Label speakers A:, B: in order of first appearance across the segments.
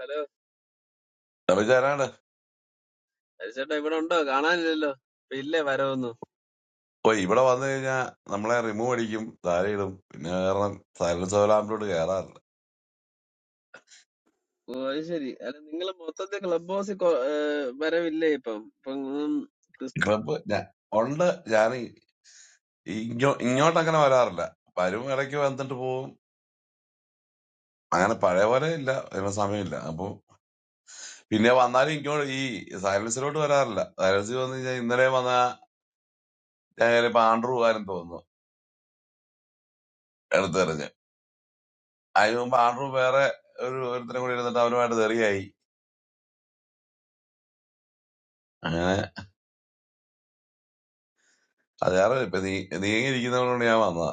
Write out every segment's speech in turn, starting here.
A: Hello
B: വിചാരാണ്
A: ഹരിച്ചേട്ടാ ഇവിടെ ഉണ്ടോ കാണാനില്ലല്ലോ ഇപ്പൊ ഇല്ലേ വരവൊന്നും
B: ഇപ്പൊ ഇവിടെ വന്നു കഴിഞ്ഞാൽ നമ്മളെ റിമൂവ് അടിക്കും താഴെ ഇടും പിന്നെ കാരണം സൈലൻസ് ലാമ്പിലോട്ട് കയറാറില്ല
A: ഓ അത് ശരി അല്ല നിങ്ങൾ മൊത്തത്തിൽ ക്ലബ് ഹൗസിൽ കൊ- ഏർ വരവില്ലേ ഇപ്പം ഇപ്പൊ ഉം, ക്രിസ്തി
B: ക്ലബ് ഉണ്ട് ഞാൻ ഈ- ഇങ്ങോ ഇങ്ങോട്ട് അങ്ങനെ വരാറില്ല വരും ഇടയ്ക്ക് വന്നിട്ട് പോവും അങ്ങനെ പഴയ പോലെ ഇല്ല അതിന് സമയമില്ല അപ്പൊ പിന്നെ വന്നാലും ഇങ്ങോട്ട് ഈ സൈലൻസിലോട്ട് വരാറില്ല സൈലൻസിൽ വന്നു കഴിഞ്ഞാൽ ഇന്നലെ വന്ന ഞാൻ ചിലപ്പോ ആൻഡ്രൂ കാര്യം തോന്നുന്നു എടുത്തെറിഞ്ഞ് അതിന് മുമ്പ് ആൻഡ്രൂ വേറെ ഒരു ഒരുത്തരം കൂടി ഇരുന്നിട്ട് അവനുമായിട്ട് തെറിയായി അങ്ങനെ അത് കാരണം ഇപ്പൊ നീ നീങ്ങിയിരിക്കുന്നവരോട് ഞാൻ വന്നതാ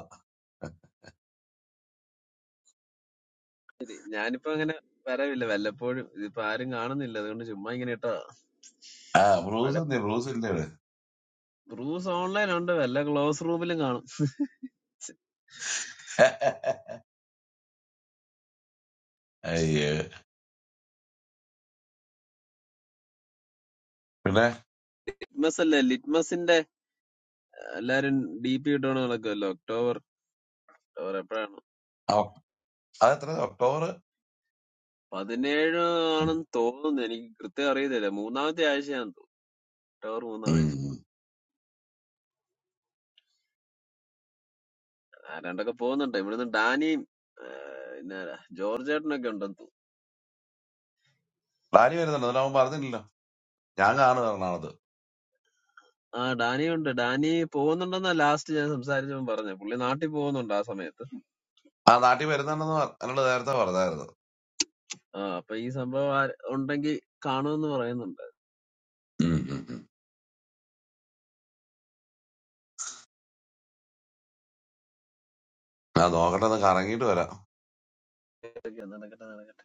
A: ഞാനിപ്പോ അങ്ങനെ വരവില്ല വല്ലപ്പോഴും ഇതിപ്പോ ആരും കാണുന്നില്ല അതുകൊണ്ട് ചുമ്മാ ഇങ്ങനെ ഇട്ടോ
B: ആ ബ്രൂസ്
A: പഴയ
B: ഇല്ലേ ബ്രൂസ് ഇല്ലേ ഇവിടെ?
A: റൂംസ് ഓൺലൈൻ ഉണ്ട് വല്ല ക്ലോസ് റൂമിലും കാണും
B: അയ്യോ പിന്നെ
A: ലിറ്റ്മസ് അല്ലേ ലിറ്റ്മസിന്റെ എല്ലാരും ഡി പി ഇട്ടോണ്ട് നടക്കുമല്ലോ ഒക്ടോബർ ഒക്ടോബർ എപ്പോഴാണ്
B: ഒ- അതെത്ര ഒക്ടോബർ
A: പതിനേഴ് ആണെന്ന് തോന്നുന്നു എനിക്ക് കൃത്യം അറിയത്തില്ല മൂന്നാമത്തെ ആഴ്ചയാണെന്ന് തോന്നുന്നു ഒക്ടോബർ മൂന്നാം ആഴ്ച
B: ഉം.
A: ആരാണ്ടൊക്കെ പോകുന്നുണ്ട് ഇവിടുന്ന് ഡാനിയും ആ, പിന്നെ ആരാ? ജോർജ് ചേട്ടനൊക്കെ ഉണ്ടെന്ന് തോന്നുന്നു
B: ഡാനി വരുന്നുണ്ട് എന്നാലും അവൻ പറഞ്ഞില്ലല്ലോ ഞാൻ കാണും എറണാകുളത്ത്
A: ആ ഡാനി ഉണ്ട് ഡാനി പോകുന്നുണ്ടെന്നാ ലാസ്റ്റ് ഞാൻ സംസാരിച്ചപ്പോൾ പറഞ്ഞത് പുള്ളി നാട്ടിൽ പോകുന്നുണ്ട് ആ സമയത്ത്
B: ആ നാട്ടിൽ വരുന്നുണ്ടെന്ന് പറ- എന്നോട് നേരത്തെ പറഞ്ഞായിരുന്നു
A: ആ അപ്പൊ ഈ സംഭവം ആര്- ഉണ്ടെങ്കിൽ കാണുമെന്ന് പറയുന്നുണ്ട്
B: ഉം ഉം ഉം. ആ നോക്കട്ടെ ഒന്ന് കറങ്ങിയിട്ട് വരാം
A: ഇതൊക്കെ നടക്കട്ടെ നടക്കട്ടെ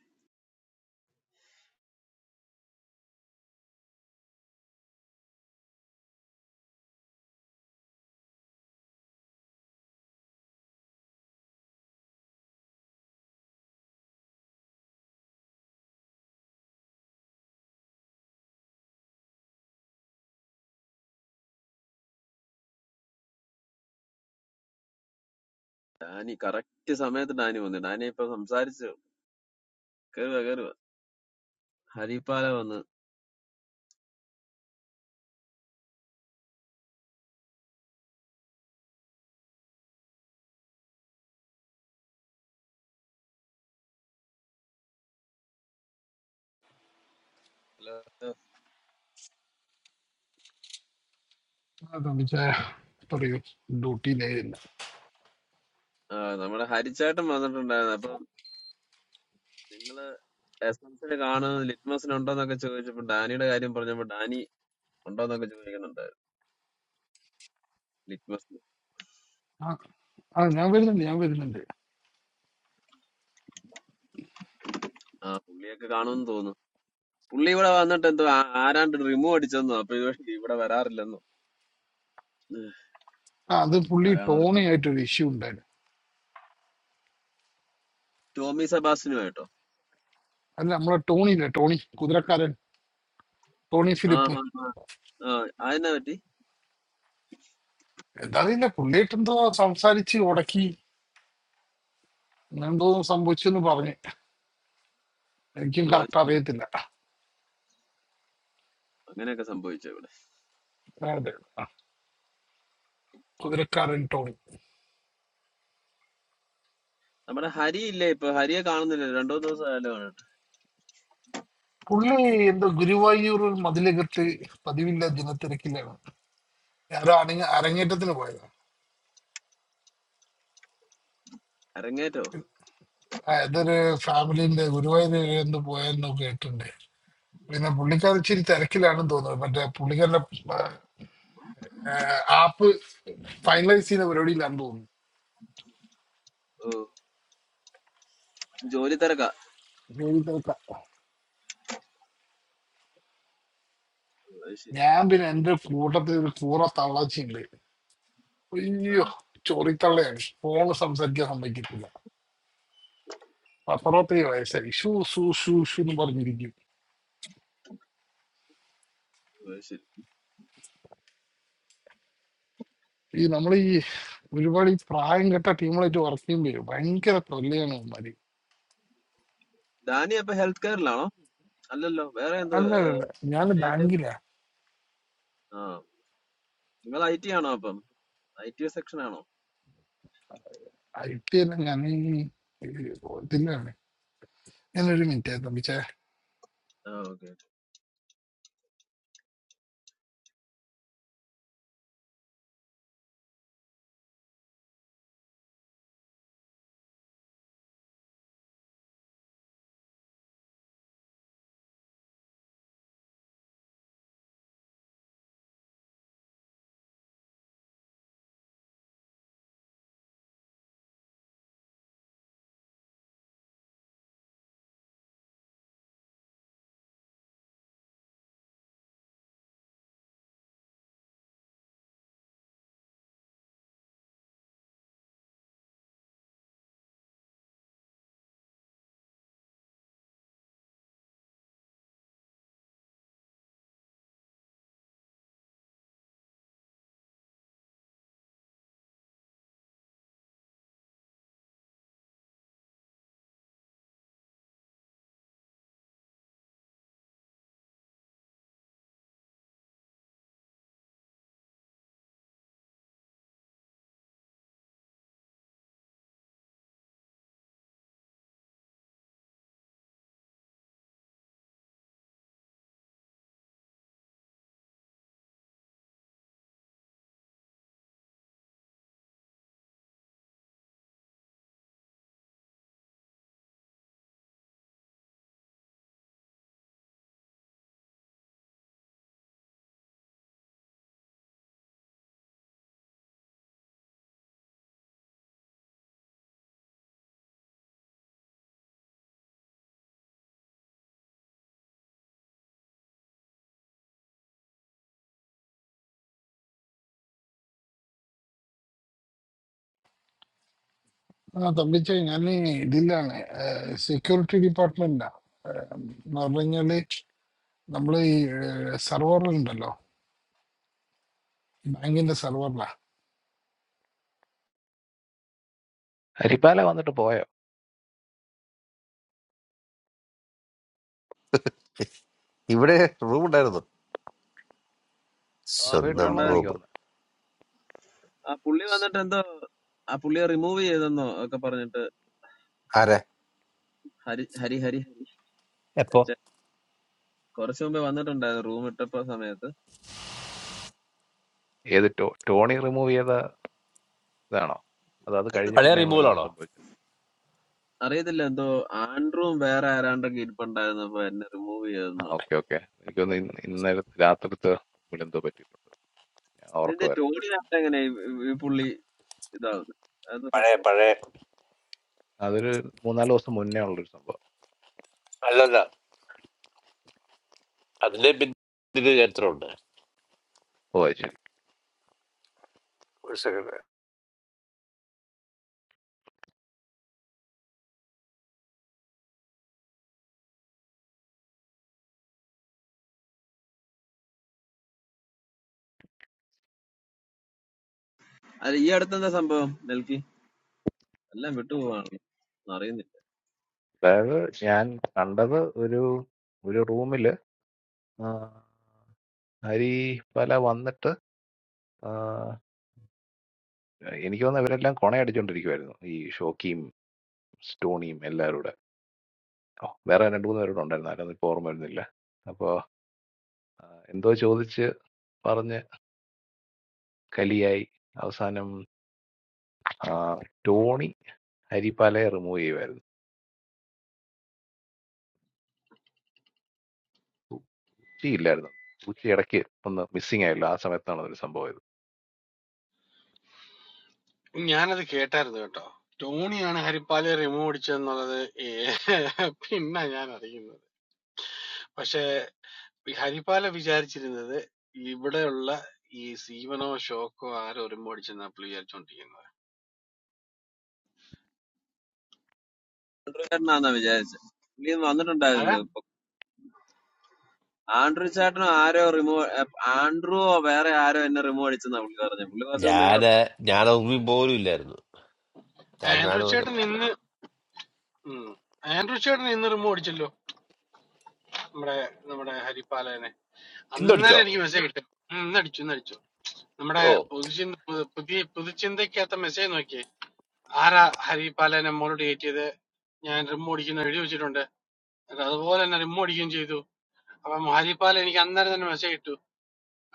A: ഡാനി കറക്റ്റ് സമയത്ത് ഡാനി വന്നു ഡാനി ഇപ്പൊ സംസാരിച്ചു കേറുക കേറുക ഹരിപ്പാല വന്ന് ഹലോ.
C: അതെന്ന് വെച്ചാ പറയൂ ഡ്യൂട്ടിയിലായിരുന്നില്ല
A: ആ നമ്മുടെ ഹരിച്ചേട്ടൻ വന്നിട്ടുണ്ടായിരുന്നു അപ്പൊ നിങ്ങള് എസ് എൻ സിന് കാണുന്നത് ലിറ്റ്മസിന് ഉണ്ടോന്നൊക്കെ ചോദിച്ചപ്പോ ഡാനിയുടെ കാര്യം പറഞ്ഞപ്പോ ഡാനി ഉണ്ടോന്നൊക്കെ ചോദിക്കുന്നുണ്ടായിരുന്നു
C: ആ ആ, ഞാൻ വരുന്നുണ്ട് ഞാൻ വരുന്നുണ്ട്
A: ആ പുള്ളിയൊക്കെ കാണുമെന്ന് തോന്നുന്നു പുള്ളി ഇവിടെ വന്നിട്ട് എന്തോ ആ- ആരാണ്ട് റിമൂവ് അടിച്ചെന്നോ അപ്പൊ ഇത് ഇവിടെ വരാറില്ലെന്നോ ഉം.
C: ആ അത് പുള്ളി
A: ആരാണോ
C: ടോണി
A: റിമൂവ്
C: ആയിട്ടൊരു ഇഷ്യൂ ഉണ്ടായിരുന്നു
A: ടോമി സെബാസ്റ്റിനുമായിട്ടോ
C: അല്ല നമ്മളെ ടോണി ഇല്ലേ ടോണി കുതിരക്കാരൻ ടോണി
A: ആ
C: ഫിലിപ്പ്
A: ആ ആ ആ, അതെന്നാ പറ്റി
C: എന്താറിയില്ല പുള്ളിയായിട്ട് എന്തോ സംസാരിച്ച് ഉടക്കി അങ്ങനെ എന്തോ സംഭവിച്ചെന്ന് പറഞ്ഞ് എനിക്കും
A: ഓ, അത്
C: കറക്റ്റ്
A: ശരി.
C: അറിയത്തില്ല
A: അങ്ങനെയൊക്കെ സംഭവിച്ചു ഇവിടെ
C: അതെ ആ, കുതിരക്കാരൻ ടോണി
A: നമ്മുടെ ഹരി ഇല്ലേ ഇപ്പൊ ഹരിയെ കാണുന്നില്ല രണ്ടോ ദിവസം ആയാലും കാണട്ടെ
C: പുള്ളി എന്തോ ഗുരുവായൂർ മതിലകത്ത് പതിവില്ല ജനത്തിരക്കിലാണ് ആരോ അരങ്ങ അരങ്ങേറ്റത്തിന് പോയതാണ്
A: അരങ്ങേറ്റോ
C: ആ, ഏതൊരു ഫാമിലിന്റെ ഗുരുവായൂർ എന്തോ പോയെന്നോ കേട്ടിട്ടുണ്ട് പിന്നെ പുള്ളിക്കാരൻ ഇച്ചിരി തിരക്കിലാണെന്ന് തോന്നുന്നു മറ്റേ പുള്ളിക്കാരന്റെ ആപ്പ് ഫൈനലൈസ് ചെയ്യുന്ന പരിപാടിയിലാണെന്ന് തോന്നുന്നു
A: ഓ ജോലി തിരക്കാ
C: ജോലി തിരക്കാ.
A: ഓ, അത് ശരി
C: ഞാൻ പിന്നെ എന്റെ കൂട്ടത്തിൽ ഒരു കൂറ തള്ളച്ചിണ്ട്
A: ആ
C: അയ്യോ ചോറിത്തള്ളയാണ് ഫോണ് സംസാരിക്കാൻ സമ്മതിക്കത്തില്ല അപ്പുറത്തെ വയസ്സായി ഷൂ ഷൂ ഷൂ ഷൂ എന്ന് പറഞ്ഞിരിക്കും
A: ഓ, അത് ശരി
C: ഈ നമ്മൾ ഈ ഒരുപാട് ഈ പ്രായം കെട്ട ടീമുകളായിട്ട് വർക്ക് ചെയ്യുമ്പോൾ ഭയങ്കര തൊല്ലയാണ് അവന്മാര്
A: ഡാനി അപ്പൊ ഹെൽത്ത് കെയറിലാണോ അല്ലല്ലോ വേറെ എന്തോ
C: അല്ല അല്ല ഞാൻ
A: ആയിട്ട്?
C: ബാങ്കിലാ
A: ആ നിങ്ങൾ ഐ ടി ആണോ അപ്പം ഐ ടി സെക്ഷൻ ആണോ
C: ഐ ടി എല്ലാം ഞാൻ ഇതിലാണ് ഞാനൊരു മിനിറ്റ് തമ്പിച്ച
A: ആ ഓക്കെ
C: ആ തമ്പിച്ചേ ഞാൻ ഇതിലാണ് സെക്യൂരിറ്റി ഡിപ്പാർട്ട്മെന്റിലാ എന്ന് പറഞ്ഞു കഴിഞ്ഞാല് നമ്മള് ഈ സർവർ ഉണ്ടല്ലോ ബാങ്കിന്റെ സർവറിലാ
D: ഹരിപ്പാല വന്നിട്ട് പോയോ?
E: ഇവിടെ റൂം ഉണ്ടായിരുന്നു
D: ഇപ്പൊ
E: സ്വന്തം
A: ഇവിടെ
D: ഇട്ടാണോന്ന് എനിക്ക്
E: റൂം
D: തോന്നുന്നത്.
A: ആ പുള്ളി വന്നിട്ട് എന്തോ ആ പുള്ളിയെ റിമൂവ് ചെയ്തെന്നോ ഒക്കെ പറഞ്ഞിട്ട്
E: ആരെ
A: ഹരി ഹരി ഹരി ഹരി ഛെ, കുറച്ച് മുമ്പേ വന്നിട്ടുണ്ടായിരുന്നു റൂം ഇട്ടപ്പോ സമയത്ത്
D: ഏത് ടോ ടോണി റിമൂവ് ചെയ്ത ഇതാണോ? അതോ അത്
A: അത്
D: കഴിഞ്ഞ് പിന്നെയും വല്ലതും സംഭവിച്ചോ?
A: അറിയത്തില്ല എന്തോ ആൻഡ്രൂം വേറെ ആരാണ്ടൊക്കെ ഇരിപ്പുണ്ടായിരുന്നപ്പോ എന്നെ റിമൂവ്
D: ആ
A: ചെയ്തെന്നോ
D: ഓക്കെ ഓക്കെ. എനിക്ക് തോന്നുന്നു ഇന്ന് ഇന്നലെ രാത്രിത്തെ എന്തോ പറ്റിയിട്ടുണ്ട്. ഞാൻ
A: ഇതിന്റെ
D: ഓർക്കുമായിരുന്നു.
A: ടോണി ആയിട്ട് എങ്ങനെ ഈ ഈ പുള്ളി ഇതാവുന്നത് അതെന്താ
E: പഴയ
A: സംഭവം
E: പഴയ
D: അതൊരു മൂന്നാല് ദിവസം മുന്നേ ഉള്ളൊരു സംഭവം.
E: അല്ലല്ല അതിന്റെ പിന്നിൽ ചരിത്രമുണ്ട്
D: ഓ അത് ശരി.
E: ഒരു സെക്കൻഡ്
A: അല്ല ഈ അടുത്തെന്താ സംഭവം നെൽക്കി എല്ലാം വിട്ടുപോവാണല്ലോ ഒന്നും അറിയുന്നില്ല
D: അതായത് ഞാൻ കണ്ടത് ഒരു ഒരു റൂമില് ആ, ഹരിപ്പാല വന്നിട്ട് ആ, എനിക്ക് തോന്നുന്നു ഇവരെല്ലാം കൊണയടിച്ചോണ്ടിരിക്കുവായിരുന്നു. ഈ ഷോക്കിയും സ്റ്റോണിയും എല്ലാവരും കൂടെ. ഓ, വേറെ രണ്ട് മൂന്ന് പേരുടെ ഉണ്ടായിരുന്നു. ആരാന്ന് ഇപ്പൊ ഓർമ്മ വരുന്നില്ല. അപ്പോ ആഹ് എന്തോ ചോദിച്ച് പറഞ്ഞ് കലിയായി അവസാനം ആഹ് ടോണി ഹരിപ്പാലയെ റിമൂവ് ചെയ്യുമായിരുന്നു ഉച്ചി ഇല്ലായിരുന്നു ഉച്ചി ഇടയ്ക്ക് ഒന്ന് മിസ്സിങ് ആയല്ലോ ആ സമയത്താണ് ഒരു സംഭവം ഇത്
F: ഞാനത് കേട്ടായിരുന്നു കേട്ടോ ടോണിയാണ് ഹരിപ്പാല് റിമൂവ് അടിച്ചതെന്നുള്ളത് ഏ- പിന്നെ ഞാൻ അറിയുന്നത് പക്ഷെ ഹരിപ്പാല വിചാരിച്ചിരുന്നത് ഇവിടെയുള്ള ഈ സീവനോ ഷോക്കോ ആരോ റിമൂവ് അടിച്ചെന്നാ പുള്ളി വിചാരിച്ചോണ്ടിരിക്കുന്നത്
A: ഒരു ചേട്ടനാന്നാ വിചാരിച്ചത് പുള്ളി ഇന്ന് വന്നിട്ടുണ്ടായിരുന്നു
F: ആരാ
A: ഇപ്പൊ ആൻഡ്രൂ ചേട്ടനോ ആരോ റിമൂവ് ആൻഡ്രൂവോ വേറെ ആരോ എന്നെ റിമൂവ് അടിച്ചെന്നാ പുള്ളി പറഞ്ഞു പുള്ളി കുറച്ച് മുമ്പ് ഇവിടെ
E: ഞാന് ഞാൻ ഒന്നും പോലും ഇല്ലായിരുന്നു ഞാൻ
F: ആൻഡ്രൂ
E: കാണുന്നൊക്കെ
F: ചേട്ടൻ ഇന്ന് ഉം. ആൻഡ്രൂ ചേട്ടൻ ഇന്ന് റിമൂവ് അടിച്ചല്ലോ നമ്മുടെ നമ്മുടെ ഹരിപ്പാലനെ
E: ഇന്നടിച്ചോ
F: അന്നേരം എനിക്ക് മെസ്സേജ് കിട്ടും ഉം, ഇന്നടിച്ചു ഇന്നടിച്ചു നമ്മുടെ
E: ഓ
F: പുതുചിന്ത പു- പുതിയ പുതുചിന്തയ്ക്കകത്ത മെസ്സേജ് നോക്കിയേ ആരാ ഹരിപ്പാലനെ മോളോട് കയറ്റിയത് ഞാൻ റിമൂവ് അടിക്കുന്ന എഴുതി വെച്ചിട്ടുണ്ട് അല്ല അതുപോലെ തന്നെ റിമ്മു അടിക്കുകയും ചെയ്തു അപ്പം ഹാരിപ്പാൽ എനിക്ക് അന്നേരം തന്നെ മെസ്സേജ് ഇട്ടു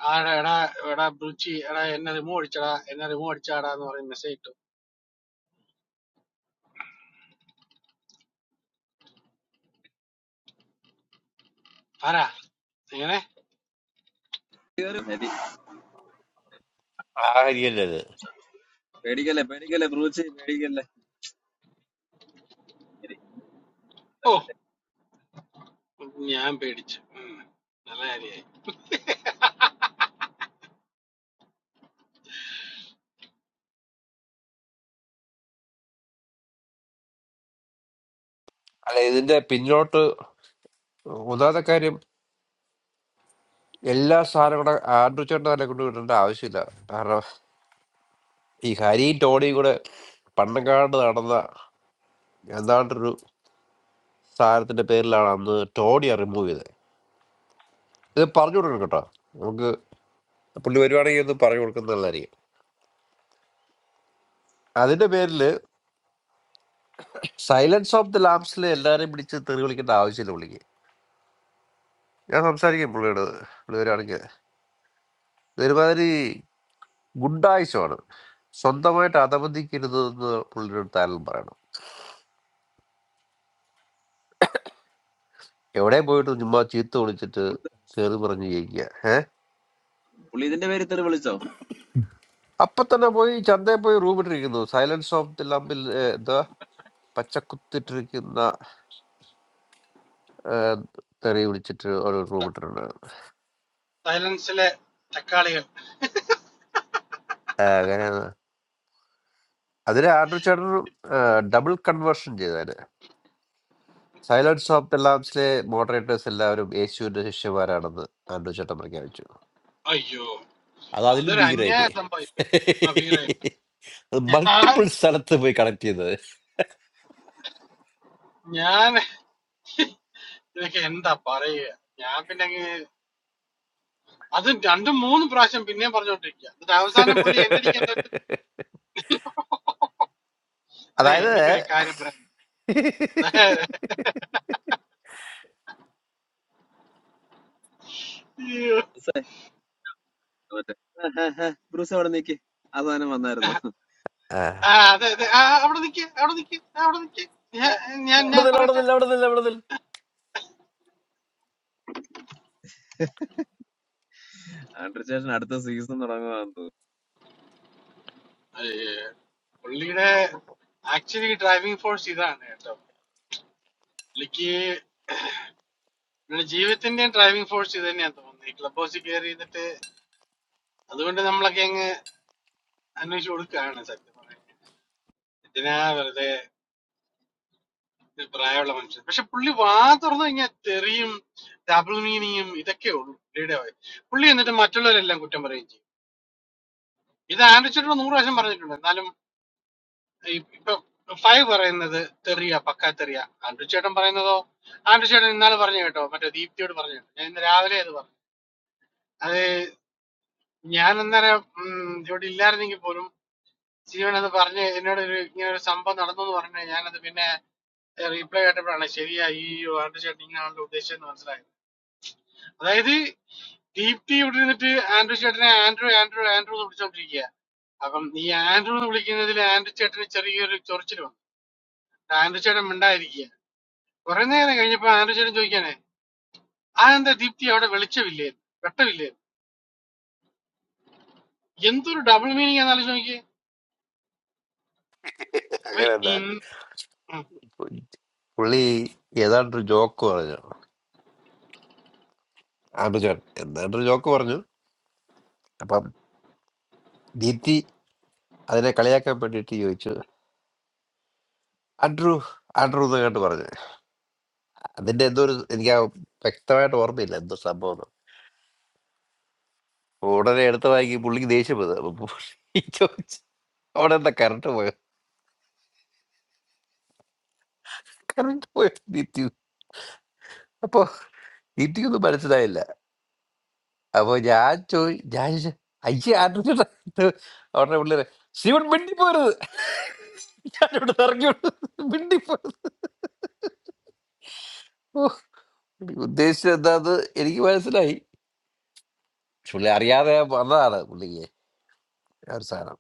F: ആടാ എടാ എടാ ബ്രുച്ചി എടാ എന്നെ റിമൂവ് അടിച്ചടാ എന്നെ റിമൂവ് അടിച്ചാടാ എന്ന് പറഞ്ഞ് മെസ്സേജ് ഇട്ടു ആരാ എങ്ങനെ
A: ഉണ്ടായിരുന്നു. ഹരി
E: ആ ഹരിയല്ലത്
A: പേടിക്കല്ലേ പേടിക്കല്ലേ ബ്രൂച്ച് പേടിക്കല്ലേ ഇനി
F: ഓ ഞാൻ പേടിച്ചു ഉം. നല്ല കാര്യായി
E: അല്ല ഇതിന്റെ പിന്നോട്ട് ഒന്നാമത്തെ കാര്യം എല്ലാ സാധനവും കൂടെ ആണ്ടുവച്ചോണ്ട് തന്നെ കൊണ്ടുവിടേണ്ട ആവശ്യമില്ല കാരണം ഈ ഹരിയും ടോണിയും കൂടെ പണ്ടങ്കാണ്ട് നടന്ന എന്താണ്ടൊരു സാധനത്തിന്റെ പേരിലാണ് അന്ന് ടോണി റിമൂവ് ചെയ്തത് ഇത് പറഞ്ഞു കൊടുക്കണം കേട്ടോ പുള്ളി വരുവാണെങ്കിൽ ഒന്ന് പറഞ്ഞു കൊടുക്കുന്നത് നല്ലതായിരിക്കും അതിന്റെ പേരിൽ സൈലൻസ് ഓഫ് ദി ലാംസിൽ എല്ലാവരെയും പിടിച്ച് തെറി വിളിക്കേണ്ട ആവശ്യമില്ല പുള്ളിക്ക് ഞാൻ സംസാരിക്കും പുള്ളിയോട് പുള്ളി വരുവാണെങ്കിൽ ഒരുമാതിരി ഗുണ്ടായുസമാണ് സ്വന്തമായിട്ട് അധമതിക്കരുത് എന്ന് പുള്ളിയുടെ അടുത്ത് ആരും പറയണം എവിടെ പോയിട്ട് ചുമ്മാ ചീത്ത വിളിച്ചിട്ട്
A: പുള്ളി
E: കയറി പറഞ്ഞു ജയിക്കുക ഏഹ്
A: പുള്ളി ഇതിന്റെ പേര് ഇത്ര വിളിച്ചോ
E: അപ്പൊ തന്നെ പോയി ചന്തയിൽ പോയി റൂം ഇട്ടിരിക്കുന്നു സൈലൻസ് ഓഫ് ദി ലാമ്പിൽ എന്താ പച്ചക്കുത്തിട്ടിരിക്കുന്ന ഏഹ്, തെറി വിളിച്ചിട്ട് ഒരു റൂം ഇട്ടിട്ടുണ്ട്
F: സൈലൻസിലെ തക്കാളികൾ
E: അങ്ങനെ അതിൽ ആൻഡ്രു ചേട്ടൻ ഡബിൾ കൺവേർഷൻ ചെയ്താല് സൈലൻസ് ഓഫ് ദ ലാംസിലെ മോഡറേറ്റേഴ്സ് എല്ലാവരും യേശുവിന്റെ ശിഷ്യന്മാരാണെന്ന് ആൻഡ്രു ചേട്ടൻ പ്രഖ്യാപിച്ചു
F: അയ്യോ
E: അത് അതിലും
F: അതൊരു
E: ഭീകരമായി
F: അന്യായ
E: പോയി
F: സംഭവിപ്പ് അഭിപ്രായം ഞാൻ
E: മൾട്ടിപ്പിൾ സ്ഥലത്ത് പോയി കണക്ട് ചെയ്തത്
F: ഞാൻ ഇതൊക്കെ എന്താ പറയുക ഞാൻ പിന്നെ അങ്ങ് അതും രണ്ടും മൂന്നും പ്രാവശ്യം പിന്നെയും പറഞ്ഞുകൊണ്ടിരിക്കുക എന്നിട്ട് അവസാനം പുള്ളി എന്റെ അടിക്കാൻ നേരത്ത്, അതെ
E: അതായത്
F: എനിക്കൊരു കാര്യം പറയാം
A: ബ്രൂസേ, മറ്റേ ആ, ആ, ആ, ബ്രൂസ് അവിടെ നീക്കി ആ സാധനം വന്നായിരുന്നു
F: ആ അതെ അതെ ആ, അവിടെ നിക്ക് അവിടെ നിക്ക് ആ, അവിടെ നിക്ക് ഞാൻ ഞാൻ
E: അവിടെ
F: ഞാൻ
E: നില്ല അവിടെ
F: പറയട്ടെ
E: നില്ല അവിടെ നില്ല അവിടെ നില്ല
A: ആൻഡ്രി ചേട്ടൻ അടുത്ത സീസൺ തുടങ്ങുവാന്ന് തോന്നുന്നു
F: ഏ, പുള്ളിയുടെ ആക്ച്വലി ഡ്രൈവിംഗ് ഫോഴ്സ് ഇതാണ് കേട്ടോ പുള്ളിക്ക് പുള്ളിയുടെ ജീവിതത്തിന്റെയും ഡ്രൈവിംഗ് ഫോഴ്സ് ഇത് തന്നെയാണ് തോന്നുന്നത് ഈ ക്ലബ് ഹൗസിൽ കയറി എന്നിട്ട് അതുകൊണ്ട് നമ്മളൊക്കെ അങ്ങ് അന്വേഷിച്ച് കൊടുക്കുകയാണ് സത്യം പറയാൻ എന്തിനാ വെറുതെ ഇത് പ്രായമുള്ള മനുഷ്യൻ പക്ഷെ പുള്ളി വാ തുറന്നു കഴിഞ്ഞാൽ തെറിയും ഡബിൾ മീനിങ്ങും ഇതൊക്കെ ഉള്ളൂ പുള്ളിയുടെ പുള്ളി എന്നിട്ട് മറ്റുള്ളവരെല്ലാം കുറ്റം പറയുകയും ചെയ്യും ഇത് ആൻഡ്രിച്ചിട്ട് നൂറ് പ്രാവശ്യം പറഞ്ഞിട്ടുണ്ട് എന്നാലും ഇ- ഇപ്പൊ ഫൈവ് പറയുന്നത് തെറിയ പക്കാ തെറിയ ആൻഡ്രു ചേട്ടൻ പറയുന്നതോ ആൻഡ്രു ചേട്ടൻ ഇന്നാള് പറഞ്ഞു കേട്ടോ മറ്റേ ദീപ്തിയോട് പറഞ്ഞു കേട്ടോ ഞാൻ ഇന്ന് രാവിലെ അത് പറഞ്ഞു അത് ഞാൻ അന്നേരം ഉം, ഇവിടെ ഇല്ലായിരുന്നെങ്കിൽ പോലും ജീവൻ അത് പറഞ്ഞ് എന്നോട് ഒരു ഇങ്ങനെ ഒരു സംഭവം നടന്നു എന്ന് പറഞ്ഞു ഞാനത് പിന്നെ റീപ്ലൈ ആയിട്ടപ്പോഴാണ് ശരിയാ ഈ ആൻഡ്രു ചേട്ടൻ ഇങ്ങനെയാണല്ലോ ഉദ്ദേശിച്ചതെന്ന് മനസ്സിലായത് അതായത് ദീപ്തി ഇവിടെ ഇരുന്നിട്ട് ആൻഡ്രു ചേട്ടനെ ആൻഡ്രു ആൻഡ്രു ആൻഡ്രു എന്ന് വിളിച്ചോണ്ടിരിക്കുക അപ്പം ഈ ആൻഡ്രു എന്ന് വിളിക്കുന്നതിൽ ആൻഡ്രു ചേട്ടന് ചെറിയൊരു ചൊറിച്ചിൽ വന്നു ആൻഡ്രു ചേട്ടൻ മിണ്ടായിരിക്കുക കുറെ നേരം കഴിഞ്ഞപ്പോ ആലോചന ചോദിക്കാനേ അതെന്താ ദീപ്തി അവിടെ വെളിച്ചമില്ലേ വെട്ടമില്ലേ എന്തൊരു ഡബിൾ മീനിങ് എന്നാലോചിച്ച് നോക്കിയേ അപ്പൊ
E: അങ്ങനെ എന്താ
F: ഇൻ- ഉം.
E: പുള്ളി ഏതാണ്ടൊരു ജോക്ക് പറഞ്ഞു ആൻഡ്രു ചേട്ടൻ എന്താണ്ടൊരു ജോക്ക് പറഞ്ഞു അപ്പം ദീപ്തി അതിനെ കളിയാക്കാൻ വേണ്ടിയിട്ട് ചോദിച്ചു ആൻഡ്രു ആൻഡ്രു എന്നങ്ങാണ്ട് പറഞ്ഞു അതിന്റെ എന്തോ ഒരു എനിക്ക് ആ വ്യക്തമായിട്ട് ഓർമ്മയില്ല എന്തോ സംഭവം എന്ന്. ഉടനെ എടുത്ത് വാങ്ങി പുള്ളിക്ക് ദേഷ്യം വന്നത് അപ്പൊ പുള്ളി ചോദിച്ചു അവിടെ എന്താ കറണ്ട് പോയോ കറണ്ട് പോയോ നിത്യു അപ്പൊ നിത്യൊന്നും മനസ്സിലായില്ല അപ്പൊ ഞാൻ ചോദി ഞാൻ ചോദിച്ചു, അയ്യേ ആരുടെ അവിടെ പുള്ളിയെ ശിവൻ മിണ്ടിപ്പോരുത് ഞാനിവിടെ ഇറങ്ങി മിണ്ടിപ്പോരുത് ഓ പുള്ളി ഉദ്ദേശിച്ചത് എന്താന്ന് എനിക്ക് മനസ്സിലായി പക്ഷെ പുള്ളി അറിയാതെ വന്നതാണ് പുള്ളിക്ക് ആ ഒരു സാധനം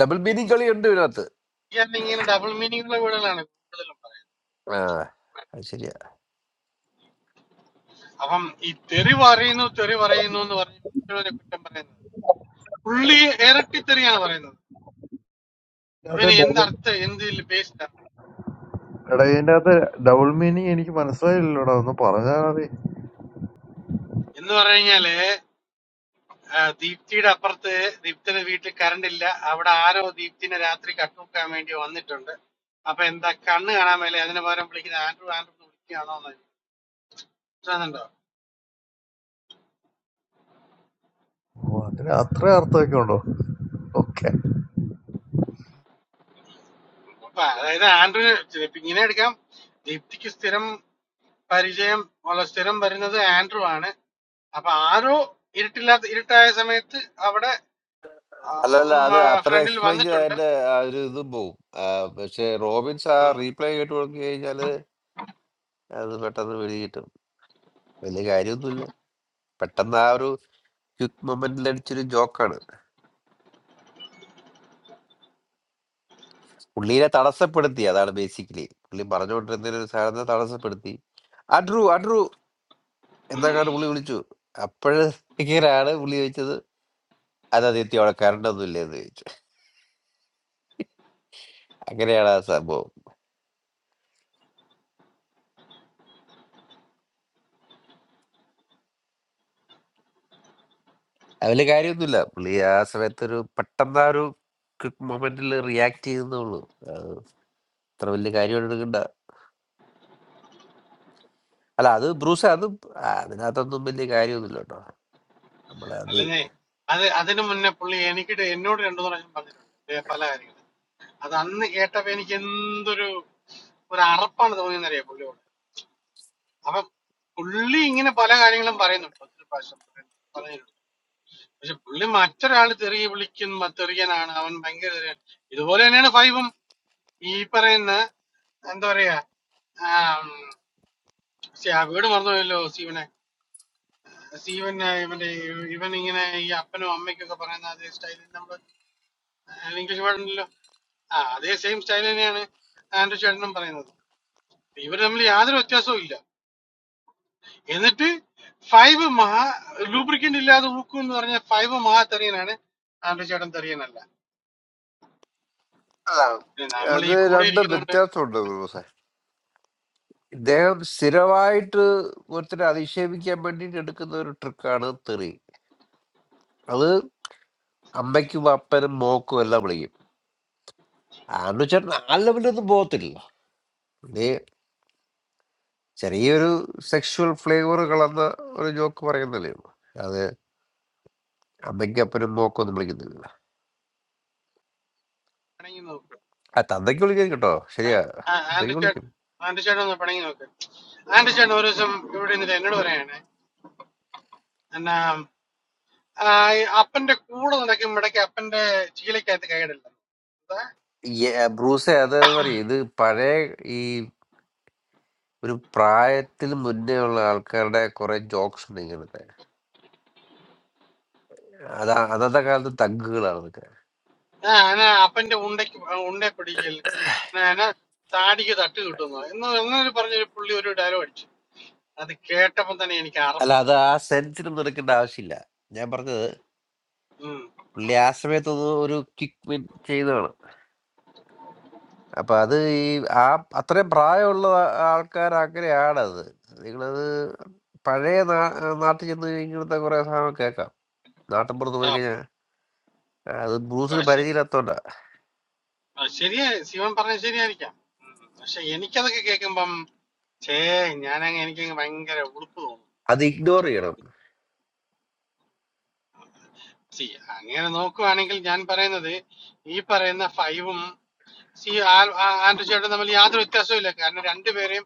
E: ഡബിൾ
F: അത്
E: മീനിങ് കളി ഉണ്ട് ഇതിനകത്ത്
F: ഇയാള് ഇങ്ങനെ ഡബിൾ മീനിങ്ങുള്ള വീടുകളാണ് കൂടുതലും
E: ആ അത് ശരിയാ
F: പറയുന്നത് അപ്പം ഈ തെറി പറയുന്നു തെറി പറയുന്നു എന്ന് പറഞ്ഞ് മറ്റുള്ളവരെ കുറ്റം പറയുന്നത് പുള്ളി ഇരട്ടി തെറിയാണ് പറയുന്നത് അപ്പൊ
G: That is
F: ഇനി എന്ത്
G: double.
F: അർത്ഥം എന്ത് ബേസ്ഡാണ്
G: That is double meaning. I think my soul is no longer alive.
F: എന്ന് പറഞ്ഞു ആ, ദീപ്തിയുടെ അപ്പുറത്ത് ദീപ്തിയുടെ വീട്ടിൽ കറണ്ട് ഇല്ല അവിടെ ആരോ ദീപ്തിനെ രാത്രി കട്ടുവെക്കാൻ വേണ്ടി വന്നിട്ടുണ്ട് അപ്പൊ എന്താ കണ്ണ് കാണാൻ മേലെ അതിന് പകരം വിളിക്കുന്ന ആൻഡ്രു ആൻഡ്രു എന്ന് വിളിക്കുകയാണോ എന്ന് മനസ്സിലാകുന്നുണ്ടോ
G: Wow, that is a strange thing. Okay.
F: അപ്പൊ അതായത് ആൻഡ്രു ഇപ്പൊ ഇങ്ങനെ എടുക്കാം ദീപ്തിക്ക് സ്ഥിരം പരിചയം ഉള്ള സ്ഥിരം വരുന്നത് ആൻഡ്രു ആണ് അപ്പൊ ആരോ ഇരുട്ടില്ലാത്ത ഇരുട്ടായ സമയത്ത് അവിടെ
E: അല്ലല്ല അത് അത്ര
F: ഫ്രണ്ടിൽ
E: എക്സ്പ്ലെയിൻ
F: വന്നിട്ടുണ്ട്
E: ചെയ്തതിന്റെ ആ ഒരു ഇതും പോവും ആ, പക്ഷെ റോബിൻസ് ആ
F: ഉം.
E: റീപ്ലേ കേട്ട് കൊടുത്തു കഴിഞ്ഞാല് അത് പെട്ടെന്ന് വെളി കിട്ടും വലിയ കാര്യമൊന്നുമില്ല പെട്ടെന്ന് ആ ഒരു ക്യുക്ക് മൊമെന്റിൽ അടിച്ചൊരു ജോക്കാണ് പുള്ളീനെ തടസ്സപ്പെടുത്തി അതാണ് ബേസിക്കലി പുള്ളി പറഞ്ഞുകൊണ്ടിരുന്ന ഒരു സാധനത്തെ തടസ്സപ്പെടുത്തി അഡ്രു അഡ്രു എന്നൊക്കെയാണ് പുള്ളി വിളിച്ചു അപ്പോഴാണ് പുള്ളി ചോദിച്ചത് അത് അതിർത്തി അവിടെ കറണ്ട് ഒന്നും ഇല്ലെന്ന് ചോദിച്ചു അങ്ങനെയാണ് ആ സംഭവം അതില് കാര്യമൊന്നുമില്ല. പുള്ളി ആ സമയത്തൊരു പെട്ടെന്ന് ആ ഒരു ക്വിക്ക് മൊമെന്റിൽ റിയാക്ട് ചെയ്യുന്നേയുള്ളൂ. അത് അത്ര വലിയ കാര്യമായിട്ട് എടുക്കണ്ട. അല്ല അത് ബ്രൂസേ അത് ആ, അതിനകത്തൊന്നും വലിയ കാര്യമൊന്നുമില്ല കേട്ടോ. നമ്മളത്
F: അല്ലെന്നേ അത് അതിനു മുന്നേ പുള്ളി എനിക്കിട്ട് എന്നോട് രണ്ടു പ്രാവശ്യം പറഞ്ഞിട്ടുണ്ട് ദേ പല കാര്യങ്ങൾ അത് അന്ന് കേട്ടപ്പോ എനിക്ക് എന്തൊരു ഒരു അറപ്പാണ് തോന്നിയെന്നറിയാം പുള്ളിയോട് അപ്പൊ പുള്ളി ഇങ്ങനെ പല കാര്യങ്ങളും പറയുന്നുണ്ട് ഒത്തിരി പ്രാവശ്യം പറയുന്നു- പറയുന്നുണ്ട് പക്ഷെ പുള്ളി മറ്റൊരാൾ തെറി വിളിക്കുന്ന തെറിയനാണ് അവൻ ഭയങ്കര തെറിയൻ ഇതുപോലെ തന്നെയാണ് ഫൈവും ഈ പറയുന്ന എന്താ പറയാ ആം, ശ്ശെ, ആ വീട് മറന്നുപോയല്ലോ സീവനെ സീവന് ഇവന്റെ ഇവൻ ഇങ്ങനെ ഈ അപ്പനും അമ്മയ്ക്കൊക്കെ പറയുന്ന അതേ സ്റ്റൈലിൽ നമ്മൾ ഇംഗ്ലീഷ് വേർഡുണ്ടല്ലോ ആ അതേ സെയിം സ്റ്റൈൽ തന്നെയാണ് ആൻഡ്രു ചേട്ടനും പറയുന്നത് ഇവർ തമ്മിൽ യാതൊരു വ്യത്യാസവും ഇല്ല എന്നിട്ട് ഫൈവ് മഹാ ലൂബ്രിക്കന്റ് ഇല്ലാതെ ഊക്കും എന്ന് പറഞ്ഞ ഫൈവ് മഹാ തെറിയനാണ് ആൻഡ്രി ചേട്ടൻ തെറിയനല്ല
E: അല്ല,
F: പിന്നെ നമ്മൾ
E: അത്
F: ഈ കൂടെ
E: രണ്ടും
F: ഇരിക്കുന്നോണ്ട്
E: വ്യത്യാസമുണ്ട് ബ്രൂസേ. ഇദ്ദേഹം സ്ഥിരമായിട്ട് ഒരുത്തരെ അധിക്ഷേപിക്കാൻ വേണ്ടിയിട്ട് എടുക്കുന്ന ഒരു ട്രിക്കാണ് തെറി. അത് അമ്മയ്ക്കും അപ്പനും മോക്കും എല്ലാം വിളിക്കും. ആണ്ടു ചേട്ടൻ ആ ലെവലൊന്നും പോകത്തില്ല. പുള്ളി ചെറിയൊരു സെക്ഷുവൽ ഫ്ലേവർ കളന്ന ഒരു ജോക്ക് പറയുന്നതല്ലേ ഉള്ളൂ. അമ്മയ്ക്ക് അപ്പനും മോക്കൊന്നും വിളിക്കുന്നില്ല
F: പിണങ്ങി നോക്ക്
E: ആ തന്തയ്ക്ക് വിളിക്കാൻ കേട്ടോ ശരിയാ
F: ആ,
E: തന്തയ്ക്ക്
F: ആൻഡ്രി ചേട്ടൻ
E: വിളിക്കും
F: ആൻഡ്രി ചേട്ടൻ ഒന്ന് പിണങ്ങി നോക്ക് ആൻഡ്രി ചേട്ടൻ ഒരു ദിവസം ഇവിടെ നിന്നിട്ട് എന്നോട് പറയാണ് എന്നാ ആ, ഈ അപ്പന്റെ കൂടെ നടക്കും ഇടയ്ക്ക് അപ്പന്റെ ചീലക്കകത്ത് കൈയിടില്ല
E: യെ- ബ്രൂസേ അതെന്ന് പറയും ഇത് പഴയ ഈ ഒരു പ്രായത്തിന് മുന്നേ ഉള്ള ആൾക്കാരുടെ കുറെ ജോക്സ് ഉണ്ട് ഇങ്ങനത്തെ അത് അന്നത്തെ കാലത്ത് തഗ്ഗുകളാണ് ഇതൊക്കെ
F: ആ എന്നാ അപ്പന്റെ ഉണ്ടയ്ക്ക് ഉണ്ടെ പിടിക്കൽ എന്നാ എന്നാ താടിക്ക് തട്ട് കിട്ടുന്നു എന്ന് അങ്ങനെ പറഞ്ഞൊരു പുള്ളി ഒരു ഡയലോഗ് അടിച്ചു അത് കേട്ടപ്പോ തന്നെ എനിക്ക്
E: അല്ല
F: അറപ്പ് തോന്നി
E: അത് ആ സെൻസിലും നിൽക്കേണ്ട ആവശ്യമില്ല ഞാൻ പറഞ്ഞത്
F: ഉം.
E: പുള്ളി ആ സമയത്തൊന്ന് ഒരു കിക്ക് വിൻ ചെയ്തതാണ് അപ്പൊ അത് ഈ ആ അത്രയും പ്രായമുള്ള ആ- ആൾക്കാർ അങ്ങനെയാണ് അത് നിങ്ങളത് പഴയ നാ- നാട്ടിൽ ചെന്ന് കഴിഞ്ഞാൽ ഇങ്ങനത്തെ കുറെ സാധനം കേൾക്കാം നാട്ടിൻപുറത്ത് പോയി അത് ബ്രൂസിന്
F: ആ
E: പരിചയമില്ലാത്തോണ്ടാ.
F: ആ, ശരിയാ ശിവൻ പറഞ്ഞ ശരിയായിരിക്കാം ഉം. പക്ഷെ എനിക്കതൊക്കെ കേൾക്കുമ്പം ഛേ ഞാനങ്ങ് എനിക്കങ്ങ് ഭയങ്കര ഉളുപ്പ് തോന്നും
E: അത് ഇഗ്നോർ ചെയ്യണം.
F: സി അങ്ങനെ നോക്കുവാണെങ്കിൽ ഞാൻ പറയുന്നത് ഈ പറയുന്ന ഫൈവും സി ആ- ആ- ആൻഡ്രു ചേട്ടൻ തമ്മിൽ യാതൊരു വ്യത്യാസവും ഇല്ല കാരണം രണ്ടുപേരെയും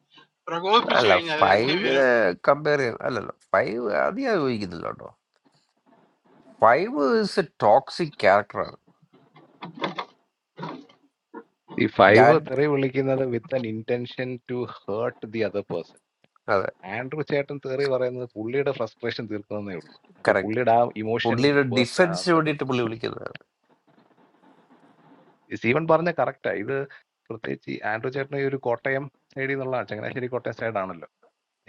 F: പ്രകോപിപ്പിച്ചു
E: അല്ല,
F: കഴിഞ്ഞാൽ രണ്ടുപേരും
E: 5നെ കമ്പയർ ചെയ്യണം. അല്ലല്ലോ. 5 അത് ഞാൻ യോജിക്കുന്നില്ല കേട്ടോ. 5 ഈസ് എ ടോക്സിക് ക്യാരക്ടറാണ്.
D: ഈ ഫൈവ്
E: ഞാൻ
D: തെറി വിളിക്കുന്നത് with an intention to hurt the other person
E: അതെ.
D: ആൻഡ്രൂ ചേട്ടൻ തെറി പറയുന്നത് പുള്ളിയുടെ ഫ്രസ്ട്രേഷൻ തീർക്കുന്നതേ ഉള്ളൂ അല്ലെങ്കിൽ
E: കറക്റ്റ്.
D: പുള്ളിയുടെ ആ ഇമോഷൻ
E: പുള്ളിയുടെ
D: ബേസ്റ്റ് ആ
E: ഡിഫെൻസിന്
D: നടക്കുന്നത്
E: വേണ്ടിയിട്ട് പുള്ളി വിളിക്കുന്നതാണ്.
D: ഈ സീവൻ പറഞ്ഞ കറക്റ്റാ ഇത് പ്രത്യേകിച്ച് ഈ ആൻഡ്രൂ ചേട്ടൻ ഈ ഒരു കോട്ടയം സൈഡിൽ നിന്നുള്ള ചങ്ങനാശ്ശേരി കോട്ടയം സൈഡാണല്ലോ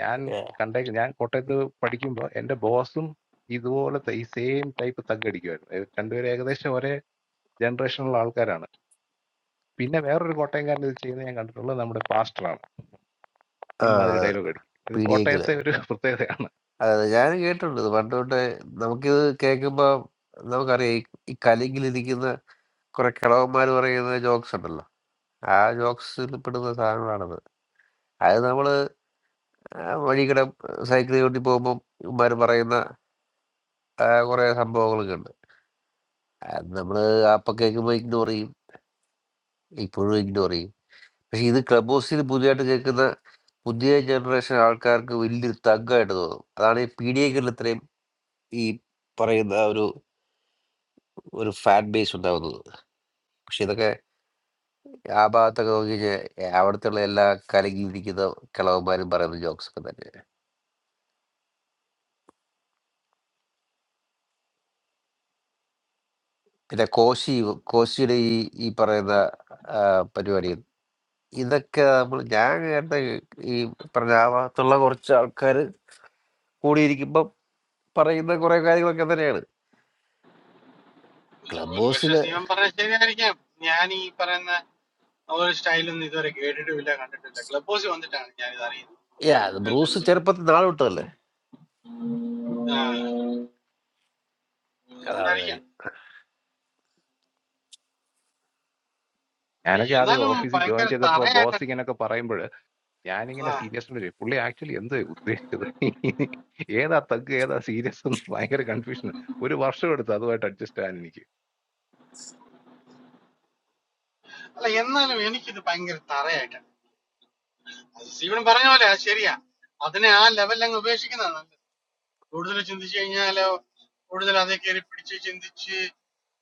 D: ഞാൻ
E: ഏഹ്.
D: കണ്ടേക്ക് ഞാൻ കോട്ടയത്ത് പഠിക്കുമ്പോൾ എൻ്റെ ബോസും ഇതുപോലത്തെ ഈ സെയിം ടൈപ്പ് തഗ്ഗടിക്കുമായിരുന്നു ഏ, രണ്ടുപേരും ഏകദേശം ഒരേ ജനറേഷനുള്ള ആൾക്കാരാണ് പിന്നെ വേറൊരു കോട്ടയംകാരൻ ഇത് ചെയ്യുന്നത് ഞാൻ കണ്ടിട്ടുള്ളത് നമ്മുടെ പാസ്റ്ററാണ്
E: ആ.
D: ഇമാതിരി ഡയലോഗ് അടിക്കും ഇത്
E: പി ഡി എക്കില്.
D: കോട്ടയത്തെ ഒരു പ്രത്യേകതയാണ്
E: അതെ. ഞാൻ കേട്ടിട്ടുണ്ട്. ഇത് പണ്ട് തൊട്ടേ നമുക്കിത് കേൾക്കുമ്പോ നമുക്കറിയാം ഈ ഈ കലിങ്കിലിരിക്കുന്ന കുറെ കിളവന്മാര് പറയുന്ന ജോക്സ് ഉണ്ടല്ലോ. ആ ജോക്സിൽ പെടുന്ന സാധനങ്ങളാണത്. അത് നമ്മള് വഴി കൂടെ സൈക്കിൾ ചവിട്ടി പോകുമ്പോൾ ഇവന്മാർ പറയുന്ന ആ, കുറേ സംഭവങ്ങളൊക്കെ ഉണ്ട് അത് നമ്മൾ അപ്പം കേൾക്കുമ്പോൾ ഇഗ്നോർ ചെയ്യും ഇപ്പോഴും ഇഗ്നോർ ചെയ്യും പക്ഷെ ഇത് ക്ലബ് ഹൗസിൽ പുതിയതായിട്ട് കേൾക്കുന്ന പുതിയ ജനറേഷൻ ആൾക്കാർക്ക് വലിയൊരു തഗ്ഗായിട്ട് തോന്നും അതാണ് ഈ പി ഡി എക്കുള്ള ഇത്രയും ഈ പറയുന്ന ആ ഒരു ഒരു ഫാൻ ബേസ് ഉണ്ടാവുന്നത് പക്ഷെ ഇതൊക്കെ ആ ഭാഗത്തൊക്കെ നോക്കി കഴിഞ്ഞാൽ അവിടുത്തെ ഉള്ള എല്ലാ കലകിയിരിക്കുന്ന കിളവന്മാരും പറയുന്ന ജോക്സ് ഒക്കെ തന്നെ പിന്നെ കോശി കോശിയുടെ ഈ ഈ പറയുന്ന ആ, പരിപാടി ഇതൊക്കെ നമ്മൾ ഞാൻ കേട്ട ഈ പ്രജാഭാഗത്തുള്ള കുറച്ച് ആൾക്കാർ കൂടിയിരിക്കുമ്പോൾ പറയുന്ന കുറെ കാര്യങ്ങളൊക്കെ തന്നെയാണ് ക്ലബ്
F: ഒരു പക്ഷെ
E: ഹൗസിൽ
F: ശിവൻ പറഞ്ഞ ശരിയായിരിക്കാം ഞാൻ ഈ പറയുന്ന ഒരു സ്റ്റൈലൊന്നും ഇതുവരെ കേട്ടിട്ടുമില്ല കണ്ടിട്ടില്ല ക്ലബ് ഹൗസിൽ വന്നിട്ടാണ് ഞാൻ ഇത് അറിയുന്നത്
E: ബ്രൂസ്
F: കേൾക്കുന്നത്
E: ചെറുപ്പത്തിൽ നാളെ വിട്ടതല്ലേ
F: ആ,
E: അതാണ്
F: ഉണ്ടായിരിക്കാം
E: കാര്യം
D: ഞാനൊക്കെ ആദ്യം
F: എന്നാലും
D: ഓഫീസിൽ ജോയിൻ
F: ഭയങ്കര
D: ചെയ്തപ്പോൾ
F: തറയായിട്ടാണ്
D: ബോസ് ഇങ്ങനെയൊക്കെ പറയുമ്പോൾ ഞാനിങ്ങനെ സീരിയസ് ചോദിച്ചു പുള്ളി ആക്ച്വലി എന്താ ഉദ്ദേശിച്ചത് ഏതാ തഗ് ഏതാ സീരിയസ് എന്ന് ഭയങ്കര കൺഫ്യൂഷൻ ഒരു വർഷം എടുത്തു അതുമായിട്ട് അഡ്ജസ്റ്റ് ആകാൻ എനിക്ക്
F: അല്ല എന്നാലും എനിക്കിത് ഭയങ്കര തറയായിട്ടാണ് അത് സീവൻ പറഞ്ഞ പോലെ അത് ശരിയാ അതിനെ ആ ലെവലിൽ അങ്ങ് ഉപേക്ഷിക്കുന്നതാണ് നല്ലത് കൂടുതൽ ചിന്തിച്ചു കഴിഞ്ഞാലോ കൂടുതൽ അതേ കയറി പിടിച്ച് ചിന്തിച്ച്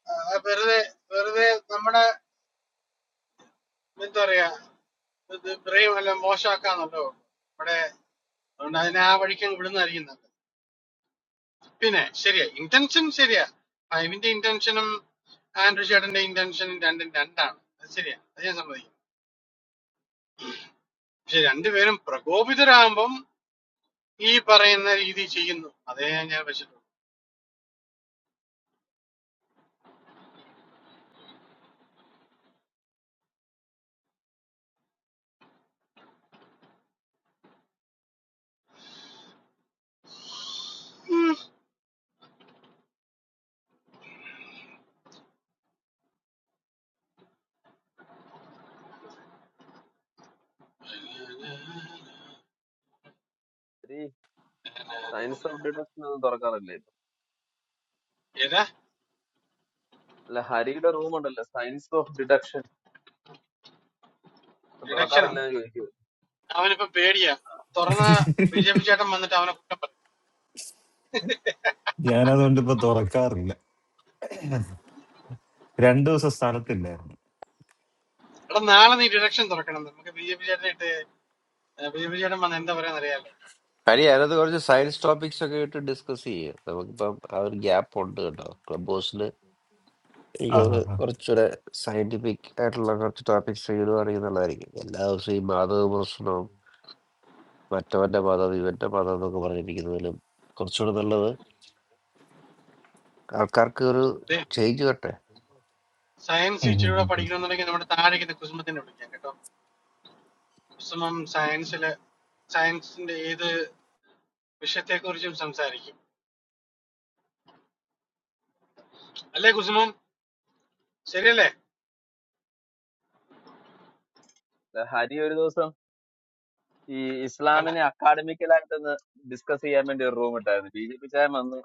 F: ആ, വെറുതെ വെറുതെ നമ്മുടെ എന്താ പറയാ ഇത് ബ്രെയിം എല്ലാം മോശമാക്കാന്നല്ലോ നമ്മുടെ അതുകൊണ്ട് അതിനെ ആ വഴിക്ക് അങ്ങ് വിടുന്നതായിരിക്കും നല്ലത് പിന്നെ ശരിയാ ഇന്റൻഷൻ ശരിയാ ഫൈവിന്റെ ഇന്റൻഷനും ആൻഡ്രു ചേട്ടന്റെ ഇന്റൻഷനും രണ്ടും രണ്ടാണ് അത് ശരിയാ അത് ഞാൻ സമ്മതിക്കും പക്ഷെ രണ്ടുപേരും പ്രകോപിതരാകുമ്പം ഈ പറയുന്ന രീതി ചെയ്യുന്നു അതേ ഞാൻ വെച്ചിട്ടുള്ളൂ ഉം.
A: ഹരി സയൻസ് ഓഫ് ഡിഡക്ഷൻ ഒന്നും തുറക്കാറില്ലേ
F: ഏതാ
A: അല്ല ഹരിയുടെ റൂം ഉണ്ടല്ലോ സയൻസ് ഓഫ് ഡിഡക്ഷൻ
F: ഡിഡക്ഷനോ
A: തുറക്കാറില്ല എന്ന് ചോദിക്കുക
F: അവനിപ്പോ പേടിയാ തുറന്ന ബി ജെ പി ചേട്ടൻ വന്നിട്ട് അവനെ കുറ്റം പറയും
H: ഞാനതുകൊണ്ട് ഇപ്പൊ തുറക്കാറില്ല രണ്ടു ദിവസം സ്ഥലത്തില്ലായിരുന്നു
F: എടാ നാളെ നീ ഡിഡക്ഷൻ തുറക്കണം നമുക്ക് ബി ജെ പി ചേട്ടനെ ഇട്ട് ബി ജെ പി ചേട്ടൻ വന്ന് എന്താ പറയാന്ന് അറിയാലോ
E: കാര്യം അതിനകത്ത് കുറച്ച് സയൻസ് ടോപ്പിക്സ് ഒക്കെ ഇട്ട് ഡിസ്കസ് ചെയ്യാം നമുക്കിപ്പം ആ ഒരു ഗ്യാപ്പ് ഉണ്ട് കേട്ടോ ക്ലബ് ഹൗസിൽ
H: ആ ആ,
E: എനിക്കത്
H: ആ.
E: കുറച്ചുകൂടെ സയന്റിഫിക് ആയിട്ടുള്ള കുറച്ച് ടോപ്പിക്സ് ഇടുവാണെങ്കിൽ നല്ലതായിരിക്കും എല്ലാ ദിവസവും ഈ മാധവ പ്രശ്നവും മറ്റവന്റെ മതം ഇവന്റെ മതം എന്നൊക്കെ പറഞ്ഞിരിക്കുന്നതിലും കുറച്ചുകൂടെ നല്ലത് ആൾക്കാർക്ക് ഒരു
F: ദേ,
E: ചേഞ്ച് വരട്ടെ
F: സയൻസ്
H: ഉം, ഉം,
F: ഇച്ചിരൂടെ
H: ഉം, ഉം.
F: പഠിക്കണമെന്നുണ്ടെങ്കിൽ നമ്മുടെ താഴേക്കുന്ന കുസുമത്തിനെ വിളിക്കാം കേട്ടോ കുസുമം സയൻസില് സയൻസിന്റെ ഏത് വിഷയത്തെ കുറിച്ചും സംസാരിക്കും അല്ലേ കുസുമം ശരിയല്ലേ
A: അല്ല, ഹരി ഒരു ദിവസം ഈ
F: വേണ്ട
A: ഇസ്ലാമിനെ അക്കാഡമിക്കലായിട്ടൊന്ന് ഡിസ്കസ് ചെയ്യാൻ വേണ്ടി ഒരു റൂം ഇട്ടായിരുന്നു ബി ജെ പി ചായ വന്ന്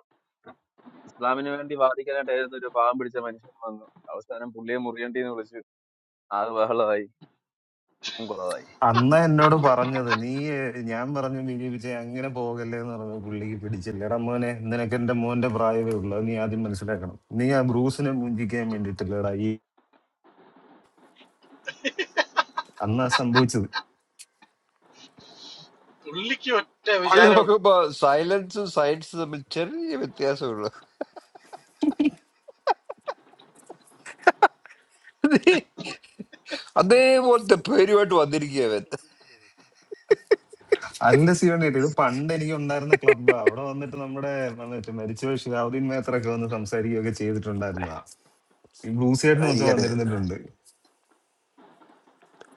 A: ഇസ്ലാമിന് വേണ്ടി വാദിക്കാനായിട്ടായിരുന്നു ഒരു പാവം പിടിച്ച മനുഷ്യൻ വന്നു അവസാനം പുള്ളിയെ മുറിയണ്ടി എന്ന് വിളിച്ചു ആകെ ബഹളമായി കുടുംബം കുളമായി
H: അന്ന് എന്നോട് പറഞ്ഞത് നീ ഏഹ്, ഞാൻ പറഞ്ഞു വിജയിപ്പിച്ച അങ്ങനെ പോകല്ലേ എന്ന് പറഞ്ഞു പുള്ളിക്ക് പിടിച്ചില്ലടാ മോനെ നിനക്ക് എന്റെ മോന്റെ പ്രായമേ ഉള്ളൂ അത് നീ ആദ്യം മനസ്സിലാക്കണം നീ ആ ബ്രൂസിനെ മുഞ്ചിക്കാൻ വേണ്ടിട്ടില്ലടാ ഈ അന്നാ സംഭവിച്ചത്
F: പുള്ളിക്ക് ഒറ്റ
E: അവള്
F: വിചാരമുള്ളൂ
E: നോക്കുമ്പോ സൈലൻസും സയൻസും തമ്മിൽ ചെറിയ വ്യത്യാസമുള്ളു അതേപോലത്തെ പേരുമായിട്ട് വന്നിരിക്കുകയവൻ
H: അല്ല സിയോണിട്ട് ഇത് പണ്ട് എനിക്ക് ഉണ്ടായിരുന്ന ക്ലബ്ബാ അവിടെ വന്നിട്ട് നമ്മുടെ മറ്റേ മരിച്ചുപോയ ഷിഹാബുദ്ദീൻ മേത്തറൊക്കെ വന്ന് സംസാരിക്കുകയൊക്കെ ചെയ്തിട്ടുണ്ടായിരുന്നതാ ഈ ബ്ലൂസേട്ടനും ഒക്കെ
E: ഭയങ്കര
H: വന്നിരുന്നിട്ടുണ്ട്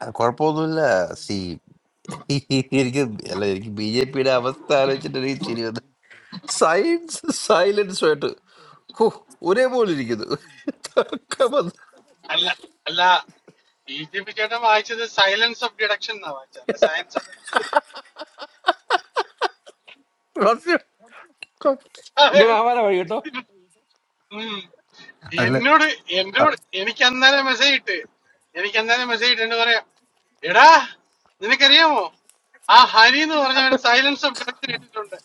E: ആ, കുഴപ്പമൊന്നുമില്ല സി എനിക്ക് അല്ല എനിക്ക് ബി ജെ പിയുടെ അവസ്ഥ ആലോചിച്ചിട്ട് എനിക്ക് ചിരി വന്നു സയൻസ് സൈലൻസുമായിട്ട് ഹോ ഒരേപോലെ ഇരിക്കുന്നു തർക്കം വന്നു.
F: അല്ല അല്ല ബി ജെ പി ചേട്ടൻ വായിച്ചത് സൈലൻസ് ഓഫ് ഡിഡക്ഷൻ എന്നാ വായിച്ചത് അല്ല സയൻസ് ഓഫ് ഡിഡക്ഷൻ
E: അങ്ങനെ ആവാനാ വഴി കേട്ടോ
H: അല്ല
F: എന്നോട് എന്നോട് എനിക്ക് അന്നേരം മെസ്സേജ് ഇട്ട് എനിക്ക് അന്നേരം മെസ്സേജ് ഇട്ട് എന്ന് പറയാം എടാ നിനക്കറിയാമോ ആ ഹരി എന്ന് പറഞ്ഞവൻ സൈലൻസ് ഓഫ് ഡിഡക്ഷൻ ഇട്ടിട്ടുണ്ട്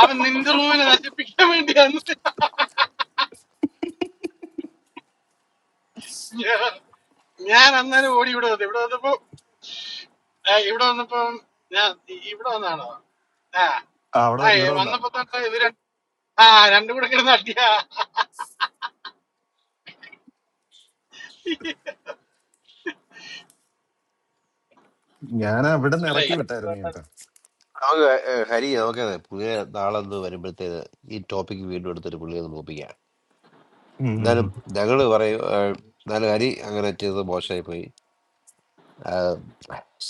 F: അവൻ നിന്റെ റൂമിനെ നശിപ്പിക്കാൻ വേണ്ടിയാണ് ഞാൻ ഞാൻ അന്നേരം ഓടി ഇവിടെ വന്നു ഇവിടെ വന്നപ്പോ ആ, ഇവിടെ വന്നപ്പോ ഞാൻ ഇ- ഇവിടെ വന്നാണോ ആ
H: ആ, അവിടെ
F: ആ ഏ,
H: ഇവിടെ വന്ന
F: വന്നപ്പോ തൊട്ട് ഇവര് ആ രണ്ടും കൂടെ കിടന്ന് അടിയാ
H: ഞാൻ അവിടെ നിന്ന്
F: അല്ല
H: ഇറക്കി
F: ഇത്
H: വിട്ടായിരുന്നു കേട്ടോ
E: നമുക്ക് ഹരി നമുക്ക് പുതിയ നാളെന്ന് വരുമ്പോഴത്തേന് ഈ ടോപ്പിക്ക് വീണ്ടും എടുത്തിട്ട് പുള്ളിയെ ഒന്ന് ഒപ്പിക്കാം
H: ഉം ഉം
E: എന്നാലും
H: ഉം.
E: ഞങ്ങൾ പറയും ആ, എന്നാലും ഹരി അങ്ങനെ ചെയ്തത് മോശമായി പോയി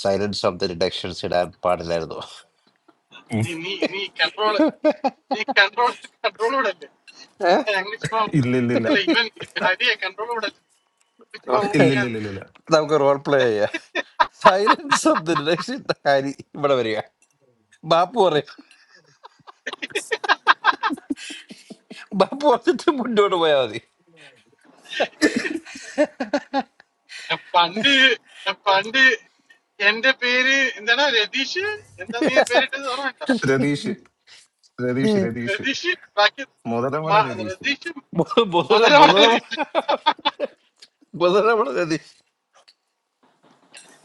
E: സൈലൻസ് ഓഫ് ദ ഡിഡക്ഷൻസ് ഇടാൻ പാടില്ലായിരുന്നു
H: ഉം.
F: നീ നീ നീ കൺട്രോൾ നീ കൺട്രോൾ കൺട്രോളോടല്ലേ
E: ഏ?
F: അങ്ങനെ ചുമ്മാ ഊ-
H: ഇല്ല ഇല്ല ഇല്ല
F: അല്ല ഇവൻ ഹരിയെ കൺട്രോളോടല്ലേ ചുമ്മാ
H: ഇല്ല
E: നമുക്ക്
H: ഇല്ല
F: ഊപ്പിക്കാൻ
H: ഇല്ല ഇല്ല ഇല്ല.
E: നമുക്ക് റോൾ പ്ലേ ചെയ്യാം സൈലൻസ് ഓഫ് ദ ഡിഡക്ഷൻ ഇട്ട ഹരി ഇവിടെ വരിക ബാപ്പു പറയും ബാപ്പു പറഞ്ഞിട്ട് മുന്നോട്ട് പോയാൽ മതി
F: ഞാൻ പണ്ട് ഞാൻ പണ്ട് എന്റെ പേര് എന്താണ് രതീഷ് എന്താ നീ പേരിട്ടത് ഓർമ്മയുണ്ടോ
H: രതീഷ് രതീഷ് രതീഷ്
F: രതീഷ് ബാക്കി
H: മുതലമട
F: മ-
H: രതീഷ്
F: രതീഷ്
E: ബുധ- ബുധന
F: മുതലാണ്
E: ബുധന
F: രതീഷ്
E: ബുധന മതി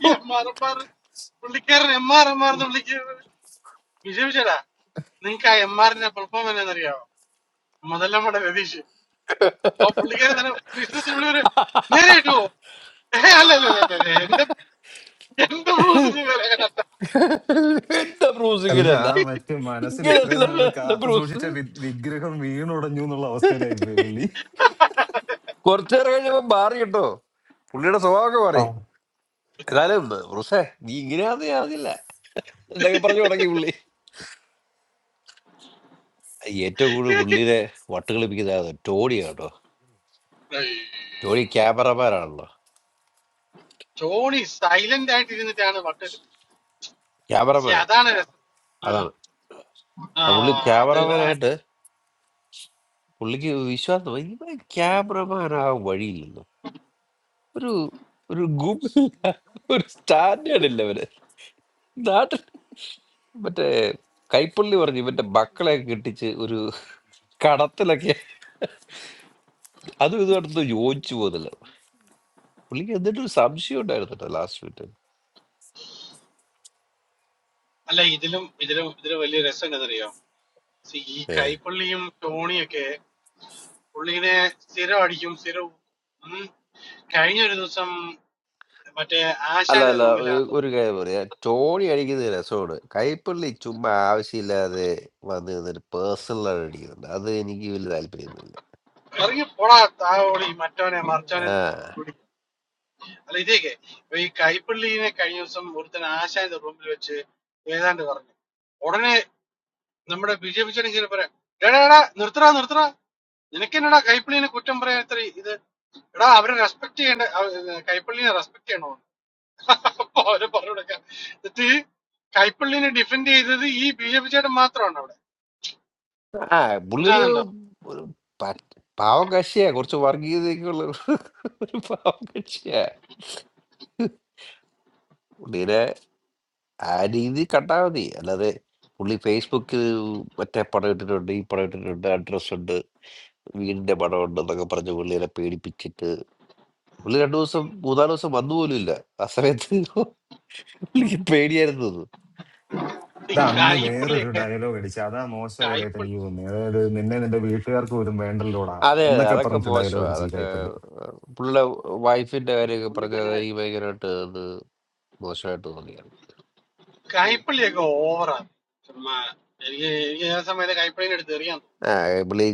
F: ഈ എം ആർ എം ആർ പുള്ളിക്കാരൻ എം ആർ എം ആർ എന്ന് വിളിക്കുന്നത് വിജയിച്ചടാ നിങ്ങൾക്ക് ആ എം ആറിന്റെ പെർഫോമൻസ് എന്നറിയാവോ മുതലമ്മയുടെ രതീഷ് ആ പുള്ളിക്കാരൻ തന്നെ വിശ്വസിച്ച് പുള്ളി ഒരു നേരെ കിട്ടുവോ ഏ അല്ല അല്ല അല്ല അല്ല, എന്റെ എന്റെ ബ്രൂസിന് വില കണ്ട
E: എന്റെ ബ്രൂസ്
H: അല്ല
E: ഇങ്ങനെയല്ല
H: മറ്റേ മനസ്സിൽ
E: ഇങ്ങനെയല്ല
H: ഇത്രയും നാള്
E: എന്റെ
H: കാത്തു
E: ബ്രൂസ്
H: സൂക്ഷിച്ച വി- വിഗ്രഹം വീണുടഞ്ഞു എന്നുള്ള അവസ്ഥയിലായിരുന്നു ഈ പുള്ളി
E: കുറച്ചു നേരം കഴിഞ്ഞപ്പോ മാറി കേട്ടോ പുള്ളിയുടെ സ്വഭാവമൊക്കെ
H: ആ.
E: മാറി എന്നാലും റുസേ നീ ഇങ്ങനെയാന്ന് ആവില്ല എന്നൊക്കെ പറഞ്ഞു തുടങ്ങി പുള്ളി ഏറ്റവും കൂടുതൽ പുള്ളിയെ വട്ടുകളിപ്പിക്കുന്നത് ടോണിയാ കേട്ടോ ടോണി ക്യാമറമാനാണല്ലോ
F: ടോണി സൈലന്റ് ആയിട്ട് ഇരുന്നിട്ടാണ് വട്ടല് പക്ഷെ
E: ക്യാമറമാൻ
F: അതാണ് രസം ഉം.
E: അതാണ്
F: ആ
E: ആ പുള്ളി
F: അതെ
E: ക്യാമറമാനായിട്ട് പുള്ളിക്ക് വിശ്വാസം ഇവൻ ക്യാമറമാനാകാൻ വഴിയില്ലല്ലോ ഒരു ഒരു ഗുമില്ല ഒരു സ്റ്റാൻഡേർഡ് ഇല്ല അവന് നാട്ടിൽ മറ്റേ കൈപ്പള്ളി പറഞ്ഞു ഇവന്റെ മക്കളെ കെട്ടിച്ച് ഒരു കടത്തിലൊക്കെ അതും ഇതുമായിട്ടൊന്നും യോജിച്ചു പോകുന്നില്ല. പുള്ളിക്ക് എന്നിട്ടൊരു സംശയം ഉണ്ടായിരുന്നു കേട്ടോ ലാസ്റ്റ് മിനിറ്റിൽ.
F: അല്ല ഇതിലും ഇതിലും ഇതിലും വലിയ രസം എന്നറിയോ See, ഈ
E: ഏഹ്.
F: കൈപ്പള്ളിയും ടോണിയൊക്കെ പുള്ളിനെ സ്ഥിരം അടിക്കും സ്ഥിരം ഊക്കും. ഉം. കഴിഞ്ഞ ഒരു ദിവസം മറ്റേ
E: അല്ല,
F: ആശാന്റെ
E: അല്ല. ഒ
F: റൂമിലാന്ന്
E: ഒരു
F: തോന്നുന്നു
E: കാര്യം പറയാം. ടോണി അടിക്കുന്നത് രസമാണ്. കൈപ്പള്ളി ചുമ്മാ ആവശ്യമില്ലാതെ വന്ന് നിന്നിട്ട് പേഴ്സണലായിട്ട് അടിക്കുന്നുണ്ട്. അത് എനിക്ക് വലിയ താല്പര്യമൊന്നുമില്ല.
F: ഇറങ്ങി പോടാ താവോളി മറ്റവനെ
E: ആ.
F: മറിച്ചവനെ അല്ല ഇതേക്ക് ഇപ്പൊ ഈ കൈപ്പള്ളിനെ കഴിഞ്ഞ ദിവസം ഒരുത്തൻ ആശാന്റെ റൂമിൽ വെച്ച് ഏതാണ്ട് പറഞ്ഞു ഉടനെ നമ്മുടെ ബി ജെ പി ചേട്ടൻ പറയാം എടാ എടാ നിർത്തടാ നിർത്തടാ നിനക്കെന്നടാ കൈപ്പള്ളിനെ കുറ്റം പറയാൻ ഇത്ര ഇത് എടാ അവരെ റെസ്പെക്ട് ചെയ്യേണ്ട അവ- ഏ, കൈപ്പള്ളിനെ റെസ്പെക്ട് ചെയ്യണോ അപ്പൊ അവരെ പറഞ്ഞു കൊടുക്കാം എന്നിട്ട് കൈപ്പള്ളിനെ ഡിഫെൻഡ് ചെയ്തത് ഈ ബി ജെ പി ചേട്ടൻ മാത്രമാണ് അവിടെ
E: ആ പുള്ളിയൊരു
F: മനസ്സിലാകുന്നുണ്ടോ
E: ഒരു പറ്റ് പാവം കക്ഷിയാ. കുറച്ച് വർഗീയതയൊക്കെയുള്ള ഒരു പാവം കക്ഷിയാ. പുള്ളീനെ ആ രീതിയിൽ കണ്ടാ മതി. അല്ലാതെ പുള്ളി ഫേസ്ബുക്കിൽ മറ്റേ പടം ഇട്ടിട്ടുണ്ട്, ഈ പടം ഇട്ടിട്ടുണ്ട്, അഡ്രസ്സുണ്ട് വീടിന്റെ പടമുണ്ടെന്നൊക്കെ പറഞ്ഞ് പുള്ളിനെ പേടിപ്പിച്ചിട്ട് പുള്ളി രണ്ടു ദിവസം മൂന്നാല് ദിവസം വന്നു പോലും ഇല്ല ആ സമയത്ത് പുള്ളിക്ക് പേടിയായിരുന്നു എന്ന്. തോന്നുന്നു.
F: ഈ
H: ഇത് അന്ന് വേറൊരു
F: കൈപ്പള്ളിയൊക്കെ
H: ഡയലോഗ് അടിച്ചു അതാ മോശമായതായിട്ട്
F: കൈപ്പള്ളി
H: എനിക്ക് തോന്നി അതായത് നിന്നെ നിന്റെ വീട്ടുകാർക്ക് പോലും വേണ്ടല്ലോടാ
E: അതെ അതെ
H: എന്നൊക്കെ
E: അതൊക്കെ
H: പറഞ്ഞിട്ട് ഡയലോഗ്
E: മോശമാണ്
H: അടിച്ചു ഈ
E: അതൊക്കെ
H: കൈപ്പള്ളി
E: ഏഹ്, പുള്ളിയുടെ വൈഫിന്റെ കാര്യമൊക്കെ
A: പുള്ളിക്ക്
E: പറഞ്ഞാൽ
A: അങ്ങനെ
E: അത് എനിക്ക് ഭയങ്കരമായിട്ട് അത് മോശമായിട്ട് തോന്നിയാണ്
A: പു-
F: കൈപ്പള്ളിയൊക്കെ
A: പുള്ളി
F: ഓവറാണ് ചുമ്മാ എനിക്ക് എനിക്ക് ആ സമയത്ത് കൈപ്പള്ളിനെ എടുത്ത് എറിയാൻ തോന്നും.
E: ഏഹ്, പുള്ളി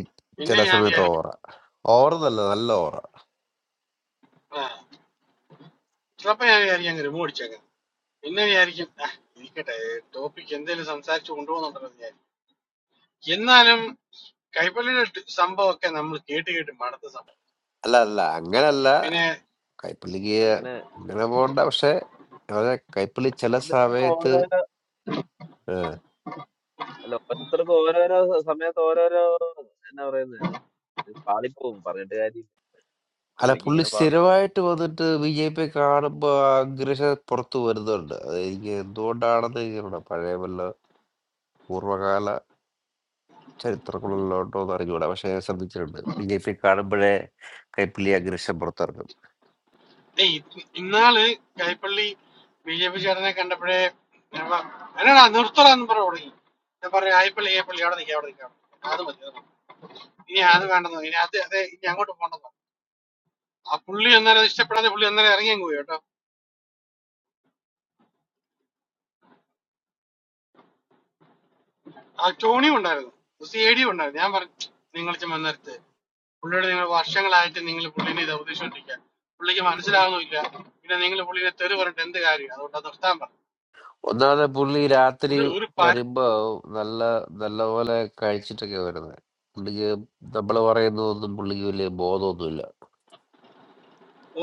E: ചില
F: പിന്നെ ഞാൻ
E: സമയത്ത്
F: വിചാരിക്കും
E: ഓറ ഓറ എന്നല്ല നല്ല ഓറ
F: ചിലപ്പോൾ ഞാൻ വിചാരിക്കും അങ്ങ് റിമൂവ് അടിച്ചേക്കാം പിന്നെ വിചാരിക്കും "ആ, ഇരിക്കട്ടെ ടോപ്പിക് എന്തെങ്കിലും സംസാരിച്ച് കൊണ്ടുപോകുന്നുണ്ടെന്ന് വിചാരിക്കും എന്നാലും കൈപ്പള്ളിയുടെ ട് സംഭവമൊക്കെ നമ്മൾ കേട്ട് കേട്ട് മടുത്ത സംഭവം
E: അല്ല അല്ല അങ്ങനല്ല
F: പിന്നെ
E: കൈപ്പുള്ളിക്ക്
A: അങ്ങനെ
E: അങ്ങനെ പോകണ്ട പക്ഷെ അവരെ കൈപ്പുള്ളി ചില
A: ഇത് ഇത് ഓ-
E: സമയത്ത്
A: അല്ല ഓരോരുത്തർക്കും ഓരോരോ സ- സമയത്ത് ഓരോരോ എന്നാ പറയുന്നത് പാളിപ്പോവും പറഞ്ഞിട്ട് കാര്യം
E: അല്ല,
A: പുള്ളിക്ക്
E: പുള്ളി
A: ഇങ്ങനെ പാളും
E: സ്ഥിരമായിട്ട് വന്നിട്ട് ബിജെപിയെ കാണുമ്പോ ആ ആഗ്രഹം പുറത്ത് വരുന്നുണ്ട്. അതെനിക്ക് എന്തുകൊണ്ടാണെന്ന് എനിക്കറിഞ്ഞൂടാ. പഴയ വല്ല പൂർവ്വകാല ചരിത്രങ്ങളിലുണ്ടോന്ന് അറിഞ്ഞൂടാ. പക്ഷെ ഞാൻ ശ്രദ്ധിച്ചിട്ടുണ്ട്. ബിജെപിയെ കാണുമ്പഴേ കൈപ്പിള്ളി ആഗ്രഹം പുറത്തിറങ്ങും.
F: ഏയ് ഇത് ഇന്നാള് കൈപ്പള്ളി ബി ജെ പി ചേട്ടനെ കണ്ടപ്പോഴേ ഞാൻ പ- എന്നടാ നിർത്തടാന്ന് പറഞ്ഞു തുടങ്ങി ഞാൻ പറഞ്ഞു കൈപ്പള്ളി കൈപ്പള്ളി അവിടെ നിൽക്കാം അവിടെ നിൽക്കാം അത് മതി അത് മതി. ഇനി അത് വേണ്ടെന്നോ ഇനി അത് അതെ ഇനി അങ്ങോട്ട് പോകണ്ടെന്നോ ആ പുള്ളി അന്നേരം അത് ഇഷ്ടപ്പെടാതെ പുള്ളി അന്നേരം ഇറങ്ങി അങ്ങ് പോയി കേട്ടോ ആ ടോണിയും ഉണ്ടായിരുന്നു സി ഐ ഡി ഉണ്ടായിരുന്നു ഞാൻ പറഞ്ഞു നിങ്ങൾ ചുമ്മാ നിർത്ത്. പുള്ളിയോട് നിങ്ങൾ വർഷങ്ങളായിട്ട് നിങ്ങൾ പുള്ളിനെ ഇത് ഉപദേശിച്ചോണ്ടിരിക്കുക പുള്ളിക്ക് മനസ്സിലാവുന്നില്ല പിന്നെ നിങ്ങൾ പുള്ളിനെ തെറി പറഞ്ഞിട്ട് എന്ത് കാര്യം അതുകൊണ്ട് അത് നിർത്താൻ പറഞ്ഞു
E: ഒന്നാമത് പുള്ളി രാത്രി
F: ഒരു ഒരു പര-
E: വരുമ്പോ നല്ല നല്ലപോലെ കഴിച്ചിട്ടൊക്കെയാ വരുന്നെ. പുള്ളിക്ക് നമ്മള് പറയുന്നതൊന്നും പുള്ളിക്ക് വലിയ ബോധമൊന്നുമില്ല.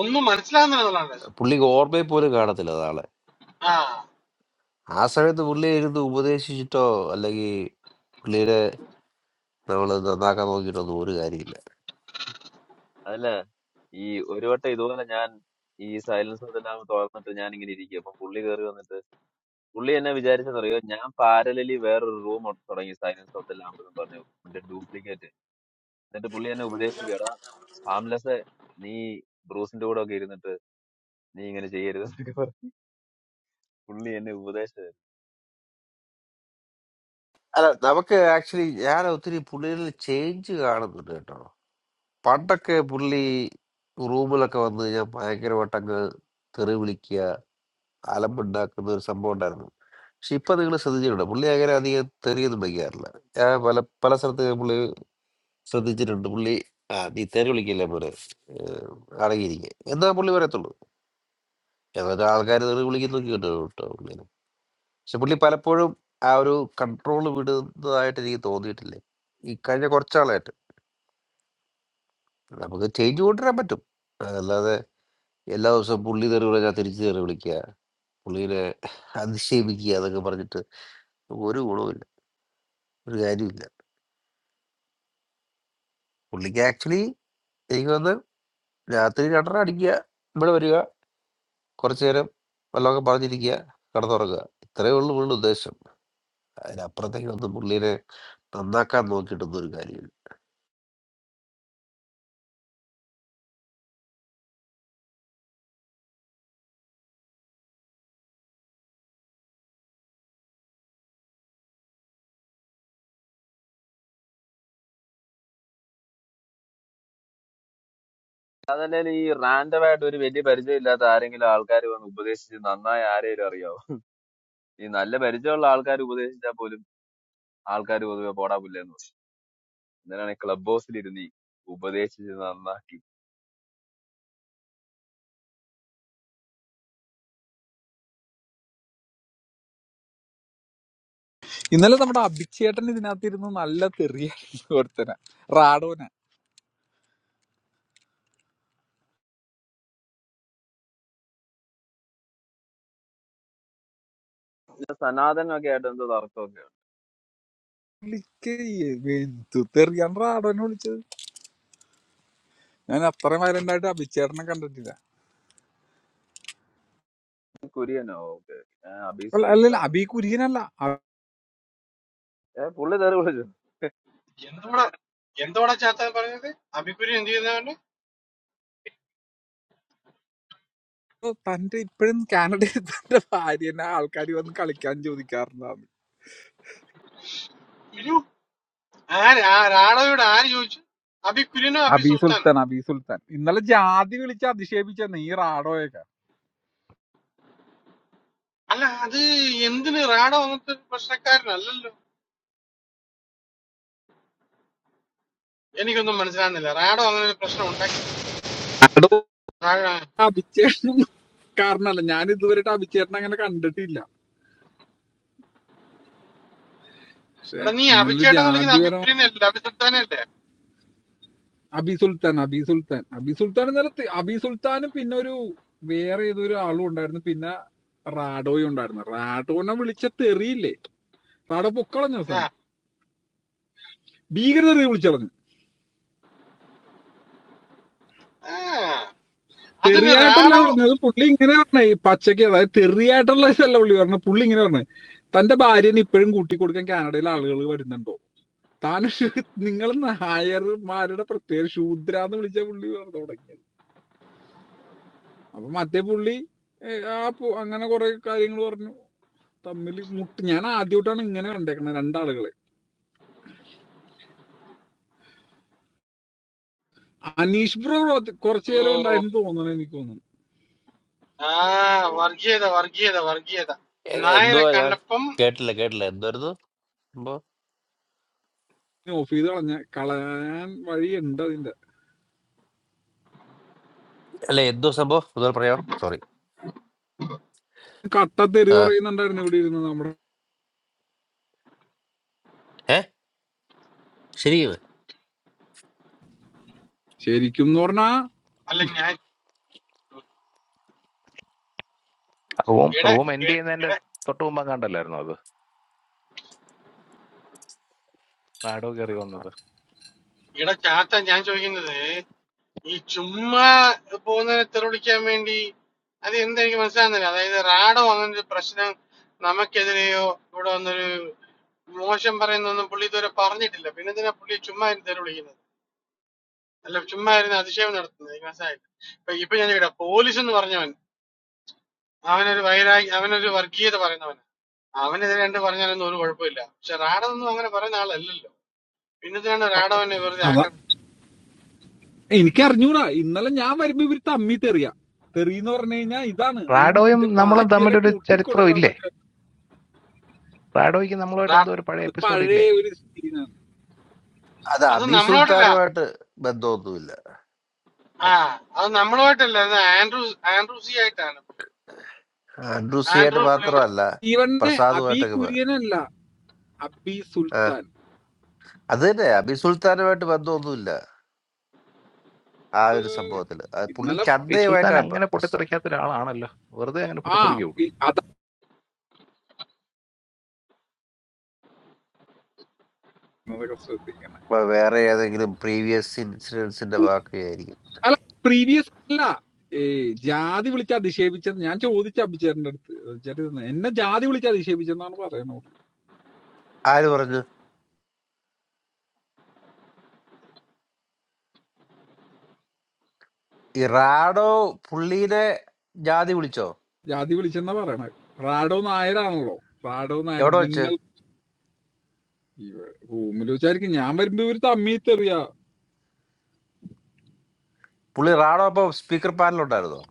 F: ഒന്നും മനസ്സിലാവുന്നില്ല എന്നുള്ളതാണ് രസം.
E: പുള്ളിക്ക് ഓർമ്മയിൽ പോലും കാണത്തില്ല നാളെ.
F: ആ
E: ആ സമയത്ത് പുള്ളിയെ ഇരുന്ന് ഉപദേശിച്ചിട്ടോ, അല്ലെങ്കി നമ്മൾ നന്നാക്കാൻ നോക്കിയിട്ടൊന്നും ഒരു കാര്യമില്ല
A: അതല്ല ഈ ഒരു വട്ടം ഇതുപോലെ ഞാൻ ഈ സൈലൻസ് ഇതെല്ലാം തുറന്നിട്ട് ഞാൻ ഇങ്ങനെ ഇരിക്കും അപ്പൊ പുള്ളി കയറി വന്നിട്ട് പുള്ളി എന്നെ വിചാരിച്ചെന്നറിയോ ഞാൻ പാരലലി വേറൊരു റൂം തുടങ്ങി സൈലൻസ് ഓഫ് ദ ലാമ്പ് എന്ന് പറഞ്ഞു എന്റെ ഡ്യൂപ്ലിക്കേറ്റ് എന്നിട്ട് പുള്ളി എന്നെ ഉപദേശിക്കുക ഹാംലെസ് നീ ബ്രൂസിന്റെ കൂടെ ഒക്കെ ഇരുന്നിട്ട് നീ ഇങ്ങനെ ചെയ്യരുത് എന്നൊക്കെ പുള്ളി എന്നെ ഉപദേശമായിരുന്നു
E: അല്ല നമുക്ക് ആക്ച്വലി ഞാൻ ഒത്തിരി പുള്ളിയിൽ ചേഞ്ച് കാണുന്നുണ്ട് കേട്ടോ പണ്ടൊക്കെ പുള്ളി റൂമിലൊക്കെ വന്ന് കഴിഞ്ഞാൽ ഭയങ്കരമായിട്ടങ്ങ് തെറി വിളിക്കുക അലമ്പുണ്ടാക്കുന്ന ഒരു സംഭവം ഉണ്ടായിരുന്നു പക്ഷെ ഇപ്പൊ നിങ്ങൾ ശ്രദ്ധിച്ചിട്ടുണ്ട് പുള്ളി അങ്ങനെ അധികം തെറിയൊന്നും വയ്ക്കാറില്ല ഞാൻ പല പല സ്ഥലത്ത് ഞാൻ പുള്ളി ശ്രദ്ധിച്ചിട്ടുണ്ട് പുള്ളി ആ നീ തെറി വിളിക്കില്ല പോലെ അടങ്ങിയിരിക്കുക എന്നാ പുള്ളി പറയത്തുള്ളൂ എന്നിട്ട് ആൾക്കാർ തെറി വിളിക്കുന്നൊക്കെ കേട്ടോ കേട്ടോ പുള്ളി പക്ഷെ പുള്ളി പലപ്പോഴും ആ ഒരു കൺട്രോൾ വിടുന്നതായിട്ട് എനിക്ക് തോന്നിയിട്ടില്ലേ ഈ കഴിഞ്ഞ കുറച്ചാളായിട്ട് നമുക്ക് ചേഞ്ച് കൊണ്ടുവരാൻ പറ്റും അല്ലാതെ എല്ലാ ദിവസവും പുള്ളി തെറി വിളിച്ചാൽ തിരിച്ചു തെറി വിളിക്കുക പുള്ളിനെ അധിക്ഷേപിക്കുക അതൊക്കെ പറഞ്ഞിട്ട് ഒരു ഗുണവുമില്ല ഒരു കാര്യമില്ല പുള്ളിക്ക് ആക്ച്വലി എനിക്ക് വന്ന് രാത്രി രണ്ടര അടിക്കുക ഇവിടെ വരിക കുറച്ചു നേരം വല്ലതൊക്കെ പറഞ്ഞിരിക്കുക കിടന്നുറങ്ങുക ഇത്രയേ ഉള്ളൂ പുള്ളിയുടെ ഉദ്ദേശം അതിനപ്പുറത്തേക്ക് വന്ന് പുള്ളിനെ നന്നാക്കാൻ നോക്കിയിട്ടൊന്നും ഒരു കാര്യമില്ല
A: അതല്ലേ ഈ റാൻഡം ആയിട്ട് ഒരു വലിയ പരിചയമില്ലാത്ത ആരെങ്കിലും ആൾക്കാർ വന്ന് ഉപദേശിച്ച് നന്നായി ആരെയും അറിയാവോ ഈ നല്ല പരിചയമുള്ള ആൾക്കാർ ഉപദേശിച്ചാൽ പോലും ആൾക്കാർ പൊതുവെ പോടാ പുല്ലെന്ന് പറയും എന്തിനാണ് ക്ലബ് ഹൗസിൽ ഇരുന്ന് ഈ ഉപദേശിച്ച് നന്നാക്കി
I: ഇന്നലെ നമ്മുടെ അഭിക്ഷേട്ടൻ ഇതിനകത്തിരുന്ന് നല്ല തെറിയായിരുന്നു ഒരുത്തനെ റാഡോനെ
A: പിന്നെ സനാതനൊക്കെ ആയിട്ട് എന്തോ തർക്കമൊക്കെ
I: വിളിക്ക് എന്തു തെറിയാണ് റാഡോനെ വിളിച്ചത് ഞാൻ അത്ര വയലന്റ് ആയിട്ട് അഭിക്ഷേട്ടനെ കണ്ടിട്ടില്ല
A: ഉണ്ട്. കുര്യനോ ഓക്കെ അബീസ്
I: അല്ല അല്ല
A: സുൽത്താനോ
I: അഭി കുര്യനല്ല അപ്പൊ
A: ഏഹ് പുള്ളി തെറി വിളിച്ചു
F: എന്തോടെ എന്തോടെ ചാത്താൻ പറഞ്ഞത് അബിക്കുര്യൻ എന്ത് ചെയ്യുന്നവന്റെ
I: തന്റെ ഇപ്പോഴും കാനഡയിൽ തന്റെ ഭാര്യനെ ആൾക്കാർ വന്ന് കളിക്കാൻ ചോദിക്കാറുണ്ടാവും
F: ഇരു ആര് ആ റാഡോയോട് ആര് ചോദിച്ചു അബിക്കുര്യനോ അബി
I: അബി
F: സുൽത്താനോ
I: സുൽത്താൻ അബി സുൽത്താൻ ഇന്നലെ ജാതി വിളിച്ച് അധിക്ഷേപിച്ചെന്ന് ഈ റാഡോയൊക്കെ
F: അല്ല അത് എന്തിന് റാഡോ അങ്ങനത്തെ ഒരു പ്രശ്നക്കാരനല്ലല്ലോ എനിക്കൊന്നും മനസ്സിലാവുന്നില്ല റാഡോ അങ്ങനെ ഒരു പ്രശ്നം ഉണ്ടാക്കിയോ ഇതുവരെ
I: റാഡോ
F: റാ-
I: അഭിച്ചേട്ടൻ കാരണല്ല ഞാൻ ഇതുവരെയായിട്ട് അഭിച്ചേട്ടനെ അങ്ങനെ കണ്ടിട്ടില്ല പക്ഷെ
F: എടാ നീ
I: ഇന്നലെ ഒരു
F: അബിച്ചേട്ടൻ എന്ന് വിളിക്കുന്ന
I: ജാതി
F: അബിക്കുര്യനല്ലേ അബി സുൽത്താനല്ലേ
I: അബി സുൽത്താൻ അബി സുൽത്താൻ അബി സുൽത്താൻ എന്നാലും തി- അബി സുൽത്താനും പിന്നെ ഒരു വേറെ ഏതൊരു ആളും ഉണ്ടായിരുന്നു പിന്നെ റാഡോയും ഉണ്ടായിരുന്നു റാഡോനെ വിളിച്ച തെറിയില്ലേ റാഡോ പൊക്കളഞ്ഞ
F: ആ
I: അവസാനം ഭീകര തെറി വിളിച്ചളഞ്ഞു
F: ആ അതിന്
I: തെറിയായിട്ടല്ല
F: റാഡോ
I: പറഞ്ഞത് പുള്ളി ഇങ്ങനെ പറഞ്ഞേ ഈ പച്ചയ്ക്ക് അതായത് തെറിയായിട്ടുള്ള ഇതല്ല പുള്ളി പറഞ്ഞു പുള്ളി ഇങ്ങനെ പറഞ്ഞു തന്റെ ഭാര്യനെ ഇപ്പോഴും കൂട്ടി കൊടുക്കാൻ കാനഡയിൽ ആളുകൾ വരുന്നുണ്ടോ താൻ നിങ്ങൾ നായർമാരുടെ പ്രത്യേക ശൂദ്രാന്ന് വിളിച്ച പുള്ളി പറഞ്ഞു തുടങ്ങിയത് അപ്പൊ മറ്റേ പുള്ളി ഏ, ആ പു- അങ്ങനെ കുറെ കാര്യങ്ങൾ പറഞ്ഞു തമ്മിൽ മുട്ട് ഞാൻ ആദ്യമായിട്ടാണ് ഇങ്ങനെ കണ്ടേക്കണത് രണ്ടാളുകള് അനീഷ് ബ്രോ കുറച്ച് കുറച്ച്
F: ഓ,
I: നേരം ഉണ്ടായിരുന്നു തോന്നണ എനിക്ക് തോന്നുന്നു
F: ആ വർഗീയത വർഗീയത വർഗീയത
E: എ-
F: നായരെ
E: എന്തുവാ ഞാൻ
F: കണ്ടപ്പം
E: കേട്ടില്ല കേട്ടില്ല എന്തായിരുന്നു
I: ഓഫ് ചെയ്ത് കളഞ്ഞ കളയാൻ വഴിയുണ്ട് അതിന്റെ
E: അല്ല എന്തോ സംഭവം ഒന്നുകൂടെ പറയാം സോറി
I: കട്ട തെറി
E: ആ,
I: പറയുന്നുണ്ടായിരുന്നു ഇവിടെ ഇരുന്ന് നമ്മുടെ
E: ഏ ശരി
I: ശരിക്കും എന്ന് പറഞ്ഞാ
F: അല്ല ഞാൻ
D: റൂം
F: ഇട
D: റൂം എൻഡ്
F: ഇട
D: ചെയ്യുന്നതിന്റെ
F: ഇട-
D: തൊട്ട് മുമ്പ് കണ്ടല്ലായിരുന്നു അത് റാഡോ കയറി വന്നത്
F: ഇട ചാത്ത ഞാൻ ചോദിക്കുന്നത് ഈ ചുമ്മാ പോകുന്നതിനെ തെറിവിളിക്കാൻ വേണ്ടി അത് എന്തെനിക്ക് മനസ്സിലാകുന്നില്ല അതായത് റാഡോ അങ്ങനൊരു പ്രശ്നം നമുക്കെതിരെയോ ഇവിടെ വന്നൊരു മോശം പറയുന്നൊന്നും പുള്ളി ഇതുവരെ പറഞ്ഞിട്ടില്ല പിന്നെ എന്തിനാ പുള്ളി ചുമ്മാ ഇരുന്ന് തെറിവിളിക്കുന്നത് അല്ല ചുമ്മാ ഇരുന്ന് അതിശയം നടത്തുന്നത് എനിക്ക് മനസ്സിലായില്ല ഇപ്പൊ ഇപ്പൊ ഞാൻ ചോദിക്കട്ടെ പോലീസ് എന്ന് പറഞ്ഞവൻ അവനൊരു വൈരാഗ്യ അവനൊരു വർഗീയത പറയുന്നവൻ അവനെതിരെ എന്ത് പറഞ്ഞാലൊന്നും ഒരു കുഴപ്പമില്ല പക്ഷെ റാഡനൊന്നും അങ്ങനെ പറയുന്ന ആളല്ലല്ലോ പിന്നത്തിനാണ് റാഡവനെ വെറുതെ
I: അതാ
F: ആക്രമിച്ചത്
I: എനിക്ക് അറിഞ്ഞൂടാ ഇന്നലെ ഞാൻ വരുമ്പോ ഇവര് തമ്മി തെറിയാ തെറി എന്ന് പറഞ്ഞു കഴിഞ്ഞാ ഇതാണ് നീ
D: റാഡോയും
I: നിന്റെ
D: നമ്മളും
I: പാച്ചിയെല്ലാം
D: തമ്മിലൊരു
I: കൂട്ടി
D: ചരിത്രം ഇല്ലേ
I: കൊടുക്കണമെന്നൊക്കെ
D: റാഡോയ്ക്ക് നമ്മളുമായിട്ട് എന്തോ
F: റാ-
D: ഒരു പഴയ
I: അത്
D: എപ്പിസോഡ് ഇല്ലേ
I: പഴയ ഒരു സീനാണ്
E: അത്
F: അത്
E: അബി
F: നമ്മളോട്ടല്ല
E: സുൽത്താനുമായിട്ട് ബന്ധമൊന്നുമില്ല
F: ആ
D: ഓക്കെ
F: അത് നമ്മളോട്ടല്ല അത് ആൻഡ്രൂ ആൻഡ്രൂ സി ആയിട്ടാണ്
E: അൻഡ്രൂസിയായിട്ട്
F: ആൻഡ്രൂ
E: മാത്രമല്ല
I: ഇവന്നെ അബി
E: പ്രസാദുമായിട്ടൊക്കെ ബ-
I: കുര്യനല്ല അബി
E: ആ,
I: സുൽത്താൻ
E: അത് തന്നെ അബി സുൽത്താനുമായിട്ട് ബന്ധമൊന്നുമില്ല ആ ഒരു സംഭവത്തിൽ പുള്ളി
I: ഇന്നലെ
D: ഈ സുൽത്താൻ
E: ചന്തയുമായിട്ടാണ് പ്ര-
D: അങ്ങനെ
E: പ്രശ്നം
D: പൊട്ടിത്തെറിക്കാത്ത ഒരാളാണല്ലോ വെറുതെ അങ്ങനെ
I: ആ
D: പൊട്ടിത്തെറിക്കുക പുള്ളി
I: ഇ- അതാ ശ്രദ്ധിക്കണം
E: ഇപ്പൊ വേറെ ഏതെങ്കിലും പ്രീവിയസ് ഇൻസിഡൻസിന്റെ വാക്കുകയായിരിക്കും
I: അല്ല പ്രീവിയസ് അല്ല ഏ, ജാതി വിളിച്ച് അധിക്ഷേപിച്ചത് ഞാൻ ചോദിച്ച അഭിചേട്ടന്റെ അടുത്ത് ചേട്ടൻ ഇരുന്ന് എന്നെ ജാതി വിളിച്ച് അധിക്ഷേപിച്ചെന്നാണ് പറയണത്
E: ആര് പറഞ്ഞു ഈ റാഡോ പുള്ളീനെ ജാതി വിളിച്ചോ
I: ജാതി വിളിച്ചെന്നാ പറയണത് റാഡോ നായരാണല്ലോ റാഡോ നായർ
E: എവിടെ വെച്ച്
I: നിങ്ങൾ ഇവ- റൂമിൽ വെച്ചായിരിക്കും ഞാൻ വരുമ്പോ ഇവര് തമ്മി തെറിയ
E: പുള്ളി റാഡോ അപ്പൊ സ്പീക്കർ പാനലുണ്ടായിരുന്നോ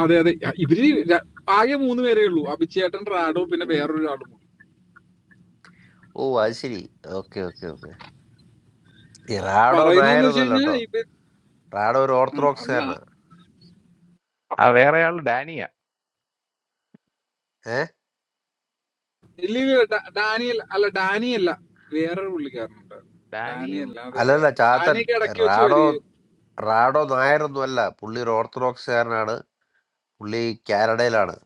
I: അതെ അതെ ഇവര് ര- ആകെ മൂന്ന് പേരേ ഉള്ളൂ അഭിചേട്ടൻ റാഡോ പിന്നെ വേറൊരാളും കൂടി.
E: ഓ അത് ശരി ഓക്കെ ഓക്കെ ഓക്കെ ഈ റാഡോ
I: പറയുന്നതെന്ന് വെച്ച്
E: നായരൊന്നുമല്ല കേട്ടോ
I: കഴിഞ്ഞാൽ ഇവർ
E: റാഡോ ഒരു
I: അല്ല
E: ഓർത്തഡോക്സുകാരനാണ്
D: ആ വേറെ ആൾ ഡാനിയാ
E: ഏഹ്
I: ഇല്ല ഇല്ല, ഡാ- ഡാനിയൽ അല്ല ഡാനിയല്ല വേറൊരു പുള്ളിക്കാരനുണ്ട്
D: ഡാനിയും
I: ഡാനിയല്ല അതെ
E: അല്ലല്ല ചാത്തൻ
I: ഡാനിയൊക്കെ ഇടയ്ക്ക് വെച്ച്
E: റാഡോ റാഡോ നായരൊന്നും അല്ല പുള്ളി ഒരു ഓർത്തഡോക്സുകാരനാണ് പുള്ളി കാനഡയിലാണ്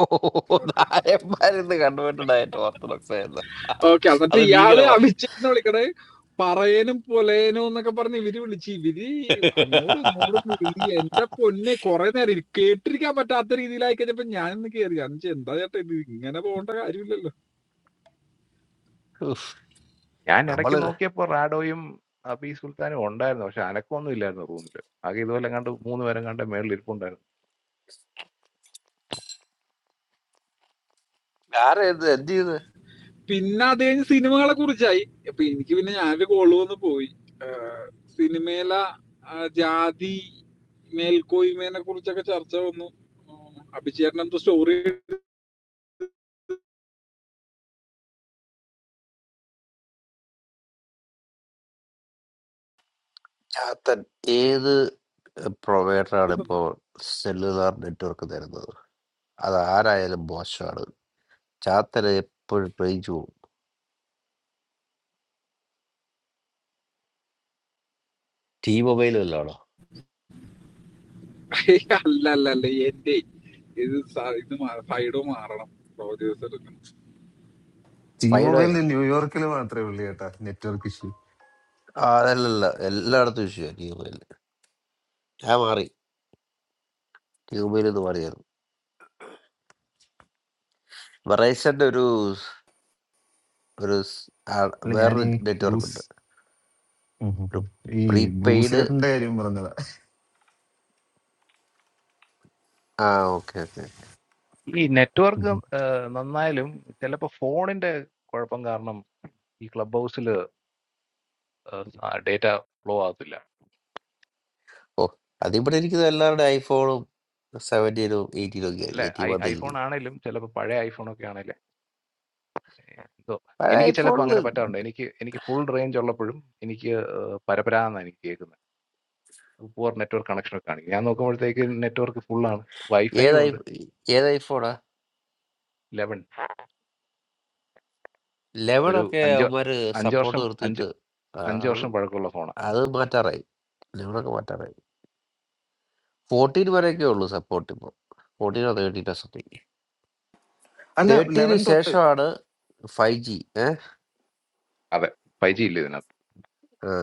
E: ഓ
I: വരും
E: നായന്മാരിന്ന് കണ്ടുപോയിട്ടുണ്ടായിട്ട് ഓർത്തഡോക്സ് ആയിരുന്നു
I: ഓക്കെ എന്നിട്ട്
E: അത്
I: ഇയാള്
E: ഭീകരമാ
I: അമിച്ചേനെ വിളിക്കണേ പറയനും പൊലേനും എന്നൊക്കെ പറഞ്ഞ് ഇവര് വിളിച്ച് ഇവര് അങ്ങോട്ടും ഇങ്ങോട്ടും വിളി എന്റെ പൊന്നെ കൊറേ നേരം ഇരി- കേട്ടിരിക്കാൻ പറ്റാത്ത രീതിയിലായി കഴിഞ്ഞപ്പോ ഞാനൊന്ന് കേറി അഞ്ച് എന്താ ചേട്ടാ ഇത് ഇങ്ങനെ പോകേണ്ട കാര്യമില്ലല്ലോ
E: ഉഫ്.
D: ഞാൻ ഇടയ്ക്ക്
E: നമ്മള്
D: നോക്കിയപ്പോൾ റാഡോയും അബി സുൽത്താനും ഉണ്ടായിരുന്നു പക്ഷെ അനക്കമൊന്നും ഇല്ലായിരുന്നു റൂമിൽ ആകെ ഇതുപോലെ കണ്ട് മൂന്ന് പേരും കണ്ട് മേളിൽ ഇരിപ്പുണ്ടായിരുന്നു
E: ആരാ ഇത് എന്ത് ചെയ്ത്
I: പിന്നെ അത് കഴിഞ്ഞ് സിനിമകളെ കുറിച്ചായി അപ്പൊ എനിക്ക് പിന്നെ ഞാനൊരു കോള് വന്ന് പോയി ആഹ് സിനിമയില ആഹ് ജാതി മേൽക്കോയ്മേനെ കുറിച്ചൊക്കെ ചർച്ച വന്നു ആഹ് അഭിചേട്ടൻ എന്തോ സ്റ്റോറി
E: ചാത്തൻ ഏത് പ്രൊവൈഡറാണ് ഇപ്പോ സെല്ലുലാർ നെറ്റ്വർക്ക് തരുന്നത് അത് ആരായാലും മോശമാണ് ചാത്തന് എപ്പോഴും റേഞ്ച് പോകും ടീ മൊബൈലും അല്ലാണോ
I: ഏയ് അല്ല അല്ല അല്ല എന്റെ ഇത് സ- ഇത് മാ- സൈഡ് മാറണം റോജേഴ്സ് എടുക്കണം
H: ടി
E: ഫൈഡോ
H: മൊബൈലിന് ന്യൂയോർക്കിൽ മാത്രമേ ഉള്ളൂ കേട്ടാ നെറ്റ്വർക്ക് ഇഷ്യൂ
E: ആ, അല്ലല്ല എല്ലായിടത്തും ഇഷ്യൂ ക്യൂബയിൽ ഞാൻ മാറി ക്യൂബയിൽ നിന്ന് മാറിയായിരുന്നു വെറൈസന്റെ ഒരു സ്- ഒരു സ്- ആ,
H: അല്ല ഞാൻ
E: വേറൊരു
H: ഈ
E: നെറ്റ്വർക്ക്
H: ബ്ലൂസ്
E: ഉണ്ട്
H: ഉം ഉം
E: ഒരു
H: ഉം ഈ ബ്ലൂസ്
E: പ്രീപെയ്ഡ്
H: ചേട്ടന്റെ കാര്യം പറഞ്ഞതാ
E: ആ ഓക്കെ ഓക്കെ
D: ഈ
H: ഉം
D: നെറ്റ്വർക്ക്
H: ഉം.
D: നന്നായാലും ചിലപ്പോൾ ഫോണിന്റെ കുഴപ്പം കാരണം ഈ ക്ലബ് ഹൗസിൽ ഡേറ്റ ഫ്ലോ ആകത്തില്ല
E: ഓ അതിവിടെ ഇരിക്കുന്ന എല്ലാവരുടെ ഐഫോണും സെവൻറ്റീനും എയ്റ്റീനും ഒക്കെ ആയി.
D: അല്ലെ
E: എയ്റ്റീൻ
D: ഐ
E: വന്നിൽ
D: ഐഫോൺ ആണെങ്കിലും ചിലപ്പോൾ പഴയ ഐഫോൺ ഒക്കെ ആണെങ്കിലും എന്തോ!
E: പഴയ
D: എനിക്ക് ചിലപ്പോ
E: ഐഫോണിൽ
D: അങ്ങനെ പറ്റാറുണ്ട്. എനിക്ക് എനിക്ക് ഫുൾ റേഞ്ച് ഉള്ളപ്പോഴും എനിക്ക് ഏഹ്, പരപരാന്നാ എനിക്ക് കേൾക്കുന്നെ. പുവർ നെറ്റ്‌വർക്ക് കണക്ഷൻ ഒക്കെ കാണിക്കും. ഞാൻ നോക്കുമ്പോഴത്തേക്ക് നെറ്റ്‌വർക്ക് ഫുൾ ആണ്. വൈഫൈയും
E: ഏത് ഐ
D: ഉണ്ട്
E: ഏത് ഐഫോണാ
D: 11.
E: ലെവൻ
D: ഒരു
E: ഒക്കെ
D: 5
E: അവന്മാർ
D: 5
E: സപ്പോർട്ട്
D: വർഷം 5
E: നിർത്തിയിട്ട് ആ,
D: 5
E: അത്
D: വർഷം പഴക്കമുള്ള ഫോണാ.
E: അത് മാറ്റാറായി ലെവനൊക്കെ മാറ്റാറായി ഫോർട്ടീൻ വരെയൊക്കെ ഉള്ളൂ സപ്പോർട്ട് ഇപ്പോൾ ഫോർട്ടീനോ തേർട്ടീനോ സംതിങ്
H: അല്ല
E: തേർട്ടിന്
H: ലെവൻ തൊട്ട്
E: ശേഷമാണ് ഫൈവ് ജി ഏഹ്
D: അതെ. 5G ഇല്ല ഇതിനകത്ത്.
E: ആ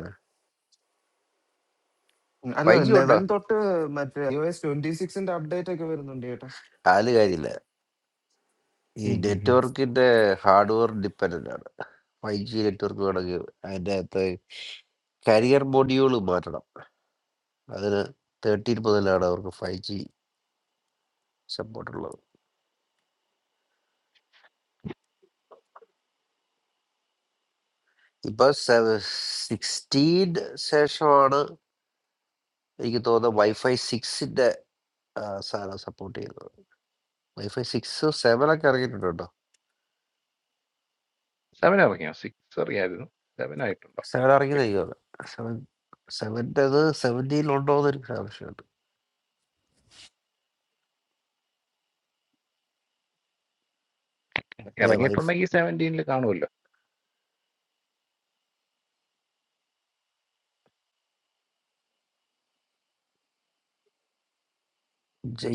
H: അല്ല
E: ഫൈവ് ജി ഉണ്ടോ
H: ലെവൻ തൊട്ട് മറ്റേ ഐ ഒ എസ് ട്വന്റി സിക്സിന്റെ അപ്ഡേറ്റ് ഒക്കെ വരുന്നുണ്ട് ചേട്ടാ
E: കാല് കാര്യമില്ല ഈ
H: ഉം ഉം ഉം.
E: നെറ്റ്വർക്കിന്റെ ഹാർഡ്വെയർ ഡിപ്പെൻഡന്റ് ആണ് ഫൈവ് ജി നെറ്റ്വർക്ക് വേണമെങ്കിൽ അതിൻ്റെ അകത്ത് കരിയർ മൊഡ്യൂൾ മാറ്റണം അതിന് തേർട്ടീൻ മുതലാണ് അവർക്ക് ഫൈവ് ജി സപ്പോർട്ട് ഉള്ളത് ഇപ്പൊ സിക്സ്റ്റീൻ ശേഷമാണ് എനിക്ക് തോന്നുന്നത് വൈഫൈ സിക്സിന്റെ സാധനം സപ്പോർട്ട് ചെയ്യുന്നത് വൈഫൈ സിക്സ് സെവൻ ഒക്കെ ഇറങ്ങിയിട്ടുണ്ട്
D: 7 ഇറങ്ങിയോ? 6 അറിയായിരുന്നു. 7 ആയിട്ടുണ്ടോ?
E: Seven
D: okay.
E: ഇറങ്ങിയതായിരിക്കും സെവൻ സെവൻ്റെ അത് സെവൻറ്റീൻ ഉണ്ടോ എന്നൊരു സംശയമുണ്ട് ഏ വൈഫ്
D: ഇറങ്ങിയിട്ടുണ്ടെങ്കിൽ 17 കാണുമല്ലോ.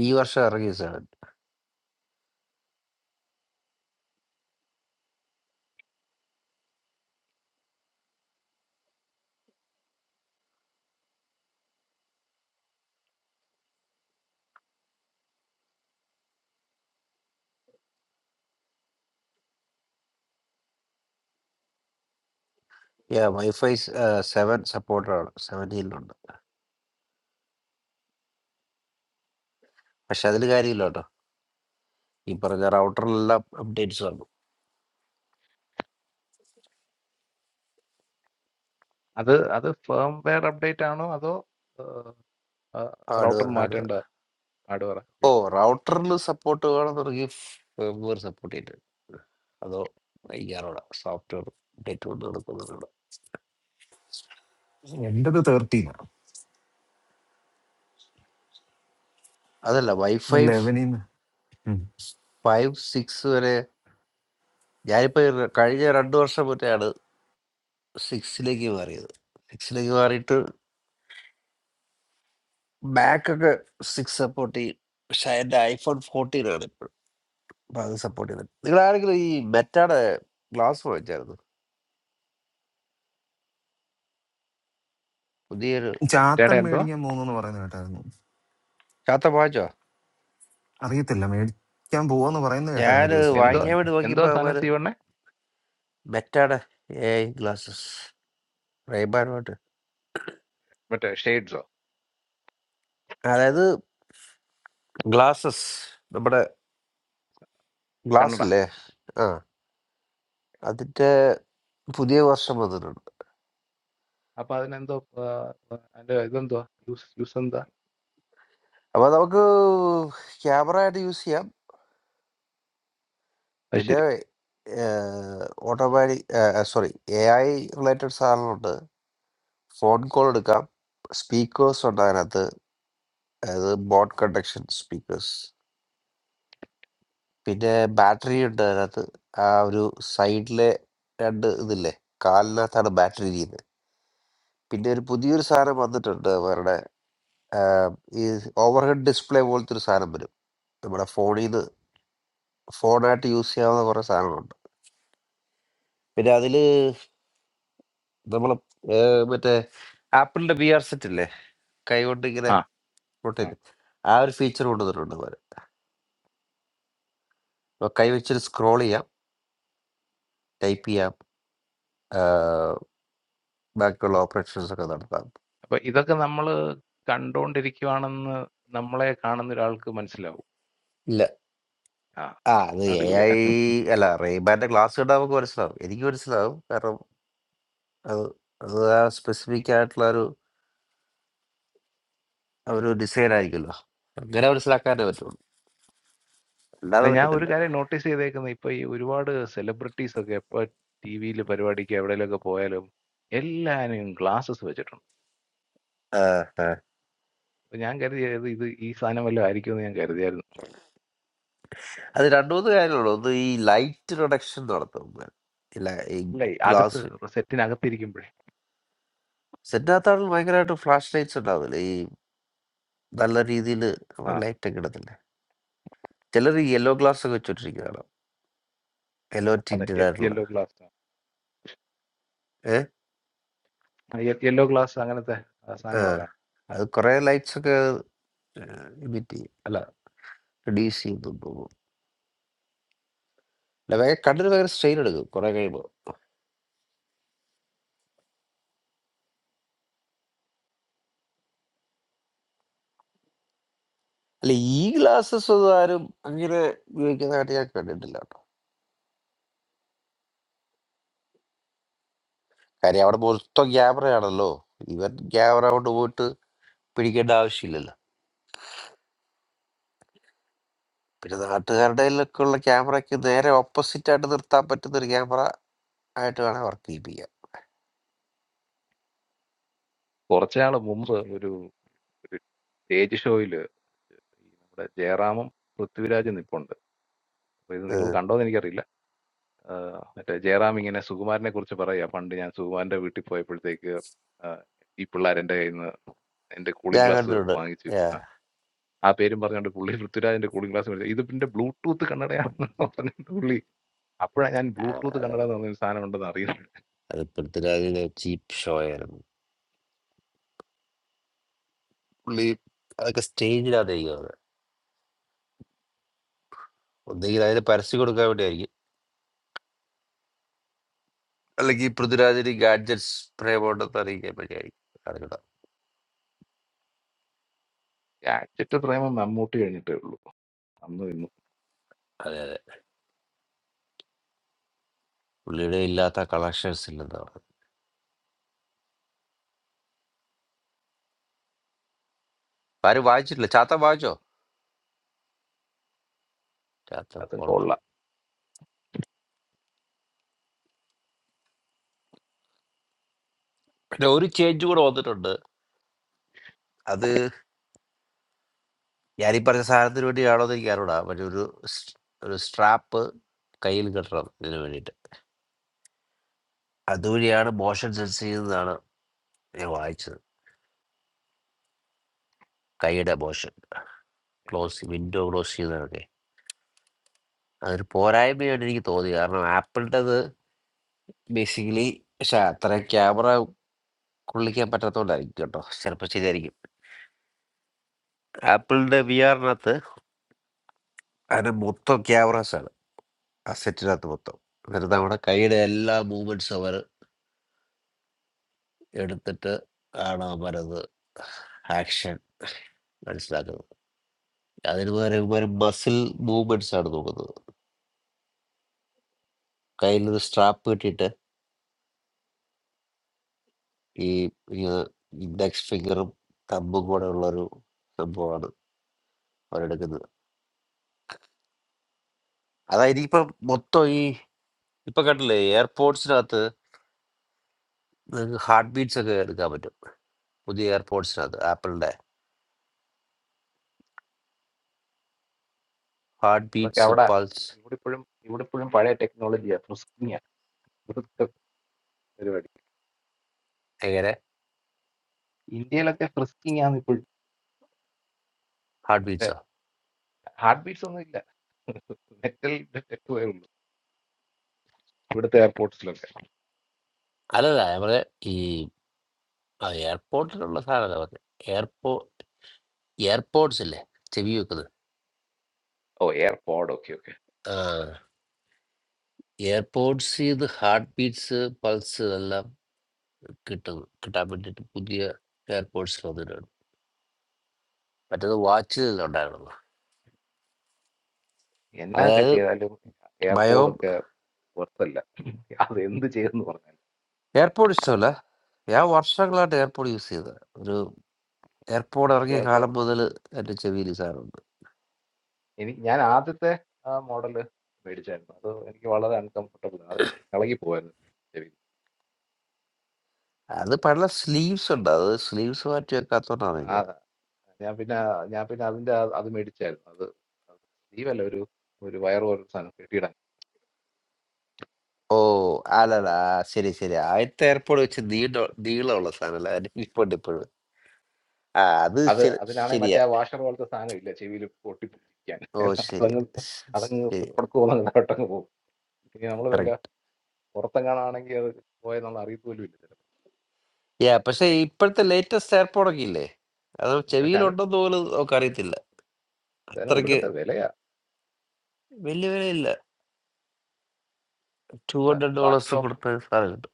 E: ഈ വർഷം ഇറങ്ങി സെവൻ ഏ വൈഫൈ സെവൻ സപ്പോർട്ടറാണ് സെവൻറ്റീനിലുണ്ട് പക്ഷെ അതിൽ കാര്യമില്ല കേട്ടോ ഈ പറഞ്ഞ റൗട്ടറിലെല്ലാം അപ്ഡേറ്റ്സ് വന്നു
D: അത് അത് ഫേം വെയർ അപ്ഡേറ്റ് ആണോ അതോ റൗട്ടർ
E: ഹാർഡ്വെയർ ഹാർഡ്വെയർ
D: മാറ്റേണ്ട ഹാർഡ്‌വെയറാ? ഓക്കെ.
E: ഓ റൗട്ടറിൽ സപ്പോർട്ട് വേണം തുടങ്ങി ഫേംവെയർ സപ്പോർട്ട് ചെയ്തിട്ടുണ്ട് അതോ വൈകാറോടെ സോഫ്റ്റ്വെയർ അപ്ഡേറ്റ് കൊണ്ട് നടക്കുന്നുണ്ട്
H: എന്റത് തേർട്ടീനാണ്
E: അതല്ല വൈഫൈ
H: ലെവനിന്ന് ഉം.
E: ഫൈവ് സിക്സ് വരെ ഞാനിപ്പോ ഈ കഴിഞ്ഞ രണ്ടു വർഷം മുന്നേ സിക്സിലേക്ക് മാറിയത് സിക്സിലേക്ക് മാറിയിട്ട് ബാക്ക് ഒക്കെ സിക്സ് സപ്പോർട്ട് ചെയ്യും പക്ഷെ എൻ്റെ ഐഫോൺ ഫോർട്ടീൻ ആണ് ഇപ്പോഴും അപ്പൊ അത് സപ്പോർട്ട് ചെയ്യുന്നത് നിങ്ങൾ ആരെങ്കിലും ഈ മെറ്റാടെ ഗ്ലാസ് വാങ്ങിച്ചായിരുന്നു പുതിയൊരു
D: ചേട്ടാ
H: ചാത്തൻ
D: എന്തുവാ?
H: മേടിക്കാൻ പോകുന്നു പറയുന്ന കേട്ടായിരുന്നു
E: ചാത്ത വാങ്ങിച്ചോ
H: അറിയത്തില്ല മേടിക്കാൻ പോവാന്ന് പറയുന്ന കേട്ടായിരുന്നു
E: ഞാൻ
H: ഒരു ദിവസം
D: എന്തുവാ
E: വാങ്ങിക്കാൻ
H: ഇവിടുന്ന്
E: വേണ്ടി
D: എന്തുവാ
E: നോക്കിയപ്പോ
D: സാധനം
E: അവര്
D: സീവണ്ണേ?
E: മെറ്റാടെ എ ഐ ഗ്ലാസ്സസ് റേബാനുമായിട്ട്
D: മറ്റേ ഷെയ്ഡ്സോ
E: അതായത് ഗ്ലാസ്സസ് നമ്മുടെ ഗ്ലാസ്
D: കണ്ണട
E: ഇല്ലേ ആ അതിന്റെ പുതിയ വർഷം വന്നിട്ടുണ്ട്
D: അപ്പൊ അതിനെന്തോ ആ, അതിന്റെ ഇതെന്തുവാ യൂസ് യൂസ് എന്താ
E: അപ്പൊ നമുക്ക് ക്യാമറ ആയിട്ട് യൂസ് ചെയ്യാം
D: അത്
E: പിന്നെ
D: ശരി
E: ഏഹ് automatic sorry A I related സാധനങ്ങളുണ്ട്. ഫോൺ കോൾ എടുക്കാം. സ്പീക്കേഴ്സ് ഉണ്ട് അതിനകത്ത്. അതായത് ബോട്ട് കണ്ടക്ഷൻ സ്പീക്കേഴ്സ്. പിന്നെ ബാറ്ററി ഉണ്ട് അതിനകത്ത്. ആ ഒരു സൈഡിലെ രണ്ട് ഇതില്ലേ കാലിനകത്താണ് ബാറ്ററി ഇരിക്കുന്നത്. പിന്നെ ഒരു പുതിയൊരു സാധനം വന്നിട്ടുണ്ട് അവരുടെ ആഹ് ഈ ഓവർഹെഡ് ഡിസ്പ്ലേ പോലത്തെ ഒരു സാധനം വരും. നമ്മുടെ ഫോണിൽ നിന്ന് ഫോണായിട്ട് യൂസ് ചെയ്യാവുന്ന കുറേ സാധനങ്ങളുണ്ട്. പിന്നെ അതില് നമ്മൾ മറ്റേ ആപ്പിളിന്റെ ബി ആർ സെറ്റ് ഇല്ലേ കൈ കൊണ്ട് ഇങ്ങനെ
D: ആ ആ.
E: റൊട്ടേറ്റ് ആ ഒരു ഫീച്ചർ കൊണ്ടുവന്നിട്ടുണ്ട് അവർ അപ്പൊ കൈ വെച്ചിട്ട് സ്ക്രോൾ ചെയ്യാം ടൈപ്പ് ചെയ്യാം ആ, ബാക്കിയുള്ള ഓപ്പറേഷൻസ് ഒക്കെ നടത്താം
D: അപ്പൊ ഇതൊക്കെ നമ്മള് കണ്ടോണ്ടിരിക്കുവാണെന്ന് നമ്മളെ കാണുന്ന ഒരാൾക്ക് മനസ്സിലാവും
E: ഇല്ല
D: ആ
E: ആ അത് എ ഐ
D: അടിപൊളിയാ
E: അല്ല റേബാൻ്റെ ക്ലാസ് കണ്ടാൽ നമുക്ക് മനസ്സിലാവും എനിക്ക് മനസ്സിലാവും കാരണം അത് അത് ആ സ്പെസിഫിക് ആയിട്ടുള്ള ഒരു ഒരു ഡിസൈൻ ആയിരിക്കുമല്ലോ അങ്ങനെ മനസ്സിലാക്കാനേ പറ്റുള്ളൂ അല്ലാതെ
D: അല്ല ഞാൻ ഒരു
E: പറ്റത്തില്ല
D: കാര്യം നോട്ടീസ് ചെയ്തേക്കുന്നത് ഇപ്പൊ ഈ ഒരുപാട് സെലിബ്രിറ്റീസ് ഒക്കെ ഇപ്പൊ ടി വിയിൽ പരിപാടിക്ക് എവിടെയെങ്കിലുമൊക്കെ പോയാലും എല്ലാവരും ഗ്ലാസസ് വെച്ചിട്ടുണ്ട്
E: ആ, ആ.
D: അപ്പൊ ഞാൻ കരുതിയത് ഇത് ഈ സാധനം വല്ലതും ആയിരിക്കും എന്ന് ഞാൻ കരുതിയായിരുന്നു
E: അത് രണ്ടു മൂന്ന് കാര്യങ്ങളുള്ളൂ ഒന്ന് ഈ ലൈറ്റ് റിഡക്ഷൻ നടത്തും ഇല്ല ഈ
D: അല്ല ഈ അകത്ത്
E: ഗ്ലാസ്
D: സെറ്റിനകത്തിരിക്കുമ്പോഴേ
E: സിദ്ധാർത്ഥാണിൽ ഭയങ്കരമായിട്ട് ഫ്ലാഷ് ലൈറ്റ്സ് ഉണ്ടാവില്ലേ? ഈ നല്ല രീതിയില്
D: ആ
E: ലൈറ്റ് ഒക്കെ ഇടത്തില്ലേ? ചിലര് യെല്ലോ ഗ്ലാസ് ഒക്കെ വെച്ചോണ്ടിരിക്കുന്ന കാണാം. യെല്ലോ
D: അതെ
E: ടിൻറ്റഡ് ആയിട്ടുള്ള.
D: യെല്ലോ ഗ്ലാസ്
E: ഏഹ്?
D: യെല്ലോ ഗ്ലാസ് അങ്ങനത്തെ ആ,
E: ആ.
D: സാധനങ്ങളൊക്കെ കാണും
E: അത് കുറെ ലൈറ്റ്സ് ഒക്കെ ഇമിറ്റ് ചെയ്യും. അല്ല റെഡ്യൂസ് ചെയ്യുന്നുണ്ട് തോന്നുന്നു. അല്ല ഭയങ്കര കണ്ണിന് ഭയങ്കര സ്ട്രെയിൻ എടുക്കും കുറെ കഴിയുമ്പോൾ. അല്ല ഈ ഗ്ലാസസ് ഒന്നും ആരും അങ്ങനെ ഉപയോഗിക്കുന്നതായിട്ട് ഞാൻ കണ്ടിട്ടില്ല കേട്ടോ. കാര്യം അവിടെ മൊത്തം ക്യാമറയാണല്ലോ. ഇവൻ ക്യാമറ കൊണ്ട് പോയിട്ട് പിടിക്കേണ്ട ആവശ്യമില്ലല്ലോ. പിന്നെ നാട്ടുകാരുടെ കയ്യിലൊക്കെ ഉള്ള ക്യാമറയ്ക്ക് നേരെ ഓപ്പോസിറ്റ് ആയിട്ട് നിർത്താൻ പറ്റുന്ന ഒരു ക്യാമറ ആയിട്ട് വേണം വർക്ക് ചെയ്യിപ്പിക്കാം
D: കുറച്ചാൾ മുമ്പ് ഒരു ഒരു സ്റ്റേജ് ഷോയിൽ നമ്മുടെ ജയറാമും പൃഥ്വിരാജും നിപ്പുണ്ട് അപ്പൊ ഇത് നിങ്ങൾ
E: ഉം.
D: കണ്ടോന്ന് എനിക്കറിയില്ല ആ, മറ്റേ ജയറാം ഇങ്ങനെ സുകുമാരനെ കുറിച്ച് പറയാ പണ്ട് ഞാൻ സുകുമാരന്റെ വീട്ടിൽ പോയപ്പോഴത്തേക്ക് ആ, ഈ പിള്ളേർ എന്റെ കയ്യിൽ നിന്ന് എന്റെ കൂളിംഗ്
E: ഞാൻ
D: ഗ്ലാസ്
E: കണ്ടിട്ടുണ്ട്
D: വാങ്ങിച്ചു
E: Yeah.
D: ആ ആ പേരും പറഞ്ഞുകൊണ്ട് പുള്ളി പൃഥ്വിരാജിന്റെ കൂളിംഗ് ഗ്ലാസ് മേടിച്ചു ഇത് പിന്നെ ബ്ലൂടൂത്ത് കണ്ണടയാണെന്ന് പറഞ്ഞിട്ട് പുള്ളി അപ്പോഴാണ് ഞാൻ
E: ആ,
D: ബ്ലൂടൂത്ത് കണ്ണട എന്ന് പറഞ്ഞൊരു സാധനം ഉണ്ടെന്ന് അറിയുന്നത്
E: അത് പൃഥ്വിരാജിന്റെ ചീപ്പ് ഷോ ആയിരുന്നു പുള്ളി അതൊക്കെ സ്റ്റേജിലാണ് ചെയ്യുന്നത് ഒന്നെങ്കിൽ അതിന് പരസ്യം കൊടുക്കാൻ വേണ്ടിയായിരിക്കും അല്ലെങ്കിൽ പൃഥ്വിരാജിന് ഗാഡ്ജറ്റ്സ് പ്രേമുണ്ടെന്ന് അറിയിക്കാൻ വേണ്ടിയായിരിക്കും അറിയണം
D: ഗാഡ്ജറ്റ് പ്രേമം മമ്മൂട്ടി കഴിഞ്ഞിട്ടേ ഉള്ളൂ അന്നും ഇന്നും
E: അതെ അതെ പുള്ളിയുടെ ഇല്ലാത്ത കളക്ഷൻസ് ഇല്ലെന്ന് പറഞ്ഞു ആരും വായിച്ചിട്ടില്ല ചാത്ത വായിച്ചോ ചാത്ത
D: അത്
E: ഫോൾ
D: കൊള്ളാം
E: പിന്നെ ഒരു ചേഞ്ച് കൂടെ വന്നിട്ടുണ്ട് അത് ഞാൻ ഈ പറഞ്ഞ സാധനത്തിന് വേണ്ടിയാണോ എന്ന് എനിക്ക് അറിയണം പക്ഷെ ഒരു സ്- ഒരു സ്ട്രാപ്പ് കയ്യിൽ കെട്ടണം ഇതിന് വേണ്ടിയിട്ട് അതുവഴിയാണ് മോഷൻ സെൻസ് ചെയ്തതാണ് ഞാൻ വായിച്ചത് കൈയുടെ മോഷൻ ക്ലോസ് വിൻഡോ ക്ലോസ് ചെയ്യുന്നതൊക്കെ അതൊരു പോരായ്മയാണ് എനിക്ക് തോന്നി കാരണം ആപ്പിളിൻ്റെത് ബേസിക്കലി പക്ഷെ അത്ര ക്യാമറ കൊള്ളിക്കാൻ പറ്റാത്തതുകൊണ്ടായിരിക്കും കേട്ടോ ചിലപ്പോൾ ശരിയായിരിക്കും ആപ്പിളിൻ്റെ വി ആറിനകത്ത് അതിന് മൊത്തം ക്യാമറാസ് ആണ് ആ സെറ്റിനകത്ത് മൊത്തം എന്നിട്ട് നമ്മുടെ കൈയുടെ എല്ലാ മൂവ്മെന്റ്സും അവർ എടുത്തിട്ട് ആണ് അവരത് ആക്ഷൻ മനസ്സിലാക്കുന്നത് അതിന് പകരം ഇവർ മസിൽ മൂവ്മെന്റ്സ് ആണ് നോക്കുന്നത് കയ്യിലൊരു സ്ട്രാപ്പ് കെട്ടിയിട്ട് ഈ ഇങ്ങനെ ഇൻഡെക്സ് ഫിംഗറും തമ്പും കൂടെ ഉള്ളൊരു സംഭവമാണ് അവരെടുക്കുന്നത് അതായത് ഇപ്പം മൊത്തം ഈ ഇപ്പൊ കണ്ടില്ലേ എയർപോർട്സിനകത്ത് നിങ്ങൾക്ക് ഹാർട്ട് ബീറ്റ്സ് ഒക്കെ എടുക്കാൻ പറ്റും പുതിയ എയർപോർട്സിനകത്ത് ആപ്പിളിന്റെ ഹാർട്ട്
D: അതൊക്കെ
E: ബീറ്റ്സ്
D: അവിടെ
E: പൾസ്
D: ഇവിടെ ഇപ്പോഴും ഇവിടെ ഇപ്പോഴും പഴയ ടെക്നോളജിയാ ഫ്രിസ്കിങ്ങാ ഫ്രിസ്ക് പരിപാടി
E: എങ്ങനെ
D: ഇന്ത്യയിലൊക്കെ ഫ്രിസ്കിങ് ആണ് ഇപ്പോഴും
E: ഹാർട്ട് ബീറ്റ്സോ
D: ഹാർട്ട് ബീറ്റ്സ് ഒന്നും ഇല്ല മെറ്റൽ ഡിറ്റക്ടറേ ഉള്ളൂ ഇവിടുത്തെ എയർപോർട്ട്സിലൊക്കെ
E: അല്ലല്ല നമ്മുടെ ഈ എയർപോർട്ടിലുള്ള സാധനമല്ല പറഞ്ഞത് എയർപോ എയർപോർട്സ് ഇല്ലേ ചെവി വെക്കുന്നത്
D: ഓ എയർപോഡ് ഒക്കെ ഓക്കെ
E: ആ എയർപോർട്സ് ഇത് ഹാർട്ട് ബീറ്റ്സ് പൾസ് എല്ലാം കിട്ടും കിട്ടാൻ വേണ്ടിയിട്ട് പുതിയ എയർപോർട്സ് വന്നിട്ടുണ്ട് മറ്റേത് വാച്ചിൽ ഉണ്ടായിരുന്നു
D: എന്നൊക്കെ
E: അതായത്
D: ചെയ്താലും
E: ബയോ
D: എയർപോഡ് ഒക്കെ പുറത്തല്ല അത് എന്ത് ചെയ്തെന്ന് പറഞ്ഞാലും
E: എയർപോർട്ട് ഇഷ്ടമല്ല ഞാൻ വർഷങ്ങളായിട്ട് എയർപോർട്ട് യൂസ് ചെയ്തത് ഒരു എയർപോർട്ട് ഇറങ്ങിയ
D: അത്
E: കാലം മുതൽ എൻ്റെ ചെവിയിൽ ഈ സാധനമുണ്ട്
D: എനിക്ക് ഞാൻ ആദ്യത്തെ ആ മോഡല് മേടിച്ചായിരുന്നു അത് എനിക്ക് വളരെ അൺകംഫർട്ടബിൾ അത് എനിക്ക് ഇളകി പോവായിരുന്നു
E: അത് പല സ്ലീവ്സ് ഉണ്ട് അത് സ്ലീവ്സ് മാറ്റി വെക്കാത്തോണ്ടാണ് എനിക്കത്
D: ചെവി ഞാൻ പിന്നെ ഞാൻ പിന്നെ അതിന്റെ ആ- അത് മേടിച്ചായിരുന്നു അത് ലീവല്ല ഒരു ഒരു വയർ പോലൊരു സാധനം കെട്ടിയിടാൻ
E: ഓ അല്ലല്ല ആ, ശരി ശരി ആദ്യത്തെ എയർപോർട്ട് വെച്ച് നീണ്ട നീളമുള്ള സാധനമല്ല അതിന് ഇപ്പോഴുണ്ട് ഇപ്പോഴും ആ അത്
D: അത്
E: ശരി
D: അതിലാണെങ്കിൽ മറ്റേ
E: ശരിയാ
D: ആ വാഷർ പോലത്തെ സാധനം ഇല്ല ചെവിയിൽ പൊട്ടിപ്പിടിക്കാൻ
E: ഓ ശരി
D: അതങ്ങ്
E: ശ-
D: അതങ്ങ്
E: ശരി
D: പിടക്ക് പോകുന്ന അങ്ങോട്ടങ്ങ് പോകും ഇനി നമ്മൾ വല്ല
E: കറക്റ്റ്.
D: പുറത്തെങ്ങാണാണെങ്കിൽ അത് പോയാൽ നമ്മൾ അറിയത്തോലും ഇല്ല
E: യാ പക്ഷേ ഇപ്പോഴത്തെ ലേറ്റസ്റ്റ് എയർപോഡൊക്കെ ഇല്ലേ അത്
D: ചിലപ്പോൾ പക്ഷെ അതിന്
E: ചെവിയിലുണ്ടെന്ന് പോലും നമുക്ക് അറിയത്തില്ല
D: അതിന്
E: അത്രയ്ക്ക്
D: കൊടുക്കത്തെ വിലയാ
E: വലിയ വിലയില്ല ടു
D: ഇവിടെ
E: ഹൺഡ്രഡ്
D: ബാക്കി
E: ഡോളേഴ്സ്
D: ഓപ്ഷൻ
E: കൊടുത്ത സാധനം കിട്ടും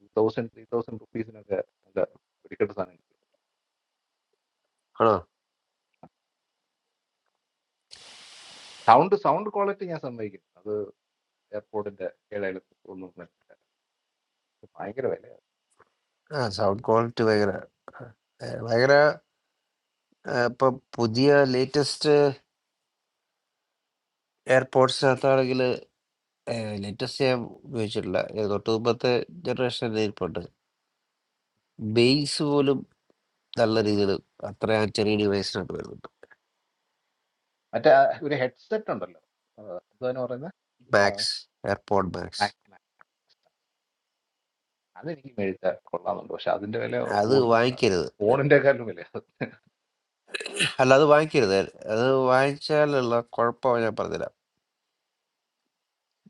D: ടൂ തൗസൻഡ് ത്രീ തൗസൻഡ് റുപ്പീസിനൊക്കെ നല്ല പിടിക്കട്ട സാധനം കിട്ടും.
E: ആണോ
D: സൗണ്ട് സൗണ്ട് ക്വാളിറ്റി ഞാൻ സമ്മതിക്കുന്നു അത് എയർപോർട്ടിന്റെ ഇടയിൽ ഒന്നും ഭയങ്കര വില
E: ആ സൗണ്ട് ക്വാളിറ്റി ഭയങ്കര ഏ, ഭയങ്കര ഏ, ഇപ്പൊ പുതിയ ലേറ്റസ്റ്റ് എയർപോർട്സിനകത്താണെങ്കിൽ ലേറ്റസ്റ്റ് ഞാൻ ഉപയോഗിച്ചിട്ടില്ല ഏ, തൊട്ട് മുമ്പത്തെ ജനറേഷൻ എയർപോർട്ട് ബേസ് പോലും നല്ല രീതിയിൽ അത്ര ആ ചെറിയ ഡിവൈസിനകത്ത് വരുന്നുണ്ട്
D: മറ്റേ ആ ഒരു ഹെഡ്സെറ്റ് ഉണ്ടല്ലോ ആ, എന്തുവാണ് പറയുന്നത് ആ,
E: Max AirPod Max
D: Mac- Mac. അതെനിക്ക് മേടിച്ചാൽ കൊള്ളാമെന്നുണ്ട് പക്ഷെ അതിന്റെ വില
E: അത്
D: കൊടുക്കുന്ന
E: വാങ്ങിക്കരുത്
D: ഫോണിന്റെ കാലും വില
E: അല്ല അത് വാങ്ങിക്കരുത് അത് വാങ്ങിച്ചാലുള്ള കുഴപ്പമാണ് ഞാൻ പറഞ്ഞില്ല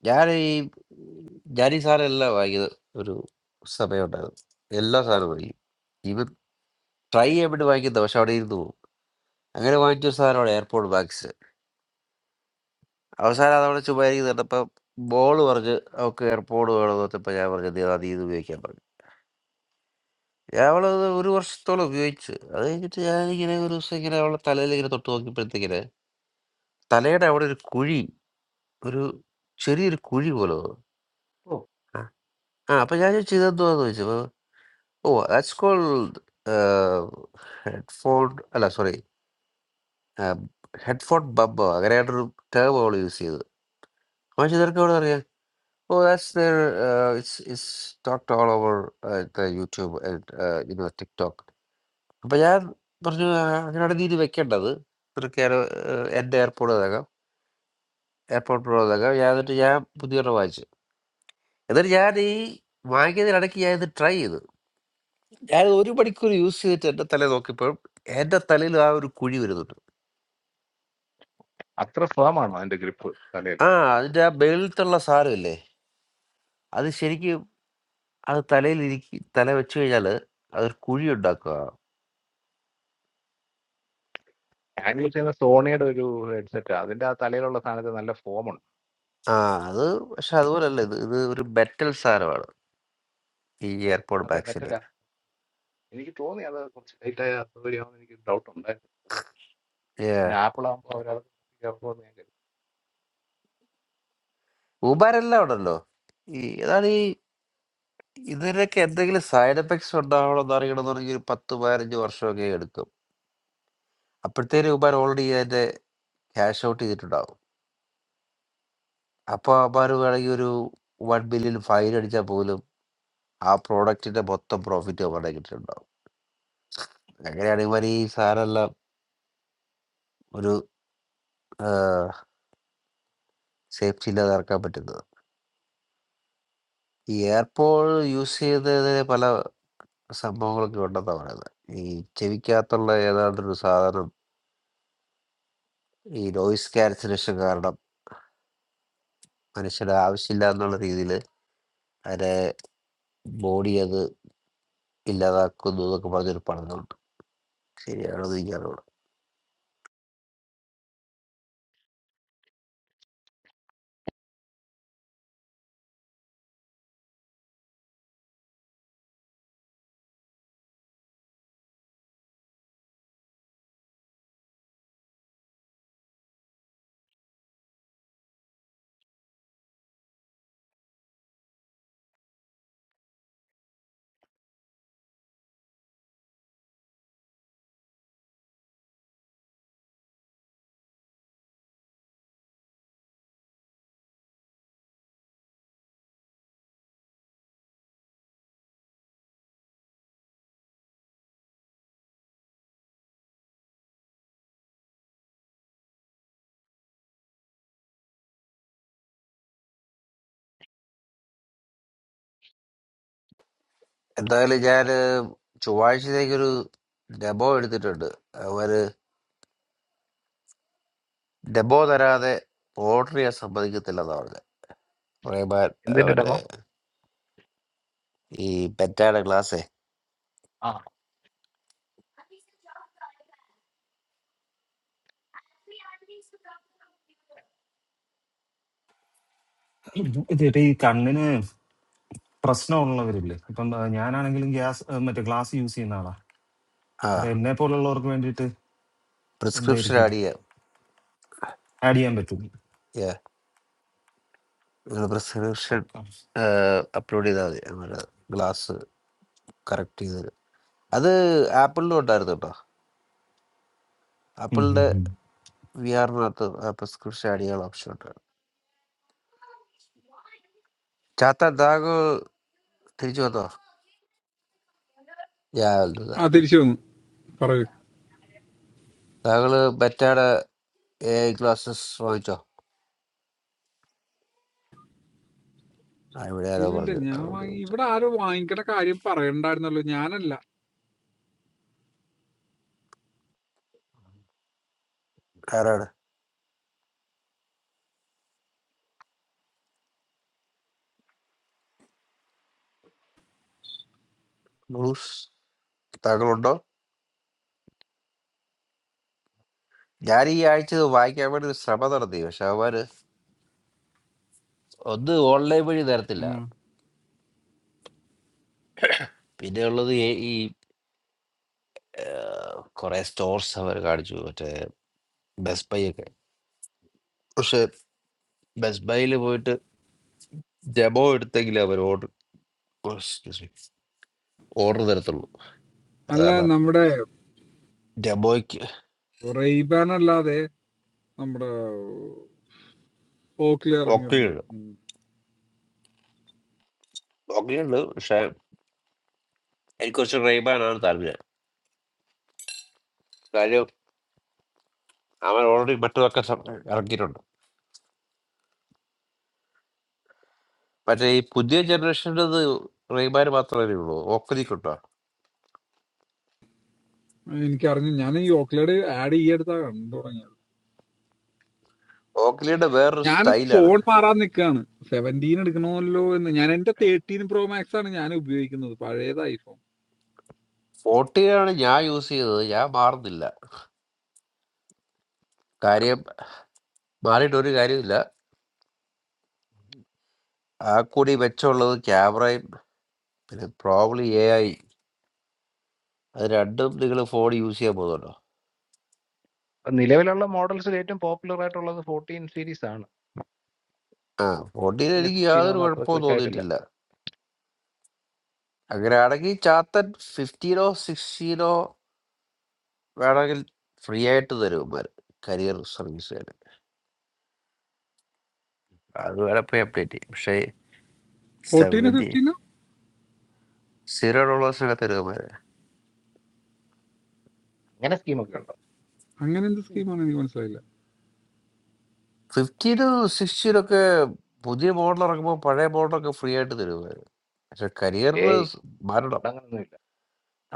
E: ഞാൻ ഈ ഞാൻ ഈ സാധനം എല്ലാം വാങ്ങിയത് ഒരു സമയം ഉണ്ടായിരുന്നു എല്ലാ സാധനവും വാങ്ങി ഇവ ട്രൈ ചെയ്യാൻ വേണ്ടി വാങ്ങിക്കുന്ന പക്ഷെ അവിടെ ഇരുന്ന് പോകും അങ്ങനെ വാങ്ങിച്ചൊരു സാധനമാണ് എയർപോർട്ട് മാക്സ് അവസാനം അതവിടെ ചുമ്മാ ഇരിക്കുന്നുണ്ട് അപ്പം ബോള് പറഞ്ഞ് അവൾക്ക് എയർപോർട്ട് വേണമെന്ന് വെച്ചപ്പോൾ ഞാൻ പറഞ്ഞു നീ അത് ഇത് ഉപയോഗിക്കാൻ പറഞ്ഞു ഞാൻ അവളത് ഒരു വർഷത്തോളം ഉപയോഗിച്ച് അത് കഴിഞ്ഞിട്ട് ഞാനിങ്ങനെ ഒരു ദിവസം ഇങ്ങനെ അവളുടെ തലയിൽ ഇങ്ങനെ തൊട്ട് നോക്കിയപ്പോഴത്തേക്കിന് തലയുടെ അവിടെ ഒരു കുഴി ഒരു ചെറിയൊരു കുഴി പോലെ തോന്നും
D: ഓ
E: ആ അപ്പൊ ഞാൻ ചോദിച്ചു ഇതെന്തുവാന്ന് ചോദിച്ചപ്പോ ഓ ദാറ്റ്സ് കോൾഡ് ഹെഡ്ഫോൺ അല്ല സോറി ഹെഡ്ഫോൺ ബബ്ബോ അങ്ങനെയായിട്ടൊരു ടേം അവൾ യൂസ് ചെയ്തത് പക്ഷെ ഇതൊക്കെ അവിടെ അറിയാം oh that's there it's it's talked all over the YouTube you know TikTok അപ്പൊ ഞാൻ പറഞ്ഞു "ആ, അങ്ങനെയാണ് നീ ഇത് വെക്കേണ്ടത് നിനക്ക് ഞാൻ, ഏർ, എന്റെ എയർപോർട്ട് ഇതാക്കാം എയർപോർട്ട് പ്രോ ഇതാക്കാം ഞാൻ എന്നിട്ട് ഞാൻ പുതിയൊരെണ്ണം വാങ്ങിച്ചു എന്നിട്ട് ഞാൻ ഈ വാങ്ങിയതിനിടയ്ക്ക് ഞാൻ ഇത് ട്രൈ ചെയ്തു ഞാൻ ഒരു മണിക്കൂർ യൂസ് ചെയ്തിട്ട് എൻ്റെ തല നോക്കിയപ്പോൾ എൻ്റെ തലയിൽ ആ ഒരു കുഴി വരുന്നുണ്ട്
D: അത്ര ഫേം ആണോ അതിന്റെ ഗ്രിപ്പ് തലയിൽ
E: ആ അതിൻ്റെ ആ മേളിലുള്ള സാരമില്ലേ അത് ശരിക്കും അത് തലയിൽ ഇരിക്കി തല വെച്ച് കഴിഞ്ഞാൽ അതൊരു കുഴി ഉണ്ടാക്കുക
D: ഞാൻ യൂസ് ചെയ്യുന്ന സോണിയുടെ ഒരു ഹെഡ്സെറ്റ് അതിന്റെ ആ തലയിലുള്ള സാധനത്തിന് നല്ല ഫോം ഉണ്ട്
E: ആ അത് പക്ഷെ അതുപോലല്ല ഇത് ഇത് ഒരു മെറ്റൽ സാധനമാണ് ഈ എയർപോർട്ട്
D: അതെ
E: ബാഗ്സിന്റെ
D: പറ്റില്ല എനിക്ക് തോന്നി അത് കുറച്ച് ലൈറ്റ് ആയ അസൗകര്യമാണെന്ന് എനിക്ക് ഡൗട്ട് ഉണ്ടായിരുന്നു പിന്നെ ആപ്പിൾ ആകുമ്പോൾ അവരത് ചേർക്കുമെന്ന് ഞാൻ കരുതി
E: ഊബാരെല്ലാം ഉണ്ടല്ലോ ഈ ഏതാണ് ഈ ഇതിനൊക്കെ എന്തെങ്കിലും സൈഡ് എഫക്ട്സ് ഉണ്ടാവണം എന്ന് അറിയണമെന്നുണ്ടെങ്കിൽ ഒരു പത്ത് പതിനഞ്ച് വർഷമൊക്കെ എടുക്കും അപ്പോഴത്തേനും ഊബാർ ഓൾറെഡി അതിന്റെ ക്യാഷ് ഔട്ട് ചെയ്തിട്ടുണ്ടാവും അപ്പൊ അവന്മാര് വേണമെങ്കിൽ ഒരു വൺ ബില്യൺ ഫൈൻ അടിച്ചാൽ പോലും ആ പ്രോഡക്റ്റിന്റെ മൊത്തം പ്രോഫിറ്റ് അവരുടെ കിട്ടിയിട്ടുണ്ടാവും അങ്ങനെയാണ് ഇവർ ഈ സാധനമെല്ലാം ഒരു സേഫ്റ്റി ഇല്ലാതെ ഇറക്കാൻ പറ്റുന്നത് ഈ എയർപോൾ യൂസ് ചെയ്തതിന് പല സംഭവങ്ങളൊക്കെ ഉണ്ടെന്നാണ് പറയുന്നത് ഈ ചെവിക്കകത്തുള്ള ഏതാണ്ടൊരു സാധനം ഈ നോയിസ് ക്യാൻസലേഷൻ കാരണം മനുഷ്യന് ആവശ്യമില്ല എന്നുള്ള രീതിയിൽ അതിനെ ബോഡി അത് ഇല്ലാതാക്കുന്നു എന്നൊക്കെ പറഞ്ഞൊരു പഠനമുണ്ട് ശരിയാണെന്ന് എനിക്കറിയില്ല എന്തായാലും ഞാൻ ചൊവ്വാഴ്ചത്തേക്കൊരു ഡെമോ എടുത്തിട്ടുണ്ട് അവര് ഡെമോ തരാതെ പോർട്ടർ ചെയ്യാൻ സമ്മതിക്കത്തില്ലെന്നാ പറഞ്ഞത് റഹ്മാൻ ആ,
D: എന്തിന്റെ
E: മറ്റേ
D: ഡെമോ
E: ഈ പെറ്റാടെ ക്ലാസ്സേ
D: ആ
H: ഇത് ചേട്ടാ ഈ കണ്ണിന് പ്രശ്നമുള്ളവരില്ലേ ഇപ്പം ആ, ഞാനാണെങ്കിലും ഗ്യാസ് ആ, മറ്റേ ഗ്ലാസ് യൂസ് ചെയ്യുന്ന ആളാ
E: ആ
H: അത് എന്നെ പോലുള്ളവർക്ക് വേണ്ടിയിട്ട്
E: പ്രിസ്ക്രിപ്ഷൻ
H: എന്തായിരിക്കും
E: ആഡ് ചെയ്യാം
H: ആഡ് ചെയ്യാൻ പറ്റും
E: Yeah. നിങ്ങൾ പ്രിസ്ക്രിപ്ഷൻ അപ്ലോഡ് ചെയ്താൽ മതി നമ്മുടെ ഗ്ലാസ് കറക്റ്റ് ചെയ്ത് തരും അത് ആപ്പിളിലും ഉണ്ടായിരുന്നു കേട്ടോ
H: ഉം ഉം
E: ആപ്പിളിന്റെ
H: ഉം.
E: വി ആറിനകത്ത് പ്രിസ്ക്രിപ്ഷൻ ആഡ് ചെയ്യാൻ ഓപ്ഷൻ ഉണ്ട് ചാത്ത താങ്കൾ തിരിച്ചു വന്നോ ഞാൻ
I: ആ തിരിച്ചു വന്നു പറയൂ
E: താങ്കൾ മറ്റാടെ എ ഐ ക്ലാസ്സസ് വാങ്ങിച്ചോ ആ, ഇവിടെ ആരോ
I: ഇല്ലില്ല
E: പറഞ്ഞു
I: ഞാൻ
E: അതുകൊണ്ട്
I: വാങ്ങി
E: ചോദിച്ചു
I: ഇവിടെ ആരും വാങ്ങിക്കണ കാര്യം പറയണ്ടായിരുന്നല്ലോ ഞാനല്ല
E: ആരാണ് ബ്രൂസ് താങ്കളുണ്ടോ ഞാൻ ഈ ആഴ്ച ഇത് വായിക്കാൻ വേണ്ടി ഒരു ശ്രമം നടത്തി പക്ഷെ അവര് ഒന്ന് ഓൺലൈൻ വഴി
I: ആ.
E: തരത്തില്ല പിന്നെ ഉള്ളത് ഈ ഈ, ആ, കുറെ സ്റ്റോർസ് അവർ കാണിച്ചു മറ്റേ ബെസ്റ്റ് ബൈ ഒക്കെ പക്ഷെ ബെസ്റ്റ് ബൈയിൽ പോയിട്ട് ഡെമോ എടുത്തെങ്കിൽ അവർ ഓർഡർ ഓർഡർ തരത്തുള്ളൂ അത്
I: അല്ല
E: കാരണം
I: നമ്മുടെ
E: ഡെമോയ്ക്ക്
I: റെയ്ബാൻ അല്ലാതെ നമ്മുടെ ഓക്ലി ഇറങ്ങിയിട്ടുണ്ട്
E: ഓക്കെയുണ്ട്
I: ഉം.
E: ഓക്കെയുണ്ട് പക്ഷെ എനിക്ക് കുറച്ച് റെയ്ബാനാണ് താല്പര്യം കാര്യം അവൻ ഓൾറെഡി മറ്റൊക്കെ ഇറക്കിയിട്ടുണ്ട് മറ്റേ ഈ പുതിയ ജനറേഷൻ്റെത് റെയ്ബാൻ മാത്രമേ ഉള്ളൂ ഓക്ലി കിട്ടുക
I: എനിക്കറിഞ്ഞു ഞാൻ ഈ ഓക്ലിയുടെ ആഡ് ഈ അടുത്താ കണ്ടു തുടങ്ങിയത്
E: ഓക്ലിയുടെ വേറൊരു
I: ഞാൻ
E: സ്റ്റൈലാണ്
I: ഫോൺ മാറാൻ നിൽക്കുകയാണ് സെവൻറ്റീൻ എടുക്കണമല്ലോ എന്ന് ഞാൻ എന്റെ തേർട്ടീൻ പ്രോ മാക്സ് ആണ് ഞാൻ ഉപയോഗിക്കുന്നത് പഴയത് ഐഫോൺ
E: ഫോർട്ടിയാണ് ഞാൻ യൂസ് ചെയ്തത് ഞാൻ മാറുന്നില്ല കാര്യം മാറിയിട്ട് ഒരു കാര്യമില്ല ആ കൂടി മെച്ചമുള്ളത് ക്യാമറയും പിന്നെ പ്രോബ്ലി എ ഐ അത് രണ്ടും നിങ്ങൾ ഫോൺ യൂസ് ചെയ്യാൻ പോകുന്നുണ്ടോ
D: അപ്പൊ നിലവിലുള്ള മോഡൽസിൽ ഏറ്റവും പോപ്പുലർ ആയിട്ടുള്ളത് ഫോർട്ടീൻ സീരീസ് ആണ്
E: ആ ഫോർട്ടീൻ
D: പിന്നെ
E: എനിക്ക്
D: സിക്സ്റ്റീൻ
E: യാതൊരു
D: ഒന്നും അത്ര
E: കുഴപ്പവും
D: ക്ലിക്ക് ആയിട്ടില്ല
E: തോന്നിയിട്ടില്ല അങ്ങനെയാണെങ്കിൽ ചാത്തൻ ഫിഫ്റ്റീനോ സിക്സ്റ്റീനോ വേണമെങ്കിൽ ഫ്രീ ആയിട്ട് തരും കരിയർ സർവീസുകാർ അത് വേണം അപ്ഡേറ്റ് ചെയ്യും പക്ഷേ
I: ഫോർട്ടീനോ
E: സെവൻറ്റി
I: ഫിഫ്റ്റീനോ
E: സീറോ ഡോളേഴ്സിനൊക്കെ തരുമോ
D: അങ്ങനെ സ്കീമൊക്കെ
I: അങ്ങനെ എന്ത് സ്കീമാണ് എനിക്ക് മനസ്സിലായില്ല
E: ഫിഫ്റ്റീനും സിക്സ്റ്റീനും ഒക്കെ പുതിയ മോഡൽ ഇറങ്ങുമ്പോൾ പഴയ മോഡലൊക്കെ ഫ്രീ ആയിട്ട് തരുമായിരുന്നു പക്ഷെ
D: ഉണ്ടോ
E: കരിയറിൽ മാറണം
D: ഇവിടെ അങ്ങനൊന്നുമില്ല.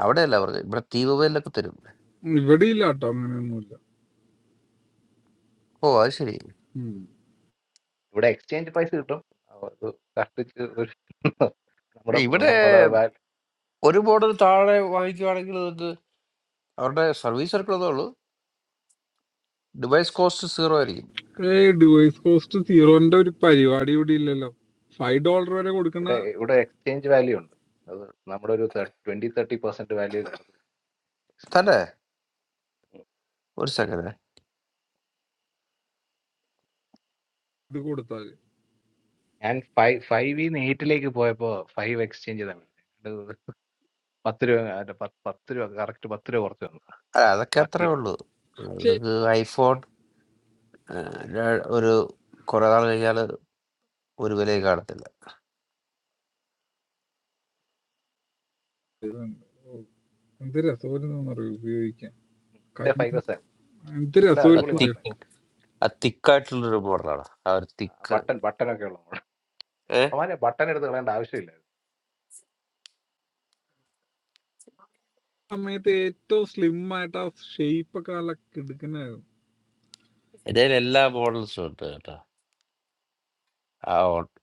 E: അവിടെയല്ല പറഞ്ഞത് ഇവിടെ തീ മൊബൈലിലൊക്കെ തരും
I: ഇവിടെ ഇല്ല കേട്ടോ അങ്ങനെയൊന്നുമില്ല
E: ഓ അത് ശരി
D: ഇവിടെ എക്സ്ചേഞ്ച് പൈസ കിട്ടും. അത് കഷ്ടിച്ച് ഒരു നമ്മുടെ
E: ഇവിടെ
D: നമ്മുടെ വാൽ
E: ഒരു മോഡൽ താഴെ വാങ്ങിക്കുവാണെങ്കിൽ നിങ്ങൾക്ക് അവരുടെ സർവീസ് ഇറക്കുന്നതേ ഉള്ളൂ ഡിവൈസ് കോസ്റ്റ് സീറോ ആയിരിക്കും
I: ഏ ഡിവൈസ് കോസ്റ്റ് സീറോന്റെ ഒരു പരിപാടി ഇവിടെ ഇല്ലല്ലോ ഫൈവ് ഡോളർ വരെ കൊടുക്കുന്ന
D: ഇവിടെ ഇവിടെ എക്സ്ചേഞ്ച് വാല്യൂ ഉണ്ട്. അത് നമ്മുടെ ഒരു 20 30% പെർസെന്റ് വാല്യൂ കിട്ടും.
E: തന്നെ ഒരു സെക്കൻഡ് അല്ല
I: ഇത് കൊടുത്താല്
D: ഞാൻ ഫൈവ് ഫൈവ് ഇന്ന് എയ്റ്റിലേക്ക് പോയപ്പോ ഫൈവ് എക്സ്ചേഞ്ച് തമ്മിൽ പത്ത് രൂപ അല്ല, പത്ത് പത്ത് രൂപ കറക്റ്റ് പത്ത് രൂപ കുറച്ച് വന്നു
E: അതൊക്കെ
D: ബാക്കി
E: അത്രേ ഉള്ളൂ നിങ്ങൾക്ക് ഐഫോൺ ഒരു കുറെ നാൾ കഴിഞ്ഞാൽ ഒരു വിലയും
I: എന്ത് രസമായിരുന്നു അറിയോ ഉപയോഗിക്കാൻ കൈ
D: എന്റെ ഫൈവ് എസ് ആയിരുന്നു
I: എന്ത്
D: നല്ല അടിപൊളി
I: രസമായിരുന്നു
E: കാണത്തില്ല
I: അറിയോ
D: മോഡലായിരുന്നു
E: ആ തിക്കായിട്ടുള്ളൊരു മോഡലാണ് ആ ഒരു തിക്ക്
D: ബട്ടൺ ബട്ടൺ ഒക്കെ ഉള്ള മോഡൽ
E: ഏഹ്
D: അവനെ ബട്ടൺ എടുത്ത് കളയേണ്ട ആവശ്യമില്ലായിരുന്നു
I: സമയത്ത് ഏറ്റവും സ്ലിം ആയിട്ട് ആ ഷേപ്പ് ഒക്കെ നല്ല കിടക്കുന്നതായിരുന്നു
E: എൻ്റെ കയ്യിൽ എല്ലാ മോഡൽസും ഉണ്ട് കേട്ടോ ആ ഉ-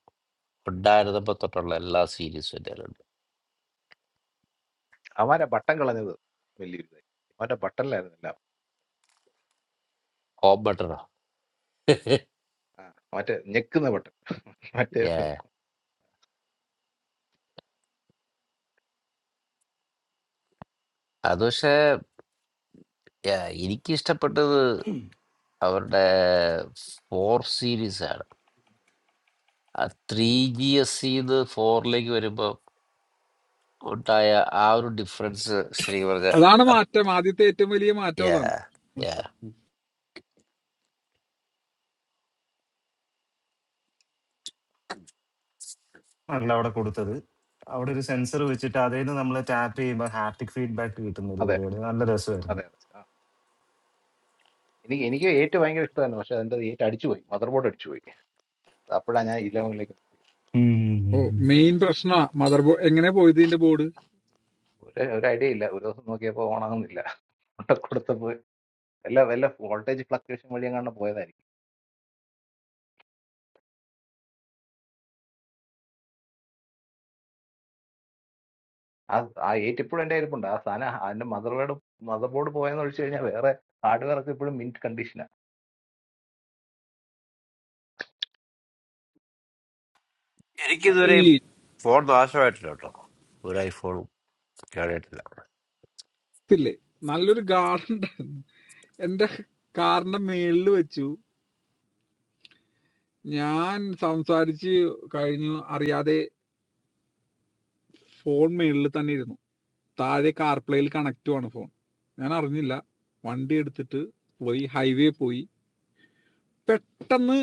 E: ഉണ്ടായിരുന്നപ്പോ തൊട്ടുള്ള എല്ലാ സീരീസും എൻ്റെ കയ്യിലുണ്ട്
D: അവനെ ബട്ടൺ കളഞ്ഞത് വലിയ ഇതായി അവന്റെ ബട്ടണിലായിരുന്നില്ല
E: ഹോം ബട്ടണോ
D: ആ, മറ്റേ ഞെക്കുന്ന ബട്ടൺ മറ്റേ
E: ഏ അത് പക്ഷേ ഏ, എനിക്ക് ഇഷ്ടപ്പെട്ടത് അവരുടെ ഫോർ സീരീസ് ആണ് ആ ത്രീ ജി എസ് സിന്ന് ഫോറിലേക്ക് വരുമ്പോൾ ഉണ്ടായ ആ ഒരു ഡിഫറൻസ് ശരി പറഞ്ഞ
I: അതാണ്
E: അത്
I: മാറ്റം ആദ്യത്തെ ഏറ്റവും വലിയ മാറ്റം
E: yeah,
I: അതാണ്
E: yeah.
H: അല്ല അവിടെ കൊടുത്തത് അവിടെ ഒരു സെൻസർ വെച്ചിട്ട് അതിൽ നിന്ന് നമ്മൾ ടാപ്പ് ചെയ്യുമ്പോൾ ഹാപ്റ്റിക് ഫീഡ്ബാക്ക് കിട്ടുന്ന ഒരു
D: അതെ
H: പരിപാടി നല്ല രസമായിരുന്നു
D: അതെ അതെ ആ. എനിക്ക് എനിക്ക് ഏറ്റ് ഭയങ്കര ഇഷ്ടമായിരുന്നു പക്ഷെ അതിന്റെ ഏറ്റ് അടിച്ചു പോയി മദർ ബോർഡ് അടിച്ചു പോയി അപ്പോഴാണ് ഞാൻ ഇലവനിലേക്ക് മാറിയത്.
H: ഉം ഉം
I: ഓ
H: ഉം ഉം.
I: മെയിൻ പ്രശ്നമാ മദർ ബോർഡ് എങ്ങനെ പോയത് ഇതിന്റെ ബോർഡ്
D: ഒരു ഒരു ഐഡിയ ഇല്ല ഒരു ദിവസം നോക്കിയപ്പോൾ ഓണാകുന്നില്ല അവിടെ കൊടുത്തപ്പോൾ എല്ലാ വല്ല വോൾട്ടേജ് ഫ്ലക്ച്വേഷൻ വഴി എങ്ങാണ്ട് പോയതായിരിക്കും ആ ആ ഏറ്റ് ഇപ്പോഴും എൻ്റെ ഇരിപ്പുണ്ട് ആ സാധനം അതിന്റെ മദർ ബോർഡ് മദർ ബോർഡ് പോയെന്ന് ഒഴിച്ചു കഴിഞ്ഞാൽ വേറെ ഹാർഡ്വെയർ ഒക്കെ ഇപ്പോഴും മിന്റ് കണ്ടീഷനാണ്
I: ഈ
E: എനിക്കിതുവരെയും ഫോൺ നാശമായിട്ടില്ല കേട്ടോ ഒരു ഐഫോണും കേടായിട്ടില്ല
I: ഇതില്ലേ നല്ലൊരു ഗാർഡൻ ഉണ്ടായിരുന്നു എന്റെ കാറിന്റെ മേളില് വെച്ചു ഞാൻ സംസാരിച്ച് കഴിഞ്ഞു അറിയാതെ ഫോൺ മേളിൽ തന്നെ ഇരുന്നു. താഴെ കാർപ്ലേയിൽ കണക്റ്റുമാണ് ഫോൺ. ഞാൻ അറിഞ്ഞില്ല. വണ്ടി എടുത്തിട്ട് പോയി ഹൈവേ പോയി. പെട്ടെന്ന്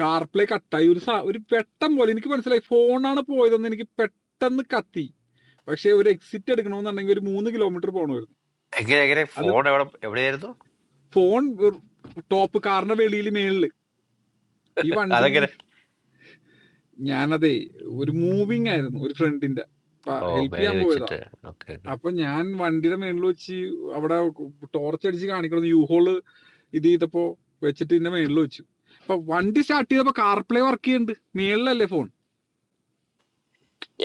I: കാർപ്ലേ കട്ടായി. ഒരു സാ ഒരു പെട്ടം പോലെ എനിക്ക് മനസ്സിലായി ഫോണാണ് പോയതെന്ന് എനിക്ക് പെട്ടെന്ന് കത്തി. പക്ഷേ ഒരു എക്സിറ്റ് എടുക്കണമെന്നുണ്ടെങ്കിൽ ഒരു മൂന്ന് കിലോമീറ്റർ പോകണമായിരുന്നു.
E: എങ്ങനെ എങ്ങനെ
I: അത്
E: ഫോൺ എവിടെ എവിടെയായിരുന്നു
I: ഫോൺ വെർ- ടോപ്പ് കാറിന്റെ വെളിയിൽ മേളില്. ഈ വണ്ടി
E: അതെങ്ങനെ
I: ഞാനതേ ഒരു മൂവിങ് ആയിരുന്നു ഒരു ഫ്രണ്ടിന്റെ.
E: ഓ
I: ഹെൽപ്പ് ചെയ്യാൻ
E: മേളിൽ
I: പോയതാ.
E: വെച്ചിട്ട് ഓക്കെ ഓക്കെ
I: അപ്പൊ ഞാൻ വണ്ടിയുടെ മേളിൽ വെച്ച് അവിടെ ടോർച്ച് അടിച്ച് കാണിക്കണം യൂഹോള് ഇത് ചെയ്തപ്പോ വെച്ചിട്ട് ഇതിന്റെ മേളിൽ വെച്ചു അപ്പൊ വണ്ടി സ്റ്റാർട്ട് ചെയ്തപ്പോ കാർപ്ലേ വർക്ക് ചെയ്യുന്നുണ്ട് മേളിലല്ലേ ഫോൺ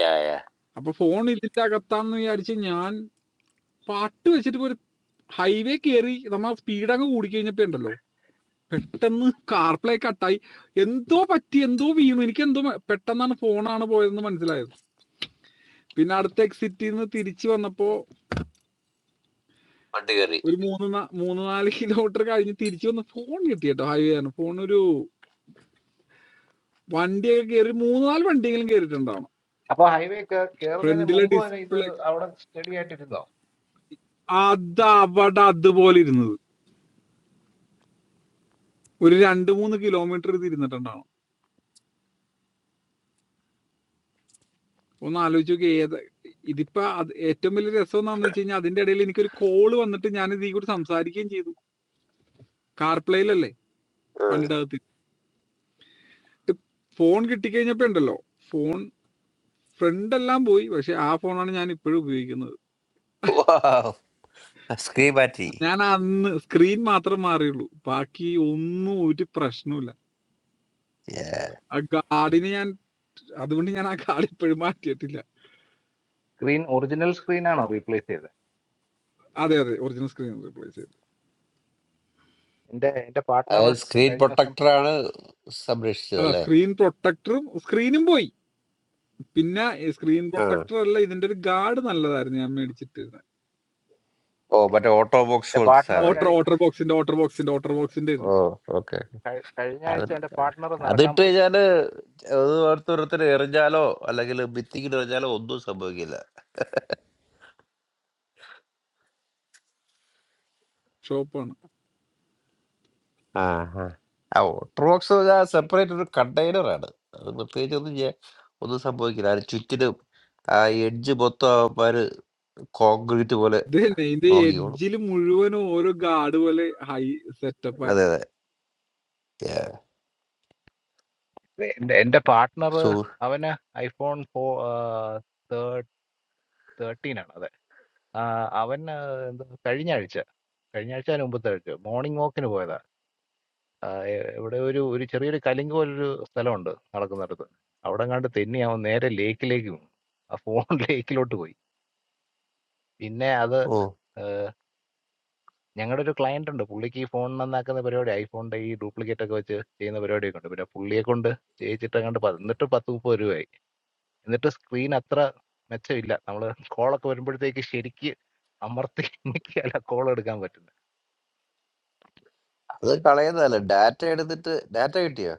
E: യാ യാ
I: അപ്പൊ ഫോൺ ഇതിന്റെ അകത്താന്ന് വിചാരിച്ച് ഞാൻ പാട്ട് വെച്ചിട്ട് ഇപ്പൊ ഒരു ഹൈവേ കയറി നമ്മ സ്പീഡ് അങ്ങ് കൂടി കഴിഞ്ഞപ്പോ ഉണ്ടല്ലോ പെട്ടെന്ന് കാർപ്ലേ കട്ടായി എന്തോ പറ്റി എന്തോ വീണു എനിക്ക് എന്തോ പെട്ടെന്നാണ് ഫോണാണ് പോയതെന്ന് മനസ്സിലായത് പിന്നെ അടുത്ത എക്സിറ്റിൽ നിന്ന് തിരിച്ചു വന്നപ്പോ
E: വണ്ടി കയറി
I: ഒരു മൂന്ന് നാ- മൂന്ന് നാല് കിലോമീറ്റർ കഴിഞ്ഞ് തിരിച്ചു വന്ന് ഫോൺ കിട്ടി കേട്ടോ ഹൈവേ ആണ് ഫോൺ ഒരു വണ്ടിയൊക്കെ കയറി മൂന്ന് നാല് വണ്ടിയെങ്കിലും കയറിയിട്ടുണ്ടാവണം
D: അപ്പൊ ഹൈവേ കയറുന്നതിന്
I: ഫ്രണ്ടിലെ
D: മുമ്പ് വരെ ഇത്
I: ഡിസ്പ്ലേ
D: അവിടെ സ്റ്റഡി ആയിട്ടിരുന്നോ
I: അത് അവിടെ അതുപോലെ ഇരുന്നത് ഒരു രണ്ട് മൂന്ന് കിലോമീറ്റർ തിരുന്നിട്ടുണ്ടാവണം ഒന്ന് ആലോചിച്ച് നോക്കി ഏത് ഇതിപ്പോ അത് ഏറ്റവും വലിയ രസം എന്താണെന്ന് വെച്ച് കഴിഞ്ഞാൽ അതിന്റെ ഇടയിൽ എനിക്കൊരു കോള് വന്നിട്ട് ഞാൻ ഇതിൽ കൂടി സംസാരിക്കുകയും ചെയ്തു കാർപ്ലേയിലല്ലേ
E: ഉം.
I: വണ്ടിയുടെ അകത്ത് ഇട്ട് ഫോൺ കിട്ടിക്കഴിഞ്ഞപ്പോ ഉണ്ടല്ലോ ഫോൺ ഫ്രണ്ട് എല്ലാം പോയി പക്ഷെ ആ ഫോണാണ് ഞാൻ ഇപ്പോഴും ഉപയോഗിക്കുന്നത്
E: Wow. സ്ക്രീൻ മാറ്റി
I: ഞാൻ അന്ന് സ്ക്രീൻ മാത്രം മാറിയുള്ളൂ ബാക്കി ഒന്നും ഒരു പ്രശ്നമില്ല
E: Yeah.
I: ആ കാർഡിന് ഞാൻ അതുകൊണ്ട് ഞാൻ ആ കാർഡ് ഇപ്പോഴും മാറ്റിയിട്ടില്ല
D: സ്ക്രീൻ ഒറിജിനൽ സ്ക്രീൻ ആണോ റീപ്ലേസ് ചെയ്തത്
I: അതെ അതെ ഒറിജിനൽ സ്ക്രീൻ റീപ്ലേസ് ചെയ്തു
D: എന്റെ എന്റെ പാർട്ട്ണർ
E: അതായത് സ്ക്രീൻ
D: കഴിഞ്ഞ ദിവസം
E: പ്രൊട്ടക്ടറാണ് സംരക്ഷിച്ചത്
I: അതാ
E: അല്ലേ
I: സ്ക്രീൻ പ്രൊട്ടക്ടറും സ്ക്രീനും പോയി പിന്നെ സ്ക്രീൻ
E: ആ.
I: പ്രൊട്ടക്ടർ അല്ല ഇതിന്റെ ഒരു ഗാർഡ് നല്ലതായിരുന്നു ഞാൻ മേടിച്ചിട്ടിരുന്നത്
E: ഓ മറ്റേ ഓട്ടോ ബോക്സ്
D: എൻ്റെ
E: പോലത്തെ
D: പാർട്ട്ണർ
I: ഓട്ടർ
D: കഴി
E: സാധനമായിരിക്കും
I: ഓട്ടർ ബോക്സിന്റെ ഓട്ടർ ബോക്സിന്റെ ഓട്ടർ ബോക്സിന്റെ
E: ഓ
I: ആയിരുന്നു
E: ഓക്കെ
D: കഴി- കഴിഞ്ഞ
E: അത്
D: ആഴ്ച എൻ്റെ പാർട്ട്ണർ നടക്കാൻ
E: അതിട്ട്
D: പോയി
E: കഴിഞ്ഞാല്
D: അപ്പൊ
E: അത് ഓരോരുത്തർ എറിഞ്ഞാലോ അല്ലെങ്കിൽ ഭിത്തിക്ക് എറിഞ്ഞാലോ ഒന്നും സംഭവിക്കില്ല
I: ഷോപ്പാണ്
E: ആഹാ. ആ ഓട്ടർബോക്സ് ആ സെപ്പറേറ്റ് ഒരു കണ്ടെയ്നർ ആണ് അത് പ്രത്യേകിച്ച് ഒന്നും ചെയ്യാൻ ഒന്നും സംഭവിക്കില്ല അതിന് ചുറ്റിനും ആ എഡ്ജ് മൊത്തം അവന്മാര് കോൺക്രീറ്റ് പോലെ
I: ഇത് തന്നെ ഇതിന്റെ
E: നോക്കിക്കോളും
I: എഡ്ജിൽ മുഴുവനും ഓരോ ഗാർഡ് പോലെ ഹൈ സെറ്റപ്പ്
E: അതെ അതെ ഏ,
D: എൻ്റെ എൻ്റെ പാർട്ട്ണർ
E: സൂ
D: അവന് ഐഫോൺ ഫോ തേർട്ടീൻ ആണ് അതെ ആ, അവൻ ആ, എന്തോ കഴിഞ്ഞ ആഴ്ച കഴിഞ്ഞ ആഴ്ച അതിന് മുമ്പത്തെ ആഴ്ച മോർണിംഗ് വാക്കിന് പോയതാ ആ, എ- ഇവിടെ ഒരു ഒരു ചെറിയൊരു കലിങ്ക് പോലൊരു സ്ഥലമുണ്ട് നടക്കുന്നിടത്ത് അവിടെ കണ്ട് തെന്നി അവൻ നേരെ ലേക്കിലേക്ക് വീണു ആ ഫോൺ ലേക്കിലോട്ട് പോയി പിന്നെ അത്
E: ഓ
D: ഞങ്ങടെ ഒരു ക്ലയന്റ് ഉണ്ട്. പുള്ളിക്ക് ഈ ഫോൺ നന്നാക്കുന്ന പരിപാടിയാ. ഐഫോണിന്റെ ഈ ഡ്യൂപ്ലിക്കേറ്റ് ഒക്കെ വെച്ച് ചെയ്യുന്ന പരിപാടിയൊക്കെ ഉണ്ട്. പിന്നെ പുള്ളിയെക്കൊണ്ട് ചെയ്യിച്ചിട്ടെങ്ങാണ്ട് പ എന്നിട്ടും 10, 30 രൂപയായി. എന്നിട്ട് സ്ക്രീൻ അത്ര മെച്ചമില്ല. നമ്മള് കോളൊക്കെ വരുമ്പഴത്തേക്ക് ശരിക്ക് അമർത്തി ഞെക്കിയാലാ കോൾ എടുക്കാൻ പറ്റുന്നെ.
E: അത് കളയുന്നതല്ല ഡാറ്റ എടുത്തിട്ട് ഡാറ്റ കിട്ടിയോ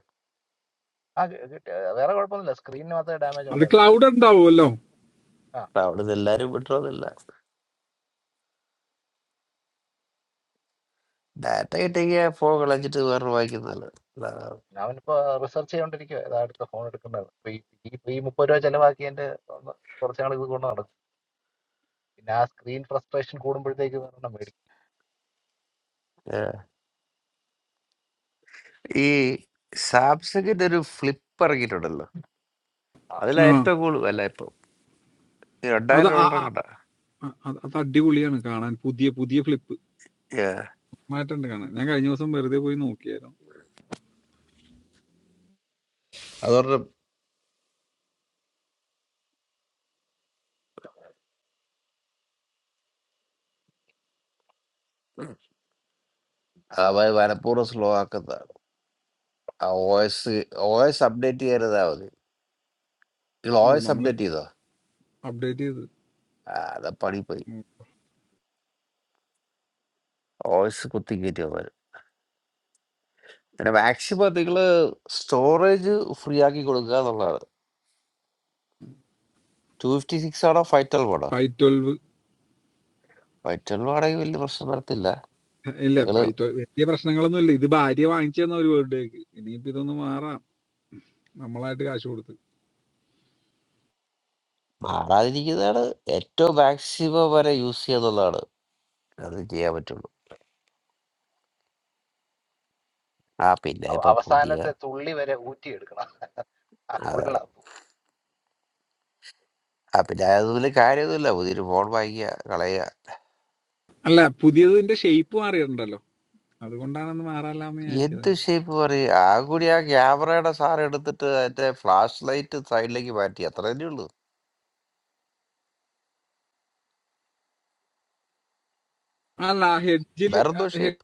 D: ആ കി കിട്ടിയ വേറെ കുഴപ്പമൊന്നുമില്ല. സ്ക്രീനിന് മാത്രമേ ഡാമേജ്
I: അത്
D: ഉണ്ടായിരുന്നു.
I: ക്ലൗഡ് ഉണ്ടാവുമല്ലോ
D: ആ
E: ആ, അവിടുന്ന് എല്ലാരും വിട്ടോന്നില്ല ഡാറ്റ കിട്ടിയ ഫോൺ കളഞ്ഞിട്ട് വേറെ വാങ്ങിക്കുന്നതല്ല അതാണ്.
D: അവനിപ്പോ റിസർച്ച് ചെയ്തോണ്ടിരിക്കുവാ. ഏതാ അടുത്ത ഫോൺ എടുക്കേണ്ടത്. അപ്പൊ ഈ ഈ ഇപ്പൊ ഈ 30 രൂപ ചെലവാക്കിയതിന്റെ ഒന്ന് കുറച്ച് നാൾ ഇത് കൊണ്ട് നടക്കും. പിന്നെ ആ സ്ക്രീൻ ഫ്രസ്ട്രേഷൻ കൂടുമ്പോഴത്തേക്ക് വേറെ മേടിക്കും.
E: ഏ. ഈ സാംസങ്ങിന്റെ ഒരു ഫ്ലിപ്പ് ഇറങ്ങിയിട്ടുണ്ടല്ലോ
D: ആ
E: അതിലാ
I: ആ
E: ഏറ്റവും കൂടുതൽ വില ഇപ്പം ഈ
I: അത്
E: രണ്ടായിരം
I: ആ-
E: ഡോളർ കണ്ട
I: ആ- ആ- അത് അടിപൊളിയാണ് കാണാൻ പുതിയ പുതിയ ഫ്ലിപ്പ് മാറ്റണ്ട് കാണാൻ ഞാൻ കഴിഞ്ഞ ദിവസം വെറുതെ പോയി നോക്കിയായിരുന്നു
E: അതോടെ അവ മനഃപൂർവ്വം സ്ലോ ആക്കുന്നതാണ് ആ O S O S update ചെയ്യരുതാ മതി നിങ്ങൾ ഒ
I: ഓ,
E: എസ്
I: നമ്മള്
E: അപ്ഡേറ്റ് ചെയ്തോ
I: അപ്ഡേറ്റ് ചെയ്ത്
E: ആ അതാ പണി പോയി ഒ എസ് കുത്തി കയറ്റി വന്നാലും പിന്നെ മാക്സിമം നിങ്ങൾ സ്റ്റോറേജ് ഫ്രീ ആക്കി കൊടുക്കുക എന്നുള്ളതാണ് ടു ഫിഫ്റ്റി സിക്സ് ആണോ ഫൈവ് ട്വൽവ് ആണോ
I: ഫൈവ് ട്വൽവ്
E: ഫൈവ് ട്വൽവ് ആണെങ്കിൽ വലിയ പ്രശ്നം വരത്തില്ല
I: ഇല്ല
E: നിങ്ങൾ
I: ഫൈവ് ട്വൽവ് വലിയ പ്രശ്നങ്ങളൊന്നും ഇല്ല ഇത് ഭാര്യ വാങ്ങിച്ചു തന്ന ഒരു വേർഡേക്ക് ഇനിയിപ്പോ ഇതൊന്ന് മാറാം നമ്മളായിട്ട് കാശ് കൊടുത്ത്
E: മാറാതിരിക്കുന്നതാണ് ഏറ്റവും മാക്സിമം വരെ യൂസ് ചെയ്യുക എന്നുള്ളതാണ് അത് ചെയ്യാൻ പറ്റുള്ളൂ ആ പിന്നെ
D: അവ-
E: ഇപ്പൊ പുതിയ
D: അവസാനത്തെ തുള്ളി വരെ ഊറ്റിയെടുക്കണം. ആ,
E: ആ
D: ഉള്ള
E: ആ, പിന്നെ അതുപോലെ കാര്യമൊന്നുമില്ല പുതിയൊരു ഫോൺ വാങ്ങിക്കുക കളയുക
I: അല്ല പുതിയതിന്റെ ഷേപ്പ് മാറിയിട്ടുണ്ടല്ലോ അതുകൊണ്ടാണെന്ന് മാറാല്ലാന്ന് ഞാൻ വെച്ചത്
E: എന്ത്
I: ഞാൻ.
E: ഷേപ്പ് പറയും? ആകെ കൂടി ആ ക്യാമറയുടെ സാറ് എടുത്തിട്ട് അതിന്റെ ഫ്ലാഷ് ലൈറ്റ് സൈഡിലേക്ക് മാറ്റി. അത്ര തന്നെ ഉള്ളൂ.
I: അല്ല ഹെഡ്ജില്
E: വേറെന്തോ ഷേപ്പ്.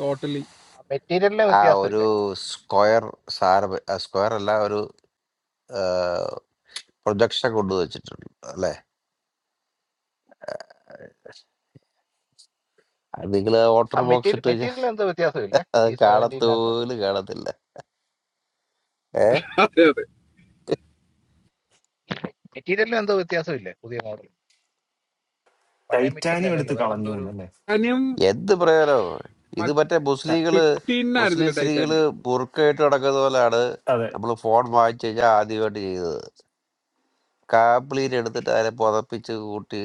I: ടോട്ടലി
D: ആ മെറ്റീരിയലിലെ
E: ആ ഒരു
D: വ്യത്യാസമില്ലേ
E: സ്ക്വയർ സാറ് വെ- ആ സ്ക്വയർ അല്ല ഒരു പ്രൊജക്ഷൻ കൊണ്ടുവച്ചിട്ടുണ്ട് അല്ലേ? അത് നിങ്ങള്
D: ആ
E: വാട്ടർ ബോക്സ്
D: മെറ്റീരിയൽ
E: ഇട്ട് കഴിഞ്ഞാ
D: മെറ്റീരിയലിൽ എന്തോ വ്യത്യാസമില്ലേ
E: അത്
D: ഈ സെവൻറ്റീനകത്ത്
E: കാണത്തോലും കാണത്തില്ല. ഏ?
I: അതെ അതെ
D: മെറ്റീരിയലിൽ എന്തോ വ്യത്യാസമില്ലേ പുതിയ മോഡൽ പഴയ മെറ്റീരിയൽ
H: ടൈറ്റാനിയം എടുത്ത്
D: അല്ലല്ലോ വേറെ എന്തോ
H: കളഞ്ഞു
D: ഒരു
H: എന്നല്ലേ
I: ടാനിയം
E: എന്ത് പ്രയോജനം? ഇത് മറ്റേ
H: ത-
E: മുസ്ലിങ്ങള്
I: ഫിഫ്റ്റീൻ
E: മുസ്ലിം
I: ആയിരുന്നില്ല
E: സ്ത്രീകള്
I: ടൈറ്റാനിയം
E: ബുർക്കയിട്ട് നടക്കുന്ന പോലെയാണ്
H: അതെ
E: നമ്മൾ ഫോൺ വാങ്ങിച്ചു കഴിഞ്ഞാൽ ആദ്യമായിട്ട് ചെയ്തത്. കാപ്പിളീനെ എടുത്തിട്ട് അതിനെ പുതപ്പിച്ച് കൂട്ടി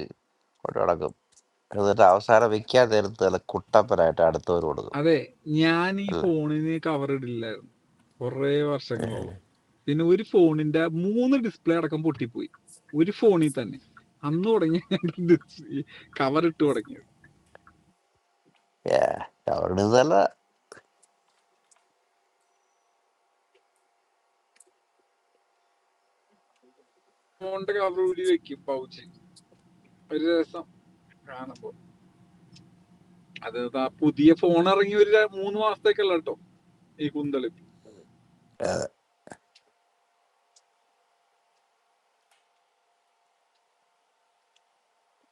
E: കൊണ്ട് നടക്കും എന്നിട്ട് അവസാനം വിൽക്കാൻ നേരത്ത് നല്ല കുട്ടപ്പനായിട്ട് അടുത്തവർ കൊടുക്കും
I: അതെ ഞാൻ ഈ
E: അല്ല
I: ഫോണിന് കവർ ഇടില്ല കുറേ വർഷങ്ങളോളം പിന്നെ ഒരു ഫോണിന്റെ മൂന്ന് ഡിസ്പ്ലേ അടക്കം പൊട്ടിപ്പോയി ഒരു ഫോണിൽ തന്നെ അന്ന് തുടങ്ങി കവർ ഇട്ട് തുടങ്ങിയത്
E: അവരുടെ ഇതല്ല
I: ഫോണിന്റെ കവർ ഊരി വെക്കും പൗച്ച് ഒരു രസം കാണുമ്പോ അത് ദാ പുതിയ ഫോൺ ഇറങ്ങി ഒരു ര- മൂന്ന് മാസത്തേക്കല്ല കേട്ടോ ഈ കുന്തളി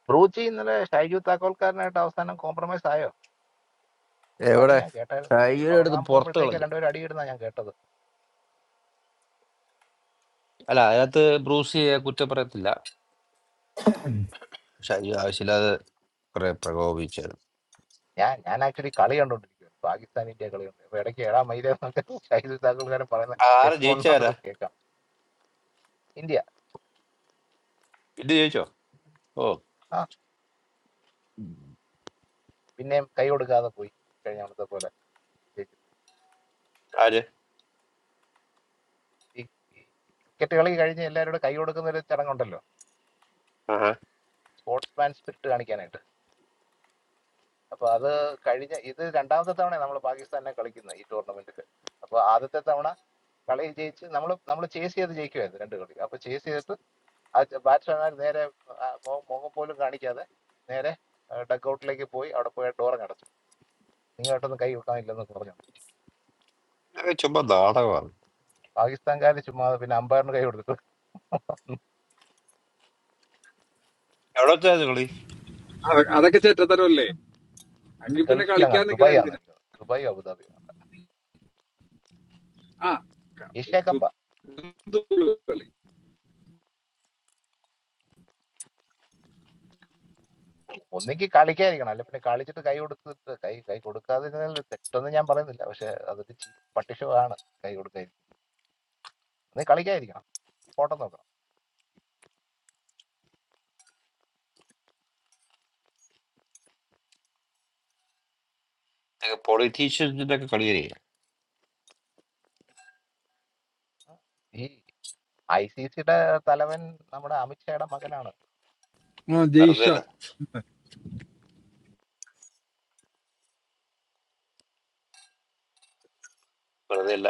D: ബ്രൂച്ചി ഇന്നലെ ഷൈജു താക്കോൽക്കാരനായിട്ട് അവസാനം കോംപ്രമൈസ് ആയോ എന്തോ അടി
E: എവിടെ
D: ഞാൻ കേട്ടായിരുന്നു ഞാൻ
E: ഷൈയുടെ അടുത്ത്
D: ഉറങ്ങാൻ
E: പുറത്ത്
D: പോകുമ്പോഴത്തേക്ക്
E: കളഞ്ഞു
D: രണ്ടുപേരും അടിയിടുന്ന ഞാൻ കേട്ടത്
E: അല്ല അതിനകത്ത് ബ്രൂസിയെ കുറ്റം പറയത്തില്ല ഷൈജു ആവശ്യമില്ലാതെ കുറെ പ്രകോപിച്ചായിരുന്നു
D: ഞാൻ ഞാൻ ആക്ച്വലി കളി കണ്ടോണ്ടിരിക്കുകയാണ് പാകിസ്ഥാൻ ഇന്ത്യ കളി കണ്ടു അപ്പൊ ഇടയ്ക്ക് ഏഴാം മൈല എന്നൊക്കെ ഷൈജു താക്കോൽക്കാരൻ പറയുന്ന
E: ആര് ജയിച്ചാരാ
D: ഹെഡ്ഫോണിനകത്തൂടെ കേൾക്കാം ഇന്ത്യ
E: ഇത് ജയിച്ചോ ഓ
D: ആ പിന്നെയും കൈ കൊടുക്കാതെ പോയി കഴിഞ്ഞ അവിടുത്തെ പോലെ ജയിച്ചിട്ട്.
E: ആര്
D: ഈ ക്രിക്കറ്റ് കളി കഴിഞ്ഞ് എല്ലാവരോടും കൈ കൊടുക്കുന്ന ഒരു ചടങ്ങുണ്ടല്ലോ
E: ആഹാ
D: സ്പോർട്സ്മാൻ സ്പിരിറ്റ് കാണിക്കാനായിട്ട് അപ്പൊ അത് കഴിഞ്ഞ ഇത് രണ്ടാമത്തെ തവണ നമ്മൾ പാകിസ്ഥാനെ കളിക്കുന്നത് ഈ ടൂർണമെന്റിൽ അപ്പൊ ആദ്യത്തെ തവണ കളി ജയിച്ച് നമ്മൾ നമ്മൾ ചേസ് ചെയ്ത് ജയിക്കുമായിരുന്നു രണ്ട് കളി അപ്പൊ ചേസ് ചെയ്തിട്ട് ആ ബാറ്റ്സ്മാൻ നേരെ ആ, മോ- മുഖം പോലും കാണിക്കാതെ നേരെ ഡക്ക് ഔട്ടിലേക്ക് പോയി അവിടെ പോയി ഡോറങ്ങ് അടച്ചു നീ ഒട്ടൊന്നും കൈ കൊടുക്കാനില്ലെന്ന് പറഞ്ഞു
E: ഇതൊക്കെ ചുമ്മാ നാടകമാണ്
D: പാകിസ്ഥാൻകാർ ചുമ്മാ പിന്നെ അമ്പയറിന് കൈ കൊടുത്തിട്ട്
E: എവിടെ വെച്ചായിരുന്നു കളി
I: അത- അതൊക്കെ ചെറ്റത്തരമല്ലേ
D: ഇത് ഇത്
I: അങ്കിൽ പിന്നെ
D: ഗൾഫിലാണ്
I: കളിക്കാൻ നിക്കണ
D: ദുബായ് ആണ്
I: എന്തിനാ
D: എനിക്ക് തോന്നുന്നത്. ദുബായോ അബുദാബിയോ
I: ആ ക-
D: ഏഷ്യ കപ്പ്
I: ദു- ദുള്ളു കളി
D: ഒന്നെങ്കിൽ കളിക്കാതിരിക്കണം അല്ലെ പിന്നെ കളിച്ചിട്ട് കൈ കൊടുത്തിട്ട് കൈ കൈ കൊടുക്കാതിരുന്നതിൽ തെറ്റൊന്നും ഞാൻ പറയുന്നില്ല പക്ഷെ അതൊരു ചീ പട്ടിഷമാണ് കൈ കൊടുക്കാതിരിക്കും ഒന്നീ കളിക്കാതിരിക്കണം ഫോട്ടോ നോക്കണം
E: പൊളിറ്റീഷ്യൻസിന്റെ ഒക്കെ കളി അറിയാം
D: ഈ ഐ സി സിയുടെ തലവൻ നമ്മുടെ അമിത്ഷായുടെ മകനാണ്
I: ആ ജയ്ഷ
E: വെറുതെ അല്ല വെറുതെ അല്ല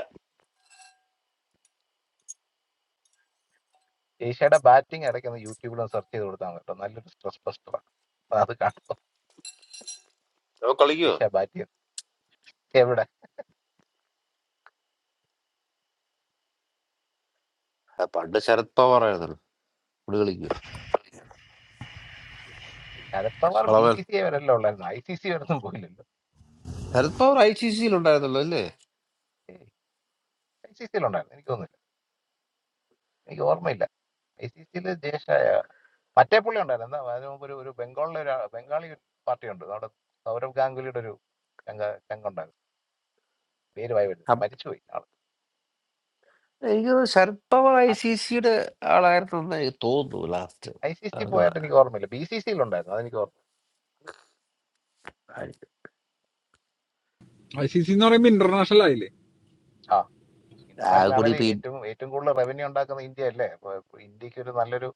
D: ഏഷ്യയുടെ ബാറ്റിംഗ് ഇടയ്ക്ക് ഒന്ന് യൂട്യൂബിലും സെർച്ച് ചെയ്ത് കൊടുത്താൽ കേട്ടോ നല്ലൊരു സ്ട്രെസ് ബസ്റ്ററാണ് അത് കാണുമ്പോൾ
E: നമ്മൾ കളിക്കുവോ
D: ഏഷ്യ ബാറ്റിംഗ് എവിടെ
E: ആ, പണ്ട് ശരത് പവാർ ആയിരുന്നല്ലോ ഇവിടെ കളിക്കുവോ
D: Sharad Pawar B
E: Solomon
D: C C I വരെല്ലാം ഉള്ളായിരുന്നു ഐ സി സി വരെ ഒന്നും പോയില്ലല്ലോ
E: ശരത് പവാർ ഐ സി സിയിൽ ഉണ്ടായിരുന്നല്ലോ
D: ഐ സി സിയിൽ ഉണ്ടായിരുന്നു എനിക്ക് തോന്നുന്നില്ല എനിക്ക് ഓർമ്മയില്ല ഐ സി സിയിൽ ജേഷ മറ്റേ പുള്ളി ഉണ്ടായിരുന്നു എന്താ അതിന് മുമ്പ് ഒരു ഒരു ബംഗാളിലെ ഒരു ആ- ബംഗാളി പാർട്ടി ഉണ്ട് നമ്മുടെ സൗരവ് ഗാംഗുലിയുടെ ഒരു ചങ്ക ചങ്കുണ്ടായിരുന്നു പേര് വായി
E: അല്ലേ
D: വരുന്നില്ല മരിച്ചുപോയി ആള്
E: എനിക്ക് തോന്നുന്നു ശരത് പവാർ ഐ സി സിയുടെ ആളായിരുന്നെന്ന് എനിക്ക് തോന്നുന്നു ലാസ്റ്റ്
D: ഐ സി സി പോയിട്ട് എനിക്ക് ഓർമ്മയില്ല ബി സി സിയിലുണ്ടായിരുന്നു അതെനിക്ക് ഓർമ്മ
I: ഐ സി സി എന്ന് പറയുമ്പോ ഇന്റർനാഷണൽ ആയില്ലേ
D: ആ ഇന്റർനാഷണൽ
E: ആകുടി
D: ആണെങ്കിൽ
E: പി
D: ഏറ്റവും ഏറ്റവും കൂടുതൽ റവന്യൂ ഉണ്ടാക്കുന്ന ഇന്ത്യ അല്ലേ അപ്പൊ ഇപ്പൊ ഇന്ത്യക്ക് ഒരു നല്ലൊരു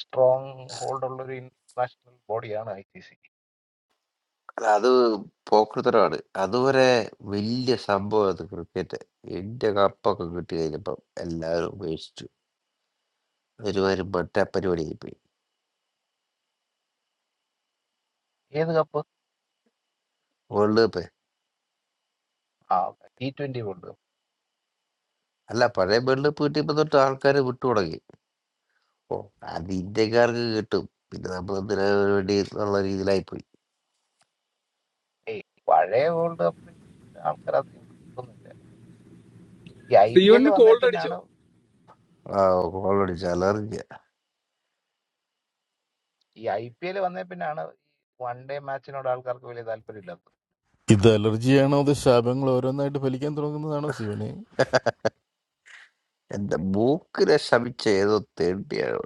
D: സ്ട്രോങ് ഹോൾഡ് ഉള്ള ഒരു ഇന്റർനാഷണൽ ബോഡിയാണ് ഐ സി സി
E: അത് പോക്കൃതരാണ് അതുവരെ വലിയ സംഭവമായിരുന്നു ക്രിക്കറ്റ് ഇന്ത്യ കപ്പൊക്കെ കിട്ടി കഴിഞ്ഞപ്പം എല്ലാവരും ഉപേക്ഷിച്ചു ഒരുമാതിരി മറ്റേ പരിപാടിയായി പോയി
D: ഏത് കപ്പ്
E: വേൾഡ് കപ്പ്
D: ആ ടി ട്വന്റി വേൾഡ് കപ്പ്
E: അല്ല പഴയ വേൾഡ് കപ്പ് കിട്ടിയപ്പോൾ തൊട്ട് ആൾക്കാർ വിട്ടു തുടങ്ങി ഓ അത് ഇന്ത്യക്കാർക്ക് കിട്ടും പിന്നെ നമ്മൾ എന്തിനാ അതിനു വേണ്ടി എന്നുള്ള രീതിയിലായി പോയി
D: ഏയ് പഴയ വേൾഡ് കപ്പിൽ ആൾക്കാർ അധികം വിട്ടൊന്നുമില്ല ഈ ഐ
I: സി
D: പി എൽ
I: വണ്ണിന്
D: വന്നേ
I: കോൾഡ് അടിച്ചോ
D: പിന്നാണ്
E: ആ ഓൾറെഡി ചലറിഞ്ഞ
D: ഈ ഐ പി എൽ വന്നേ പിന്നാണ് വൺ ഡേ മാച്ചിനോട് ആൾക്കാർക്ക് വലിയ താല്പര്യമില്ലാത്തത്
J: ഇത് അലർജിയാണോ അത് ശാപങ്ങൾ ഓരോന്നായിട്ട് ഫലിക്കാൻ തുടങ്ങുന്നതാണോ ശിവനെ
E: എന്റെ മൂക്കിനെ ശമിച്ച ഏതോ തേണ്ടിയാണ്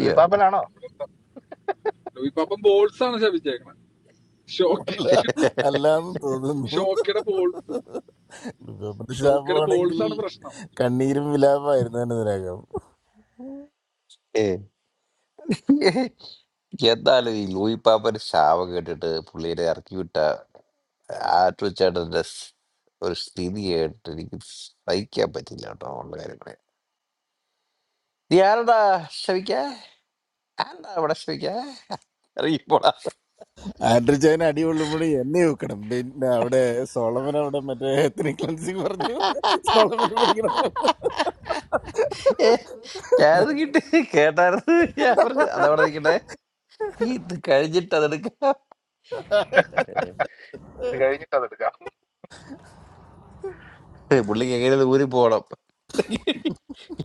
D: ലൂയി പാപ്പനാണോ
I: ലൂയിപ്പാപ്പം ബോൾസ് ആണ് ശപിച്ചേക്കണത് ഷോക്ക്
J: അല്ല അല്ലാന്ന് തോന്നുന്നു
I: ഷോക്കയുടെ ബോൾസ്
J: ഇപ്പൊ
I: ഷോക്കയുടെ
J: ശാപമാണെങ്കിൽ
I: ബോൾസ് ആണ് പ്രശ്നം
J: കണ്ണീരും വിലാപമായിരുന്നു തന്നെ ഇതിനകം
E: ഏ എന്നാലും ഈ ലൂയി പാപ്പൻ ശാപം കേട്ടിട്ട് പുള്ളിയെ ഇറക്കി വിട്ട ആറ്റുചേട്ടന്റെ സ് ഒരു സ്ഥിതി കേട്ട് എനിക്ക് സഹിക്കാൻ പറ്റില്ല കേട്ടോ ഉള്ള കാര്യങ്ങളെ നീ ആരടാ ക്ഷമിക്ക ആരടാ ഇവിടെ ക്ഷമിക്ക അറിയപ്പോടാ
J: ആൻഡ്രിച്ചാൻ അടി കൊള്ളുമ്പോഴും എന്നെ നോക്കണം പിന്നെ അവിടെ സോളമൻ അവിടെ മറ്റേ എത്തനിക് ക്ലൻസിങ് പറഞ്ഞു സോളമൻ പഠിക്കണം
E: ഏ, ഞാനത് കിട്ടി കേട്ടായിരുന്നു ഞാൻ പറഞ്ഞു അതവിടെ നിൽക്കട്ടെ ഇത് കഴിഞ്ഞിട്ട് അതെടുക്കാം
D: ഇത് കഴിഞ്ഞിട്ട് അതെടുക്കാം
E: പുള്ളിക്ക് എങ്ങനെ ദൂരി പോണം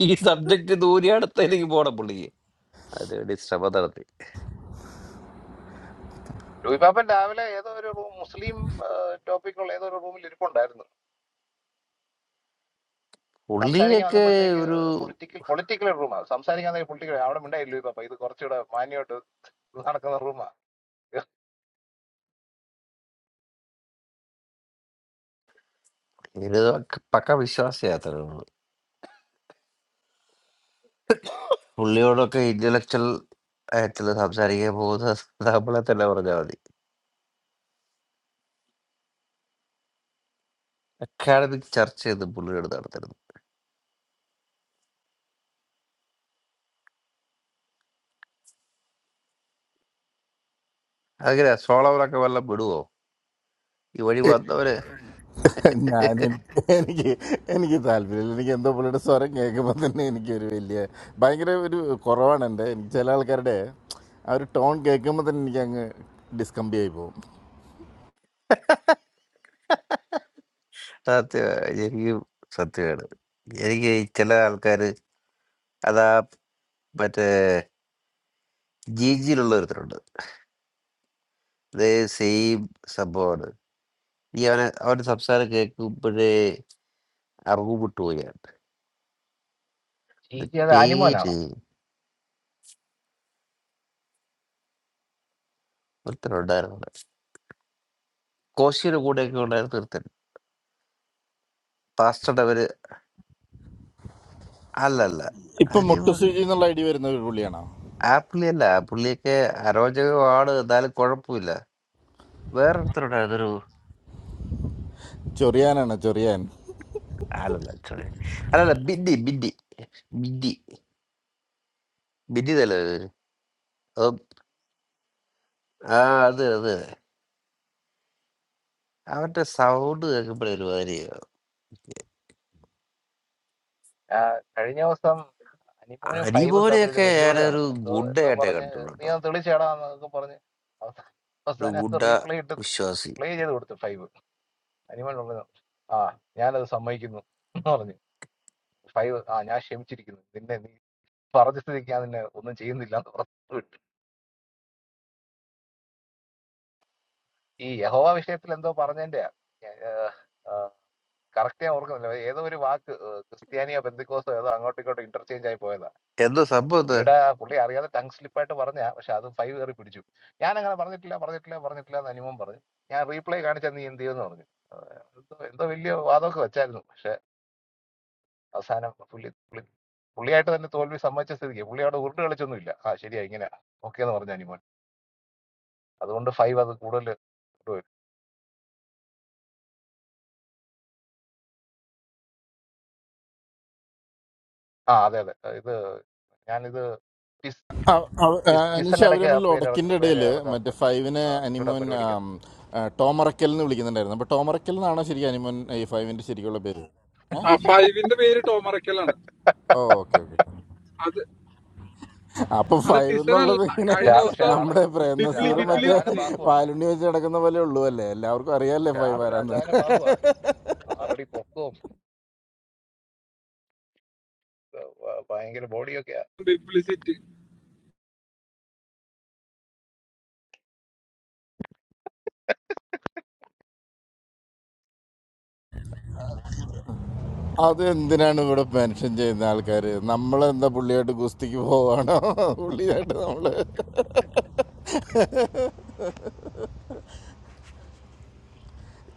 E: ഈ സബ്ജക്റ്റ് ദൂരി അടുത്തേക്ക് പോണം പുള്ളിക്ക് അതിനുവേണ്ടി ശ്രമം നടത്തി
D: ലൂയി പാപ്പൻ രാവിലെ ഏതോ ഒരു റൂം മുസ്ലിം ടോപ്പിക്കുള്ള ഏതോ ഒരു റൂമിൽ ഇരിപ്പുണ്ടായിരുന്നു സംസാരിക്കാൻ
E: പുള്ളിയൊക്കെ
D: വന്നപ്പോഴത്തേക്ക്
E: ഒരു
D: പൊളിറ്റിക്കൽ പൊളിറ്റിക്കൽ റൂമാണ് സംസാരിക്കാൻ പൊളിറ്റിക്കൽ അവിടെ ഉണ്ടായി ലൂയി പാപ്പ ഇത് കുറച്ചുകൂടെ മാന്യമായിട്ട് നടക്കുന്ന റൂമാണ്
E: ഒരു പക്ക വിശ്വാസയാത്രയാണ് പുള്ളിയോടൊക്കെ ഇന്റലക്ച്വൽ ആയിട്ടുള്ള സംസാരിക്കാൻ പോകുന്ന നമ്മളെ തന്നെ പറഞ്ഞാൽ മതി അക്കാഡമിക് ചർച്ച ചെയ്ത് പുള്ളിയോട് നടത്തരുത് അങ്ങനെ സോളവറൊക്കെ വല്ല വിടുവോ ഈ വഴി വന്നവര്
J: ഞാൻ എനിക്ക് എനിക്ക് താല്പര്യമില്ല എനിക്ക് എന്തോ പുള്ളിയുടെ സ്വരം കേൾക്കുമ്പോൾ തന്നെ എനിക്കൊരു വലിയ ഭയങ്കര ഒരു കുറവാണ് എൻ്റെ എനിക്ക് ചില ആൾക്കാരുടെ ആ ഒരു ടോൺ കേൾക്കുമ്പോൾ തന്നെ എനിക്ക് അങ്ങ് ഡിസ്കംബി ആയി പോകും
E: സത്യ എനിക്കും സത്യമാണ് എനിക്ക് ചില ആൾക്കാർ അതാ മറ്റേ ജി ജിയിലുള്ള ഒരുത്തരുണ്ട് സെയിം സംഭവമാണ് ഈ അവനെ അവന്റെ സംസാരം കേൾക്കുമ്പോഴേ അറിവുപെട്ടു പോയാണ്
D: ഈ
E: ഇത്
D: ചെയ്ത അനിമോനാണോ
E: പേര് ഒരുത്തൻ ഉണ്ടായിരുന്നു അവിടെ. കോശിയുടെ കൂടെയൊക്കെ ഉണ്ടായിരുന്നു ഒരുത്തൻ പാസ്റ്ററുടെ അവര് അല്ലല്ല
J: ഇപ്പം
E: അനിവ
J: മുട്ടു സൂചി എന്നുള്ള ഐഡിയ വരുന്ന ഒരു പുള്ളിയാണോ
E: ആ പുള്ളിയല്ല ആ പുള്ളിയൊക്കെ അരോചകമാണ് എന്നാലും കുഴപ്പമില്ല വേറെ ഒരുത്തനുണ്ടായിരുന്നു ഒരു
J: ചൊറിയാനാണ് ചൊറിയാൻ
E: അല്ലല്ല sorry. അല്ലല്ല ബിന്ദി ബിന്ദി ബിന്ദി ബിന്ദി തല ആ അത് അത് അവന്റെ സൗണ്ട് കേൾക്കുമ്പോഴേ ഒരു മാതിരി
D: ആ, കഴിഞ്ഞ ദിവസം അനിമോനും ഫൈവും തമ്മിൽ ഒരു
E: അനിമോനെയൊക്കെ
D: വെല്ലുവിളി
E: ഞാനൊരു
D: നടന്നു എന്തോ എന്തോ
E: ഗുണ്ടയായിട്ടേ
D: പറഞ്ഞ് നീ
E: കണ്ടുള്ളൂ
D: ഒന്ന് തെളിച്ചേടാന്നൊക്കെ പറഞ്ഞ്
E: ഒരു
D: അവസാനം അത്
E: ഗുഡ
D: റീപ്ലേ ഇട്ട്
E: വിശ്വാസി
D: പ്ലേ ചെയ്ത് കൊടുത്തു ഫൈവ് അനിമൽ പറഞ്ഞു ആ ഞാനത് സമ്മതിക്കുന്നു എന്ന് പറഞ്ഞു ഫൈവ് ആ ഞാൻ ക്ഷമിച്ചിരിക്കുന്നു നിന്നെ നീ പറഞ്ഞ സ്ഥിതിക്ക് ഞാൻ നിന്നെ ഒന്നും ചെയ്യുന്നില്ല എന്ന് പറഞ്ഞു വിട്ടു ഈ യഹോവ വിഷയത്തിൽ എന്തോ പറഞ്ഞതിന്റെ കറക്റ്റ് ഞാൻ ഓർക്കുന്നില്ല ഏതോ ഒരു വാക്ക് ഏഹ്, ക്രിസ്ത്യാനിയോ ബന്ധുക്കോസോ ഏതോ അങ്ങോട്ടും ഇങ്ങോട്ടും ഇന്റർചേഞ്ച് ആയി പോയതാ
E: എന്തോ സംഭവം എന്താ
D: പുള്ളിയുടെ പുള്ളി അറിയാതെ ടങ് സ്ലിപ്പായിട്ട് പറഞ്ഞ പക്ഷെ അത് ഫൈവ് കയറി പിടിച്ചു ഞാൻ അങ്ങനെ പറഞ്ഞിട്ടില്ല പറഞ്ഞിട്ടില്ല പറഞ്ഞിട്ടില്ല എന്ന് അനിമം പറഞ്ഞു ഞാൻ റീപ്ലൈ കാണിച്ചാൽ നീ എന്ത് ചെയ്യുമെന്ന് പറഞ്ഞു ഏഹ്, എന്തോ എന്തോ വലിയ വാദമൊക്കെ വെച്ചായിരുന്നു അവസാനം പുള്ളി പുള്ളി പുള്ളിയായിട്ട് തന്നെ തോൽവി സമ്മതിച്ച സ്ഥിതിക്ക് പുള്ളി അവിടെ ഉരുണ്ട് കളിച്ചൊന്നുമില്ല ആ ശരിയാ ഇങ്ങനെ ഓക്കെ എന്ന് പറഞ്ഞു അനിമോൻ അതുകൊണ്ട് ഫൈവ് അത് കൂടുതൽ കൊണ്ടുവരും ആ അതെ അതെ ഇത് ഞാനിത് ടിസ്
J: അവ- അവ- ആ,
D: ടിസ് ടിസൺ
J: അനീഷ്
D: ഇടയ്ക്ക് ആ
J: അവരമ്മിൽ
D: പേര് ഇള-
J: ഒടക്കിൻ്റെ
D: പേര്
J: ഇടയിൽ മറ്റേ
D: ഇറക്കാറുണ്ട്
J: ഫൈവിനെ
D: ആ, പുള്ളിയുടെ
J: അനിമോൻ
D: പരിപാടിക്കത്
J: ആം, ആ, ടോമറക്കൽ എന്ന് വിളിക്കുന്നുണ്ടായിരുന്നു അപ്പോൾ ടോമറക്കൽ എന്നാണോ ശരിക്കും അനിമോൻ ഈ ഫൈവിൻ്റെ ശരിക്കുള്ള പേര് ഏ
I: ആ ഫൈവിന്റെ പേര് ടോമറക്കലാണ്
J: ഓ ഓക്കെ ഓക്കെ
I: അത്
J: അപ്പൊ
I: അത്
J: ഫൈവ്
I: ടിസൺ അല്ല
J: എന്നുള്ളത് ഇങ്ങനെ
D: പക്ഷെ
I: കഴിഞ്ഞ
D: ആ- പക്ഷെ
I: ദിവസം
D: ആള്
J: നമ്മുടെ
D: പക്ഷെ
I: ബിബ്ലി
J: പ്രേംനസീറും
D: ആളൊരു
I: ബിബ്ലി
J: മറ്റേ
D: അജാന
I: പറഞ്ഞു
D: ബാഹുവാണ്
J: പാലുണ്ണി വെച്ച് നടക്കുന്ന പോലെ ഉള്ളൂ അല്ലേ എല്ലാവർക്കും അറിയാല്ലേ
D: പക്ഷെ
J: ഫൈവ്
D: ആളൊരു
J: ആരാന്ന്
D: അജാന ബാഹുവാ ആറടി പൊക്കവും ഏർ, ഭ- ഭയങ്കര ബോഡിയൊക്കെയാ
I: ബിബ്ലിസിറ്റി
J: അത് എന്തിനാണ് ഇവിടെ മെൻഷൻ ചെയ്യുന്ന ആൾക്കാർ നമ്മളെന്താ പുള്ളിയായിട്ട് ഗുസ്തിക്ക് പോവാണോ പുള്ളിയായിട്ട് നമ്മള്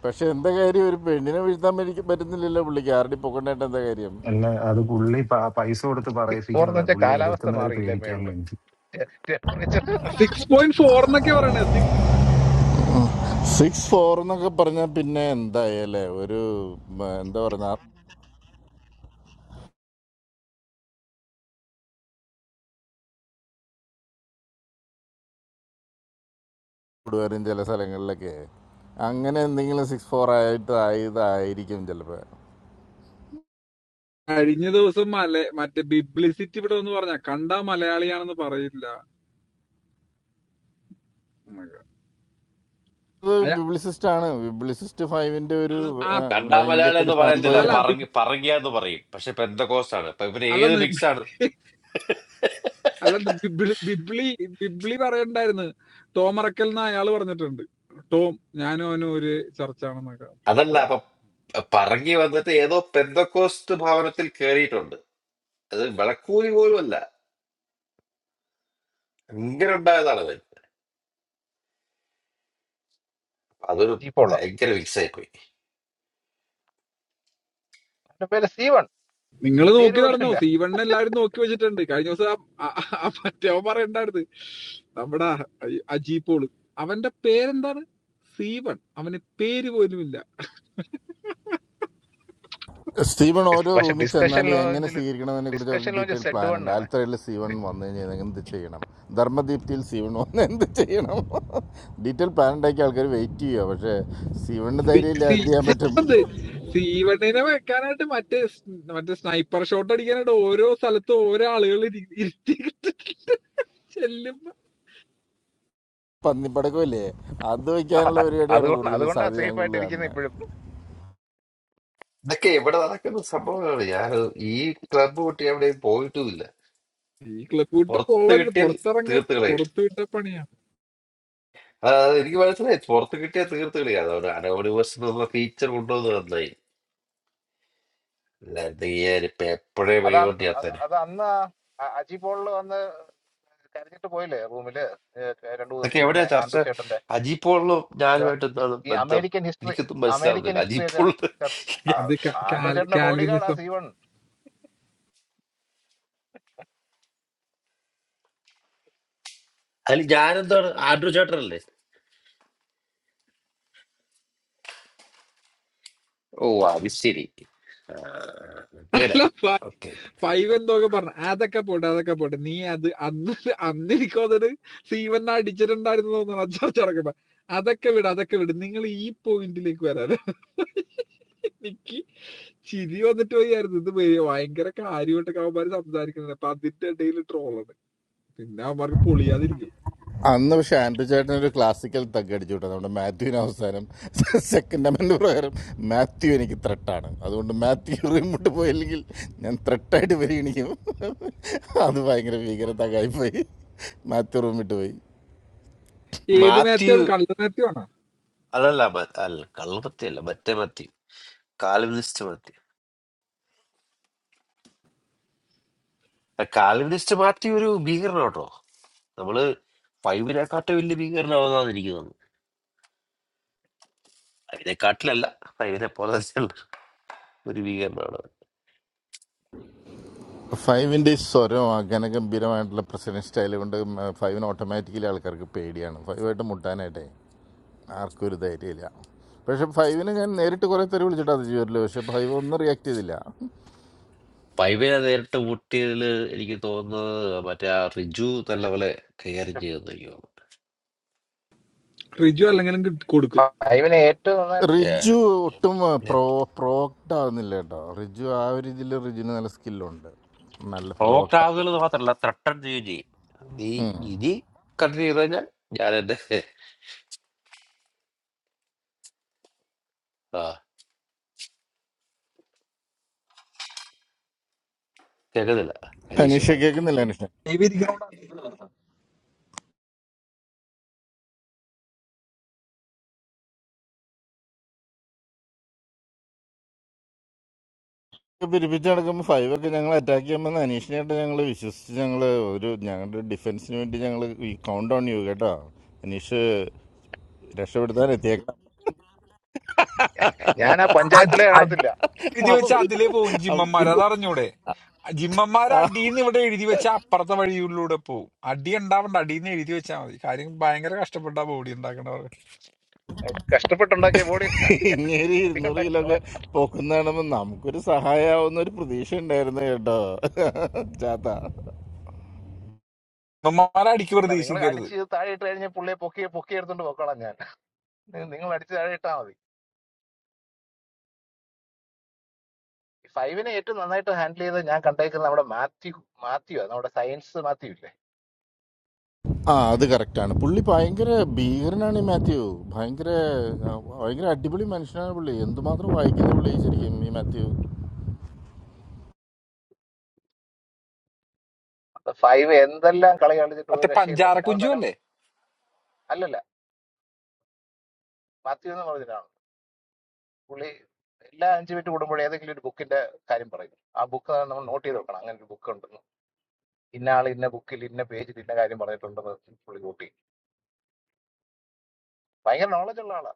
J: പക്ഷെ എന്താ കാര്യം ഒരു പെണ്ണിനെ വീഴ്ത്താൻ പറ്റി- പറ്റുന്നില്ലല്ലോ പുള്ളിക്ക് ആരുടെ പൊക്കണ്ടായിട്ട് എന്താ കാര്യം
H: അല്ല അത് പുള്ളി പ- പൈസ കൊടുത്ത്
D: സിക്സ് ഫോർ എന്ന്
H: പറയിപ്പിക്കുന്നതാ
D: വെച്ചാൽ
H: പുള്ളി
D: കാലാവസ്ഥ
H: എതിർക്കുന്നവരെ
D: മാറിയില്ലേ
H: പേടിക്കാൻ
D: മേളില്
H: വേണ്ടി
D: ടെമ്പറേച്ചർ
I: സിക്സ് പോയിന്റ് ഫോർ എന്നൊക്കെ പറയണേ സിക്സ്
J: സിക്സ് ഫോർ എന്നൊക്കെ പറഞ്ഞാൽ പിന്നെ എന്തായി അല്ലേ ഒരു ഉം, എന്താ പറഞ്ഞ കൂടുവരും ചില സ്ഥലങ്ങളിലൊക്കെ അങ്ങനെ എന്തെങ്കിലും സിക്സ് ഫോർ ആയിട്ട് ആയതായിരിക്കും ചിലപ്പോൾ
I: കഴിഞ്ഞ ദിവസം മല മറ്റേ ബിബ്ലിസിറ്റി ഇവിടെ ഒന്ന് പറഞ്ഞ കണ്ടാ മലയാളിയാണെന്ന് പറയില്ല എന്നൊക്കെ. അയ-
J: ബിബ്ലിസിസ്റ്റ് ആണ് ബിബ്ലിസിസ്റ്റ് ഫൈവിന്റെ ഒരു ആ,
I: ആ-
E: കണ്ടാ
J: ഭയങ്കര
E: മലയാളി
J: ഒരു
E: എന്ന്
J: ഫാൻ
E: പറയത്തില്ല
J: ബോയ്
I: അല്ല
J: ആണ്
E: പറങ്ങി
I: ബിബ്-
E: പറങ്ങിയ എന്ന് പറയും പക്ഷെ പെന്തക്കോസ്റ്റ് ആണ് അപ്പൊ ഇവന്
I: അല്ല
E: ഏത്
I: നി-
E: മിക്സ് ആണ്
I: അല്ല ബിബ്ലി ബിബ്ലി ബിബ്ലി പറയണ്ടായിരുന്നു ടോമറക്കൽ എന്ന് അയാള് പറഞ്ഞിട്ടുണ്ട് ടോം ഞാനും അവനും ഒരു ചർച്ചാണെന്നൊക്കെ
E: അതല്ല
I: ടോം
E: അപ്പൊ പറങ്ങി വന്നിട്ട് ഏതോ പെന്തക്കോസ്റ്റ് ഭവനത്തിൽ കയറിയിട്ടുണ്ട് അത് വിളക്കൂലി പോലും അല്ല ഇങ്ങനെ ഉണ്ടായതാണ് അവൻ അതൊരു
D: ചീപ്പുള്ള
E: ഭയങ്കര മിക്സ് ആയിപ്പോയി
D: എന്റെ പേര് സീവൺ
I: നിങ്ങൾ
D: പേര്
I: നോക്കി
D: പോലും
I: നടന്നോ
D: ഇല്ല
I: സീവണ്ണ എല്ലാവരും നോക്കി വെച്ചിട്ടുണ്ട് കഴിഞ്ഞ ദിവസം ആ- ആ- ആ മറ്റേവൻ പറയണ്ടായിരുന്നു നമ്മുടെ അ- അജീപോള് അവന്റെ പേരെന്താണ് സീവൺ അവന് പേര് പോലും ഇല്ല
J: സ്റ്റീവൻ
D: ഡിസ്-
J: ഓരോ
D: പക്ഷെ
J: റൂമിൽ
D: ഡിസ്കഷൻ
J: ചെന്നാൽ എങ്ങനെ
D: ലോഞ്ചിൽ
J: സ്വീകരിക്കണമെന്നതിനെ കുറിച്ച്
D: ഡിസ്കഷൻ
J: അവർക്ക്
D: ലോഞ്ച്
J: ഡീറ്റെയിൽ
D: സെഡ്
J: പ്ലാൻ
D: വൺ
J: ഉണ്ട്
D: ആണ്
J: ആൽത്തറയിൽ സീവൺ വന്നു കഴിഞ്ഞാൽ എന്ത് ചെയ്യണം ധർമ്മദീപ്തിയിൽ സീവൺ വന്ന് എന്ത് ചെയ്യണം ഡീറ്റെയിൽ പ്ലാൻ ഉണ്ടാക്കിയ ആൾക്കാർ വെയിറ്റ് ചെയ്യുക പക്ഷേ സീവണിന്
I: സി-
J: ധൈര്യമില്ല എന്ത്
I: സി-
J: ചെയ്യാൻ പറ്റും
I: സീവണ്ട്. സീവണ്ണിനെ വെക്കാനായിട്ട് മറ്റേ സ്- മറ്റേ സ്നൈപ്പർ ഷോട്ട് അടിക്കാനായിട്ട് ഓരോ സ്ഥലത്തും ഓരോ ആളുകൾ ഇരി- ഇരുത്തി ചെല്ലുമ്പോ
J: പന്നിപ്പടക്കമില്ലേ അത് വയ്ക്കാനുള്ള പരിപാടിയാണ്
D: അതുകൊണ്ട്
J: കൂടുതലും
D: അതുകൊണ്ടാ
J: സാധ്യത ഞാൻ
D: സേഫ് ആയിട്ട്
J: കൂടുതൽ
D: ഇരിക്കുന്നത്
J: കാണുന്നത്
D: ഇപ്പോഴും
E: ഇതൊക്കെ എവിടെ നടക്കുന്ന സംഭവങ്ങളാണ് ഞാനത് ഈ ക്ലബ്ബ് വിട്ട് എവിടെയും പോയിട്ടുമില്ല
I: ഈ ക്ലബ് വിട്ട്
E: പുറത്ത്
I: പോവരുത്
E: കിട്ടിയാൽ
I: പുറത്തിറങ്ങ
E: തീർത്ത് കളയും
I: പുറത്തു വിട്ട പണിയാ
E: അതായത് എനിക്ക് മനസ്സിലായി പുറത്ത് കിട്ടിയാൽ തീർത്ത് കളയാണ് അവന് അനോണിമസ് എന്ന ഫീച്ചർ കൊണ്ടുവന്നത് നന്നായി ഞാൻ ഇപ്പൊ എപ്പോഴേ
D: അത്
E: വഴികൊണ്ട്
D: അന്ന് അ-
E: ചേർത്തേനെ
D: അത് അന്ന് അ- അജി പോളില് വന്ന് കരഞ്ഞിട്ട് പോയില്ലേ റൂമില് രണ്ടു
E: ഇതൊക്കെ
D: ദിവസം
E: എവിടെയാ
D: മുന്നേ
E: ചർച്ച
D: ആൻഡ്രു ചേട്ടന്റെ
E: അജിപ്പോളിലും
D: ഇത്
E: ഞാനുമായിട്ട്
D: ഹിസ്-
E: എന്താണ്
D: ഈ
E: ബന്ധം
D: അമേരിക്കൻ ഹിസ്റ്ററി
E: എനിക്കൊന്നും
D: അമേരിക്കൻ
E: മനസ്സിലാവുന്നില്ല
D: ഹിസ്റ്ററി ഒക്കെ
E: അജിപ്പോളിൽ
D: ചർ- ആ,
I: അത്
D: ആൻഡ്രു ചേട്ടന്റെ ബോഡി ഗാർഡ് ആ
I: കാൽവിനിസം
D: സീവൺ
E: അതിൽ ഞാനെന്താണ് ആൻഡ്രു ചേട്ടനല്ലേ ഓ അത് ശരി ആ, ഇവിടെ
I: അല്ല
E: ഓക്കെ
I: ഫൈവ് എന്തൊക്കെ പറഞ്ഞു അതൊക്കെ പോട്ടെ അതൊക്കെ പോട്ടെ നീ അത് അന്ന് അന്ന് എനിക്ക് അതൊരു സീവൻ അടിച്ചിട്ടുണ്ടായിരുന്നു തോന്നുന്നു അച്ചാച്ച ഇറക്കുമ്പോ അതൊക്കെ വിട് അതൊക്കെ വിട് നിങ്ങൾ ഈ പോയിന്റിലേക്ക് വരാൻ എനിക്ക് ചിരി വന്നിട്ട് പോയായിരുന്നു ഇത് വലിയ ഭയങ്കര കാര്യമായിട്ടൊക്കെ അവന്മാര് സംസാരിക്കുന്നത് അപ്പൊ അതിന്റെ ഇടയിൽ ട്രോളാണ് പിന്നെ അവന്മാർക്ക് പൊളിയാതിരിക്കും
J: അന്ന് പക്ഷെ ആൻഡ്രു ചേട്ടൻ ഒരു ക്ലാസിക്കൽ തగ్గടിച്ചു കേട്ടോ നമ്മുടെ മാത്യുവിന് അവസാനം സെക്കൻഡ് അമൻഡ് പ്രകാരം മാത്യു എനിക്ക് ത്രട്ടാണ് അതുകൊണ്ട് മാത്യു റിമോട്ട് പോയില്ലെങ്കിൽ ഞാൻ ത്രട്ടായിട്ട് പരിഗണിക്കും അത് ഭയങ്കര ഭീകര തകായിപ്പോയി മാത്യു റൂം വിട്ട് പോയി
I: ഏത്
E: മാത്യു
I: മാത്യാണ് കള്ള മാത്യമാണോ
E: അതല്ല മ- അല്ല കള്ളമത്തി അല്ല മറ്റേ മാത്യു കാലിനിസ്റ്റ് മാത്യു ആ, കാലിനിസ്റ്റ് മാത്യു ഒരു ഭീകരനാട്ടോ നമ്മള് ഫൈവിനെക്കാട്ടും വലിയ ഭീകരനാവുന്നതാണ് എനിക്ക് തോന്നുന്നത് അതിനെക്കാട്ടിലല്ല ഫൈവിനെ പോലെ തന്നെയുള്ള ഒരു ഭീകരനാണ്
J: ഫൈവിൻ്റെ ഈ സ്വരം ഗനഗംഭീരമായിട്ടുള്ള പ്രസന്റ് സ്റ്റൈൽ കൊണ്ട് ഫൈവിന് ഓട്ടോമാറ്റിക്കലി ആൾക്കാർക്ക് പേടിയാണ് ഫൈവായിട്ട് മുട്ടാനായിട്ടേ ആർക്കും ഒരു ധൈര്യമില്ല പക്ഷെ ഫൈവിന് ഞാൻ നേരിട്ട് കുറേ തെറി വിളിച്ചിട്ട് അത് ചെയ്യല്ലോ പക്ഷെ ഫൈവ് ഒന്നും റിയാക്ട് ചെയ്തില്ല
E: ഫൈവിനെ നേരിട്ട് മുട്ടിയതില് എനിക്ക് തോന്നുന്നത് മറ്റേ ആ റിജു നല്ല
D: പക്ഷെ
E: പോലെ കൈകാര്യം ചെയ്തെന്ന് എനിക്ക് തോന്നുന്നു
I: റിജു അല്ലെങ്കിലും കിട്ടി- കൊടുക്കും
D: ഫൈവിനെ ഏറ്റവും നന്നായിട്ട്
J: റിജു ഒട്ടും പ്രോ പ്രോക്ട് ആവുന്നില്ല കേട്ടോ റിജു ആ ഒരു ഇതിൽ റിജുവിന് നല്ല സ്കില്ലുണ്ട് നല്ല
E: പ്രോവോക്ട്
J: പ്രോക്ട്
E: ആകുന്നത് മാത്രല്ല ത്രട്ടൺ ചെയ്യുകയും ചെയ്യും നീ ഇനി കണ്ടിന്യൂ ചെയ്ത് കഴിഞ്ഞാൽ ഞാൻ എന്റെ ആ കേൾക്കുന്നില്ല ഹരീഷ്
J: അനീഷ
E: പറയുന്നത്
J: കേൾക്കുന്നില്ല അനീഷ
I: ദൈവം ഇരിക്കണോടാ.
J: പിരിപ്പിച്ച് നടക്കുമ്പോൾ ഫൈവ് ഒക്കെ ഞങ്ങൾ അറ്റാക്ക് ചെയ്യുമ്പോൾ അനീഷിനായിട്ട് ഞങ്ങൾ വിശ്വസിച്ച് ഞങ്ങൾ ഒരു ഞങ്ങളുടെ ഡിഫൻസിന് വേണ്ടി ഞങ്ങൾ ഈ കൗണ്ട് ഓൺ ചെയ്യൂ കേട്ടോ അനീഷ് രക്ഷപ്പെടുത്താൻ എത്തിയേക്കാം
D: ഞാൻ ആ
I: അ-
D: പഞ്ചായത്തിലെ
I: അ-
D: കാണത്തില്ല
I: എഴുതി
J: അപ്പം
I: വെച്ച്
J: പിന്നെ
I: അതിലേ പോകും
J: അപ്പം
I: ചിമ്മന്മാർ
J: പിന്നെ
I: അതറിഞ്ഞൂടെ ജിമ്മന്മാരെ
J: ആ
I: അടിയിന്ന് ഇവിടെ എഴുതി വെച്ച അപ്പുറത്തെ വഴിയിലൂടെ പോവും അടി ഉണ്ടാവണ്ട അടിയിന്ന് എഴുതി വെച്ചാൽ മതി കാര്യം ഭയങ്കര കഷ്ടപ്പെട്ട ബോഡി ഉണ്ടാക്കണവർ
D: കഷ്ടപ്പെട്ടുണ്ടാക്കിയ ബോഡി
J: ഇങ്ങനെ ഇരുന്നൂറ് കിലോ ഒക്കെ
D: ഉണ്ടാക്കി
J: പോക്കുന്ന കാണുമ്പോൾ നമുക്കൊരു സഹായമാവുന്ന ഒരു പ്രതീക്ഷ ഉണ്ടായിരുന്നു കേട്ടോ ചാത്ത
I: ജിമ്മന്മാരെ അടിക്ക്
D: അല്ല നിങ്ങൾ
I: പ്രതീക്ഷിക്കരുത്
D: അടിച്ച് ഇത് താഴെ ഇട്ട് കഴിഞ്ഞാൽ പുള്ളിയെ പൊക്കി പൊക്കി എടുത്തോണ്ട് പൊക്കോളാം ഞാൻ നിങ്ങൾ അടിച്ച് താഴെ ഇട്ടാൽ മതി ഫൈവിനെ ഏറ്റവും നന്നായിട്ട് ഹാൻഡിൽ ചെയ്ത് ഞാൻ കണ്ടേക്കുന്നത് നമ്മുടെ മാത്യു മാത്യു ആ, നമ്മുടെ സയൻസ് മാത്യു ഇല്ലേ
J: ആ അത് കറക്റ്റാണ് പുള്ളി ഭയങ്കര ഭീകരനാണ് ഈ മാത്യു ഭയങ്കര ആ, ഭയങ്കര അടിപൊളി മനുഷ്യനാണ് പുള്ളി എന്തുമാത്രം വായിക്കുന്ന പുള്ളി ശരിക്കും ഈ മാത്യു
D: അപ്പൊ ഫൈവ് എന്തെല്ലാം കളി കളിച്ചിട്ട് ഒരു
I: മറ്റേ
D: രക്ഷയില്ല
I: പഞ്ചാര
D: പിന്നെ
I: കുഞ്ചു
D: അവസാനം
I: അല്ലേ
D: അല്ലല്ല മാത്യു എന്ന് പറഞ്ഞിട്ടാണ് പുള്ളി എല്ലാ അഞ്ചു മിനിറ്റ് കൂടുമ്പോഴും ഏതെങ്കിലും ഒരു ബുക്കിന്റെ കാര്യം പറയും ആ ബുക്ക് നമ്മൾ നോട്ട് ചെയ്ത് വെക്കണം അങ്ങനെ ഒരു ബുക്ക് ഉണ്ടെന്ന് ഇന്ന ആൾ ഇന്ന ബുക്കിൽ ഇന്ന പേജിൽ ഇന്ന കാര്യം പറഞ്ഞിട്ടുണ്ടെന്ന് പുള്ളി കൂട്ടി ഭയങ്കര നോളജ് ഉള്ള ആളാ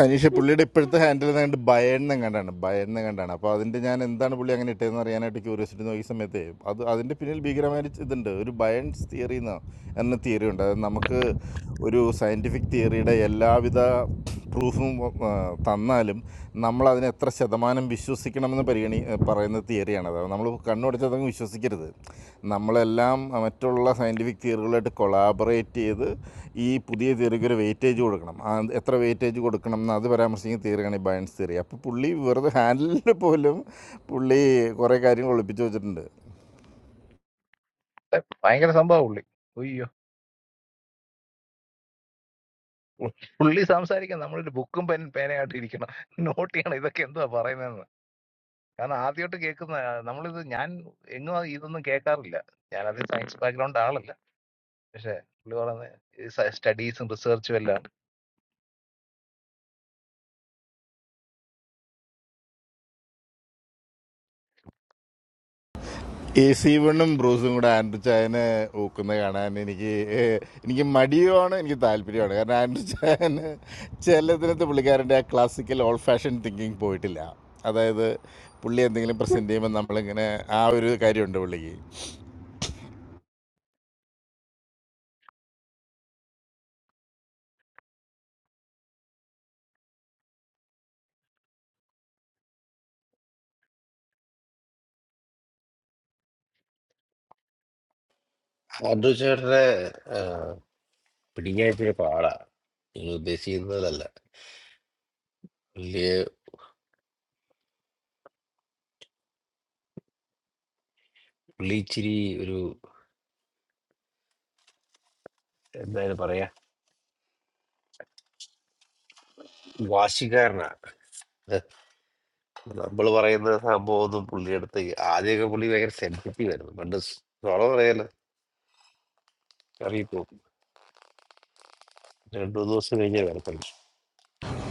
J: അനീഷ പുള്ളിയുടെ ഇപ്പോഴത്തെ ഹാൻഡിൽ കണ്ട് ഭയന്ന് കണ്ടാണ് ഭയന്ന് കണ്ടാണ് അപ്പോൾ അതിൻ്റെ ഞാൻ എന്താണ് പുള്ളി അങ്ങനെ ഇട്ടതെന്ന് അറിയാനായിട്ട് ക്യൂരിയോസിറ്റി നോക്കിയ സമയത്ത് അത് അതിൻ്റെ പിന്നിൽ ഭീകരമായ ഒരു ഇതുണ്ട് ഒരു ബയൻസ് തിയറി എന്ന് എന്ന തിയറി ഉണ്ട് അതായത് നമുക്ക് ഒരു സയൻറ്റിഫിക് തിയറിയുടെ എല്ലാവിധ പ്രൂഫും തന്നാലും നമ്മൾ അതിന് എത്ര ശതമാനം വിശ്വസിക്കും വിശ്വസിക്കണമെന്ന് പരിഗണി പറയുന്ന തിയറിയാണത് അത് നമ്മൾ കണ്ണുടച്ചതൊക്കെ വിശ്വസിക്കരുത് നമ്മളെല്ലാം മറ്റുള്ള സയൻറ്റിഫിക് തിയറികളായിട്ട് കൊളാബറേറ്റ് ചെയ്ത് ഈ പുതിയ തിയറിക്ക് ഒരു വെയിറ്റേജ് കൊടുക്കണം ആ എത്ര വെയിറ്റേജ് കൊടുക്കണം എന്ന് അത് പരാമർശിക്കുന്ന തിയറിയാണ് ഈ ബയൻസ് തിയറി അപ്പോൾ പുള്ളി വെറുതെ ഹാൻഡിൽ പോലും പുള്ളി കുറേ കാര്യങ്ങൾ ഒളിപ്പിച്ച് വെച്ചിട്ടുണ്ട്
D: ഭയങ്കര സംഭവം പുള്ളി അയ്യോ പു- പുള്ളി സംസാരിക്കാൻ നമ്മളൊരു ബുക്കും പെൻ പേനയായിട്ട് ഇരിക്കണം നോട്ട് ചെയ്യണം ഇതൊക്കെ എന്തുവാ പറയുന്നതെന്ന് കാരണം ആദ്യമായിട്ട് കേൾക്കുന്ന നമ്മളിത് ഞാൻ എങ്ങും ഇതൊന്നും കേൾക്കാറില്ല ഞാൻ അത് സയൻസ് ബാക്ക്ഗ്രൗണ്ട് ആളല്ല പക്ഷെ പുള്ളി പറയുന്നത് സ്റ്റഡീസും റിസർച്ചും എല്ലാം
J: എ സി വണ്ണും ബ്രൂസും കൂടെ ആൻഡ്രു ചായനെ ഊക്കുന്നത് കാണാൻ എനിക്ക് ഏഹ്, എനിക്ക് മടിയുമാണ് എനിക്ക് താല്പര്യമാണ് കാരണം ആൻഡ്രു ചായന് ചിലതിനകത്ത് പുള്ളിക്കാരൻ്റെ ആ ക്ലാസിക്കൽ ഓൾ ഫാഷൻ തിങ്കിങ് പോയിട്ടില്ല അതായത് പുള്ളി എന്തെങ്കിലും പ്രസൻറ്റ് ചെയ്യുമ്പോൾ നമ്മളിങ്ങനെ ആ ഒരു കാര്യമുണ്ട് പുള്ളിക്ക്
E: അതു ചേട്ടനെ പിടിഞ്ഞാഴ്ച പാടാ നിങ്ങൾ ഉദ്ദേശിക്കുന്നതല്ല പുള്ളിയെ പുള്ളി ഇച്ചിരി ഒരു എന്തായാലും പറയാ വാശിക്കാരനാ നമ്മൾ പറയുന്ന സംഭവം ഒന്നും പുള്ളിയെടുത്ത് ആദ്യമൊക്കെ പുള്ളി ഭയങ്കര സെൻസിറ്റീവ് ആയിരുന്നു പണ്ട് സോളം പറയാലോ അറിയിപ്പോ രണ്ടു മൂന്ന് ദിവസം കഴിഞ്ഞേ വരത്തുള്ളൂ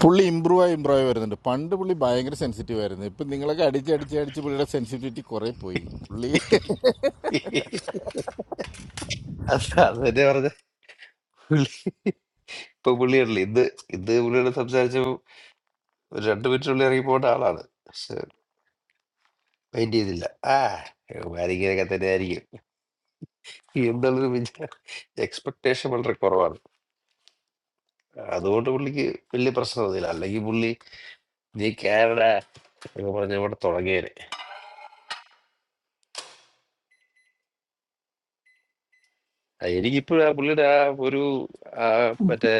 J: പുള്ളി ഇമ്പ്രൂവ് ആയി ഇമ്പ്രൂവ് ആയി വരുന്നുണ്ട് പണ്ട് പുള്ളി ഭയങ്കര സെൻസിറ്റീവ് ആയിരുന്നു ഇപ്പം നിങ്ങളൊക്കെ അടിച്ച് അടിച്ച് അടിച്ച് പുള്ളിയുടെ സെൻസിറ്റിവിറ്റി കുറേ പോയി പുള്ളി
E: അത് അത് തന്നെ പറഞ്ഞ പുള്ളി ഇപ്പൊ പുള്ളിയല്ലേ ഇന്ന് ഇന്ന് പുള്ളിയോട് സംസാരിച്ചപ്പോ ഒരു രണ്ട് മിനിറ്റിനുള്ളിൽ ഇറങ്ങി പോകേണ്ട ആളാണ് പക്ഷെ മൈൻഡ് ചെയ്തില്ല ആ ആരിങ്ങനെയൊക്കെ തന്നെ ആയിരിക്കും എന്നുള്ളൊരു വിചാരം എക്സ്പെക്ടേഷൻ വളരെ കുറവാണ് അതുകൊണ്ട് പുള്ളിക്ക് വലിയ പ്രശ്നമൊന്നുമില്ല അല്ലെങ്കിൽ പുള്ളി നീ കേരള എന്ന് പറഞ്ഞ ഇവിടെ തുടങ്ങിയത് അത് എനിക്കിപ്പോഴും ആ പുള്ളിയുടെ ആ ഒരു ആ മറ്റേ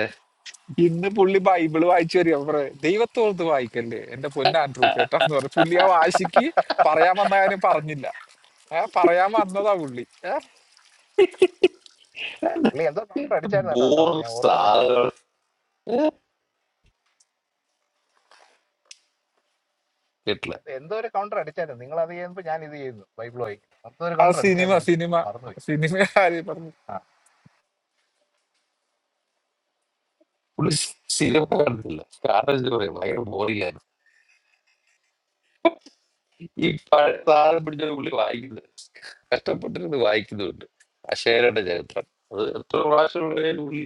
I: ഇന്ന് പുള്ളി ബൈബിള് വായിച്ചു വരിക പറ ദൈവത്തോർത്ത് വായിക്കല്ലേ എന്റെ പൊന്ന ആൻഡ്രൂ ചേട്ടാ എന്ന് പറഞ്ഞു പുള്ളി ആ വാശിക്ക് പറയാൻ വന്ന കാര്യം പറഞ്ഞില്ല ഏഹ് പറയാൻ വന്നതാ പുള്ളി ഏഹ്
D: പുള്ളി എന്തോ കൗണ്ടർ അടിച്ചായിരുന്നു കേട്ടോ ആ
E: ബോർ
D: സമയത്ത് ഞാൻ ഓർക്കുന്നില്ല
E: സാധനം കേട്ടില്ല
D: എന്ത് എന്തോ ഒരു കൗണ്ടർ അടിച്ചായിരുന്നു നിങ്ങൾ അത് ചെയ്യുമ്പോൾ ഞാൻ ഇത് ചെയ്യുന്നു ബൈബിൾ വായിക്കും മൊത്തം ഒരു
I: ആ
D: കൗണ്ടർ
I: സിനിമ
D: അടിച്ചായിരുന്നു അത്.
I: സിനിമ
D: മറന്നുപോയി
I: സിനിമ കാര്യം പറഞ്ഞു
D: ആ
E: പുള്ളി സിനിമ കാണുന്നില്ല കാരണം എന്താ പറയാ ഭയങ്കര ബോറിംഗ് ആയിരുന്നു ഈ പഴയ സാധനം പിടിച്ചൊരു പുള്ളി വായിക്കുന്നത് കഷ്ടപ്പെട്ടിരുന്ന് വായിക്കുന്നുണ്ട് അക്ഷയരുടെ ചരിത്രം അത് എത്ര പ്രാവശ്യം വേണേലും പുള്ളി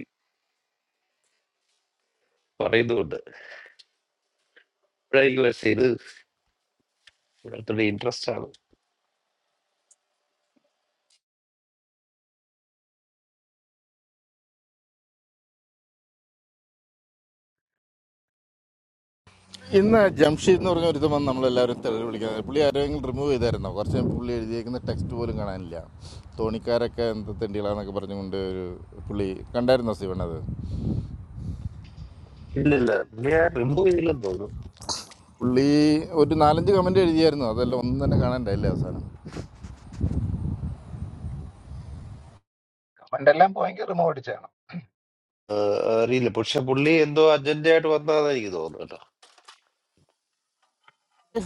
E: പറയുന്നുണ്ട് ഇപ്പോഴായിരിക്കും പക്ഷേ ഇത് പുള്ളിയുടെ ഇൻട്രസ്റ്റ് ആണ്
J: ഇന്ന് ജംഷീദ് എന്ന് പറഞ്ഞ ഒരുത്തം വന്ന് നമ്മളെല്ലാവരും തെളിവ് വിളിക്കുന്നത് പുള്ളി ആരെങ്കിലും റിമൂവ് ചെയ്തായിരുന്നോ കുറച്ച് കഴിഞ്ഞ് പുള്ളി എഴുതിയേക്കുന്ന ടെക്സ്റ്റ് പോലും കാണാനില്ല തോണിക്കാരൊക്കെ എന്ത് തെണ്ടികളാന്നൊക്കെ പറഞ്ഞുകൊണ്ട് ഒരു പുള്ളി കണ്ടായിരുന്നോ സിവൺ അത്
E: ഇല്ലില്ല പുള്ളിയെ റിമൂവ് ചെയ്തില്ലെന്ന് തോന്നുന്നു
J: പുള്ളി ഒരു നാലഞ്ച് കമൻറ്റ് എഴുതിയായിരുന്നു അതെല്ലാം ഒന്നും തന്നെ കാണാണ്ടായില്ലേ അവസാനം
D: കമന്റ് എല്ലാം ഭയങ്കര റിമോ അടിച്ചാണ്
E: ആ, അറിയില്ല പക്ഷെ പുള്ളി എന്തോ അജണ്ട ആയിട്ട് വന്നതാണെന്ന് എനിക്ക് തോന്നുന്നു കേട്ടോ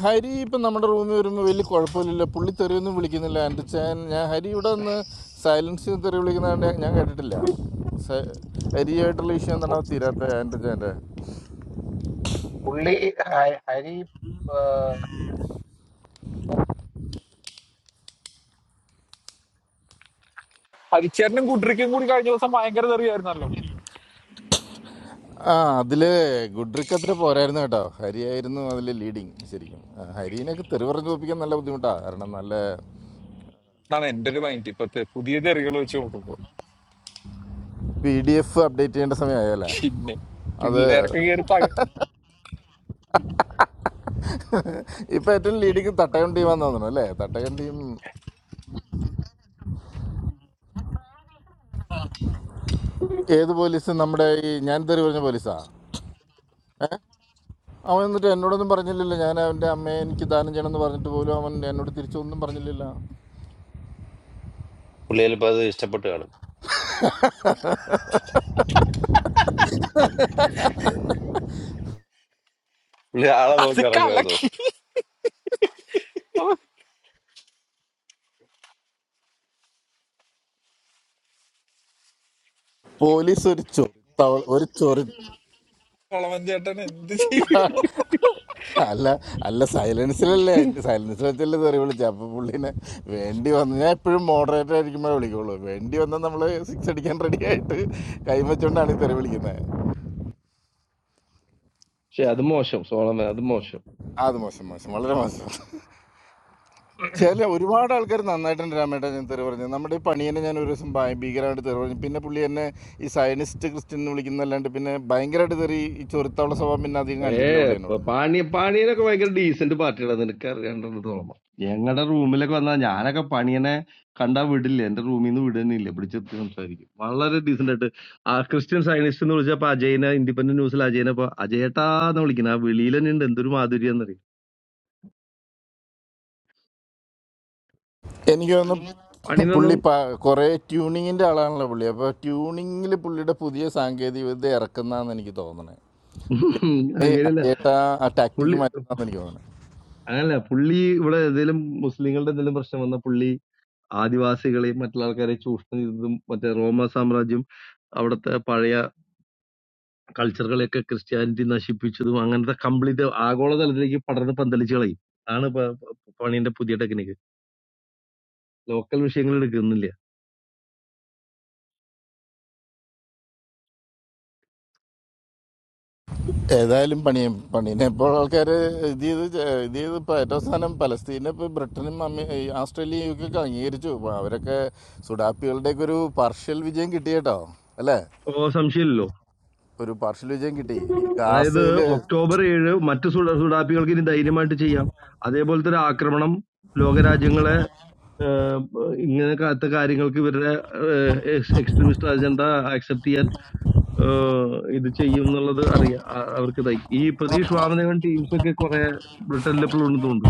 J: ഹരി ഇപ്പം നമ്മുടെ റൂമിൽ വരുമ്പോൾ വലിയ കുഴപ്പമില്ലല്ലോ പുള്ളി തെറിയൊന്നും വിളിക്കുന്നില്ല എൻ്റെ ചാൻ ഞാൻ ഹരി ഇവിടെ നിന്ന് സൈലൻസ് ചെയ്ത് തെറി വിളിക്കുന്നതാണ്ട് ഞാൻ കേട്ടിട്ടില്ല സ- ഹരിയായിട്ടുള്ള ഇഷ്യൂ എന്താണ് തീരാത്ത എൻ്റെ ചാൻ്റെ
D: പുള്ളി ഹ- ഹരി
I: ഹരിച്ചേട്ടനും കുട്ടിക്കും കൂടി കഴിഞ്ഞ ദിവസം ഭയങ്കര തെറിയായിരുന്നല്ലോ
J: ആ അതില് ഗുഡ്രിക്ക് അത്ര പോരായിരുന്നു കേട്ടോ ഹരിയായിരുന്നു അതിൽ ലീഡിങ് ശരിക്കും ആ, ഹരീനെയൊക്കെ തെറി പറഞ്ഞ് തോപ്പിക്കാൻ നല്ല ബുദ്ധിമുട്ടാണ് കാരണം നല്ല
I: എന്നാണ് എന്റെ ഒരു മൈൻഡ് ഇപ്പത്തെ പുതിയ തെറികൾ വെച്ച് നോക്കുമ്പോ
J: പി ഡി എഫ് അപ്ഡേറ്റ് ചെയ്യേണ്ട സമയമായല്ലേ
I: പിന്നെ
J: അത്
I: പിള്ളേരൊക്കെ കയറി
J: ഇപ്പം ഏറ്റവും ലീഡിങ് തട്ടകം ടീമാന്ന് തോന്നുന്നു അല്ലേ തട്ടകം ടീം ഏത് പോലീസ് നമ്മുടെ ഈ ഞാൻ തെറി പറഞ്ഞ പോലീസാ അവൻ എന്നിട്ട് എന്നോടൊന്നും പറഞ്ഞില്ലല്ലോ ഞാൻ അവൻ്റെ അമ്മയെ എനിക്ക് ദാനം ചെയ്യണമെന്ന് പറഞ്ഞിട്ട് പോലും അവൻ എന്നോട് തിരിച്ചൊന്നും പറഞ്ഞില്ലല്ലോ
E: പുള്ളി ചിലപ്പോ അത് ഇഷ്ടപ്പെട്ട് കാണും പുള്ളി ആളെ
I: അത്
E: നോക്കി ഇറങ്ങുക
I: കലക്കി അപ്പൊ
J: പോലീസ് ഒരു ചൊറി ഒരു ചൊറി
I: സോളമൻ ചേട്ടൻ എന്ത് ചെയ്യും
J: അല്ല അല്ല സൈലൻസിലല്ലേ സൈലൻസിൽ വെച്ചല്ലേ തെറി വിളിച്ചത് അപ്പോൾ പുള്ളീനെ വേണ്ടി വന്ന് ഞാൻ എപ്പോഴും മോഡറേറ്റർ ആയിരിക്കുമ്പോഴേ വിളിക്കുള്ളൂ വേണ്ടി വന്നാൽ നമ്മൾ സിക്സ് അടിക്കാൻ റെഡി ആയിട്ട് കൈവച്ചുകൊണ്ടാണ് ഈ തെറി വിളിക്കുന്നത്
K: പക്ഷെ അത് മോശം സോളമൻ അത് മോശം
J: അത് മോശം മോശം വളരെ മോശം ചില ഒരുപാട് ആൾക്കാർ നന്നായിട്ടുണ്ട് രാമേട്ടൻ ഞാൻ തെറി പറഞ്ഞത് നമ്മുടെ ഈ പണിയനെ ഞാൻ ഒരു ദിവസം ഭയ- ഭീകരമായിട്ട് തെറി പറഞ്ഞു പിന്നെ പുള്ളി എന്നെ ഈ സയനിസ്റ്റ് ക്രിസ്ത്യൻ എന്ന് വിളിക്കുന്നതല്ലാണ്ട് പിന്നെ ഭയങ്കരമായിട്ട് തെറി ഈ ചൊരുത്തുള്ള സ്വഭാവം പിന്നെ അധികം
K: ഏ
J: കാണിച്ചിട്ടില്ല പുള്ളി
K: പ-
J: എന്നോട്
K: പാണി പാണിയനൊക്കെ ഭയങ്കര ഡീസന്റ് പാർട്ടിയാണ് നിനക്ക് അറിയാണ്ടത് സോളമൻ ഞങ്ങളുടെ റൂമിലൊക്കെ വന്നാൽ ഞാനൊക്കെ പണിയനെ കണ്ടാ വിടില്ല എന്റെ റൂമിൽ നിന്ന് വിടുന്നില്ല പിടിച്ചെത്തി സംസാരിക്കും വളരെ ഡീസന്റ് ആയിട്ട് ആ ക്രിസ്ത്യൻ സയനിസ്റ്റ് എന്ന് വിളിച്ചപ്പോ അജയനെ ഇൻഡിപെൻഡന്റ് ന്യൂസിൽ അജയനെ ഇപ്പൊ അജയേട്ടാന്ന് വിളിക്കുന്നത് ആ വെളിയിൽ തന്നെ ഉണ്ട് എന്തൊരു മാധുര്യം എന്നറിയും
J: എനിക്ക് തോന്നുന്നു പുള്ളി
K: പണിനൊന്നും
J: പ കുറേ ട്യൂണിങ്ങിൻ്റെ ആളാണല്ലോ പുള്ളി അപ്പോൾ ട്യൂണിങ്ങിൽ പുള്ളിയുടെ പുതിയ സാങ്കേതിക വിദ്യ ഇറക്കുന്നതെന്ന് എനിക്ക് തോന്നണേ പുള്ളി ഏ
K: അങ്ങനെയല്ല
J: അജേട്ട ആ ടാക്ടിക്ക്
K: പുള്ളി
J: മാറ്റുന്നതെന്ന് എനിക്ക് തോന്നണേ
K: അങ്ങനല്ല പുള്ളി ഇവിടെ എന്തെങ്കിലും മുസ്ലിങ്ങളുടെ എന്തെങ്കിലും പ്രശ്നം വന്ന പുള്ളി ആദിവാസികളെയും മറ്റുള്ള ആൾക്കാരെയും ചൂഷണം ചെയ്തതും മറ്റേ റോമ സാമ്രാജ്യം അവിടുത്തെ പഴയ കൾച്ചറുകളെയൊക്കെ ക്രിസ്ത്യാനിറ്റി നശിപ്പിച്ചതും അങ്ങനത്തെ കംപ്ലീറ്റ് ആഗോളതലത്തിലേക്ക് പടർന്ന് പന്തലിച്ച് കളയും ആണ് പ- പ- പണിയുടെ പുതിയ ടെക്നിക്ക് ലോക്കൽ വിഷയങ്ങൾ എടുക്കുന്നില്ല
J: ഏതായാലും പണി പണീനെ ഇപ്പോൾ ആൾക്കാർ ഇത് ചെയ്ത് ചെ- ഇത് ചെയ്ത് ഇപ്പോൾ ഏറ്റവും അവസാനം പലസ്തീനെ ഇപ്പോൾ ബ്രിട്ടനും അമേ ഈ ആസ്ട്രേലിയയും യു കെയൊക്കെ അംഗീകരിച്ചു അപ്പോൾ അവരൊക്കെ സുഡാപ്പികളുടെയൊക്കെ ഒരു പാർഷ്യൽ വിജയം കിട്ടി കേട്ടോ അല്ലേ
K: ഓ സംശയമില്ലല്ലോ
J: ഒരു പാർഷ്യൽ വിജയം കിട്ടി ഈ
K: അതായത്
J: ഗാസയിൽ
K: ഒക്ടോബർ ഏഴ് മറ്റു സുഡ- സുഡാപ്പികൾക്ക് ഇനി ധൈര്യമായിട്ട് ചെയ്യാം അതേപോലത്തെ ഒരു ആക്രമണം ലോകരാജ്യങ്ങളെ ഏഹ്, ഇങ്ങനെ കാത്ത കാര്യങ്ങൾക്ക് ഇവരുടെ എക്സ്ട്രീമിസ്റ്റ് അജണ്ട ആക്സെപ്റ്റ് ചെയ്യാൻ ഏഹ്, ഇത് ചെയ്യും എന്നുള്ളത് അറിയാം ആ- അവർക്ക് ഇതായി ഈ പ്രതീക്ഷ വാമനവൻ ടീംസ് ഒക്കെ കുറെ ബ്രിട്ടനിൽ എപ്പോഴും ഉണ്ട്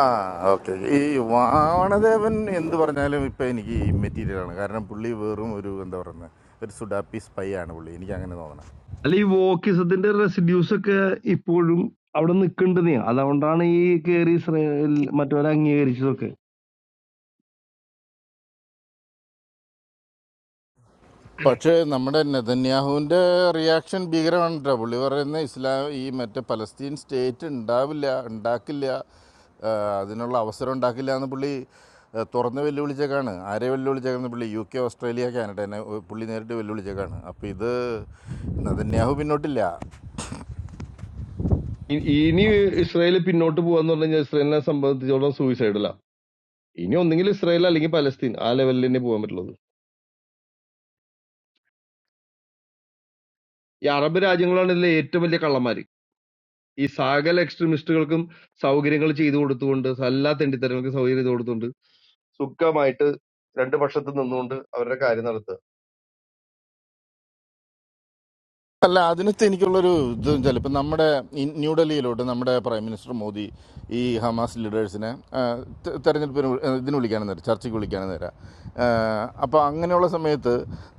J: ആ ഓക്കെ ഈ വാണദേവൻ എന്ത് പറഞ്ഞാലും ഇപ്പം എനിക്ക് മെറ്റീരിയലാണ് കാരണം പുള്ളി വെറും ഒരു എന്താ പറയുന്നത് ഒരു സുഡാപ്പി സ്പൈ ആണ് പുള്ളി എനിക്ക് അങ്ങനെ തോന്നണം
K: അല്ല ഈ വോക്കിസത്തിന്റെ റെസിഡ്യൂസ് ഒക്കെ ഇപ്പോഴും അവിടെ നിൽക്കണ്ടെന്നേ അതുകൊണ്ടാണ് ഈ കേറി ഇസ്രായേൽ മറ്റവരെ അംഗീകരിച്ചതൊക്കെ
J: പക്ഷേ നമ്മുടെ നെതന്യാഹുവിൻ്റെ റിയാക്ഷൻ ഭീകരമാണ് കേട്ടോ പുള്ളി പറയുന്ന ഇസ്ലാം ഈ മറ്റേ പലസ്തീൻ സ്റ്റേറ്റ് ഉണ്ടാവില്ല ഉണ്ടാക്കില്ല ആ, അതിനുള്ള അവസരം ഉണ്ടാക്കില്ല എന്ന് പുള്ളി ആ, തുറന്ന് വെല്ലുവിളിച്ചേക്കാണ് ആരെ വെല്ലുവിളിച്ചേക്കാന്ന് പുള്ളി യു കെ ഓസ്ട്രേലിയ കാനഡ എന്നെ പുള്ളി നേരിട്ട് വെല്ലുവിളിച്ചേക്കാണ് അപ്പോൾ ഇത് നെതന്യാഹു പിന്നോട്ടില്ല
K: ഇ- ഇനി ഇസ്രായേൽ പിന്നോട്ട് പോവാന്ന് പറഞ്ഞു കഴിഞ്ഞാൽ ഇസ്രായേലിനെ സംബന്ധിച്ചോളം സൂയിസൈഡല്ല ഇനി ഒന്നെങ്കിൽ ഇസ്രായേൽ അല്ലെങ്കിൽ പലസ്തീൻ ആ ലെവലിൽ തന്നെ പോകാൻ പറ്റുള്ളത് ഈ അറബ് രാജ്യങ്ങളാണ് ഇതിലെ ഏറ്റവും വലിയ കള്ളന്മാര് ഈ സകല എക്സ്ട്രീമിസ്റ്റുകൾക്കും സൗകര്യങ്ങൾ ചെയ്തു കൊടുത്തുകൊണ്ട് എല്ലാ തെണ്ടിത്തരങ്ങൾക്കും സൗകര്യം ചെയ്തു കൊടുത്തുകൊണ്ട് സുഖമായിട്ട് രണ്ട് പക്ഷത്ത് നിന്നുകൊണ്ട് അവരുടെ കാര്യം നടത്തുക
J: അല്ല അതിനകത്ത് എനിക്കുള്ളൊരു ഇത് വെച്ചാൽ ഇപ്പം നമ്മുടെ ഇ- ന്യൂഡൽഹിയിലോട്ട് നമ്മുടെ പ്രൈം മിനിസ്റ്റർ മോദി ഈ ഹമാസ് ലീഡേഴ്സിനെ ആ, തെ- തെരഞ്ഞെടുപ്പിന് വി- ഇതിന് വിളിക്കാനും തരാം ചർച്ചയ്ക്ക് വിളിക്കാനും തരാം അപ്പോൾ അങ്ങനെയുള്ള സമയത്ത്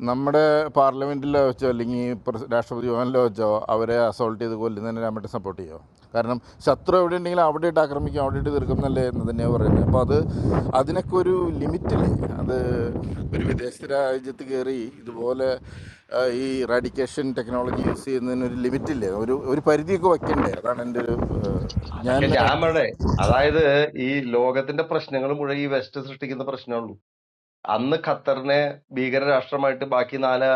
J: നമ്മുടെ പാർലമെൻറ്റിലോ വെച്ചോ അല്ലെങ്കിൽ പ്രസ- രാഷ്ട്രപതി ഭവനിലോ വെച്ചോ അവരെ അസോൾട്ട് ചെയ്ത് കൊല്ലുന്നതിന് രാമേട്ടൻ സപ്പോർട്ട് ചെയ്യുമോ കാരണം ശത്രു എവിടെ ഉണ്ടെങ്കിലും അവിടെ ഇട്ട് ആക്രമിക്കും അവിടെ ഇട്ട് തീർക്കുന്നല്ലേ എന്ന് തന്നെയാണ് പറയുന്നത് അപ്പോൾ അത് അതിനൊക്കെ ഒരു ലിമിറ്റില്ലേ അത് ഒരു വിദേശ രാജ്യത്ത് കയറി ഇതുപോലെ ആ, ഈ റാഡിക്കേഷൻ ടെക്നോളജി യൂസ് ചെയ്യുന്നതിന് ഒരു ലിമിറ്റില്ലേ ഒരു ഒരു പരിധിയൊക്കെ വയ്ക്കണ്ടേ അതാണ് എൻ്റെ ഒരു ആ,
K: അതൊക്കെ
J: ഞാൻ
K: ഞാൻ പറയണേ അതായത് ഈ ലോകത്തിന്റെ പ്രശ്നങ്ങൾ മുഴുവൻ ഈ വെസ്റ്റ് സൃഷ്ടിക്കുന്ന പ്രശ്നമുള്ളൂ അന്ന് ഖത്തറിനെ ഭീകര രാഷ്ട്രമായിട്ട് ബാക്കി നാല്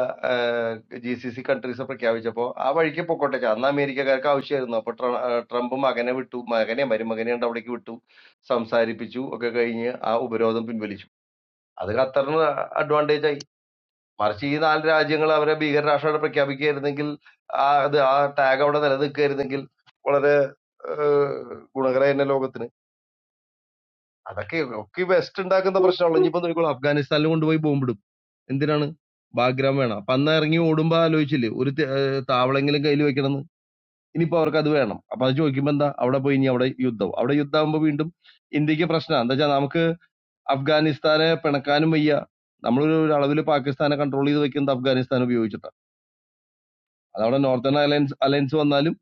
K: ജി സി സി കൺട്രീസ് പ്രഖ്യാപിച്ചപ്പോൾ ആ വഴിക്ക് പൊക്കോട്ടെ ചാ. അന്ന് അമേരിക്കക്കാർക്ക് ആവശ്യമായിരുന്നു അപ്പൊ ട്ര- ഏഹ് ട്രംപ് മകനെ വിട്ടു മകനെ മരുമകനെ ഉണ്ട് അവിടേക്ക് വിട്ടു സംസാരിപ്പിച്ചു ഒക്കെ കഴിഞ്ഞ് ആ ഉപരോധം പിൻവലിച്ചു അത് ഖത്തറിന് അഡ്വാൻറ്റേജ് ആയി മറിച്ച് ഈ നാല് രാജ്യങ്ങൾ അവരെ ഭീകര രാഷ്ട്രമായിട്ട് പ്രഖ്യാപിക്കുകയായിരുന്നെങ്കിൽ ആ അത് ആ ടാഗ് അവിടെ നിലനിൽക്കുകയായിരുന്നെങ്കിൽ വളരെ ഏഹ് ഗുണകരമായ ലോകത്തിന് അതൊക്കെ ഒക്കെ വെസ്റ്റ് ഉണ്ടാക്കുന്ന പ്രശ്നമുള്ളൂ ഇനിയിപ്പോ നോക്കിക്കോളൂ അഫ്ഗാനിസ്ഥാനിൽ കൊണ്ടുപോയി ബോംബിടും എന്തിനാണ് ബാഗ്രാം വേണം അപ്പൊ അന്ന് ഇറങ്ങി ഓടുമ്പോ ആലോചിച്ചില്ലേ ഒരു തെ- ഏഹ് താവളെങ്കിലും കയ്യിൽ വെക്കണമെന്ന് ഇനിയിപ്പോ അവർക്ക് അത് വേണം അപ്പൊ അത് ചോദിക്കുമ്പോ എന്താ അവിടെ പോയി ഇനി അവിടെ യുദ്ധം അവിടെ യുദ്ധമാകുമ്പോ വീണ്ടും ഇന്ത്യക്ക് പ്രശ്നമാണ് എന്താ വെച്ചാൽ നമുക്ക് അഫ്ഗാനിസ്ഥാനെ പിണക്കാനും വയ്യ നമ്മളൊരു ഒരു അളവിൽ പാകിസ്ഥാനെ കൺട്രോൾ ചെയ്ത് വെക്കുന്നത് അഫ്ഗാനിസ്ഥാൻ ഉപയോഗിച്ചിട്ടാണ് അതവിടെ നോർത്തേൺ അലയൻസ് അലയൻസ് വന്നാലും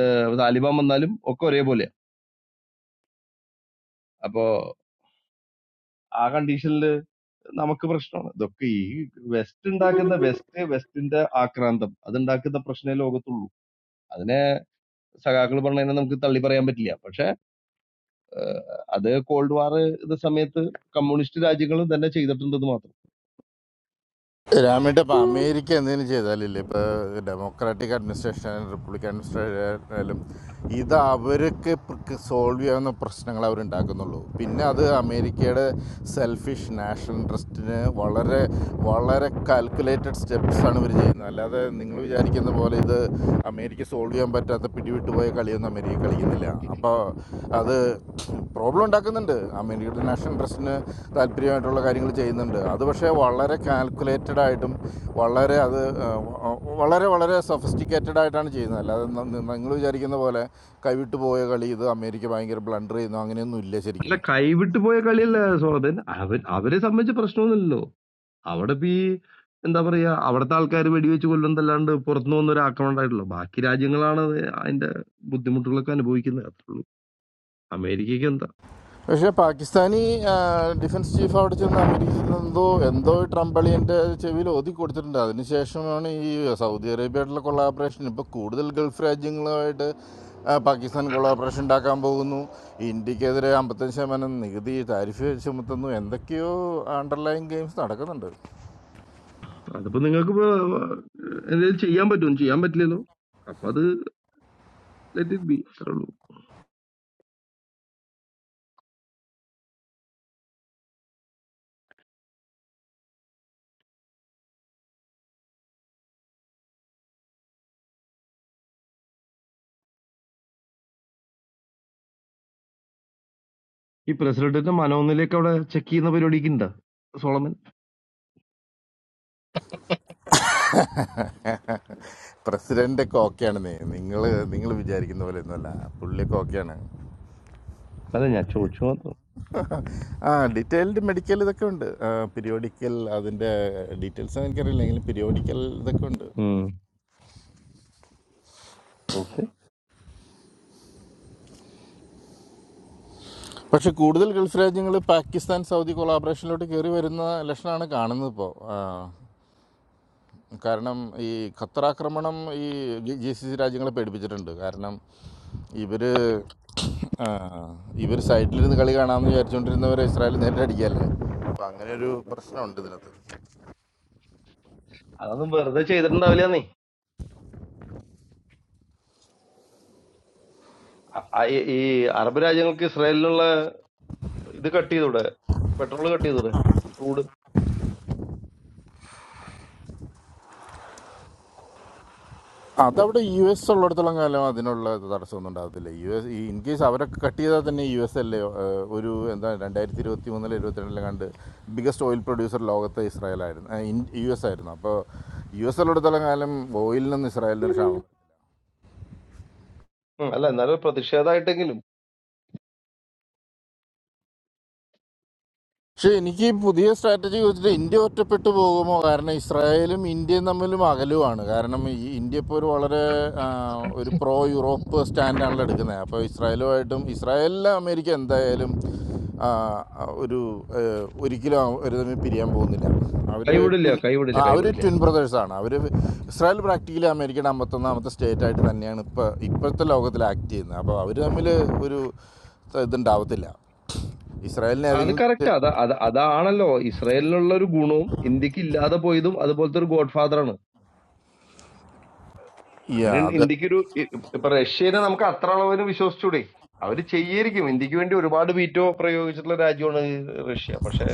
K: ഏഹ് താലിബാൻ വന്നാലും ഒക്കെ ഒരേപോലെയാണ് അപ്പൊ ആ കണ്ടീഷനിൽ നമുക്ക് പ്രശ്നമാണ് ഇതൊക്കെ ഈ വെസ്റ്റ് ഉണ്ടാക്കുന്ന വെസ്റ്റ് വെസ്റ്റിന്റെ ആക്രാന്തം അതുണ്ടാക്കുന്ന പ്രശ്നമേ ലോകത്തുള്ളൂ അതിനെ സഖാക്കൾ പറഞ്ഞതിനെ നമുക്ക് തള്ളി പറയാൻ പറ്റില്ല പക്ഷെ അത് കോൾഡ് വാർ ഇത് സമയത്ത് കമ്മ്യൂണിസ്റ്റ് രാജ്യങ്ങൾ തന്നെ ചെയ്തിട്ടുണ്ടെന്ന് മാത്രം
J: രാമയുടെ ഇപ്പം അമേരിക്ക എന്തെങ്കിലും ചെയ്താലില്ലേ ഇപ്പോൾ ഡെമോക്രാറ്റിക് അഡ്മിനിസ്ട്രേഷൻ ആയാലും റിപ്പബ്ലിക്കൻ അഡ്മിനിസ്ട്രേഷൻ ആയാലും ഇത് അവർക്ക് സോൾവ് ചെയ്യാവുന്ന പ്രശ്നങ്ങൾ അവരുണ്ടാക്കുന്നുള്ളൂ പിന്നെ അത് അമേരിക്കയുടെ സെൽഫിഷ് നാഷണൽ ഇൻട്രസ്റ്റിന് വളരെ വളരെ കാൽക്കുലേറ്റഡ് സ്റ്റെപ്സാണ് ഇവർ ചെയ്യുന്നത് അല്ലാതെ നിങ്ങൾ വിചാരിക്കുന്ന പോലെ ഇത് അമേരിക്ക സോൾവ് ചെയ്യാൻ പറ്റാത്ത പിടിവിട്ടുപോയ കളിയൊന്നും അമേരിക്ക കളിക്കുന്നില്ല അപ്പോൾ അത് പ്രോബ്ലം ഉണ്ടാക്കുന്നുണ്ട് അമേരിക്കയുടെ നാഷണൽ ഇൻട്രസ്റ്റിന് താല്പര്യമായിട്ടുള്ള കാര്യങ്ങൾ ചെയ്യുന്നുണ്ട് അത് പക്ഷേ വളരെ കാൽക്കുലേറ്റഡ് ആയിട്ടും വളരെ അത് ആ, വ- വളരെ വളരെ സഫിസ്റ്റിക്കേറ്റഡ് ആയിട്ടാണ് ചെയ്യുന്നത് അല്ലാതെ നിങ്ങൾ വിചാരിക്കുന്ന പോലെ കൈവിട്ടു പോയ കളി ഇത് അമേരിക്ക ഭയങ്കര ബ്ലണ്ടർ ചെയ്യുന്നു അങ്ങനെയൊന്നും ഇല്ല
K: അല്ല
J: ശരിക്കും
K: കൈവിട്ടു പോയ കളിയല്ല സോറദൻ അവൻ അവരെ സംബന്ധിച്ച് പ്രശ്നമൊന്നുമില്ലല്ലോ അവിടെ ഇപ്പൊ ഈ എന്താ പറയാ അവിടുത്തെ ആൾക്കാർ വെടിവെച്ച് കൊല്ലുന്നതല്ലാണ്ട് പുറത്തുനിന്ന് വന്നൊരു ആക്രമണം ഉണ്ടായിട്ടുള്ളൂ ബാക്കി രാജ്യങ്ങളാണ് അത് അതിന്റെ ബുദ്ധിമുട്ടുകളൊക്കെ അനുഭവിക്കുന്നത് അത്രേ ഉള്ളൂ അമേരിക്കയ്ക്ക് എന്താ
J: പക്ഷെ പാകിസ്ഥാനി ഡിഫൻസ് ചീഫ് അവിടെ ചെന്ന് അമേരിക്കയിൽ എന്തോ എന്തോ ട്രംപ് അളിയൻ്റെ ചെവിയിൽ ഒതുക്കി കൊടുത്തിട്ടുണ്ട് അതിനുശേഷമാണ് ഈ സൗദി അറേബ്യയായിട്ടുള്ള കൊളാബറേഷൻ ഇപ്പോൾ കൂടുതൽ ഗൾഫ് രാജ്യങ്ങളുമായിട്ട് ആ, പാകിസ്ഥാൻ കൊളാബറേഷൻ ഉണ്ടാക്കാൻ പോകുന്നു ഇന്ത്യക്കെതിരെ അമ്പത്തഞ്ച് ശതമാനം നികുതി താരിഫ് ചുമത്തുന്നു എന്തൊക്കെയോ അണ്ടർലൈൻ ഗെയിംസ് നടക്കുന്നുണ്ട്
K: അതിപ്പോ നിങ്ങൾക്ക് ഇപ്പൊ എന്തെങ്കിലും ചെയ്യാൻ പറ്റും ചെയ്യാൻ പറ്റില്ലല്ലോ അപ്പൊ അത് ലെറ്റ് ഇറ്റ് ബി അത്രേ ഉള്ളൂ ഈ പ്രസിഡന്റിന്റെ മനോനിലയൊക്കെ അവിടെ ചെക്ക് ചെയ്യുന്ന പരിപാടിക്ക് ഉണ്ടാ സോളമൻ
J: പ്രസിഡൻ്റൊക്കെ ഓക്കെയാണ് നിങ്ങൾ നിങ്ങൾ വിചാരിക്കുന്ന പോലെ ഒന്നുമല്ല പുള്ളിയൊക്കെ ഓക്കെയാണ്
K: അതെ ഞാൻ ചോദിച്ചു മാത്രം
J: ആ ഡീറ്റെയിൽഡ് മെഡിക്കൽ ഇതൊക്കെ ഉണ്ട് പിരിയോഡിക്കൽ അതിൻ്റെ ഡീറ്റെയിൽസ് എനിക്കറിയില്ല എങ്കിലും പിരിയോഡിക്കൽ ഇതൊക്കെ ഉണ്ട്
K: ഓക്കെ
J: പക്ഷെ കൂടുതൽ ഗൾഫ് രാജ്യങ്ങൾ പാകിസ്ഥാൻ സൗദി കൊളാബറേഷനിലോട്ട് കയറി വരുന്ന ലക്ഷണമാണ് കാണുന്നത് ഇപ്പോൾ കാരണം ഈ ഖത്തർ ആക്രമണം ഈ ജി സി സി രാജ്യങ്ങളെ പേടിപ്പിച്ചിട്ടുണ്ട് കാരണം ഇവർ ഇവർ സൈഡിലിരുന്ന് കളി കാണാമെന്ന് വിചാരിച്ചുകൊണ്ടിരുന്നവരെ ഇസ്രായേൽ നേരിട്ടടിക്കുകയല്ലേ അപ്പോൾ അങ്ങനെ ഒരു പ്രശ്നമുണ്ട് ഇതിനകത്ത്
K: അതൊന്നും വെറുതെ ചെയ്തിട്ടുണ്ടാവില്ലെന്നേ അ- അ- ഈ ഈ അറബ് രാജ്യങ്ങൾക്ക് ഇസ്രായേലിനുള്ള ഇത് കട്ട് ചെയ്തൂടെ പെട്രോൾ കട്ട് ചെയ്തൂടെ ക്രൂഡ്
J: അതവിടെ യു എസ് ഉള്ളിടത്തോളം കാലം അതിനുള്ള തടസ്സമൊന്നും ഉണ്ടാകത്തില്ല യു എസ് ഈ ഇൻ കേസ് അവരൊക്കെ കട്ട് ചെയ്താൽ തന്നെ യു എസ് അല്ലേ ഏഹ്, ഒരു എന്താ രണ്ടായിരത്തി ഇരുപത്തി മൂന്നിൽ ഇരുപത്തിരണ്ടിലെ കണ്ട് ബിഗസ്റ്റ് ഓയിൽ പ്രൊഡ്യൂസർ ലോകത്ത് ഇസ്രായേലായിരുന്നു ഏഹ്, ഇൻ- യു എസ് ആയിരുന്നു അപ്പോൾ യു എസ് ഉള്ളിടത്തോളം കാലം ഓയിലിൽ നിന്ന് ഇസ്രായേലിന് ഒരു ക്ഷാമം
K: ഉം, അല്ല എന്നാലും പ്രതിഷേധമായിട്ടെങ്കിലും
J: പക്ഷെ എനിക്ക് ഈ പുതിയ സ്ട്രാറ്റജി വെച്ചിട്ട് ഇന്ത്യ ഒറ്റപ്പെട്ടു പോകുമോ കാരണം ഇസ്രായേലും ഇന്ത്യയും തമ്മിലും അകലുമാണ് കാരണം ഈ ഇന്ത്യ ഇപ്പോൾ ഒരു വളരെ ആ, ഒരു പ്രോ യൂറോപ്പ് സ്റ്റാൻഡാണല്ലോ എടുക്കുന്നത് അപ്പോൾ ഇസ്രായേലുമായിട്ടും ഇസ്രായേലിലെ അമേരിക്ക എന്തായാലും ആ, ഒരു ഏ, ഒരിക്കലും അവ- ഒരു തമ്മിൽ പിരിയാൻ പോകുന്നില്ല അവർ
K: കൈവിടില്ല കൈവിടില്ല
J: അവർ
K: കൈവിടില്ല
J: ട്വിൻ ബ്രദേഴ്സാണ് അവർ ഇസ്രായേൽ പ്രാക്ടിക്കലി അമേരിക്കയുടെ അമ്പത്തൊന്നാമത്തെ സ്റ്റേറ്റ് ആയിട്ട് തന്നെയാണ് ഇപ്പോൾ ഇപ്പോഴത്തെ ലോകത്തിൽ ആക്ട് ചെയ്യുന്നത് അപ്പോൾ അവർ തമ്മിൽ ഒരു ഇതുണ്ടാവത്തില്ല ഇസ്രായേലിനെ
K: അത് കറക്റ്റ്
J: ഏതെങ്കിലും
K: അതാ അത് അതാണല്ലോ ഇസ്രായേലിനുള്ള ഒരു ഗുണവും ഇന്ത്യക്ക് ഇല്ലാതെ പോയതും അതുപോലത്തെ ഒരു ഗോഡ് ഫാദർ ആണ് അങ്ങനെ
J: Yeah, the,
K: ഇന്ത്യക്കൊരു ഇ- ഇപ്പൊ റഷ്യനെ നമുക്ക് അത്ര അളവിന് വിശ്വസിച്ചൂടെ അവര് ചെയ്യായിരിക്കും ഇന്ത്യക്ക് വേണ്ടി ഒരുപാട് വീറ്റോ പ്രയോഗിച്ചിട്ടുള്ള രാജ്യമാണ് ഈ റഷ്യ പക്ഷെ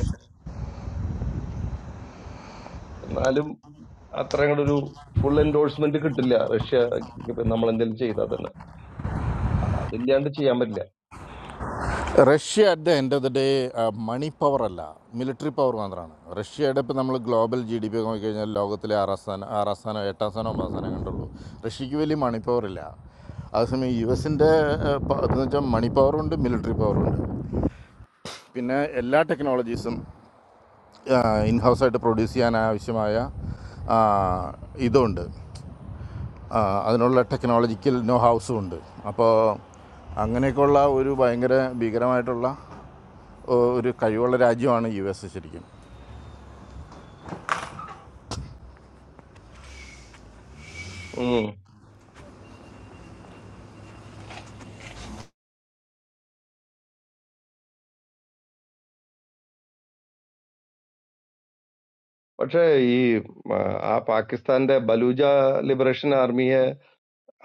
K: എന്നാലും അത്ര അങ്ങോട്ട് ഒരു ഫുൾ എൻഡോഴ്സ്മെന്റ് കിട്ടില്ല റഷ്യ നമ്മൾ എന്തെങ്കിലും ചെയ്താൽ തന്നെ അപ്പൊ അതില്ലാണ്ട് ചെയ്യാൻ പറ്റില്ല
J: Russia at the end of the day money power അല്ല മിലിറ്ററി പവർ മാത്രമാണ് റഷ്യയുടെ ഇപ്പോൾ നമ്മൾ ഗ്ലോബൽ ജി ഡി പി ഒക്കെ നോക്കിക്കഴിഞ്ഞാൽ ലോകത്തിലെ ആറാം സ്ഥാനം ആറാം സ്ഥാനം എട്ടാം സ്ഥാനം ഒമ്പതാം സ്ഥാനം കണ്ടുള്ളൂ റഷ്യക്ക് വലിയ മണി പവർ ഇല്ല അതേസമയം യു എസിൻ്റെ എന്ന് വെച്ചാൽ മണി പവറുണ്ട് മിലിറ്ററി പവറുണ്ട് പിന്നെ എല്ലാ ടെക്നോളജീസും ഇൻഹൗസായിട്ട് പ്രൊഡ്യൂസ് ചെയ്യാൻ ആവശ്യമായ ആ, ഇതുണ്ട് ആ, അതിനുള്ള ടെക്നോളജിക്കൽ നോ ഹൗസും ഉണ്ട് അപ്പോൾ അങ്ങനെയൊക്കെയുള്ള ഒരു ഭയങ്കര ഭീകരമായിട്ടുള്ള ഒ- ഒരു കഴിവുള്ള രാജ്യമാണ് യു എസ് ശരിക്കും
K: ഉം. പക്ഷേ ഈ ആ ആ പാകിസ്ഥാന്റെ ബലൂജ ലിബറേഷൻ ആർമിയെ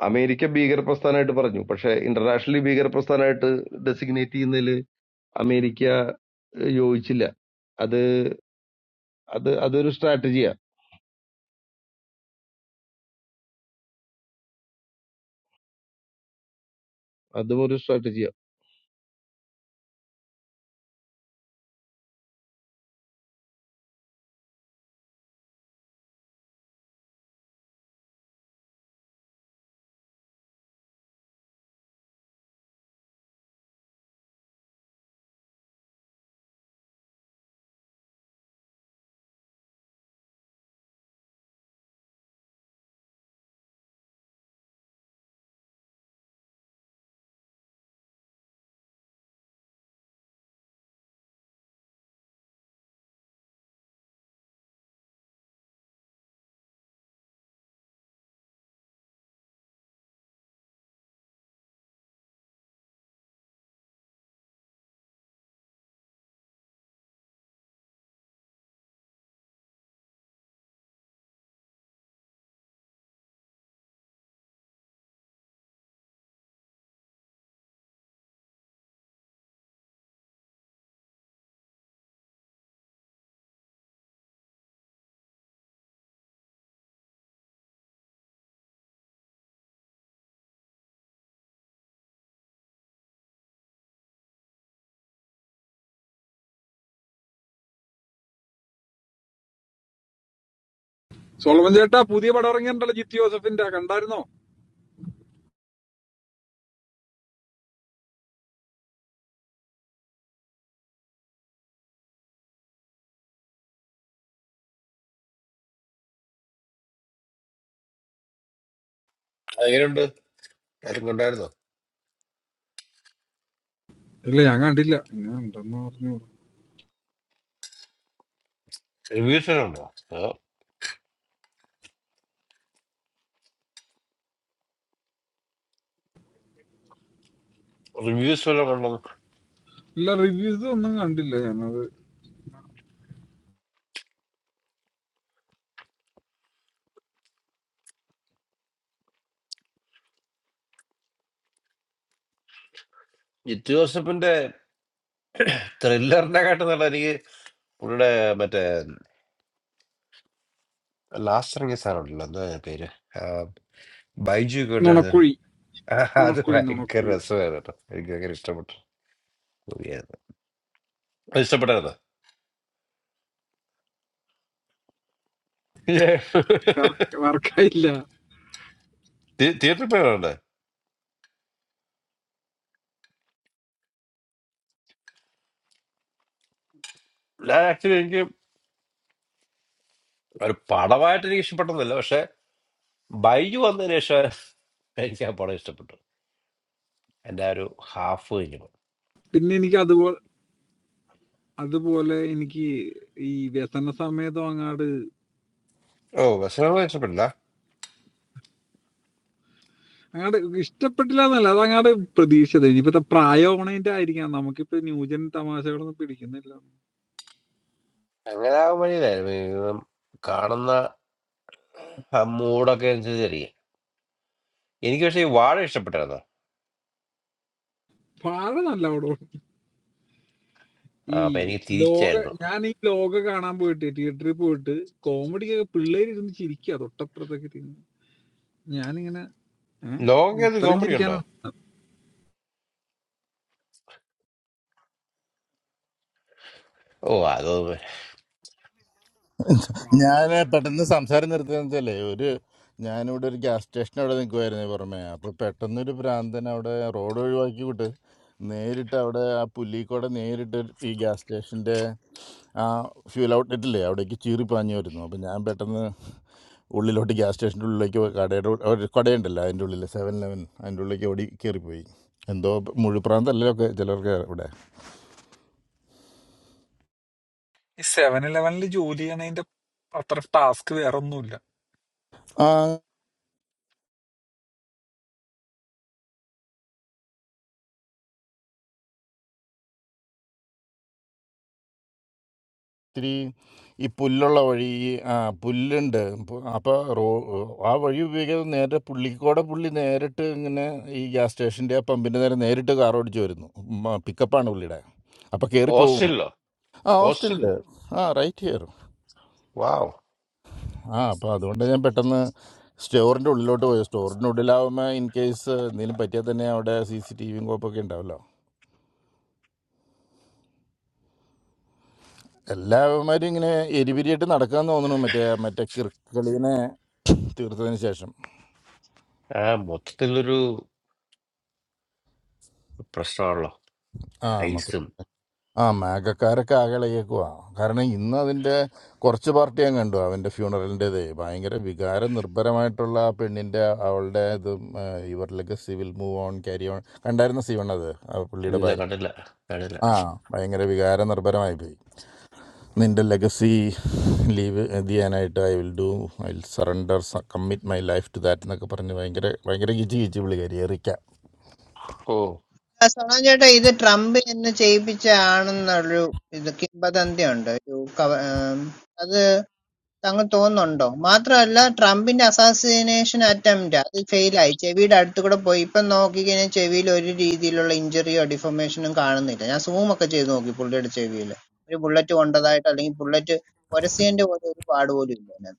K: അമേരിക്ക ഭീകര പ്രസ്ഥാനമായിട്ട് പറഞ്ഞു പക്ഷെ ഇന്റർനാഷണലി ഭീകര പ്രസ്ഥാനമായിട്ട് ഡെസിഗ്നേറ്റ് ചെയ്യുന്നതിൽ അമേരിക്ക ഏഹ്, യോജിച്ചില്ല അത് അത് അതൊരു സ്ട്രാറ്റജിയാണ് Адамор ресторан тоже.
I: സോളമൻ ചേട്ടാ പുതിയ പടം ഇറങ്ങിയിട്ടുണ്ടല്ലോ ജിത്തി ജോസഫിന്റെ കണ്ടായിരുന്നോ
E: എങ്ങനെയുണ്ട് ആരും കണ്ടായിരുന്നോ
I: ഇല്ല ഞാൻ കണ്ടില്ല ഞാൻ ഉണ്ടെന്ന് പറഞ്ഞു
E: റിവ്യൂസ് വല്ലതും ഉണ്ടോ റിവ്യൂസ് വല്ലതും കണ്ടോ
I: ഇല്ല റിവ്യൂസ് ഒന്നും കണ്ടില്ല ഞാനത്
E: ജിത്തു ജോസഫിന്റെ ത്രില്ലറിനെ കാട്ടും നല്ല എനിക്ക് പുള്ളിയുടെ മറ്റേ ലാസ്റ്റ് ഇറങ്ങിയ സാധനം ഉണ്ടല്ലോ എന്താ അതിന്റെ പേര് ആ, ബൈജു ഒക്കെ ഉണ്ടായിരുന്നു ഒരു.
I: നുണക്കുഴി
E: ആ, അത്
I: നുണക്കുഴി
E: ഭയങ്കര
I: നുണക്കുഴി
E: രസമായിരുന്നു കേട്ടോ എനിക്ക് ഭയങ്കര ഇഷ്ടപ്പെട്ടു Movie ആയിരുന്നു. അത് ഇഷ്ടപ്പെട്ടായിരുന്നു
I: വർക്ക്- വർക്കായില്ല
E: തിയേറ്ററിൽ പോയതുകൊണ്ട് ഞാൻ ആക്ച്വലി എനിക്ക് ഒരു പടമായിട്ട് എനിക്ക് ഇഷ്ടപ്പെട്ടെന്നില്ല പക്ഷെ ബൈജു വന്നതിന് ശേഷം എനിക്ക് ആ പടം ഇഷ്ടപ്പെട്ടു എൻ്റെ ആ ഒരു ഹാഫ് കഴിഞ്ഞു
I: പിന്നെ എനിക്ക് അതുപോലെ അതുപോലെ എനിക്ക് ഈ വ്യസന സമയത്തും അങ്ങാട്
E: ഓ ബസ് ഇഷ്ടപ്പെട്ടില്ല
I: അങ്ങാട് ഇഷ്ടപ്പെട്ടില്ല എന്നല്ല അത് അങ്ങാട് പ്രതീക്ഷിച്ചത് ഇനിയിപ്പത്തെ പ്രായം ഓണേന്റെ ആയിരിക്കാം നമുക്കിപ്പോ ന്യൂജൻ തമാശകളൊന്നും പിടിക്കുന്നില്ല
E: അങ്ങനെ ആകാൻ വഴിയില്ലായിരുന്നു ഇത് കാണുന്ന ആ മൂഡൊക്കെ അനുസരിച്ചിരിക്കും എനിക്ക് പക്ഷേ ഈ വാഴ ഇഷ്ടപ്പെട്ടായിരുന്നു
I: പാഴ നല്ല അവിടെ ഈ
E: ആ, അപ്പൊ എനിക്ക്
I: ലോക
E: തിരിച്ചായിരുന്നു
I: ഞാൻ ഈ ലോക കാണാൻ പോയിട്ട് തിയേറ്ററിൽ പോയിട്ട് കോമഡി ഒക്കെ പിള്ളേര് ഇരുന്ന് ചിരിക്കുക തൊട്ടപ്പുറത്തൊക്കെ ഇരുന്ന് ഞാനിങ്ങനെ ഏ?
E: ലോകത്ത്
I: ഇത്രയും
E: കോമഡി ഉണ്ടോ
I: ചിരിക്കാനാണ്
E: ഓ അത്
J: ഞാൻ പെട്ടെന്ന് സംസാരം നിർത്തിയെന്നുവെച്ചാലേ ഒരു ഞാനിവിടെ ഒരു ഗ്യാസ് സ്റ്റേഷൻ അവിടെ നിൽക്കുമായിരുന്നു പുറമേ അപ്പോൾ പെട്ടെന്ന് ഒരു ഭ്രാന്തൻ അവിടെ റോഡ് ഒഴിവാക്കി വിട്ട് നേരിട്ട് അവിടെ ആ പുല്ലിക്കോടെ നേരിട്ട് ഒരു ഈ ഗ്യാസ് സ്റ്റേഷൻ്റെ ആ ഫ്യൂൽ ഔട്ട്ലെറ്റില്ലേ അവിടേക്ക് ചീറിപ്പാഞ്ഞു വരുന്നു അപ്പോൾ ഞാൻ പെട്ടെന്ന് ഉള്ളിലോട്ട് ഗ്യാസ് സ്റ്റേഷൻ്റെ ഉള്ളിലേക്ക് പോയി കടയുടെ ഉൾ- ഒരു കടയുണ്ടല്ലോ അതിൻ്റെ ഉള്ളിൽ സെവൻ ലെവൻ അതിൻ്റെ ഉള്ളിലേക്ക് ഓടി കയറിപ്പോയി എന്തോ മുഴുപ്രാന്തല്ലൊക്കെ ചിലർക്ക് ഇവിടെ
I: ഈ സെവൻ ഇലവനിൽ ജോലി ചെയ്യണതിന്റെ അത്ര ടാസ്ക് വേറെ ഒന്നുമില്ല
J: ഇത്തിരി ഈ പുല്ലുള്ള വഴി ഈ, ആ പുല്ലുണ്ട് പു- അപ്പോൾ റോ ആ വഴി ഉപയോഗിക്കാതെ നേരെ പുള്ളിക്കോടെ പുള്ളി നേരിട്ട് ഇങ്ങനെ ഈ ഗ്യാസ് സ്റ്റേഷൻ്റെ ആ പമ്പിൻ്റെ നേരെ നേരിട്ട് കാർ ഓടിച്ച് വരുന്നു മ- പിക്കപ്പാണ് പുള്ളിയുടെ അപ്പോൾ കയറിപ്പോവും
E: ഹോസ്റ്റലിലോ
J: ആ ഹോസ്റ്റലിൻ്റെ
E: ഹോസ്റ്റലിലോ
J: ആ റൈറ്റ് ഹിയർ
E: വാവ്
J: ആ അപ്പോൾ അതുകൊണ്ട് ഞാൻ പെട്ടെന്ന് സ്റ്റോറിൻ്റെ ഉള്ളിലോട്ട് പോയി സ്റ്റോറിൻ്റെ ഉള്ളിലാവുമ്പോൾ ഇൻ കേസ് എന്തെങ്കിലും പറ്റിയാൽ തന്നെ അവിടെ സി സി ടി വിയും കോപ്പൊക്കെ ഉണ്ടാവല്ലോ എല്ലാവന്മാരും ഇങ്ങനെ എരിപിരിയായിട്ട് നടക്കാന്ന് തോന്നുന്നു മറ്റേ മറ്റേ കിറുക്കളിനെ തീർത്തതിന് ശേഷം
E: ആ മൊത്തത്തിലൊരു പ്രശ്നമാണല്ലോ
J: ആ
E: ഐസും
J: ആ മാഗക്കാരൊക്കെ ആകെ ഇളകിയേക്കുവാ കാരണം ഇന്ന് അതിൻ്റെ കുറച്ച് പാർട്ടി ഞാൻ കണ്ടു അവൻ്റെ ഫ്യൂണറലിൻ്റെത് ഭയങ്കര വികാര നിർഭരമായിട്ടുള്ള ആ പെണ്ണിൻ്റെ അവളുടെ ഇത് ഇവരിലൊക്കെ civil move on carry on കണ്ടായിരുന്ന സിവൺ അത് ആ പുള്ളിയുടെ
E: ഇല്ല
J: ഭാര്യ
E: കണ്ടില്ല കണ്ടില്ല
J: ആ ഭയങ്കര വികാര നിർഭരമായി പോയി നിന്റെ ലെഗസി ലീവ് ചെയ്യാനായിട്ട് I will do I will surrender commit my life to that എന്നൊക്കെ പറഞ്ഞ് ഭയങ്കര ഭയങ്കര ഗിജി ഗിജി വിളി കയറി എറിക്ക.
E: ഓ
L: ആ, സോണം ചേട്ടാ ഇത് ട്രംപ് എന്നെ ചെയ്യിപ്പിച്ച ആണെന്നൊരു ഇത് കിംബദന്തിയുണ്ട് ഒരു കവ- ഉം, അത് താങ്കൾ തോന്നുന്നുണ്ടോ മാത്രമല്ല ട്രംപിന്റെ അസാസിനേഷൻ അറ്റംപ്റ്റ് അത് ഫെയിലായി ചെവിയുടെ അടുത്ത് കൂടെ പോയി ഇപ്പം നോക്കിക്കഴിഞ്ഞാൽ ചെവിയിൽ ഒരു രീതിയിലുള്ള ഇഞ്ചറിയോ ഡിഫോമേഷനും കാണുന്നില്ല ഞാൻ സൂം ഒക്കെ ചെയ്ത് നോക്കി പുള്ളിയുടെ ചെവിയിൽ ഒരു ബുള്ളറ്റ് കൊണ്ടതായിട്ട് അല്ലെങ്കിൽ ബുള്ളറ്റ് ഒരസിയന്റെ പോലെ ഒരു പാട് പോലും ഇല്ല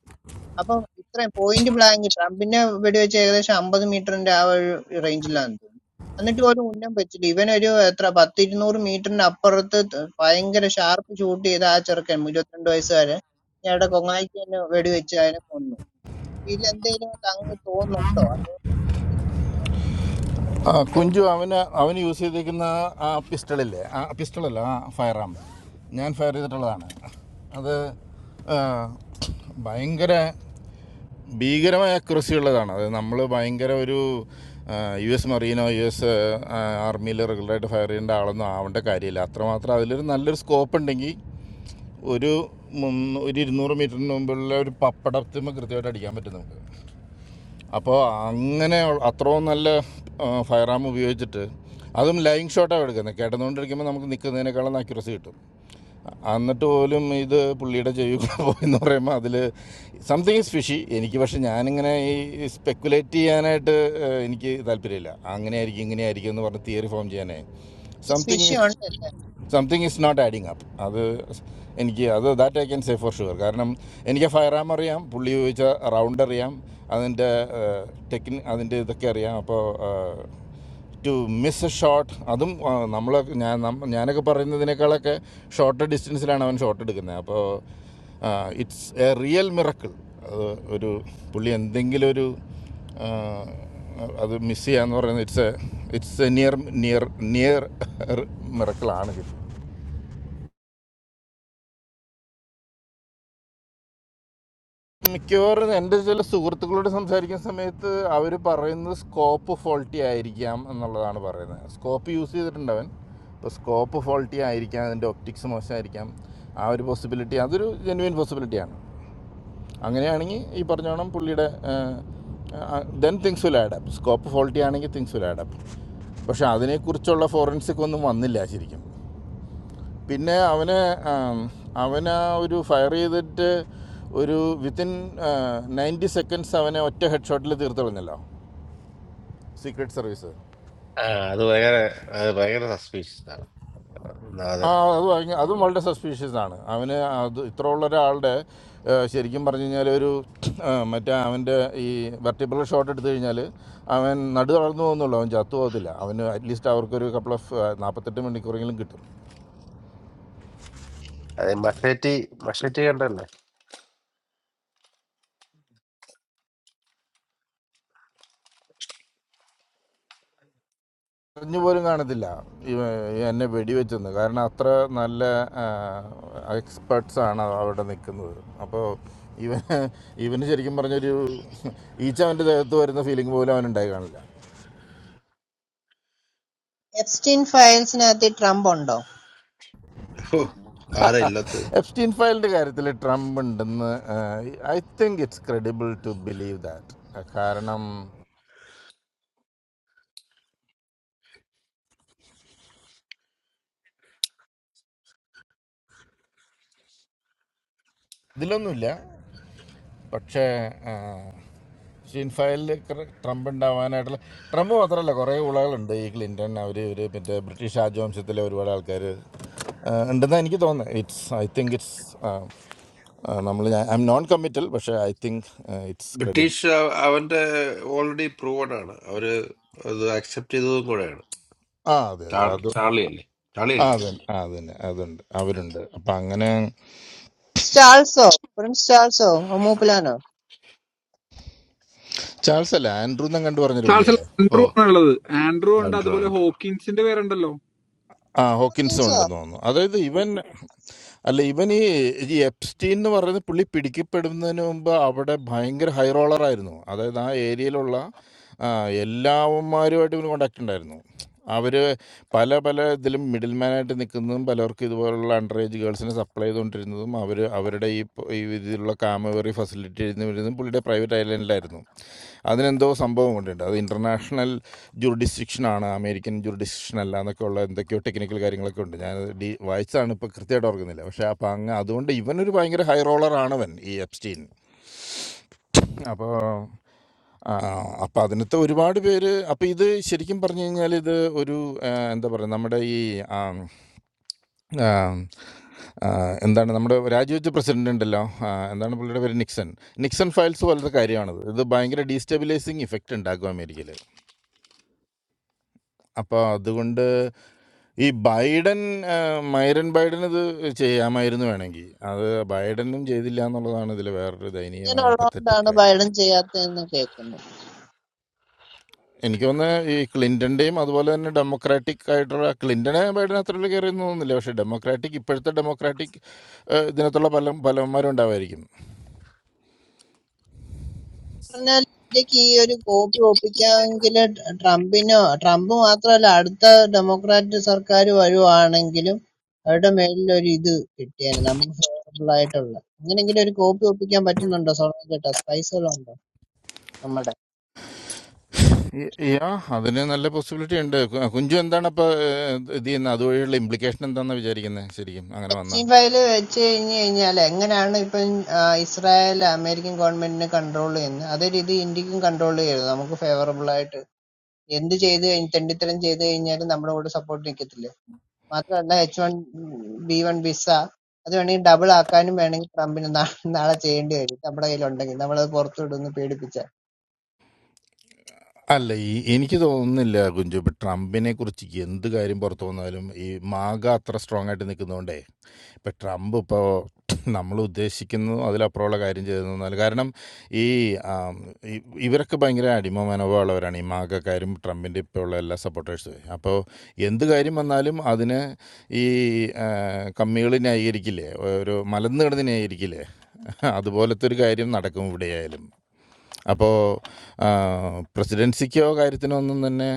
L: അപ്പം ഇത്രയും പോയിന്റ് ബ്ലാങ്ക് ട്രംപിനെ വെടിവെച്ച് ഏകദേശം അമ്പത് മീറ്ററിന്റെ ആ ഒരു റേഞ്ചിലാന്ന് തോന്നുന്നു എന്നിട്ട് ഒരു ഉന്നം വെച്ചില്ല ഇവനൊരു എത്ര പത്ത് ഇരുന്നൂറ് മീറ്ററിന്റെ അപ്പുറത്ത് ത- ഭയങ്കര ഷാർപ്പ് ഷൂട്ട് ചെയ്ത ആ ചെറുക്കൻ ഇരുപത്തിരണ്ട് വയസ്സുകാരൻ ഞങ്ങളുടെ കൊങ്ങായിക്ക് തന്നെ വെടിവെച്ച് അതിനെ കൊന്നു ഇതിലെന്തേലും തങ്ങ് തോന്നുന്നുണ്ടോ അതോ
J: ആ, കുഞ്ചു അവന് അവന് യൂസ് ചെയ്തിരിക്കുന്ന ആ പിസ്റ്റളില്ലേ ആ പിസ്റ്റളല്ല ആ ഫയർ ആം ഞാൻ ഫയർ ചെയ്തിട്ടുള്ളതാണ് അത് ആ, ഭയങ്കര ഭീകരമായ accuracy ഉള്ളതാണ് അത് നമ്മൾ ഭയങ്കര ഒരു യു എസ് മറീനോ യു എസ് ആർമിയിൽ റെഗുലറായിട്ട് ഫയർ ചെയ്യേണ്ട ആളൊന്നും ആവേണ്ട കാര്യമില്ല അത്രമാത്രം അതിലൊരു നല്ലൊരു സ്കോപ്പ് ഉണ്ടെങ്കിൽ ഒരു മുന്നൂ- ഒരു ഇരുന്നൂറ് മീറ്ററിന് മുമ്പുള്ള ഒരു പപ്പടത്തിന് കൃത്യമായിട്ട് അടിക്കാൻ പറ്റും നമുക്ക് അപ്പോൾ അങ്ങനെ അത്രയും നല്ല ഫയർ ആം ഉപയോഗിച്ചിട്ട് അതും ലൈൻ ഷോട്ടാണ് എടുക്കുന്നത് കിടന്നുകൊണ്ടിരിക്കുമ്പോൾ നമുക്ക് നിൽക്കുന്നതിനേക്കാളും അക്യുറസി കിട്ടും എന്നിട്ട് പോലും ഇത് പുള്ളിയുടെ ചെവി കൂടെ പോയെന്ന് പറയുമ്പോൾ അതിൽ സംതിങ് ഈസ് ഫിഷി എനിക്ക് പക്ഷെ ഞാനിങ്ങനെ ഈ സ്പെക്കുലേറ്റ് ചെയ്യാനായിട്ട് ഏഹ്, എനിക്ക് താല്പര്യമില്ല അങ്ങനെയായിരിക്കും ഇങ്ങനെയായിരിക്കും എന്ന് പറഞ്ഞ് തിയറി ഫോം ചെയ്യാനേ സംതിങ്
L: ഫിഷ്
J: ഈസ്
L: ഉണ്ടല്ലേ
J: something is not adding up അത് എനിക്ക് അത് that I can say for sure കാരണം എനിക്ക് ഫയർ ആം അറിയാം പുള്ളി ഉപയോഗിച്ച റൗണ്ട് അറിയാം അതിൻ്റെ ടെക്നി അതിൻ്റെ ഇതൊക്കെ അറിയാം അപ്പോൾ ടു മിസ് എ ഷോട്ട് അതും നമ്മൾ ഞാൻ നമ്മ- ഞാനൊക്കെ പറയുന്നതിനേക്കാളൊക്കെ ഷോർട്ട് ഡിസ്റ്റൻസിലാണ് അവൻ ഷോട്ട് എടുക്കുന്നത് അപ്പോൾ ഇറ്റ്സ് എ റിയൽ മിറക്കിൾ അത് ഒരു പുള്ളി എന്തെങ്കിലും ഒരു അത് മിസ് ചെയ്യാന്ന് പറയുന്നത് it's a it's a near near near മിറക്കിളാണ് കിട്ടുന്നത് മിക്കവാറും എൻ്റെ ചില സുഹൃത്തുക്കളോട് സംസാരിക്കുന്ന സമയത്ത് അവർ പറയുന്നത് സ്കോപ്പ് ഫോൾട്ടി ആയിരിക്കാം എന്നുള്ളതാണ് പറയുന്നത് സ്കോപ്പ് യൂസ് ചെയ്തിട്ടുണ്ട് അവൻ ഇപ്പോൾ സ്കോപ്പ് ഫോൾട്ടി ആയിരിക്കാം അതിൻ്റെ ഒപ്റ്റിക്സ് മോശമായിരിക്കാം ആ ഒരു പോസിബിലിറ്റി അതൊരു ജെന്വിൻ പോസിബിലിറ്റിയാണ് അങ്ങനെയാണെങ്കിൽ ഈ പറഞ്ഞ കണം പുള്ളിയുടെ then things will add up scope faulty ആണെങ്കിൽ തിങ്സ് വിൽ ആഡപ്പ് പക്ഷേ അതിനെക്കുറിച്ചുള്ള ഫോറൻസിക് ഒന്നും വന്നില്ല ശരിക്കും പിന്നെ അവന് ആം, അവന് ആ ഒരു ഫയർ ചെയ്തിട്ട് ഒരു വിത്തിൻ നയൻറ്റി സെക്കൻഡ്സ് അവനെ ഒറ്റ ഹെഡ് ഷോട്ടിൽ തീർത്ത് കളഞ്ഞല്ലോ സീക്രട്ട് സർവീസ്
E: ആ, അത് ഭയങ്കര അത് ഭയങ്കര സസ്പീഷ്യസ് ആണ് ആ, അത്
J: ആ അത് ഭയങ്കര അതും വളരെ സസ്പീഷ്യസ് ആണ് അവന് അത് ഇത്രയുള്ള ഒരാളുടെ ആ, ശരിക്കും പറഞ്ഞു കഴിഞ്ഞാൽ ഒരു ആ, മറ്റേ അവൻ്റെ ഈ വെർട്ടിബിൾ ഷോട്ട് എടുത്തു കഴിഞ്ഞാൽ അവൻ നടു തളർന്നു പോകുന്നുള്ളൂ അവൻ ചത്തു പോകത്തില്ല അവന് അറ്റ്ലീസ്റ്റ് അവർക്കൊരു കപ്പിൾ ഓഫ് നാൽപ്പത്തെട്ട് മണിക്കൂറെങ്കിലും കിട്ടും
E: അത് മഷേറ്റി മഷേറ്റി കണ്ടല്ലേ
J: അറിഞ്ഞു പോലും കാണത്തില്ല ഇവ എന്നെ വെടിവെച്ചെന്ന് കാരണം അത്ര നല്ല എക്സ്പെർട്സാണ് അവിടെ നിൽക്കുന്നത് അപ്പോൾ ഇവന് ഇവന് ശരിക്കും പറഞ്ഞൊരു ഈച്ച അവൻ്റെ ദേഹത്ത് വരുന്ന ഫീലിംഗ് പോലും അവനുണ്ടായി കാണില്ല
L: എപ്സ്റ്റീൻ ഫയൽസിനകത്ത് ട്രംപ് ഉണ്ടോ
E: ഓ ആരാ ഇല്ലാത്തത്
J: എഫ്സ്റ്റീൻ ഫയലിൻ്റെ കാര്യത്തിൽ ട്രംപ് ഉണ്ടെന്ന് I think it's credible to believe that കാരണം ഇതിലൊന്നുമില്ല പക്ഷേ ആ, ഷീൻഫയലിൽ കറ- ട്രംപ് ഉണ്ടാവാനായിട്ടുള്ള ട്രംപ് മാത്രമല്ല കുറേ ഉളകളുണ്ട് ഈ ക്ലിൻറ്റൺ അവർ ഒരു മറ്റേ ബ്രിട്ടീഷ് രാജവംശത്തിലെ ഒരുപാട് ആൾക്കാർ ഉണ്ടെന്നാണ് എനിക്ക് തോന്നുന്നത് ഇറ്റ്സ് ഐ തിങ്ക് ഇറ്റ്സ് നമ്മൾ ഐ എം നോൺ കമ്മിറ്റൽ പക്ഷേ I think it's credible
E: British അ- അവന്റെ ഓൾറെഡി പ്രൂവഡ് ആണ് അവര് അത് അക്സെപ്റ്റ് ചെയ്തതും കൂടെയാണ്
J: ആ അതെ അതെ
E: ചാർ-
J: അത്
E: ചാർലി അല്ലേ ചാർലി
J: ആ
E: അല്ലേ
J: അതെ ആ, അത് തന്നെ അതുണ്ട് അവരുണ്ട് അപ്പം അങ്ങനെ
L: ചാൾസോ പ്രിൻസ് ചാൾസോ മൂപ്പിലാനോ
J: ചാൾസ് അല്ല ആൻഡ്രൂന്നും കണ്ടു പറഞ്ഞൊരു
I: ചാൾസ് അല്ല,
J: പുള്ളിയല്ലേ
E: ഓ
I: ആൻഡ്രൂ ആണുള്ളത് ആൻഡ്രൂ ഉണ്ട്
E: ആൻഡ്രോ
I: അതുപോലെ
E: ആൻഡ്രോ
I: ഹോക്കിൻസിന്റെ പേരുണ്ടല്ലോ
J: ആ ഹോക്കിൻസും ഉണ്ടെന്ന് തോന്നുന്നു അതായത് ഇവൻ അല്ല ഇവൻ ഈ ഈ എപ്സ്റ്റീൻ എന്ന് പറയുന്ന പുള്ളി പിടിക്കപ്പെടുന്നതിന് മുമ്പ് അവിടെ ഭയങ്കര ഹൈ റോളറായിരുന്നു അതായത് ആ ഏരിയയിലുള്ള ആ, എല്ലാവന്മാരുമായിട്ട് ഇവന് കോണ്ടാക്ട് ഉണ്ടായിരുന്നു അവർ പല പല ഇതിലും മിഡിൽ മാനായിട്ട് നിൽക്കുന്നതും പലർക്കും ഇതുപോലുള്ള അണ്ടർ ഏജ് ഗേൾസിനെ സപ്ലൈ ആയതുകൊണ്ടിരുന്നതും അവർ അവരുടെ ഈ പ- ഈ ഇതിലുള്ള കാമവേറി ഫെസിലിറ്റി ഇരുന്ന് വരുന്നതും പുള്ളിയുടെ പ്രൈവറ്റ് ഐലൻഡിലായിരുന്നു അതിനെന്തോ സംഭവം കൊണ്ടുണ്ട് അത് ഇൻ്റർനാഷണൽ ജുറിഡിസ്ട്രിക്ഷൻ ആണ് അമേരിക്കൻ ജുറിഡിസ്ട്രിക്ഷൻ അല്ല എന്നൊക്കെ ഉള്ള എന്തൊക്കെയോ ടെക്നിക്കൽ കാര്യങ്ങളൊക്കെ ഉണ്ട് ഞാൻ ഡീ വായിച്ചാണ് ഇപ്പോൾ കൃത്യമായിട്ട് ഓർക്കുന്നില്ല പക്ഷേ അപ്പോൾ അങ്ങ് അതുകൊണ്ട് ഇവനൊരു ഭയങ്കര ഹൈ റോളർ ആണവൻ ഈ എപ്സ്റ്റീൻ അപ്പോൾ ആ, അപ്പം അതിനകത്ത് ഒരുപാട് പേര് അപ്പം ഇത് ശരിക്കും പറഞ്ഞു കഴിഞ്ഞാൽ ഇത് ഒരു ആ, എന്താ പറയുക നമ്മുടെ ഈ ആ, ആ, എന്താണ് നമ്മുടെ രാജിവെച്ച പ്രസിഡന്റ് ഉണ്ടല്ലോ ആ, എന്താണ് പുള്ളിയുടെ പേര് നിക്സൺ നിക്സൺ ഫയൽസ് പോലത്തെ കാര്യമാണിത് ഇത് ഭയങ്കര ഡീസ്റ്റെബിലൈസിങ് ഇഫക്റ്റ് ഉണ്ടാക്കും അമേരിക്കയിൽ അപ്പോൾ അതുകൊണ്ട് ഈ ബൈഡൻ ആ, മൈരൻ ബൈഡൻ ഇത് ചെയ്യാമായിരുന്നു വേണമെങ്കിൽ അത് ബൈഡനും ചെയ്തില്ല എന്നുള്ളതാണ് ഇതിൽ വേറൊരു ദയനീയമായ പത്തറ്റിക്
L: ഇങ്ങനെയുള്ളതുകൊണ്ടാണ്
J: കാര്യം
L: ബൈഡൻ ചെയ്യാത്തതെന്ന് കേൾക്കുന്നു
J: എനിക്ക് തോന്നുന്നത് ഈ ക്ലിൻ്റൻ്റെയും അതുപോലെ തന്നെ ഡെമോക്രാറ്റിക് ആയിട്ടുള്ള ക്ലിൻ്റനെ ബൈഡൻ അത്ര വലിയ കയറിയൊന്നും തോന്നുന്നില്ല പക്ഷേ ഡെമോക്രാറ്റിക് ഇപ്പോഴത്തെ ഡെമോക്രാറ്റിക് ഇതിനകത്തുള്ള പല പലവന്മാരും ഉണ്ടാവുമായിരിക്കും
L: പറഞ്ഞാൽ ഇന്ത്യക്ക് ഈ ഒരു കോപ്പി ഒപ്പിക്കാമെങ്കിൽ ട്രംപിനോ ട്രംപ് മാത്രമല്ല അടുത്ത ഡെമോക്രാറ്റ് സർക്കാർ വരുവാണെങ്കിലും അവരുടെ മേലിൽ ഒരു ഇത് കിട്ടിയേനെ നമുക്ക് ഫേവറബിൾ ആയിട്ടുള്ള അങ്ങനെങ്കിലും ഒരു കോപ്പി ഒപ്പിക്കാൻ പറ്റുന്നുണ്ടോ സോളാൻ ചേട്ടാ സ്പൈസുകളുണ്ടോ നമ്മുടെ
J: യ- യാ അതിന് നല്ല പോസിബിലിറ്റി ഉണ്ട് കു- കുഞ്ചു എന്താണ് അപ്പൊ ഏഹ്, ഇത് ചെയ്യുന്നത് അതുവഴിയുള്ള ഇംപ്ലിക്കേഷൻ എന്താണെന്ന് വിചാരിക്കുന്നത് ശരിക്കും അങ്ങനെ വന്നാ
L: സ്റ്റീം ഫയൽ വെച്ച് കഴിഞ്ഞ് കഴിഞ്ഞാൽ എങ്ങനെയാണ് ഇപ്പം ആ, ഇസ്രായേൽ അമേരിക്കൻ ഗവൺമെന്റിനെ കൺട്രോൾ ചെയ്യുന്നത് അതേ രീതി ഇന്ത്യക്കും കൺട്രോൾ ചെയ്യരുത് നമുക്ക് ഫേവറബിൾ ആയിട്ട് എന്ത് ചെയ്ത് കഴിഞ്ഞ് തെണ്ടിത്തരം ചെയ്ത് കഴിഞ്ഞാലും നമ്മുടെ കൂടെ സപ്പോർട്ട് നിൽക്കത്തില്ലേ മാത്രമല്ല H one B one visa അത് വേണമെങ്കിൽ ഡബിൾ ആക്കാനും വേണമെങ്കിൽ ട്രംപിന് നാ- നാളെ ചെയ്യേണ്ടി വരും നമ്മുടെ കയ്യിലുണ്ടെങ്കിൽ നമ്മളത് പുറത്തു വിടുമെന്ന് പേടിപ്പിച്ച
J: അല്ല ഈ എനിക്ക് തോന്നുന്നില്ല കുഞ്ചു ഇപ്പൊ ട്രംപിനെ കുറിച്ച് എന്ത് കാര്യം പുറത്തു വന്നാലും ഈ മാഗ അത്ര സ്ട്രോങ് ആയിട്ട് നിൽക്കുന്നതുകൊണ്ടേ ഇപ്പം ട്രംപ് ഇപ്പോൾ നമ്മൾ ഉദ്ദേശിക്കുന്നു അതിലപ്പുറമുള്ള കാര്യം ചെയ്തു എന്നാൽ കാരണം ഈ ആം, ഇ- ഇവരൊക്കെ ഭയങ്കര അടിമ മനോഭാവമുള്ളവരാണ് ഈ മാഗക്കാരും ട്രംപിൻ്റെ ഇപ്പോൾ ഉള്ള എല്ലാ സപ്പോർട്ടേഴ്സും അപ്പോൾ എന്ത് കാര്യം വന്നാലും അതിന് ഈ കമ്മികൾ ന്യായീകരിക്കില്ലേ ഒരു മലന്ന് കിടന്ന് ന്യായീകരിക്കില്ലേ അതുപോലത്തെ ഒരു കാര്യം നടക്കും ഇവിടെയായാലും അപ്പോൾ പ്രസിഡൻസിക്കോ കാര്യത്തിനോ ഒന്നും തന്നെ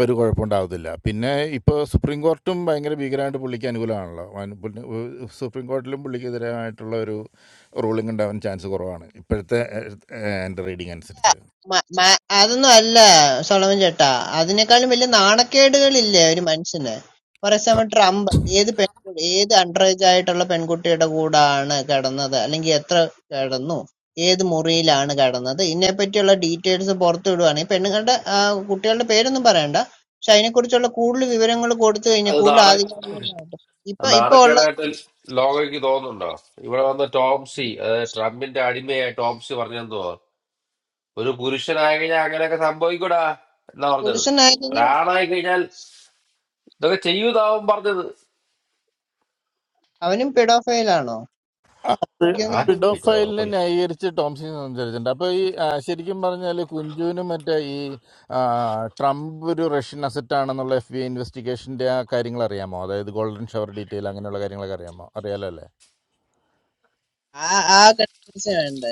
J: ഒരു കുഴപ്പമുണ്ടാവത്തില്ല. പിന്നെ ഇപ്പോൾ സുപ്രീം കോർട്ടും ഭയങ്കര ഭീകരമായിട്ട് പുള്ളിക്ക് അനുകൂലമാണല്ലോ. വൻ പുള്ളി ഏഹ് സുപ്രീം കോർട്ടിലും പുള്ളിക്കെതിരായിട്ടുള്ള ഒരു റൂളിംഗ് ഉണ്ടാവാൻ ചാൻസ് കുറവാണ്. ഇപ്പോഴത്തെ ഏഹ് ഏഹ് എൻ്റെ റീഡിംഗ് അനുസരിച്ച്.
L: മ- മ- അതൊന്നും അല്ല സോളമൻ ചേട്ടാ അതിനേക്കാളും വലിയ നാണക്കേടുകളില്ലേ ഒരു മനുഷ്യന് ഫോർ എക്സാമ്പിൾ ട്രംപ് ഏത് പെൺകുട്ടി ഏത് അണ്ടറേജ് ആയിട്ടുള്ള പെൺകുട്ടിയുടെ കൂടാണ് കിടന്നത് അല്ലെങ്കിൽ എത്ര കിടന്നു ഏത് മുറിയിലാണ് കിടന്നത് ഇതിനെപ്പറ്റിയുള്ള ഡീറ്റെയിൽസ് പുറത്തു വിടുവാണെങ്കിൽ പെണ്ണുങ്ങളുടെ ആ, കുട്ടികളുടെ പേരൊന്നും പറയണ്ട പക്ഷെ അതിനെക്കുറിച്ചുള്ള കൂടുതൽ വിവരങ്ങൾ കൊടുത്തു കഴിഞ്ഞാൽ
E: അത്
L: കൂടുതൽ
E: നാളെ
L: ആധികാരികമായിട്ട് ഇപ്പൊ ഇപ്പൊ ഉള്ള
E: നാണക്കേടായിട്ട് ലോകയ്ക്ക് തോന്നുന്നുണ്ടോ ഇവിടെ വന്ന ടോംസി അതായത് ട്രംപിന്റെ അടിമയായ ടോംസി പറഞ്ഞെന്ന് തോന്നുന്നു ഒരു പുരുഷനായി കഴിഞ്ഞാൽ അങ്ങനെയൊക്കെ സംഭവിക്കൂടാ എന്നാ പറഞ്ഞത്
L: പുരുഷനായിരുന്നു
E: ഒരാളായി കഴിഞ്ഞാൽ ഇതൊക്കെ ചെയ്യൂതാവും പറഞ്ഞത്
L: അവനും പെഡോഫൈലാണോ എനിക്കൊന്ന്
E: ആ
L: പുള്ളി
E: പിന്നെ
J: പിഡോഫൈലിനെ
E: ഉറപ്പല്ലേ
J: ന്യായീകരിച്ച് ടോംസിന് സംസാരിച്ചിട്ടുണ്ട്. അപ്പോൾ ഈ ആഹ്, ശരിക്കും പറഞ്ഞാൽ കുഞ്ചുവിനും മറ്റേ ഈ ആഹ്, ട്രംപ് ഒരു റഷ്യൻ അസറ്റ് ആണെന്നുള്ള എഫ് ബി ഐ ഇൻവെസ്റ്റിഗേഷൻ്റെ ആ കാര്യങ്ങൾ അറിയാമോ? അതായത് ഗോൾഡൻ ഷവർ ഡീറ്റെയിൽ അങ്ങനെയുള്ള കാര്യങ്ങളൊക്കെ അറിയാമോ? അറിയാലോ അല്ലേ?
L: ആ ആ കൺഫ്യൂഷൻ വേണ്ട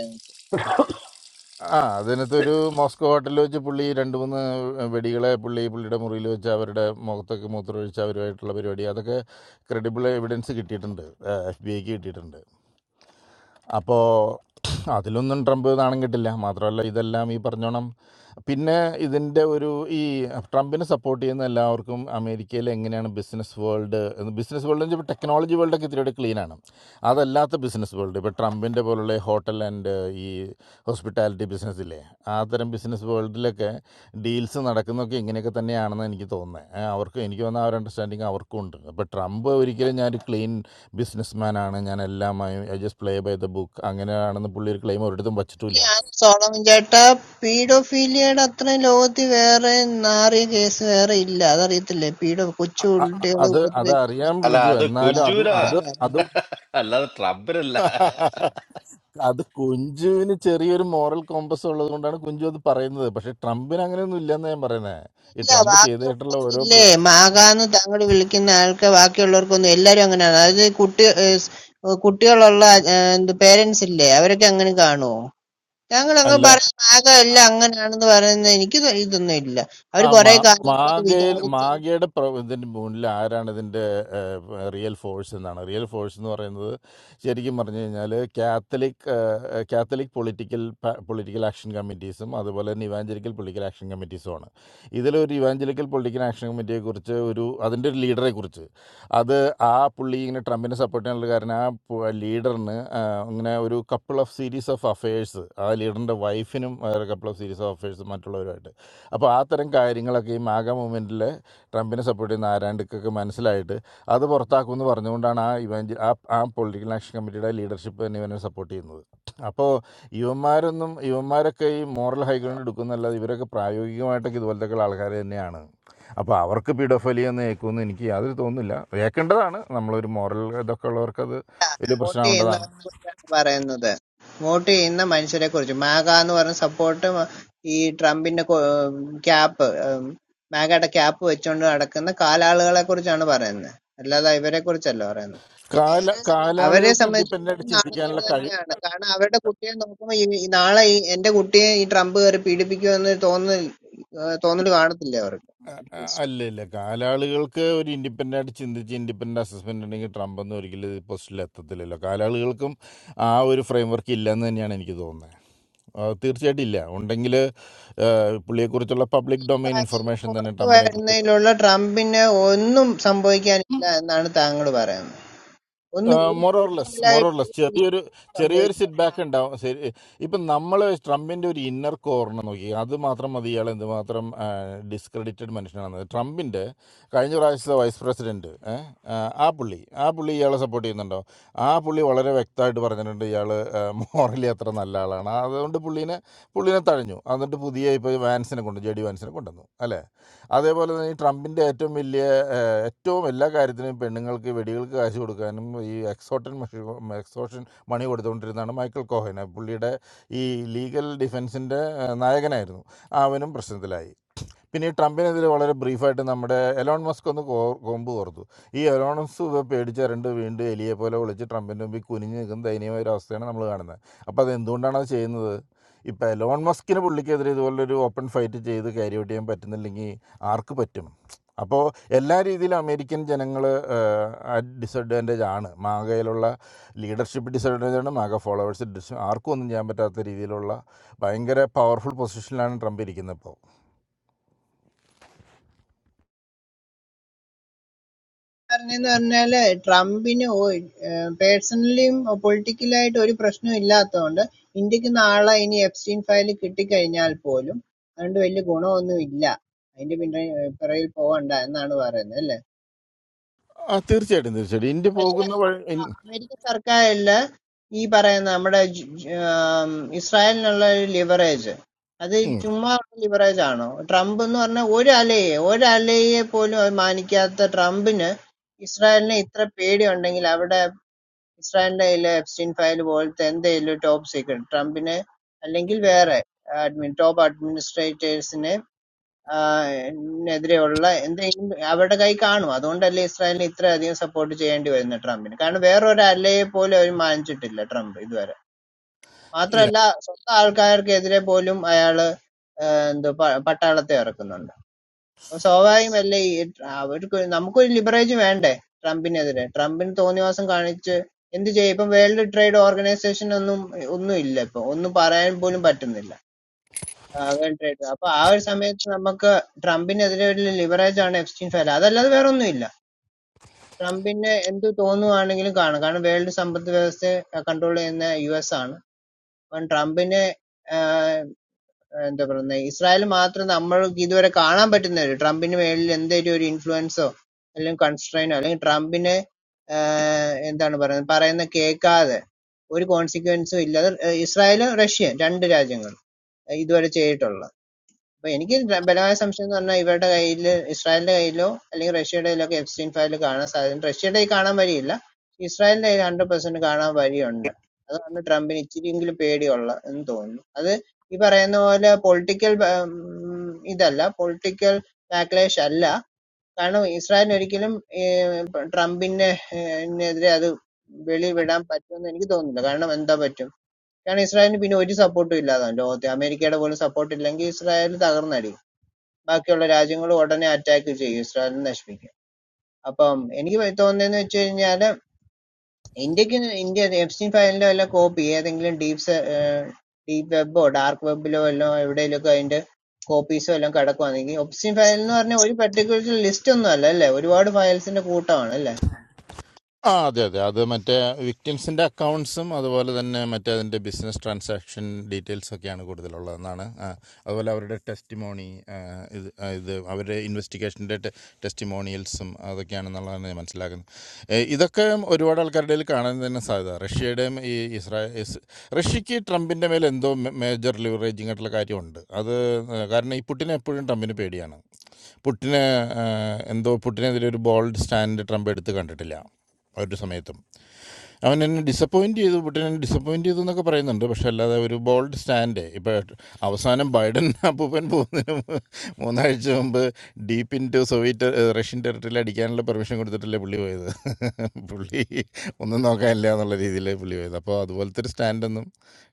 J: ആ അതിനകത്തൊരു മോസ്കോ ഹോട്ടലിൽ വെച്ച് പുള്ളി രണ്ട് മൂന്ന് വെടികളെ പുള്ളി പുള്ളിയുടെ മുറിയിൽ വെച്ച് അവരുടെ മുഖത്തൊക്കെ മൂത്രമൊഴിച്ച് അവരുമായിട്ടുള്ള പരിപാടി അതൊക്കെ ക്രെഡിബിൾ എവിഡൻസ് കിട്ടിയിട്ടുണ്ട് എഫ് ബി ഐക്ക് കിട്ടിയിട്ടുണ്ട് അപ്പോൾ അതിലൊന്നും ട്രംപ് നാണം കിട്ടില്ല മാത്രമല്ല ഇതെല്ലാം ഈ പറഞ്ഞോണം പിന്നെ ഇതിൻ്റെ ഒരു ഈ ട്രംപിനെ സപ്പോർട്ട് ചെയ്യുന്ന എല്ലാവർക്കും അമേരിക്കയിൽ എങ്ങനെയാണ് ബിസിനസ് വേൾഡ് ബിസിനസ് വേൾഡ് എന്ന് വെച്ചാൽ ടെക്നോളജി വേൾഡൊക്കെ ഇത്തിരിയുടെ ക്ലീനാണ് അതല്ലാത്ത ബിസിനസ് വേൾഡ് ഇപ്പോൾ ട്രംപിൻ്റെ പോലുള്ള ഹോട്ടൽ ആൻഡ് ഈ ഹോസ്പിറ്റാലിറ്റി ബിസിനസ് ഇല്ലേ ആ തരം ബിസിനസ് വേൾഡിലൊക്കെ ഡീൽസ് നടക്കുന്നതൊക്കെ ഇങ്ങനെയൊക്കെ തന്നെയാണെന്ന് എനിക്ക് തോന്നുന്നത് ഏ, അവർക്ക് എനിക്ക് തോന്നുന്ന ആ ഒരു അണ്ടർസ്റ്റാൻഡിങ് അവർക്കും ഉണ്ട് അപ്പോൾ ട്രംപ് ഒരിക്കലും ഞാനൊരു ക്ലീൻ ബിസിനസ്മാനാണ് ഞാൻ എല്ലാമായും I just play by the book അങ്ങനെയാണെന്ന് പുള്ളി ഒരു ക്ലെയിം ഒരിടത്തും വച്ചിട്ടില്ല
L: സോളമൻ ചേട്ടാ പീഡോഫീലിയയുടെ അത്രയും ലോകത്തിൽ വേറെ നാറിയ കേസ് വേറെ ഇല്ല അതറിയത്തില്ലേ പീഡോ കൊച്ചു
J: അ-
L: കുട്ടികളെ
J: അത് അത്
L: ഉപദ്രവിക്കുന്ന
J: അറിയാം
E: അല്ല
J: കുഞ്ചു
E: അത്
J: എന്നാലും അത്
E: കുഞ്ചൂരാ
J: അത് അത്
L: ആൾക്കാരാണ്.
E: അല്ലാതെ ട്രംപിനല്ല
J: അത് കുഞ്ചുവിന് ചെറിയൊരു മോറൽ കോമ്പസ് ഉള്ളത് കൊണ്ടാണ് കുഞ്ചു അത് പറയുന്നത് പക്ഷെ ട്രംപിന് അങ്ങനെയൊന്നും ഇല്ലെന്ന് ഞാൻ പറയുന്നത് ഈ
L: ഇല്ല
J: ട്രംപ് ചെയ്തിട്ടുള്ള ഓരോ
L: ബാക്കിയുള്ളവർക്കില്ലേ
J: പ്ര-
L: മാകാന്ന് താങ്കൾ വിളിക്കുന്ന ആൾക്ക് ബാക്കിയുള്ളവർക്കൊന്നും എല്ലാരും അങ്ങനെയാണ് അതായത് കുട്ടി ഏഹ് സ് കുട്ടികളുള്ള ഏഹ് എന്ത് പേരൻസ് ഇല്ലേ അവരൊക്കെ അങ്ങനെ കാണുമോ താങ്കൾ അങ്ങ്
J: അല്ല
L: പറയും മാക എല്ലാം അങ്ങനെയാണെന്ന് പറയുന്നത് എനിക്ക് ഇതൊന്നും ഇല്ല അവർ
J: ആ
L: കുറെ
J: മാ-
L: കാര്യങ്ങളൊക്കെ
J: മാഗയിൽ
L: വിചാരിച്ച്
J: മാഗയുടെ പ്ര- ഇതിന്റെ മുന്നിൽ ആരാണ് ഇതിന്റെ ഏഹ്, പ- റിയൽ ഫോഴ്സ് എന്നാണ് റിയൽ ഫോഴ്സ് എന്ന് പറയുന്നത് ശരിക്കും പറഞ്ഞു കഴിഞ്ഞാൽ കാത്തലിക് ഏഹ്, കാത്തലിക് പൊളിറ്റിക്കൽ പ- പൊളിറ്റിക്കൽ ആക്ഷൻ കമ്മിറ്റീസും അതുപോലെ തന്നെ ഇവാഞ്ചലിക്കൽ പൊളിറ്റിക്കൽ ആക്ഷൻ കമ്മിറ്റീസുമാണ് ഇതിലൊരു ഇവാഞ്ചലിക്കൽ പൊളിറ്റിക്കൽ ആക്ഷൻ കമ്മിറ്റിയെ കുറിച്ച് ഒരു അതിൻ്റെ ഒരു ലീഡറെ കുറിച്ച് അത് ആ പുള്ളി ഇങ്ങനെ ട്രംപിനെ സപ്പോർട്ട് ചെയ്യാനുള്ള കാരണം ആ ലീഡറിന് ഇങ്ങനെ ഒരു couple of series of affairs ആ ലീഡറിൻ്റെ വൈഫിനും couple of series of affairs മറ്റുള്ളവരുമായിട്ട് അപ്പോൾ ആ തരം കാര്യങ്ങളൊക്കെ ഈ മാഗ മൂവ്മെൻറ്റിൽ ട്രംപിനെ സപ്പോർട്ട് ചെയ്യുന്ന ആരാണ്ടിക്കൊക്കെ മനസ്സിലായിട്ട് അത് പുറത്താക്കുമെന്ന് പറഞ്ഞുകൊണ്ടാണ് ആ ഇവൻ ആ ആ പൊളിറ്റിക്കൽ ആക്ഷൻ കമ്മിറ്റിയുടെ ലീഡർഷിപ്പ് തന്നെ ഇവനെ സപ്പോർട്ട് ചെയ്യുന്നത് അപ്പോൾ ഇവന്മാരൊന്നും ഇവന്മാരൊക്കെ ഈ മോറൽ ഹൈഗ്രൗണ്ട് എടുക്കുന്നല്ലാതെ ഇവരൊക്കെ പ്രായോഗികമായിട്ടൊക്കെ ഇതുപോലത്തെ ഒക്കെ ആൾക്കാർ തന്നെയാണ് അപ്പോൾ അവർക്ക് പീഡോഫലി എന്ന് ഏക്കുമെന്ന് എനിക്ക് യാതൊരു തോന്നുന്നില്ല ഏക്കേണ്ടതാണ് നമ്മളൊരു മോറൽ ഇതൊക്കെ ഉള്ളവർക്ക് അത് വലിയ
L: വോട്ട്
J: പ്രശ്നമാവേണ്ടതാണ്
L: ചെയ്യുന്നവരെ കുറിച്ചാണ് പറയുന്നത് വോട്ട് ചെയ്യുന്ന മനുഷ്യരെ കുറിച്ച് മാഗ എന്ന് പറഞ്ഞ സപ്പോർട്ട് ഈ ട്രംപിന്റെ ക്യാപ്പ് മാഗയുടെ ക്യാപ്പ് വെച്ചുകൊണ്ട് നടക്കുന്ന കാലാളുകളെ കുറിച്ചാണ് പറയുന്നത് അല്ലാതെ ഇവരെ കുറിച്ചല്ല പറയുന്നത്
J: കാല
L: അവരെ
J: കാലാളുകൾക്ക് ഇൻഡിപെൻഡൻ്റ് ആയിട്ട്
L: സംബന്ധിച്ചിടത്തോളം നാണക്കേട്
J: ചിന്തിക്കാനുള്ള കഴിവ്
L: തന്നെയാണ് കാരണം അവരുടെ കുട്ടിയെ നോക്കുമ്പോൾ ഈ ഈ നാളെ ഈ എന്റെ കുട്ടിയെ ഈ ട്രംപ് കയറി പീഡിപ്പിക്കുമെന്ന് തോന്നൽ തോന്നൽ കാണത്തില്ല അവർക്ക്
J: അ- അ-
L: അറ്റ്ലീസ്റ്റ്
J: അല്ല ഇല്ല കാലാളുകൾക്ക് ഒരു ഇൻഡിപെൻഡൻ്റ് ആയിട്ട് ചിന്തിച്ച് ഇൻഡിപെൻഡൻ്റ് അസസ്മെൻ്റ് ഉണ്ടെങ്കിൽ ട്രംപ് ഒന്നും ഒരിക്കലും ഈ പൊസിഷനിൽ എത്തത്തില്ലല്ലോ കാലാളുകൾക്കും ആ ഒരു ഫ്രെയിം വർക്ക് ഇല്ല എന്ന് തന്നെയാണ് എനിക്ക് തോന്നുന്നത് ആ, തീർച്ചയായിട്ടും ഇല്ല ഉണ്ടെങ്കിൽ പുള്ളിയെക്കുറിച്ചുള്ള പബ്ലിക് ഡൊമൈൻ ഇൻഫർമേഷൻ തന്നെ
L: പുറത്തു
J: ട്രംപിനെ
L: വരുന്നതിലുള്ള ട്രംപിന് ഒന്നും സംഭവിക്കാനില്ല എന്നാണ് താങ്കൾ പറയുന്നത് ഒന്ന് ഒരു
J: മൊറോർലെസ്
L: പൊളിറ്റിക്കലായിട്ട്
J: മൊറോർലെസ്
L: ഒരു
J: ചെറിയൊരു
L: തിരിച്ചും
J: ചെറിയൊരു
L: സംഭവിച്ചില്ല.
J: സിറ്റ് ബാക്ക് ഉണ്ടാവും ശരി ഇപ്പം നമ്മൾ ട്രംപിൻ്റെ ഒരു ഇന്നർ കോർണർ നോക്കി അത് മാത്രം മതി ഇയാൾ എന്തുമാത്രം ഡിസ്ക്രെഡിറ്റഡ് മനുഷ്യനാണെന്ന് ട്രംപിൻ്റെ കഴിഞ്ഞ പ്രാവശ്യത്തെ വൈസ് പ്രസിഡൻറ്റ് ആ പുള്ളി ആ പുള്ളി ഇയാളെ സപ്പോർട്ട് ചെയ്യുന്നുണ്ടോ ആ പുള്ളി വളരെ വ്യക്തമായിട്ട് പറഞ്ഞിട്ടുണ്ട് ഇയാൾ മോറലി അത്ര നല്ല ആളാണ് അതുകൊണ്ട് പുള്ളീനെ പുള്ളീനെ തഴഞ്ഞു എന്നിട്ട് പുതിയ ഇപ്പോൾ വാൻസിനെ കൊണ്ട് ജെ ഡി വാൻസിനെ കൊണ്ടുവന്നു അല്ലേ അതേപോലെ തന്നെ ഈ ട്രംപിൻ്റെ ഏറ്റവും വലിയ ഏറ്റവും എല്ലാ കാര്യത്തിനും പെണ്ണുങ്ങൾക്ക് വെടികൾക്ക് കാശ് കൊടുക്കാനും ഈ എക്സോട്ടൻ എക്സോഷൻ മണി കൊടുത്തുകൊണ്ടിരുന്നതാണ് മൈക്കിൾ കോഹൻ പുള്ളിയുടെ ഈ ലീഗൽ ഡിഫൻസിൻ്റെ നായകനായിരുന്നു അവനും പ്രശ്നത്തിലായി പിന്നെ ഈ ട്രംപിനെതിരെ വളരെ ബ്രീഫായിട്ട് നമ്മുടെ എലോൺ മസ്ക് ഒന്ന് കോ കൊമ്പ് കോർത്തു ഈ എലോൺ മസ്ക് പേടിച്ച രണ്ട് വീണ്ടും എലിയെ പോലെ വിളിച്ച് ട്രംപിൻ്റെ മുമ്പിൽ കുനിഞ്ഞ് നിൽക്കുന്ന ദയനീയമായ ഒരു അവസ്ഥയാണ് നമ്മൾ കാണുന്നത് അപ്പോൾ അത് എന്തുകൊണ്ടാണ് അത് ചെയ്യുന്നത് ഇപ്പോൾ എലോൺ മസ്കിന് പുള്ളിക്കെതിരെ ഇതുപോലൊരു ഓപ്പൺ ഫൈറ്റ് ചെയ്ത് ക്യാരി ഔട്ട് ചെയ്യാൻ പറ്റുന്നില്ലെങ്കിൽ ആർക്ക് പറ്റും അപ്പോൾ എല്ലാ രീതിയിലും അമേരിക്കൻ ജനങ്ങൾ ഡിസഡ്വാൻറ്റേജ് ആണ് മാഗയിലുള്ള ലീഡർഷിപ്പ് ഡിസഡ്വാൻറ്റേജ് ആണ് മാഗ ഫോളോവേഴ്സ് ഡിസ് ആർക്കും ഒന്നും ചെയ്യാൻ പറ്റാത്ത രീതിയിലുള്ള ഭയങ്കര പവർഫുൾ പൊസിഷനിലാണ് ട്രംപ് ഇരിക്കുന്നത് ഇപ്പോൾ
L: പറഞ്ഞെന്ന് പറഞ്ഞാല് ട്രംപിന് പേഴ്സണലിയും പൊളിറ്റിക്കലായിട്ട് ഒരു പ്രശ്നം ഇല്ലാത്തതുകൊണ്ട് ഇന്ത്യക്ക് നാളെ ഇനി എഫ്സ്റ്റീൻ ഫയൽ കിട്ടിക്കഴിഞ്ഞാൽ പോലും അതുകൊണ്ട് വലിയ ഗുണമൊന്നും ഇല്ല അതിന്റെ പിന്നെ ഏഹ്, പിറകിൽ പോകണ്ട എന്നാണ് പറയുന്നത്
J: ആ തീർച്ചയായിട്ടും തീർച്ചയായിട്ടും ഇന്ത്യ
L: അല്ലേ
J: പോകുന്ന വഴി ഇൻ-
L: അമേരിക്കൻ സർക്കാരില് ഈ പറയുന്ന നമ്മുടെ ജ്- ജ്- ആം, ഇസ്രായേലിനുള്ള ഒരു ലിവറേജ് അത്
J: ഉം.
L: ചുമ്മാ ലിവറേജ് ആണോ ട്രംപ് എന്ന് പറഞ്ഞ ഒരു അലയെ ഒരു അലയെ പോലും അത് മാനിക്കാത്ത ട്രംപിന് ഇസ്രായേലിനെ ഇത്ര പേടിയുണ്ടെങ്കിൽ അവിടെ ഇസ്രായേലിന്റെ കയ്യിലെ എപ്സ്റ്റീൻ ഫയൽ പോലത്തെ എന്തെങ്കിലും ടോപ്പ് സീക്രട്ട് ട്രംപിനെ അല്ലെങ്കിൽ വേറെ അഡ്മിൻ ടോപ്പ് അഡ്മിനിസ്ട്രേറ്റേഴ്സിനെ ആ, എതിരെയുള്ള എന്തെങ്കിലും അവരുടെ കൈ കാണും അതുകൊണ്ടല്ലേ ഇസ്രായേലിനെ ഇത്രയധികം സപ്പോർട്ട് ചെയ്യേണ്ടി വരുന്നത് ട്രംപിന് കാരണം വേറൊരു അല്ലയെ പോലും അവർ മാനിച്ചിട്ടില്ല ട്രംപ് ഇതുവരെ
J: Yeah.
L: മാത്രമല്ല സ്വന്തം ആൾക്കാർക്കെതിരെ പോലും അയാള് ആഹ് എന്തോ പ- പട്ടാളത്തെ ഇറക്കുന്നുണ്ട് അപ്പൊ സ്വാഭാവികമല്ലേ ഈ ട്ര- അവർക്ക് നമുക്കൊരു ലിബറേജ് വേണ്ടേ ട്രംപിനെതിരെ ട്രംപിന് തോന്നിവാസം കാണിച്ച് എന്ത് ചെയ്യും ഇപ്പം വേൾഡ് ട്രേഡ് ഓർഗനൈസേഷൻ ഒന്നും ഒന്നും ഇല്ല ഇപ്പൊ ഒന്നും പറയാൻ പോലും പറ്റുന്നില്ല വേൾഡ് ട്രേഡ് അപ്പൊ ആ ഒരു സമയത്ത് നമുക്ക് ട്രംപിനെതിരെ ഒരു ലിവറേജ് ആണ് എക്സ്ചേഞ്ച് ഫയൽ അതല്ലാതെ വേറെ ഒന്നുമില്ല ട്രംപിന് എന്ത് തോന്നുവാണെങ്കിലും കാണും കാരണം വേൾഡ് സമ്പദ് വ്യവസ്ഥയെ കൺട്രോൾ ചെയ്യുന്ന യു എസ് ആണ് അപ്പം ട്രംപിന് ആഹ് എന്താ പറയുന്നത് ഇസ്രായേൽ മാത്രം നമ്മൾക്ക് ഇതുവരെ കാണാൻ പറ്റുന്ന ഒരു ട്രംപിന് മേളിൽ എന്തെങ്കിലും ഒരു ഇൻഫ്ലുവൻസോ അല്ലെങ്കിൽ കൺസ്ട്രെയിനോ അല്ലെങ്കിൽ ട്രംപിന് ആഹ് എന്താണ് പറയുന്നത് പറയുന്ന കേൾക്കാതെ ഒരു കോൺസിക്വൻസും ഇല്ലാതെ ഇസ്രായേലും റഷ്യയും രണ്ട് രാജ്യങ്ങൾ ഇതുവരെ ചെയ്തിട്ടുള്ളത് അപ്പൊ എനിക്ക് ദ- ബലമായ സംശയം എന്ന് പറഞ്ഞാൽ ഇവരുടെ കയ്യിൽ ഇസ്രായേലിന്റെ കയ്യിലോ അല്ലെങ്കിൽ റഷ്യയുടെ കയ്യിലോ ഒക്കെ എഫ്സ്റ്റീൻ ഫയൽ കാണാൻ സാധ്യത റഷ്യയുടെ കയ്യിൽ കാണാൻ വഴിയില്ല ഇസ്രായേലിന്റെ കയ്യിൽ ഹൺഡ്രഡ് പെർസെന്റ് കാണാൻ വഴിയുണ്ട് അതാണ് ട്രംപിന് ഇച്ചിരിയെങ്കിലും പേടിയുള്ള എന്ന് തോന്നുന്നു അത് ഈ പറയുന്ന പോലെ പൊളിറ്റിക്കൽ ഇതല്ല പൊളിറ്റിക്കൽ ബാക്ലേഷ് അല്ല കാരണം ഇസ്രായേലിന് ഒരിക്കലും ഏഹ്, ട്രംപിനെ ഏഹ്, എതിരെ അത് വെളിവിടാൻ പറ്റുമെന്ന് എനിക്ക് തോന്നുന്നില്ല കാരണം എന്താ പറ്റും കാരണം ഇസ്രായേലിന് പിന്നെ ഒരു സപ്പോർട്ടും ഇല്ലാതാണ് ലോകത്തെ അമേരിക്കയുടെ പോലും സപ്പോർട്ട് ഇല്ലെങ്കിൽ ഇസ്രായേൽ തകർന്നടിയും ബാക്കിയുള്ള രാജ്യങ്ങൾ ഉടനെ അറ്റാക്ക് ചെയ്യും ഇസ്രായേലിനെ നശിപ്പിക്കും അപ്പം എനിക്ക് പ- തോന്നുന്നതെന്ന് വെച്ച് കഴിഞ്ഞാല് ഇന്ത്യക്ക് ഇന്ത്യ എഫ്സിൻ ഫയലിലോ വല്ല കോപ്പി ഏതെങ്കിലും ഡീപ് ഡീപ് വെബോ ഡാർക്ക് വെബിലോ വല്ലോ എവിടെയെങ്കിലുമൊക്കെ അതിന്റെ കോപ്പീസോ എല്ലാം കിടക്കുവാണെങ്കിൽ ഒപ്സിൻ ഫയൽ എന്ന് പറഞ്ഞാൽ ഒരു പർട്ടിക്കുലർ ലിസ്റ്റ് ഒന്നും അല്ല അല്ലേ ഒരുപാട് ഫയൽസിന്റെ കൂട്ടമാണ് അല്ലേ
J: ആ അതെ അതെ അത് മറ്റേ വിക്ടിംസിന്റെ അക്കൗണ്ട്സും അതുപോലെ തന്നെ മറ്റേ അതിന്റെ ബിസിനസ് ട്രാൻസാക്ഷൻ ഡീറ്റെയിൽസ് ഒക്കെയാണ് കൂടുതലുള്ളതെന്നാണ് അതുപോലെ അവരുടെ ടെസ്റ്റ് മോണി ഇത് ആ, ഇത് അവരുടെ ഇൻവെസ്റ്റിഗേഷൻ്റെ ടെസ്റ്റ് മോണിയൽസും അതൊക്കെയാണെന്നുള്ളതാണ് ഞാൻ മനസ്സിലാക്കുന്നത് ഏ, ഇതൊക്കെ ഒരുപാട് ആൾക്കാരുടെ ഇടയിൽ കാണാൻ തന്നെ സാധ്യത റഷ്യയുടെയും ഈ ഇസ്രായേൽ ഇസ്- റഷ്യക്ക് ട്രംപിൻ്റെ മേൽ എന്തോ മേജർ ലിവറേജിങ് ആയിട്ടുള്ള കാര്യമുണ്ട് അത് ഏ, കാരണം ഈ പുട്ടിനെ എപ്പോഴും ട്രംപിന് പേടിയാണ് പുട്ടിന് ആ, എന്തോ പുട്ടിനെതിരെ ഒരു ബോൾഡ് സ്റ്റാൻഡ് ട്രംപ് എടുത്ത് കണ്ടിട്ടില്ല ഒരു സമയത്തും അവൻ എന്നെ ഡിസപ്പോയിൻ്റ് ചെയ്തു പുടിൻ എന്നെ ഡിസപ്പോയിൻ്റ് ചെയ്തു എന്നൊക്കെ പറയുന്നുണ്ട് പക്ഷെ അല്ലാതെ ഒരു ബോൾഡ് സ്റ്റാൻഡ് ഇപ്പോൾ അവസാനം ബൈഡൻ അപ്പൂപ്പൻ പോകുന്നതിന് മു- മൂന്നാഴ്ച മുമ്പ് ഡീപ്പ് ഇൻ ടു സോവിയറ്റ് ഏഹ്, റഷ്യൻ ടെറിട്ടറിയിൽ അടിക്കാനുള്ള പെർമിഷൻ കൊടുത്തിട്ടല്ലേ പുള്ളി പോയത് പുള്ളി ഒന്നും നോക്കാനില്ല എന്നുള്ള രീതിയിലേ പുള്ളി പോയത് അപ്പോൾ അതുപോലത്തെ ഒരു സ്റ്റാൻഡൊന്നും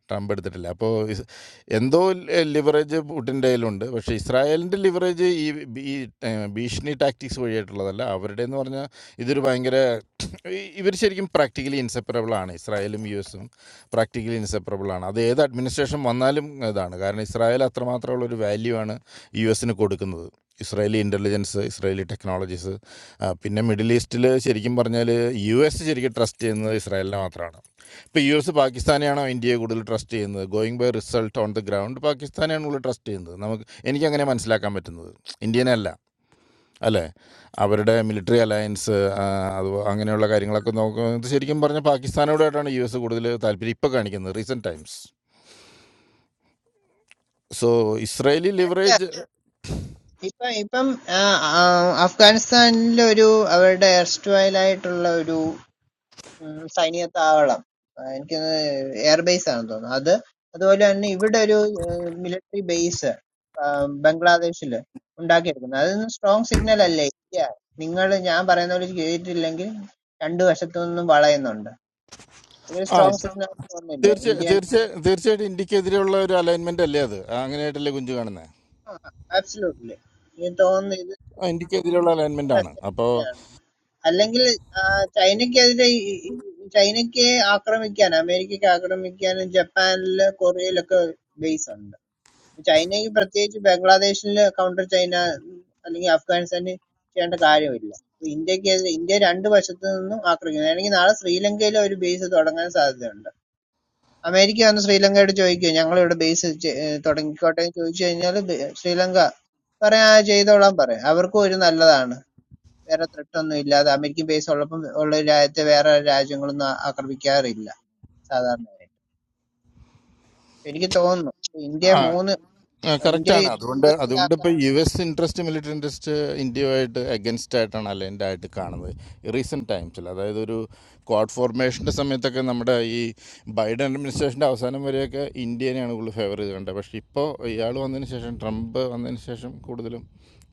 J: ട്രംപ് എടുത്തിട്ടില്ല അപ്പോൾ ഇസ് എന്തോ ലിവറേജ് പുട്ടിൻ്റെ കയ്യിലുണ്ട് പക്ഷേ ഇസ്രായേലിൻ്റെ ലിവറേജ് ഈ ബി- ഈ ഏഹ്, ഭീഷണി ടാക്ടിക്സ് വഴിയായിട്ടുള്ളതല്ല അവരുടെ എന്ന് പറഞ്ഞാൽ ഇതൊരു ഭയങ്കര ഇവർ ശരിക്കും പ്രാക്ടിക്കലി ഇൻസെപ്പറബിൾ ആണ് ഇസ്രായേലും യു എസും പ്രാക്ടിക്കലി ഇൻസെപ്പറബിൾ ആണ് അത് ഏത് അഡ്മിനിസ്ട്രേഷൻ വന്നാലും ഇതാണ് കാരണം ഇസ്രായേൽ അത്രമാത്രമുള്ള ഒരു വാല്യൂ ആണ് യു എസിന് കൊടുക്കുന്നത് ഇസ്രായേലി ഇൻ്റലിജൻസ് ഇസ്രായേലി ടെക്നോളജീസ് പിന്നെ മിഡിൽ ഈസ്റ്റിൽ ശരിക്കും പറഞ്ഞാൽ യു എസ് ശരിക്കും ട്രസ്റ്റ് ചെയ്യുന്നത് ഇസ്രായേലിനെ മാത്രമാണ് ഇപ്പോൾ യു എസ് പാകിസ്ഥാനെയാണോ ഇന്ത്യയെ കൂടുതൽ ട്രസ്റ്റ് ചെയ്യുന്നത് going by result on the ground പാകിസ്ഥാനെയാണ് കൂടുതൽ ട്രസ്റ്റ് ചെയ്യുന്നത് നമുക്ക് എനിക്കങ്ങനെ മനസ്സിലാക്കാൻ പറ്റുന്നത് ഇന്ത്യനെ അല്ല അല്ലേ അവരുടെ മിലിറ്ററി അലയൻസ് അത് അങ്ങനെയുള്ള കാര്യങ്ങളൊക്കെ നോക്കുന്നത് ശരിക്കും പറഞ്ഞാൽ പാകിസ്ഥാനോടായിട്ടാണ് യു എസ് കൂടുതൽ താല്പര്യം ഇപ്പോൾ കാണിക്കുന്നത് recent times so Israeli leverage
L: ഇപ്പം ഇപ്പം ആ, ആ, അഫ്ഗാനിസ്ഥാനിലെ ഒരു അവരുടെ erstwhile ആയിട്ടുള്ള ഒരു ഉം, സൈനിക താവളം ആഹ് എനിക്ക് തോന്നുന്നു എയർബേസ് ആണെന്ന് തോന്നുന്നു അത് അതുപോലെ തന്നെ ഇവിടെ ഒരു മിലിറ്ററി ബേസ് ബംഗ്ലാദേശിൽ ഉണ്ടാക്കിയെടുക്കുന്നത് അതൊന്നും സ്ട്രോങ് സിഗ്നൽ അല്ലേ ഇന്ത്യ നിങ്ങൾ ഞാൻ പറയുന്ന പോലെ ചെയ്തിട്ടില്ലെങ്കിൽ രണ്ടു വശത്തു നിന്നും വളയുന്നുണ്ട് ഇതൊരു
J: ആ
L: സ്ട്രോങ് സിഗ്നൽ തോന്നുന്നില്ല
J: തീർച്ച
L: ഇന്ത്യൻ
J: തീർച്ച തീർച്ചയായിട്ടും ഇന്ത്യക്കെതിരെയുള്ള ഒരു അലൈൻമെൻ്റ് അല്ലേ അത് അങ്ങനെയായിട്ടല്ലേ കുഞ്ചു കാണുന്നത്
L: ആബ്സലൂട്ട്ലി എനിക്ക് തോന്നുന്നു ഇത്
J: ആ ഇന്ത്യക്കെതിരെയുള്ള അലൈൻമെൻ്റ് ആണ് അപ്പോൾ
L: തന്നെയാണ് അല്ലെങ്കിൽ ആ, ചൈനയ്ക്കെതിരെ ഈ- ഈ- ഈ ചൈനയ്ക്ക് ആക്രമിക്കാൻ അമേരിക്കയ്ക്ക് ആക്രമിക്കാനും ജപ്പാനില് കൊറിയയിലൊക്കെ ബേസ് ഉണ്ട് ചൈനയ്ക്ക് പ്രത്യേകിച്ച് ബംഗ്ലാദേശിൽ കൗണ്ടർ ചൈന ഉം, അല്ലെങ്കിൽ അഫ്ഗാനിസ്ഥാനിൽ ചെയ്യേണ്ട കാര്യമില്ല അപ്പൊ ഇന്ത്യക്കെതിരെ ഇന്ത്യ രണ്ട് വശത്തു നിന്നും ആക്രമിക്കുന്നു അല്ലെങ്കിൽ നാളെ ശ്രീലങ്കയിൽ ഒരു ബേസ് തുടങ്ങാൻ സാധ്യതയുണ്ട് അമേരിക്ക വന്ന് ശ്രീലങ്കയോട് ചോദിക്കുക ഞങ്ങൾ ഇവിടെ ബേസ് തുടങ്ങിക്കോട്ടെ എന്ന് ചോദിച്ചു കഴിഞ്ഞാൽ ശ്രീലങ്ക പറയാ "ആ, ചെയ്തോളാൻ പറയാം അവർക്കും ഒരു നല്ലതാണ് വേറെ ത്രെട്ട് ഒന്നും ഇല്ലാതെ അമേരിക്കൻ ബേസ് ഉള്ളപ്പം ഉള്ള ഒരു രാജ്യത്തെ വേറെ രാജ്യങ്ങളൊന്നും ആ- ആക്രമിക്കാറില്ല സാധാരണയായിട്ട്. എനിക്ക് തോന്നുന്നു ഇപ്പൊ ഇന്ത്യ
J: ആ
L: മൂന്ന് ഇന്ത്യ
J: കറക്റ്റാണ് അതുകൊണ്ട് അതുകൊണ്ട്
L: യുദ്ധത്തിലാക്കാൻ
J: ഇപ്പോൾ U S interest military interest ഇന്ത്യയുമായിട്ട് അഗൻസ്റ്റ് ആയിട്ടാണ് അലൈൻഡ് ആയിട്ട് കാണുന്നത് റീസെൻറ്റ് ടൈംസിൽ അതായത് ഒരു ക്വാഡ് ഫോർമേഷൻ്റെ സമയത്തൊക്കെ നമ്മുടെ ഈ ബൈഡൻ അഡ്മിനിസ്ട്രേഷൻ്റെ അവസാനം വരെയൊക്കെ ഇന്ത്യനെയാണ് കൂടുതൽ ഫേവർ ചെയ്ത് കണ്ടത് പക്ഷേ ഇപ്പോൾ ഇയാൾ വന്നതിന് ശേഷം ട്രംപ് വന്നതിന് ശേഷം കൂടുതലും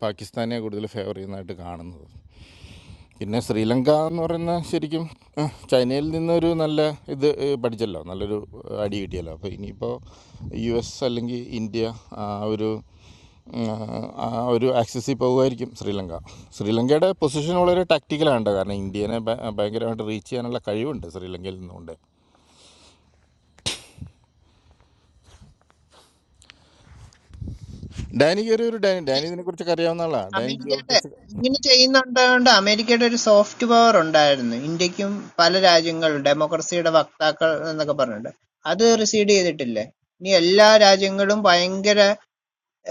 J: പാകിസ്ഥാനെ കൂടുതൽ ഫേവർ ചെയ്യുന്നതായിട്ട് കാണുന്നത് പിന്നെ ശ്രീലങ്ക എന്ന് പറയുന്ന ശരിക്കും ഏഹ്, ചൈനയിൽ നിന്നൊരു നല്ല ഇത് ഏഹ്, പഠിച്ചല്ലോ നല്ലൊരു ഏഹ്, അടി കിട്ടിയല്ലോ അപ്പോൾ ഇനിയിപ്പോൾ യു എസ് അല്ലെങ്കിൽ ഇന്ത്യ ആ ഒരു ഉം, ആ ഒരു ആക്സസിൽ പോകുമായിരിക്കും ശ്രീലങ്ക ശ്രീലങ്കയുടെ പൊസിഷൻ വളരെ ടാക്റ്റിക്കലാണ് കേട്ടോ കാരണം ഇന്ത്യനെ ഭ- ഭയങ്കരമായിട്ട് റീച്ച് ചെയ്യാനുള്ള കഴിവുണ്ട് ശ്രീലങ്കയിൽ നിന്നുകൊണ്ട് ഡാനിക്ക് ഒരു ഒരു ഡാനി ഡാനി ഇതിനെക്കുറിച്ചൊക്കെ അറിയാവുന്ന ആളാണ് ഡാനി
L: അമേരിക്കയുടെ
J: ജിയോളിറ്റിക്സ്
L: ഇങ്ങനെ ചെയ്യുന്നുണ്ടായോണ്ട് അമേരിക്കയുടെ ഒരു സോഫ്റ്റ് പവർ ഉണ്ടായിരുന്നു ഇന്ത്യക്കും പല രാജ്യങ്ങളും ഡെമോക്രസിയുടെ വക്താക്കൾ എന്നൊക്കെ പറഞ്ഞിട്ടുണ്ട് അത് റിസീഡ് ചെയ്തിട്ടില്ലേ ഇനി എല്ലാ രാജ്യങ്ങളും ഭയങ്കര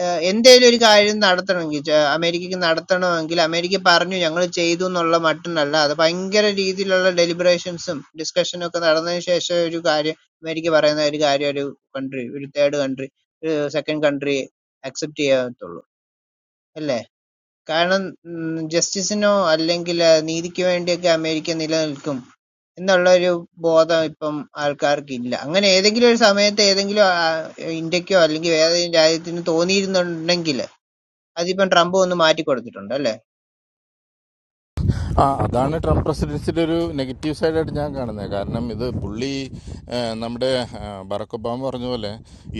L: ഏഹ് എന്തേലും ഒരു കാര്യം നടത്തണമെങ്കിൽ ച അമേരിക്കയ്ക്ക് നടത്തണമെങ്കിൽ അമേരിക്ക പറഞ്ഞു ഞങ്ങള് ചെയ്തു എന്നുള്ള മട്ടിനല്ല. അത് ഭയങ്കര രീതിയിലുള്ള ഡെലിബറേഷൻസും ഡിസ്കഷനും ഒക്കെ നടന്നതിന് ശേഷം ഒരു കാര്യം അമേരിക്ക പറയുന്ന ഒരു കാര്യം ഒരു കൺട്രി ഒരു തേർഡ് കൺട്രി ഒരു സെക്കൻഡ് കൺട്രി അക്സെപ്റ്റ് ചെയ്യത്തുള്ളൂ അല്ലേ? കാരണം ജസ്റ്റിസിനോ അല്ലെങ്കിൽ ആ, നീതിക്ക് വേണ്ടിയൊക്കെ അമേരിക്ക നിലനിൽക്കും എന്നുള്ള ഒരു ബോധം ഇപ്പം ആൾക്കാർക്കില്ല. അങ്ങനെ ഏതെങ്കിലും ഒരു സമയത്ത് ഏതെങ്കിലും ആ, ഇന്ത്യക്കോ അല്ലെങ്കിൽ ഏതെങ്കിലും രാജ്യത്തിന് തോന്നിയിരുന്നുണ്ടെങ്കിൽ അതിപ്പം ട്രംപ് ഒന്ന് മാറ്റി കൊടുത്തിട്ടുണ്ട് അല്ലേ
J: ആ അതാണ് ട്രംപ് പ്രസിഡൻസിൻ്റെ ഒരു നെഗറ്റീവ് സൈഡായിട്ട് ഞാൻ കാണുന്നത് കാരണം ഇത് പുള്ളി ആ, നമ്മുടെ ആ, ബറാക്ക് ഒബാമ പറഞ്ഞ പോലെ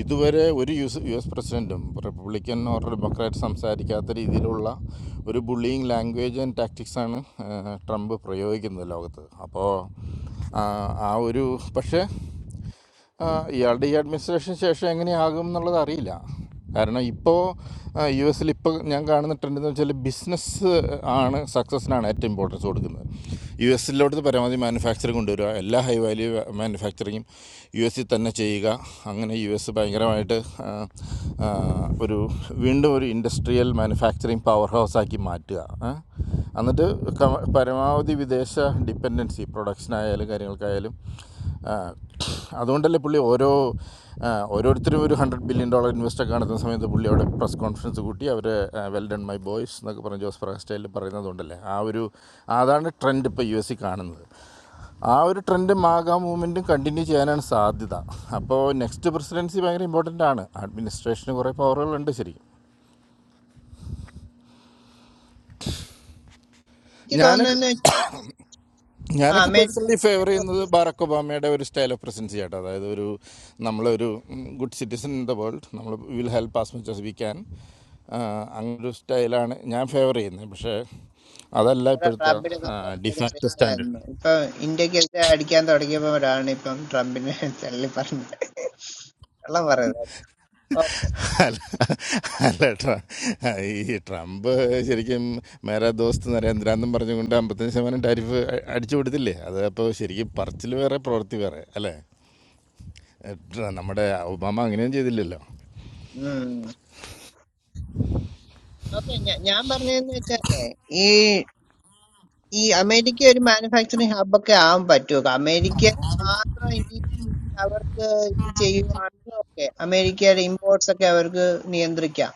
J: ഇതുവരെ ഒരു യു എസ് യു എസ് പ്രസിഡൻറ്റും റിപ്പബ്ലിക്കൻ ഓർ ഡെമോക്രാറ്റ് സംസാരിക്കാത്ത രീതിയിലുള്ള ഒരു ബുള്ളിയിങ് ലാംഗ്വേജ് ആൻഡ് ടാക്ടിക്സാണ് ട്രംപ് പ്രയോഗിക്കുന്നത് ലോകത്ത് അപ്പോൾ ആ ആ ഒരു പക്ഷേ ആ, ഇയാളുടെ ഈ അഡ്മിനിസ്ട്രേഷൻ ശേഷം എങ്ങനെയാകും എന്നുള്ളത് അറിയില്ല കാരണം ഇപ്പോൾ യു എസിൽ ഇപ്പോൾ ഞാൻ കാണുന്ന ട്രെൻഡ് എന്ന് വെച്ചാൽ ബിസിനസ് ആണ് സക്സസ്സിനാണ് ഏറ്റവും ഇമ്പോർട്ടൻസ് കൊടുക്കുന്നത് യു എസിലോട്ട് പരമാവധി മാനുഫാക്ചറിങ് കൊണ്ടുവരിക എല്ലാ ഹൈ വാല്യൂ മാനുഫാക്ചറിങ്ങും യു എസിൽ തന്നെ ചെയ്യുക അങ്ങനെ യു എസ് ഭയങ്കരമായിട്ട് ആ, ആ, ഒരു വീണ്ടും ഒരു ഇൻഡസ്ട്രിയൽ മാനുഫാക്ചറിങ് പവർ ഹൗസ് ആക്കി മാറ്റുക ആ? എന്നിട്ട് ക- പരമാവധി വിദേശ ഡിപ്പെൻഡൻസി പ്രൊഡക്ഷനായാലും കാര്യങ്ങൾക്കായാലും ആ, അതുകൊണ്ടല്ലേ പുള്ളി ഓരോ ആ, ഓരോരുത്തരും ഒരു ഹൺഡ്രഡ് ബില്യൺ ഡോളർ ഇൻവെസ്റ്റൊക്കെ നടത്തുന്ന സമയത്ത് പുള്ളി അവിടെ പ്രസ് കോൺഫറൻസ് കൂട്ടി അവർ വെൽ ഡൺ മൈ ബോയ്സ് എന്നൊക്കെ പറഞ്ഞ് ജോസ് പ്രകാശ്റ്റൈലിൽ പറയുന്നതുകൊണ്ടല്ലേ ആ ഒരു അതാണ് ട്രെൻഡ് ഇപ്പോൾ യു എസ് സി കാണുന്നത് ആ ഒരു ട്രെൻഡ് മാഗ മൂവ്മെൻറ്റും കണ്ടിന്യൂ ചെയ്യാനാണ് സാധ്യത അപ്പോൾ നെക്സ്റ്റ് പ്രസിഡൻസി ഭയങ്കര ഇമ്പോർട്ടൻ്റ് ആണ് അഡ്മിനിസ്ട്രേഷന് കുറേ പവറുകളുണ്ട് ശരിക്കും
L: എനിക്ക്
J: ഞാൻ
L: തോന്നുന്നത് ആ
J: ഞാനൊക്കെ
L: അമേരിക്ക
J: പേഴ്സണലി ഫേവർ ചെയ്യുന്നത് ബാറക് ഒബാമയുടെ ഒരു സ്റ്റൈൽ ഓഫ് പ്രസൻസ് ആട്ടോ അതായത് ഒരു നമ്മളൊരു good citizen in the world നമ്മൾ will help as much as we can അങ്ങനൊരു സ്റ്റൈലാണ് ഞാൻ ഫേവർ ചെയ്യുന്നത് പക്ഷേ അതല്ല ഇപ്പോഴത്തെ
L: ട്രംപിനെ സപ്പോർട്ട് ചെയ്ത
J: ഡിഫാക്ട് സ്റ്റാൻഡേർഡ്
L: ശരിയായിരുന്നു ഇപ്പൊ ഇന്ത്യക്കെതിരെ അടിക്കാൻ തുടങ്ങിയപ്പോഴാണ് ഇപ്പം ട്രംപിനെ തള്ളി പറഞ്ഞത് വെള്ളം പറയുന്നത്
J: അല്ല അല്ല ട്ര- ഈ ട്രംപ് ശരിക്കും മേരാ ദോസ്ത് നരേന്ദ്രാന്നും പറഞ്ഞുകൊണ്ട് അമ്പത്തഞ്ച് ശതമാനം ടാരിഫ് അടിച്ചു കൊടുത്തില്ലേ അത് അപ്പോൾ ശരിക്കും പറച്ചിൽ വേറെ പ്രവൃത്തി വേറെ അല്ലേ ഏഹ്, ട്ര- നമ്മുടെ ഒബാമ അങ്ങനെയും ചെയ്തില്ലല്ലോ
L: ഉം. ഓക്കെ ഞ- ഞാൻ പറഞ്ഞതെന്ന് വെച്ചാലേ ഈ ഈ അമേരിക്ക ഒരു മാനുഫാക്ചറിങ് ഹബൊക്കെ ആവാൻ പറ്റുമോ അമേരിക്ക മാത്രം ഇനി അവർക്ക് ഇത് ചെയ്യുവാണെങ്കിൽ ഓക്കെ അമേരിക്കയുടെ ഇമ്പോർട്ട്സ് ഒക്കെ അവർക്ക് നിയന്ത്രിക്കാം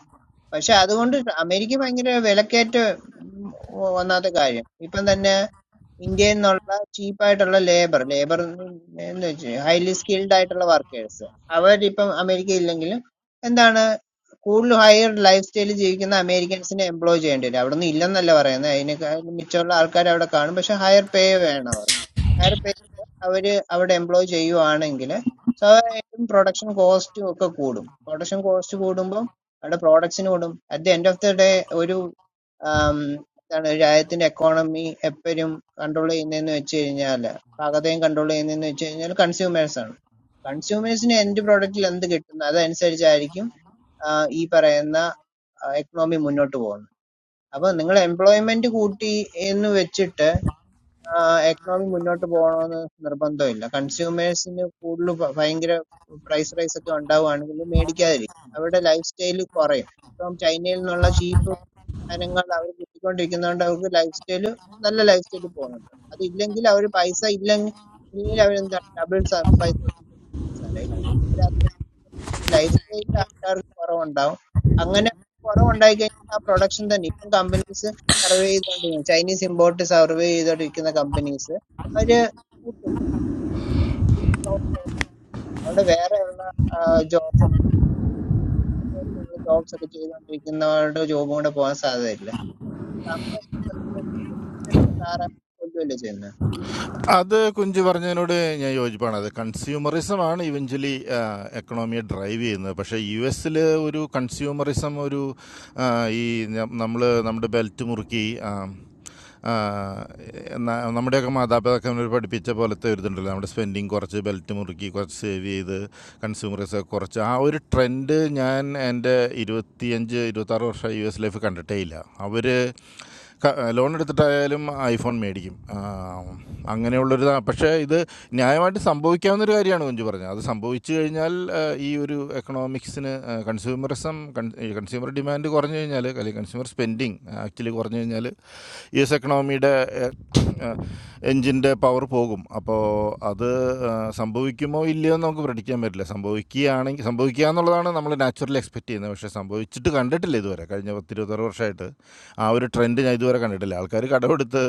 L: പക്ഷെ അതുകൊണ്ട് അമേരിക്ക ഭയങ്കര വിലക്കയറ്റ ഉം, ഒന്നാമത്തെ കാര്യം ഇപ്പം തന്നെ ഇന്ത്യയിൽ നിന്നുള്ള ചീപ്പായിട്ടുള്ള ലേബർ ലേബർ എന്ന് വെച്ച് ഹൈലി സ്കിൽഡ് ആയിട്ടുള്ള വർക്കേഴ്സ് അവരിപ്പം അമേരിക്ക ഇല്ലെങ്കിലും എന്താണ് കൂടുതൽ ഹയർ ലൈഫ് സ്റ്റൈലിൽ ജീവിക്കുന്ന അമേരിക്കൻസിനെ എംപ്ലോയ് ചെയ്യേണ്ടി വരും അവിടെ ഒന്നും ഇല്ലെന്നല്ല പറയുന്നത് അതിനേക്കാൾ മിച്ചമുള്ള ആൾക്കാർ അവിടെ കാണും പക്ഷെ ഹയർ പേ വേണം അവർക്ക് ഹയർ പേ അവര് അവിടെ എംപ്ലോയ് ചെയ്യുവാണെങ്കിൽ സ്വാഭാവികമായിട്ടും പ്രൊഡക്ഷൻ കോസ്റ്റും ഒക്കെ കൂടും പ്രൊഡക്ഷൻ കോസ്റ്റ് കൂടുമ്പോൾ അവരുടെ പ്രോഡക്ട്സിനോടും at the end of the day ഒരു ആം, എന്താണ് രാജ്യത്തിന്റെ എക്കോണമി എപ്പോഴും കൺട്രോൾ ചെയ്യുന്നതെന്ന് വെച്ച് കഴിഞ്ഞാൽ പാകതയും കൺട്രോൾ ചെയ്യുന്നതെന്ന് വെച്ച് കഴിഞ്ഞാൽ കൺസ്യൂമേഴ്സ് ആണ് കൺസ്യൂമേഴ്സിന് എൻഡ് പ്രോഡക്റ്റിൽ എന്ത് കിട്ടുന്നു അതനുസരിച്ചായിരിക്കും ആ, ഈ പറയുന്ന എക്കണോമി മുന്നോട്ട് പോകുന്നത്. അപ്പോൾ നിങ്ങൾ എംപ്ലോയ്മെന്റ് കൂട്ടി എന്ന് വെച്ചിട്ട് എക്കണോമി മുന്നോട്ട് പോകണമെന്ന് നിർബന്ധമില്ല കൺസ്യൂമേഴ്സിന് കൂടുതൽ ഭ- ഭയങ്കര പ്രൈസ് റൈസ് ഒക്കെ ഉണ്ടാവുകയാണെങ്കിൽ മേടിക്കാതിരിക്കും അവരുടെ ലൈഫ് സ്റ്റൈൽ കുറയും ഇപ്പം ചൈനയിൽ നിന്നുള്ള ചീപ്പ് സാധനങ്ങൾ അവർ കിട്ടിക്കൊണ്ടിരിക്കുന്നതുകൊണ്ട് അവർക്ക് ലൈഫ് സ്റ്റൈൽ നല്ല ലൈഫ് സ്റ്റൈൽ പോകുന്നുണ്ട് അതില്ലെങ്കിൽ അവർ പൈസ ഇല്ലെങ്കിൽ അവർ എന്താ ഡബിൾ പൈസ കൊടുക്കുന്ന സാധനം ലൈഫ് സ്റ്റൈലിൽ ആൾക്കാർക്ക് കുറവുണ്ടാവും അങ്ങനെ കുറവുണ്ടായി കഴിഞ്ഞാൽ ആ പ്രൊഡക്ഷൻ തന്നെ ഇപ്പം കമ്പനീസ് സർവേ ചെയ്തുകൊണ്ടിരിക്കും ചൈനീസ് ഇമ്പോർട്ട് സർവേ ചെയ്തുകൊണ്ടിരിക്കുന്ന കമ്പനീസ് അവര് കൂട്ടും കൂട്ടി job ലോട്ട് അവിടെ വേറെ ഉള്ള ജോബ് ജോബ്സ് ഒക്കെ ചെയ്തുകൊണ്ടിരിക്കുന്നവരുടെ ജോബും കൂടെ പോകാൻ സാധ്യതയില്ല ട്രംപ് ഇഷ്ടപ്പെടുന്ന സാറെ കൊല്ലുമല്ലോ ചെയ്യുന്നത്
J: അത് കുഞ്ചു പറഞ്ഞതിനോട് ഞാൻ യോജിപ്പാണ് അത് കൺസ്യൂമറിസമാണ് ഇവഞ്ച്വലി എക്കണോമിയെ ഡ്രൈവ് ചെയ്യുന്നത് പക്ഷേ യു എസിൽ ഒരു കൺസ്യൂമറിസം ഒരു ആ, ഈ നമ്മൾ നമ്മുടെ ബെൽറ്റ് മുറുക്കി ആ, ആ, ന- നമ്മുടെയൊക്കെ മാതാപിതാക്കന്മാർ പഠിപ്പിച്ച പോലത്തെ ഒരു ഇതുണ്ടല്ലോ നമ്മുടെ സ്പെൻഡിങ് കുറച്ച് ബെൽറ്റ് മുറുക്കി കുറച്ച് സേവ് ചെയ്ത് കൺസ്യൂമറിസം കുറച്ച് ആ ഒരു ട്രെൻഡ് ഞാൻ എൻ്റെ ഇരുപത്തിയഞ്ച് ഇരുപത്താറ് വർഷം യു എസ് ലൈഫ് കണ്ടിട്ടേ ഇല്ല അവർ ലോൺ എടുത്തിട്ടായാലും ഐഫോൺ മേടിക്കും അങ്ങനെയുള്ളൊരു ഇതാണ് പക്ഷേ ഇത് ന്യായമായിട്ട് സംഭവിക്കാവുന്നൊരു കാര്യമാണ് കുഞ്ചു പറഞ്ഞത് അത് സംഭവിച്ചു കഴിഞ്ഞാൽ ആ, ഈ ഒരു എക്കണോമിക്സിന് കൺസ്യൂമറിസം കൺസ്യൂമർ ഡിമാൻഡ് കുറഞ്ഞു കഴിഞ്ഞാൽ അല്ലെങ്കിൽ കൺസ്യൂമർ സ്പെൻഡിങ് ആക്ച്വലി കുറഞ്ഞു കഴിഞ്ഞാൽ യു എസ് എക്കണോമിയുടെ എൻജിൻ്റെ പവർ പോകും അപ്പോൾ അത് ആ, സംഭവിക്കുമോ ഇല്ലയോ എന്ന് നമുക്ക് പ്രടിക്കാൻ പറ്റില്ല സംഭവിക്കുകയാണെങ്കിൽ സംഭവിക്കുക എന്നുള്ളതാണ് നമ്മൾ നാച്ചുറലി എക്സ്പെക്ട് ചെയ്യുന്നത് പക്ഷേ സംഭവിച്ചിട്ട് കണ്ടിട്ടില്ല ഇതുവരെ കഴിഞ്ഞ പത്തിരുപത്താറ് വർഷമായിട്ട് ആ ഒരു ട്രെൻഡ് ഞാൻ ഇതുവരെ കണ്ടിട്ടില്ല ആൾക്കാർ കടമെടുത്ത്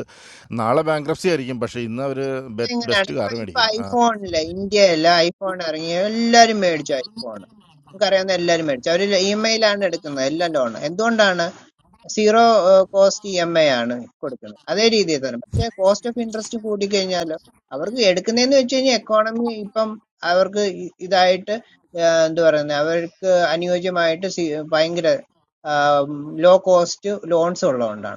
J: നാളെ ബാങ്ക്രപ്സി ആയിരിക്കും പക്ഷേ ഇന്ന് അവർ
L: എങ്ങനെയാണ്
J: ബെസ്റ്റ്
L: ഇപ്പൊ
J: കാർ
L: ഇപ്പൊ
J: മേടിക്കും ആ,
L: ഐഫോണില് ഇന്ത്യയില് ഐഫോൺ ഇറങ്ങി എല്ലാരും മേടിച്ചു ഐഫോൺ നമുക്കറിയാവുന്ന എല്ലാരും മേടിച്ചു അവര് ഇ എം ഐയിലാണ് എടുക്കുന്നത് എല്ലാം ലോൺ എന്തുകൊണ്ടാണ് zero cost E M I ആണ് കൊടുക്കുന്നത് അതേ രീതിയിൽ തന്നെ പക്ഷേ കോസ്റ്റ് ഓഫ് ഇൻട്രസ്റ്റ് കൂടിക്കഴിഞ്ഞാലോ അവർക്ക് എടുക്കുന്നതെന്ന് വെച്ച് കഴിഞ്ഞാൽ എക്കോണമി ഇപ്പം അവർക്ക് ഇ- ഇതായിട്ട് ഏർ എന്ത് പറയുന്നത് അവർക്ക് അനുയോജ്യമായിട്ട് സി- ഭയങ്കര ലോ കോസ്റ്റ് ലോൺസ് ഉള്ളതുകൊണ്ടാണ്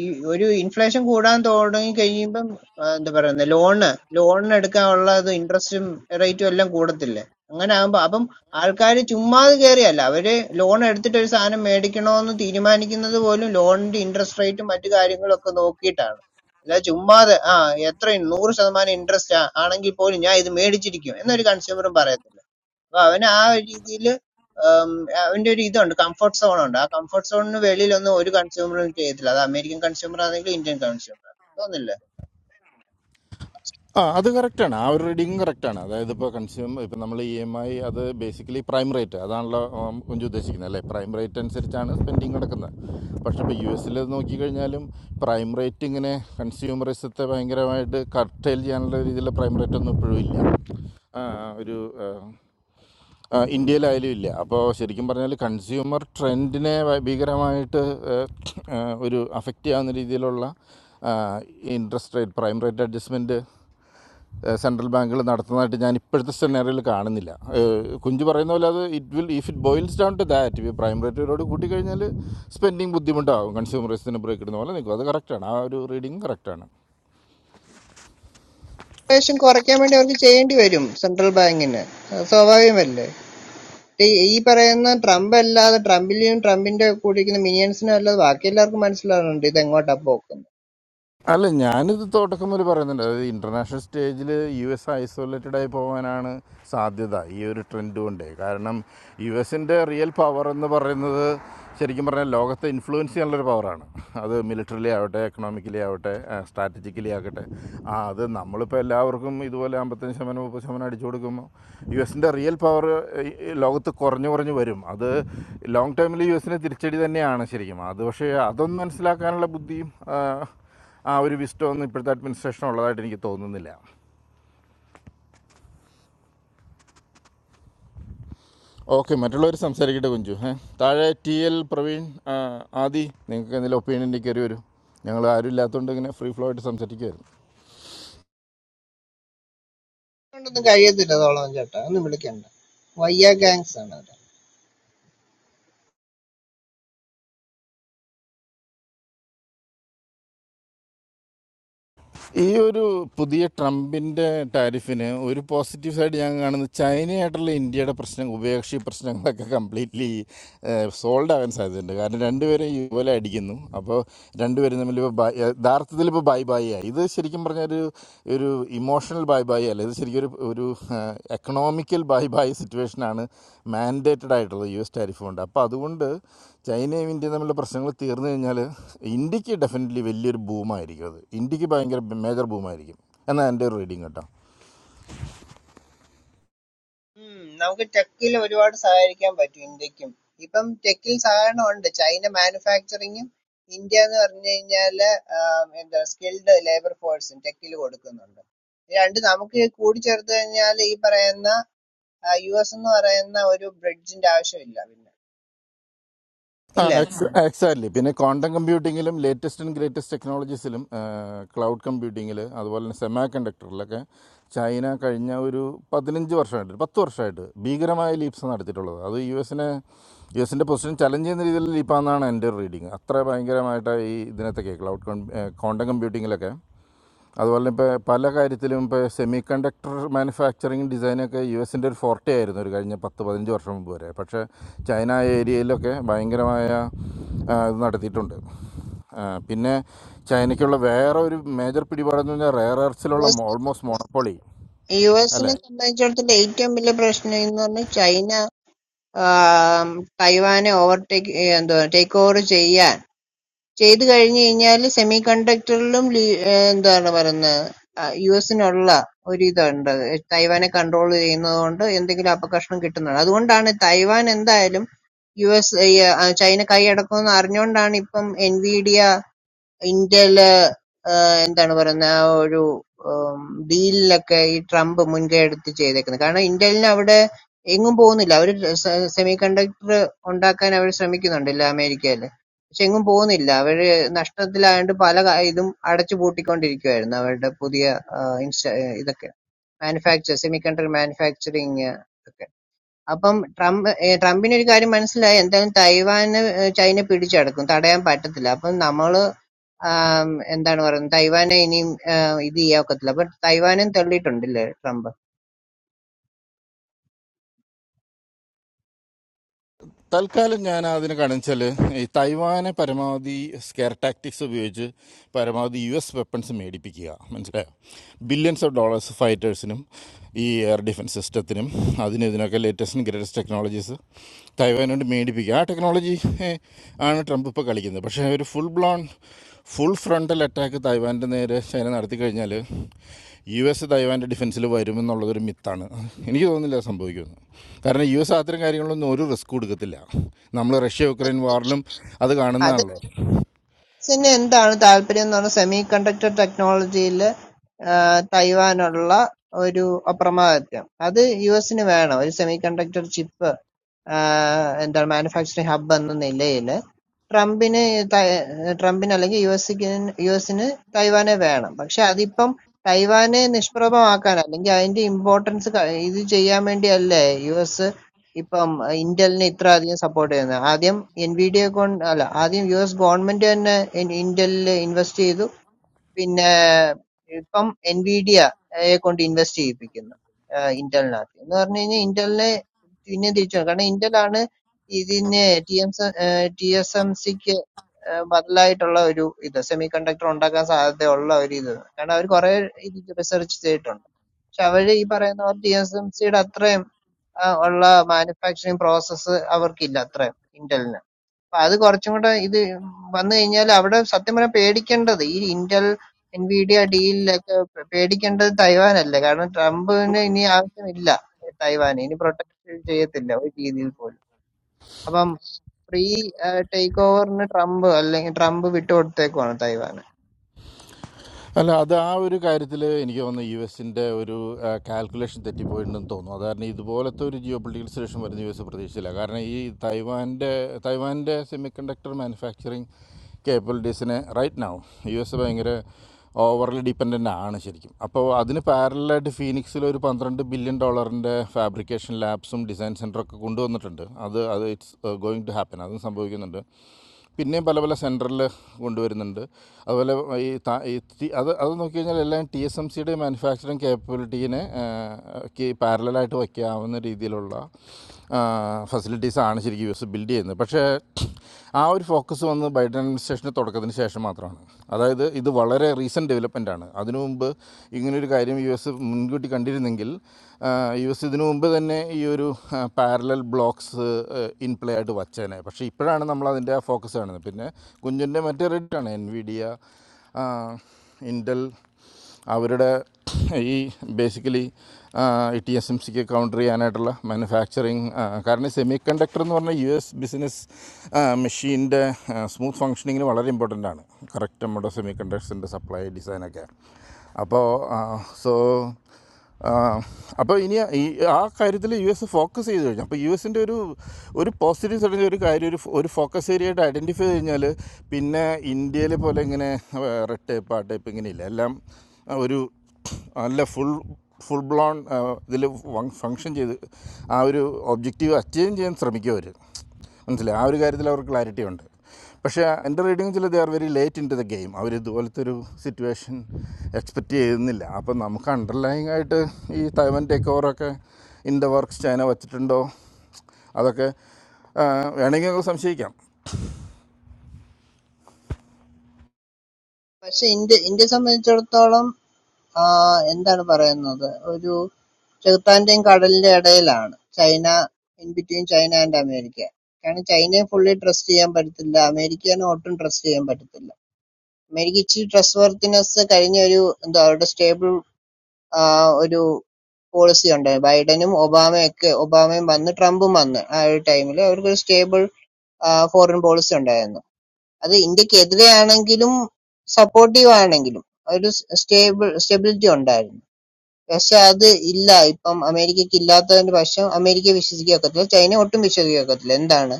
L: ഈ ഒരു ഇൻഫ്ലേഷൻ കൂടാൻ തുടങ്ങി കഴിയുമ്പം ആ, എന്താ പറയുന്നത് ലോണ് ലോണിന് എടുക്കാനുള്ള ഇൻട്രസ്റ്റും റേറ്റും എല്ലാം കൂടത്തില്ലേ അങ്ങനെ ആകുമ്പോ അപ്പം ആൾക്കാർ ചുമ്മാതെ കയറിയല്ല അവര് ലോൺ എടുത്തിട്ട് ഒരു സാധനം മേടിക്കണോന്ന് തീരുമാനിക്കുന്നത് പോലും ലോണിന്റെ ഇൻട്രസ്റ്റ് റേറ്റും മറ്റു കാര്യങ്ങളും ഒക്കെ നോക്കിയിട്ടാണ് അല്ല ചുമ്മാതെ ആ എത്ര നൂറ് ശതമാനം ഇൻട്രസ്റ്റ് ആണെങ്കിൽ പോലും ഞാൻ ഇത് മേടിച്ചിരിക്കും എന്നൊരു കൺസ്യൂമറും പറയത്തില്ല അപ്പൊ അവൻ ആ ഒരു രീതിയിൽ അവന്റെ ഒരു ഇതുണ്ട് കംഫർട്ട് സോൺ ഉണ്ട് ആ കംഫർട്ട് സോണിന് വെളിയിലൊന്നും ഒരു കൺസ്യൂമറും ചെയ്യത്തില്ല അത് അമേരിക്കൻ കൺസ്യൂമർ ആണെങ്കിലും ഇന്ത്യൻ കൺസ്യൂമർ തോന്നില്ല
J: ആ അത് കറക്റ്റാണ് ആ ഒരു റീഡിങ് കറക്റ്റാണ് അതായത് ഇപ്പോൾ കൺസ്യൂമർ ഇപ്പോൾ നമ്മൾ ഇ എം ഐ അത് ബേസിക്കലി പ്രൈം റേറ്റ് അതാണല്ലോ ഉം, കുഞ്ചു ഉദ്ദേശിക്കുന്നത് അല്ലേ പ്രൈം റേറ്റ് അനുസരിച്ചാണ് സ്പെൻഡിങ് നടക്കുന്നത് പക്ഷേ ഇപ്പോൾ യു എസിൽ നോക്കിക്കഴിഞ്ഞാലും പ്രൈം റേറ്റ് ഇങ്ങനെ കൺസ്യൂമറിസത്തെ ഭയങ്കരമായിട്ട് കർട്ടെയിൽ ചെയ്യാനുള്ള രീതിയിലുള്ള പ്രൈം റേറ്റ് ഒന്നും ഇപ്പോഴും ഇല്ല ആ, ഒരു ആ, ആ, ഇന്ത്യയിലായാലും ഇല്ല അപ്പോൾ ശരിക്കും പറഞ്ഞാൽ കൺസ്യൂമർ ട്രെൻഡിനെ വ- ഭീകരമായിട്ട് ഏഹ്, ഏഹ്, ഒരു അഫക്റ്റ് ചെയ്യാവുന്ന രീതിയിലുള്ള interest rate prime rate adjustment ഏഹ് സെൻട്രൽ ബാങ്കുകൾ നടത്തുന്നതായിട്ട് ഞാൻ ഇപ്പോഴത്തെ സെനറിയിൽ കാണുന്നില്ല ഏഹ് കുഞ്ചു പറയുന്ന പോലെ അത് it will if it boils down to that prime റേറ്റിനോട് കൂട്ടിക്കഴിഞ്ഞാൽ സ്പെൻഡിങ് ബുദ്ധിമുട്ടാകും കൺസ്യൂമറിസത്തിന് ബ്രേക്ക് ഇടുന്ന പോലെ നിൽക്കും അത് കറക്റ്റാണ് ആ ഒരു റീഡിങ് കറക്റ്റാണ്
L: ഇൻഫ്ലേഷൻ കുറയ്ക്കാൻ വേണ്ടി അവർക്ക് ചെയ്യേണ്ടി വരും സെൻട്രൽ ബാങ്കിന് അത് സ്വാഭാവികമല്ലേ ഈ ഈ പറയുന്ന ട്രംപ് അല്ലാതെ ട്രംപിലെയും ട്രംപിന്റെ കൂടെ ഇരിക്കുന്ന മിനിയൻസിനും അല്ലാതെ ബാക്കി എല്ലാവർക്കും മനസ്സിലാവുന്നുണ്ട് ഇത് എങ്ങോട്ടാ പോക്കുന്നത്
J: അല്ല ഞാനിത് തോട്ടക്കമ്മൽ പറയുന്നുണ്ട് അതായത് ഇൻ്റർനാഷണൽ സ്റ്റേജിൽ യു എസ് ഐസൊലേറ്റഡ് ആയി പോകാനാണ് സാധ്യത ഈ ഒരു ട്രെൻഡ് കൊണ്ടേ കാരണം യു എസിൻ്റെ റിയൽ പവർ എന്ന് പറയുന്നത് ശരിക്കും പറഞ്ഞാൽ ലോകത്തെ ഇൻഫ്ലുവൻസ് ചെയ്യാനുള്ളൊരു പവറാണ് അത് മിലിറ്ററിലി ആവട്ടെ എക്കണോമിക്കലി ആവട്ടെ സ്ട്രാറ്റജിക്കലി ആകട്ടെ ആ അത് നമ്മളിപ്പോൾ എല്ലാവർക്കും ഇതുപോലെ അമ്പത്തഞ്ച് ശതമാനം മുപ്പത് ശതമാനം അടിച്ചു കൊടുക്കുമ്പോൾ യു എസിൻ്റെ റിയൽ പവർ ലോകത്ത് കുറഞ്ഞു കുറഞ്ഞു വരും അത് ലോങ് ടൈമിൽ യു എസിനെ തിരിച്ചടി തന്നെയാണ് ശരിക്കും അത് പക്ഷേ അതൊന്നും മനസ്സിലാക്കാനുള്ള ബുദ്ധിയും ആ, ആ ഒരു വിസ്റ്റം ഒന്നും ഇപ്പോഴത്തെ അഡ്മിനിസ്ട്രേഷൻ ഉള്ളതായിട്ട് എനിക്ക് തോന്നുന്നില്ല ഓക്കെ മറ്റുള്ളവർ സംസാരിക്കട്ടെ കുഞ്ചു ഏ താഴെ ടി എൽ പ്രവീൺ ആ, ആദി നിങ്ങൾക്ക് എന്തെങ്കിലും ഒപ്പീനിയൻ്റെ കയറി വരൂ ഞങ്ങൾ ആരും ഇല്ലാത്തതുകൊണ്ട് ഇങ്ങനെ ഫ്രീ ഫ്ലോ ആയിട്ട് സംസാരിക്കുമായിരുന്നു
L: അതുകൊണ്ടൊന്നും കഴിയത്തില്ല തോളം ചേട്ടാ ഒന്നും വിളിക്കണ്ട വയ്യ ഗാങ്സ് ആണ് അവര്
J: ഈ ഒരു പുതിയ ട്രംപിൻ്റെ ടാരിഫിന് ഒരു പോസിറ്റീവ് സൈഡ് ഞാൻ കാണുന്നത് ചൈനയായിട്ടുള്ള ഇന്ത്യയുടെ പ്രശ്നം ഉഭയകക്ഷി പ്രശ്നങ്ങളൊക്കെ കംപ്ലീറ്റ്ലി സോൾഡ് ആകാൻ സാധ്യതയുണ്ട് കാരണം രണ്ടുപേരും ഇതുപോലെ അടിക്കുന്നു അപ്പോൾ രണ്ടുപേരും തമ്മിൽ ഇപ്പോൾ ബൈ യഥാർത്ഥത്തിൽ ഇപ്പോൾ ബൈ ബൈ ആയി ഇത് ശരിക്കും പറഞ്ഞാൽ ഒരു ഒരു ഇമോഷണൽ ബൈ ബൈ അല്ല ഇത് ശരിക്കും ഒരു ഒരു എക്കണോമിക്കൽ ബൈ ബൈ സിറ്റുവേഷനാണ് മാൻഡേറ്റഡ് ആയിട്ടുള്ളത് യു എസ് ടാരിഫ് കൊണ്ട് അപ്പോൾ അതുകൊണ്ട് ചൈനയും ഇന്ത്യയും തമ്മിലുള്ള പ്രശ്നങ്ങൾ തീർന്നു കഴിഞ്ഞാൽ ഇന്ത്യക്ക് ഡെഫിനറ്റ്ലി വലിയൊരു ബൂമായിരിക്കും അത് ഇന്ത്യക്ക് ഭയങ്കര മേജർ ബൂമായിരിക്കും എന്നാണ് എൻ്റെ ഒരു റീഡിങ് കേട്ടോ
L: ഉം നമുക്ക് ടെക്കിൽ ഒരുപാട് സഹകരിക്കാൻ പറ്റും ഇന്ത്യക്കും. ഇപ്പം ടെക്കിൽ സഹകരണം ഉണ്ട്. ചൈന മാനുഫാക്ചറിങ്ങും ഇന്ത്യ എന്ന് പറഞ്ഞു കഴിഞ്ഞാല് ആഹ് എന്താ സ്കിൽഡ് ലേബർ ഫോഴ്സും ടെക്കിൽ കൊടുക്കുന്നുണ്ട്. ഇത് രണ്ടും നമുക്ക് കൂടിച്ചേർത്ത് കഴിഞ്ഞാൽ ഈ പറയുന്ന ആഹ് യുഎസ് എന്ന് പറയുന്ന ഒരു ബ്രിഡ്ജിന്റെ ആവശ്യമില്ല പിന്നെ
J: ആ
L: ഇല്ലേ?
J: എക്സ് എക്സാക്ട്ലി പിന്നെ ക്വാണ്ടം കമ്പ്യൂട്ടിങ്ങിലും ലേറ്റസ്റ്റ് ആൻഡ് ഗ്രേറ്റസ്റ്റ് ടെക്നോളജീസിലും ക്ലൗഡ് കമ്പ്യൂട്ടിങ്ങിൽ അതുപോലെ തന്നെ സെമാ കണ്ടക്ടറിലൊക്കെ ചൈന കഴിഞ്ഞ ഒരു പതിനഞ്ച് വർഷമായിട്ട് ഒരു പത്ത് വർഷമായിട്ട് ഭീകരമായ ലീപ്സ് നടത്തിയിട്ടുള്ളത് അത് യു എസിനെ യു എസിൻ്റെ പൊസിഷൻ ചലഞ്ച് ചെയ്യുന്ന രീതിയിൽ ലീപ്പാണെന്നാണ് എൻ്റെ ഒരു റീഡിങ് അത്ര ഭയങ്കരമായിട്ട് ഈ ഇതിനകത്തൊക്കെ ക്ലൗഡ് കോണ്ടം കമ്പ്യൂട്ടിങ്ങിലൊക്കെ അതുപോലെ ഇപ്പോൾ പല കാര്യത്തിലും ഇപ്പോൾ സെമി കണ്ടക്ടർ മാനുഫാക്ചറിങ് ഡിസൈനൊക്കെ യു എസിൻ്റെ ഒരു ഫോർട്ടേ ആയിരുന്നു ഒരു കഴിഞ്ഞ പത്ത് പതിനഞ്ച് വർഷം മുമ്പ് വരെ പക്ഷേ ചൈന ഏരിയയിലൊക്കെ ഭയങ്കരമായ ആ, ഇത് നടത്തിയിട്ടുണ്ട് ആ, പിന്നെ ചൈനയ്ക്കുള്ള വേറെ ഒരു മേജർ പിടിപാടെന്ന് പറഞ്ഞാൽ റെയർ എർസിലുള്ള
L: യുഎസ്
J: ഓൾമോസ്റ്റ് മോണപ്പൊളി
L: യുഎസിനെ
J: അല്ലേ
L: സംബന്ധിച്ചിടത്തോളം ഏറ്റവും വലിയ പ്രശ്നം എന്ന് പറഞ്ഞാൽ ചൈന ആം, തൈവാനെ ഓവർടേക്ക് എന്തോ ടേക്ക് ഓവർ ചെയ്യാൻ ചെയ്ത് കഴിഞ്ഞ് കഴിഞ്ഞാല് സെമി കണ്ടക്ടറിലും എന്താണ് പറയുന്നത് യു എസിനുള്ള ഒരു ഇതുണ്ട് തൈവാനെ കൺട്രോൾ ചെയ്യുന്നത് കൊണ്ട് എന്തെങ്കിലും അപകർഷണം കിട്ടുന്നുണ്ട് അതുകൊണ്ടാണ് തൈവാൻ എന്തായാലും യു എസ് ഈ, ആ, ചൈന കൈയടക്കുമെന്ന് അറിഞ്ഞുകൊണ്ടാണ് ഇപ്പം എൻവിഡിയ ഇന്റല് എന്താണ് പറയുന്നെ, ആ ഒരു ഉം, ഡീലിലൊക്കെ ഈ ട്രംപ് മുൻകൈ എടുത്ത് ചെയ്തേക്കുന്നത്. കാരണം ഇന്ത്യയിലിന് അവിടെ എങ്ങും പോകുന്നില്ല. അവര് സെമികണ്ടക്ടർ ഉണ്ടാക്കാൻ അവർ ശ്രമിക്കുന്നുണ്ടല്ലോ അമേരിക്കയില്. പക്ഷെ എങ്ങും പോകുന്നില്ല. അവര് നഷ്ടത്തിലായോണ്ട് പല കാ- ഇതും അടച്ചു പൂട്ടിക്കൊണ്ടിരിക്കുവായിരുന്നു അവരുടെ പുതിയ ആ, ഇൻസ്റ്റ ഇതൊക്കെ മാനുഫാക്ചർ സെമികണ്ടക്ടർ മാനുഫാക്ചറിങ് ഒക്കെ. അപ്പം ട്രംപ് ഏഹ് ട്രംപിന് ഒരു കാര്യം മനസ്സിലായി എന്തായാലും തൈവാന് ഏഹ് ചൈന പിടിച്ചടക്കും തടയാൻ പറ്റത്തില്ല അപ്പം നമ്മള് ആം, എന്താണ് പറയുന്നത് തൈവാനെ ഇനിയും ഏഹ് ഇത് ചെയ്യാൻ ഒക്കത്തില്ല അപ്പൊ തൈവാനും തള്ളിയിട്ടുണ്ടല്ലേ ട്രംപ്
J: തൽക്കാലം ഞാൻ അതിന് കാണിച്ചാൽ ഈ തൈവാനെ പരമാവധി സ്കെയർ ടാക്ടിക്സ് ഉപയോഗിച്ച് പരമാവധി യു എസ് വെപ്പൺസ് മേടിപ്പിക്കുക മനസ്സിലായോ ബില്യൺസ് ഓഫ് ഡോളേഴ്സ് ഫൈറ്റേഴ്സിനും ഈ എയർ ഡിഫൻസ് സിസ്റ്റത്തിനും അതിനും ഇതിനൊക്കെ ലേറ്റസ്റ്റും ഗ്രേറ്റസ്റ്റ് ടെക്നോളജീസ് തൈവാനോട് മേടിപ്പിക്കുക ആ ടെക്നോളജി ഏഹ്, ആണ് ട്രംപ് ഇപ്പോൾ കളിക്കുന്നത് പക്ഷേ ഒരു full blown full frontal attack തൈവാൻ്റെ നേരെ ചൈന നടത്തി കഴിഞ്ഞാൽ യു എസ് തൈവാൻ്റെ ഡിഫൻസിൽ വരുമെന്നുള്ളതൊരു മിത്താണ് എനിക്ക് തോന്നുന്നില്ല അത് സംഭവിക്കുമെന്ന് കാരണം യു എസ് അത്തരം കാര്യങ്ങളൊന്നും ഒരു റിസ്ക് കൊടുക്കത്തില്ല നമ്മൾ റഷ്യ യുക്രൈൻ വാറിലും അത്
L: അത്
J: കാണുന്നതാണല്ലോ
L: പിന്നെ എന്താണ് താല്പര്യം എന്ന് പറഞ്ഞാൽ സെമി കണ്ടക്ടർ ടെക്നോളജിയിൽ തൈവാനുള്ള ഒരു അപ്രമാദിത്വം അത് യു എസിന് വേണം ഒരു സെമി കണ്ടക്ടർ ചിപ്പ് എന്താണ് മാനുഫാക്ചറിംഗ് ഹബ്ബ് എന്ന നിലയില് ട്രംപിന് തൈ- ട്രംപിന് അല്ലെങ്കിൽ യു എസിന് യു എസിന് തൈവാനെ വേണം. പക്ഷെ അതിപ്പം തൈവാനെ നിഷ്പ്രഭമാക്കാൻ അല്ലെങ്കിൽ അതിന്റെ ഇമ്പോർട്ടൻസ് ഇത് ചെയ്യാൻ വേണ്ടിയല്ലേ യു എസ് ഇപ്പം ഇന്റലിനെ ഇത്ര അധികം സപ്പോർട്ട് ചെയ്യുന്നത്. ആദ്യം എൻവിഡിയെ കൊണ്ട് അല്ല ആദ്യം യു എസ് ഗവൺമെന്റ് തന്നെ ഇൻ- ഇന്റലിൽ ഇൻവെസ്റ്റ് ചെയ്തു. പിന്നെ ഇപ്പം എൻവിഡിയ യെ കൊണ്ട് ഇൻവെസ്റ്റ് ചെയ്യിപ്പിക്കുന്നു ആഹ് ഇന്റലിനകത്ത് എന്ന് പറഞ്ഞു കഴിഞ്ഞാൽ ഇന്റലിനെ പിന്നെ തിരിച്ചു വരും. കാരണം ഇന്റലാണ് ഇതിന് T M T S M സിക്ക് ബദലായിട്ടുള്ള ഒരു ഇത് സെമി കണ്ടക്ടർ ഉണ്ടാക്കാൻ സാധ്യതയുള്ള ഒരു ഇത് കാരണം അവർ കുറെ ഇത് റിസർച്ച് ചെയ്തിട്ടുണ്ട് പക്ഷെ അവര് ഈ പറയുന്ന പോലെ ടി എസ് എം സിയുടെ അത്രയും ആ, ഉള്ള മാനുഫാക്ചറിങ് പ്രോസസ്സ് അവർക്കില്ല അത്രയും ഇന്റലിന് അപ്പൊ അത് കുറച്ചും കൂടെ ഇത് വന്നു കഴിഞ്ഞാൽ അവിടെ സത്യം പറഞ്ഞാൽ പേടിക്കേണ്ടത് ഈ ഇന്റൽ എൻവിഡിയ ഡീലിലൊക്കെ പേടിക്കേണ്ടത് തൈവാനല്ലേ കാരണം ട്രംപിന് ഇനി ആവശ്യമില്ല തൈവാൻ ഇനി പ്രൊട്ടക്ട് ചെയ്യത്തില്ല ഒരു രീതിയിൽ പോലും അപ്പം ഫ്രീ ടേക്ക് ഓവറിന് ട്രംപ് അല്ലെങ്കിൽ ട്രംപ് വിട്ടുകൊടുത്തേക്കുവാണ് തൈവാന്
J: അല്ല അത് ആ ഒരു കാര്യത്തിൽ എനിക്ക് തോന്നുന്നു യു എസിൻ്റെ ഒരു കാൽക്കുലേഷൻ തെറ്റിപ്പോയിട്ടുണ്ടെന്ന് തോന്നുന്നു അത് കാരണം ഇതുപോലത്തെ ഒരു ജിയോ പൊളിറ്റിക്കൽ സിറ്റുവേഷൻ വരുന്ന യു എസ് പ്രതീക്ഷിച്ചില്ല കാരണം ഈ തൈവാൻ്റെ തൈവാൻ്റെ സെമി കണ്ടക്ടർ മാനുഫാക്ചറിങ് കേപ്പബിലിറ്റീസിനെ റൈറ്റ് നാവും യു എസ് ഭയങ്കര ഓവർലി ഡിപ്പെൻഡൻ്റ് ആണ് ശരിക്കും അപ്പോൾ അതിന് പാരലായിട്ട് ഫീനിക്സിൽ ഒരു പന്ത്രണ്ട് ബില്യൺ ഡോളറിൻ്റെ ഫാബ്രിക്കേഷൻ ലാബ്സും ഡിസൈൻ സെൻറ്ററൊക്കെ കൊണ്ടുവന്നിട്ടുണ്ട് അത് അത് ഇറ്റ്സ് ഗോയിങ് ടു ഹാപ്പൻ അതും സംഭവിക്കുന്നുണ്ട് പിന്നെയും പല പല സെൻറ്ററിൽ കൊണ്ടുവരുന്നുണ്ട് അതുപോലെ ഈ ത- ഈ തി- അത് അത് നോക്കി കഴിഞ്ഞാൽ എല്ലാം ടി എസ് എം സിയുടെ മാനുഫാക്ചറിങ് കേപ്പബിലിറ്റീനെ പാരലായിട്ട് വയ്ക്കാവുന്ന രീതിയിലുള്ള ഫെസിലിറ്റീസാണ് ശരിക്കും യു എസ് ബിൽഡ് ചെയ്യുന്നത് പക്ഷേ ആ ഒരു ഫോക്കസ് വന്ന് ബൈഡൻ അഡ്മിനിസ്ട്രേഷൻ്റെ തുടക്കത്തിന് ശേഷം മാത്രമാണ് അതായത് ഇത് വളരെ റീസെൻറ്റ് ഡെവലപ്മെൻ്റ് ആണ് അതിനു മുമ്പ് ഇങ്ങനൊരു കാര്യം യു എസ് മുൻകൂട്ടി കണ്ടിരുന്നെങ്കിൽ യു എസ് ഇതിനു മുമ്പ് തന്നെ ഈ ഒരു പാരലൽ ബ്ലോക്സ് ഇൻ പ്ലേ ആയിട്ട് വച്ചേനെ പക്ഷേ പക്ഷേ ഇപ്പോഴാണ് നമ്മൾ അതിൻ്റെ ഫോക്കസ് കാണുന്നത് പിന്നെ കുഞ്ഞിൻ്റെ മറ്റ് റേറ്റാണ് എൻ വി ഡി ഇൻഡൽ അവരുടെ ഈ ബേസിക്കലി ഇ ടി എസ് എം സിക്ക് കൗണ്ടർ ചെയ്യാനായിട്ടുള്ള മാനുഫാക്ചറിങ് കാരണം സെമി കണ്ടക്ടർ എന്ന് പറഞ്ഞാൽ യു എസ് ബിസിനസ് മെഷീൻ്റെ സ്മൂത്ത് ഫങ്ഷനിങ്ങിന് വളരെ ഇമ്പോർട്ടൻ്റ് ആണ് കറക്റ്റ് നമ്മുടെ സെമി കണ്ടക്ടർസിൻ്റെ സപ്ലൈ ഡിസൈനൊക്കെ അപ്പോൾ സോ അപ്പോൾ ഇനി ഈ ആ കാര്യത്തിൽ യു എസ് ഫോക്കസ് ചെയ്ത് കഴിഞ്ഞു അപ്പോൾ യു എസിൻ്റെ ഒരു ഒരു പോസിറ്റീവ് സൈഡിൻ്റെ ഒരു കാര്യം ഒരു ഫോ- ഒരു ഫോക്കസ് ഏരിയ ആയിട്ട് ഐഡൻറ്റിഫൈ കഴിഞ്ഞാൽ പിന്നെ ഇന്ത്യയിലെ പോലെ ഇങ്ങനെ റെഡ് ടേപ്പ് ആ ടേപ്പ് ഇങ്ങനെ ഇല്ല എല്ലാം ആ, ഒരു നല്ല ഫുൾ ഫുൾ ബ്ലോൺ ഇതിൽ ഫങ്ഷൻ ചെയ്ത് ആ ഒരു ഒബ്ജക്റ്റീവ് അച്ചീവ് ചെയ്യാൻ ശ്രമിക്കുക അവർ മനസ്സിലായി ആ ഒരു കാര്യത്തിൽ അവർക്ക് ക്ലാരിറ്റി ഉണ്ട് പക്ഷേ എൻ്റെ റീഡിങ്ങിൽ they are very late into the game അവർ ഇതുപോലത്തെ ഒരു സിറ്റുവേഷൻ എക്സ്പെക്റ്റ് ചെയ്യുന്നില്ല അപ്പം നമുക്ക് അണ്ടർലൈങ് ആയിട്ട് ഈ തൈവൻ ടേക്ക് ഓവറൊക്കെ ഇൻ ദ വർക്ക്സ് ചൈന വച്ചിട്ടുണ്ടോ അതൊക്കെ ആ, വേണമെങ്കിൽ നമുക്ക് സംശയിക്കാം
L: പക്ഷേ ഇന്ത്യ ഇന്ത്യയെ സംബന്ധിച്ചിടത്തോളം ആ, എന്താണ് പറയുന്നത് ഒരു ചെകുത്താന്റെയും കടലിന്റെ ഇടയിലാണ് China in between China and America കാരണം ചൈനയെ ഫുള്ളി ട്രസ്റ്റ് ചെയ്യാൻ പറ്റത്തില്ല അമേരിക്കനെ ഒട്ടും ട്രസ്റ്റ് ചെയ്യാൻ പറ്റത്തില്ല അമേരിക്ക ഇച്ചിരി ട്രസ്റ്റ് വർത്തിനെസ് കഴിഞ്ഞ ഒരു എന്താ അവരുടെ സ്റ്റേബിൾ ഒരു പോളിസി ഉണ്ട് ബൈഡനും ഒബാമയൊക്കെ ഒബാമയും വന്ന് ട്രംപും വന്ന് ആ ഒരു ടൈമിൽ അവർക്കൊരു സ്റ്റേബിൾ ഫോറിൻ പോളിസി ഉണ്ടായിരുന്നു അത് ഇന്ത്യക്കെതിരെ ആണെങ്കിലും സപ്പോർട്ടീവ് ആണെങ്കിലും ഒരു സ്റ്റേബിൾ സ്റ്റെബിലിറ്റി ഉണ്ടായിരുന്നു പക്ഷെ അത് ഇല്ല ഇപ്പം അമേരിക്കക്ക് ഇല്ലാത്തതിന്റെ പക്ഷം അമേരിക്ക വിശ്വസിക്കാൻ ഒക്കത്തില്ല ചൈന ഒട്ടും വിശ്വസിക്കാൻ ഒക്കത്തില്ല എന്താണ്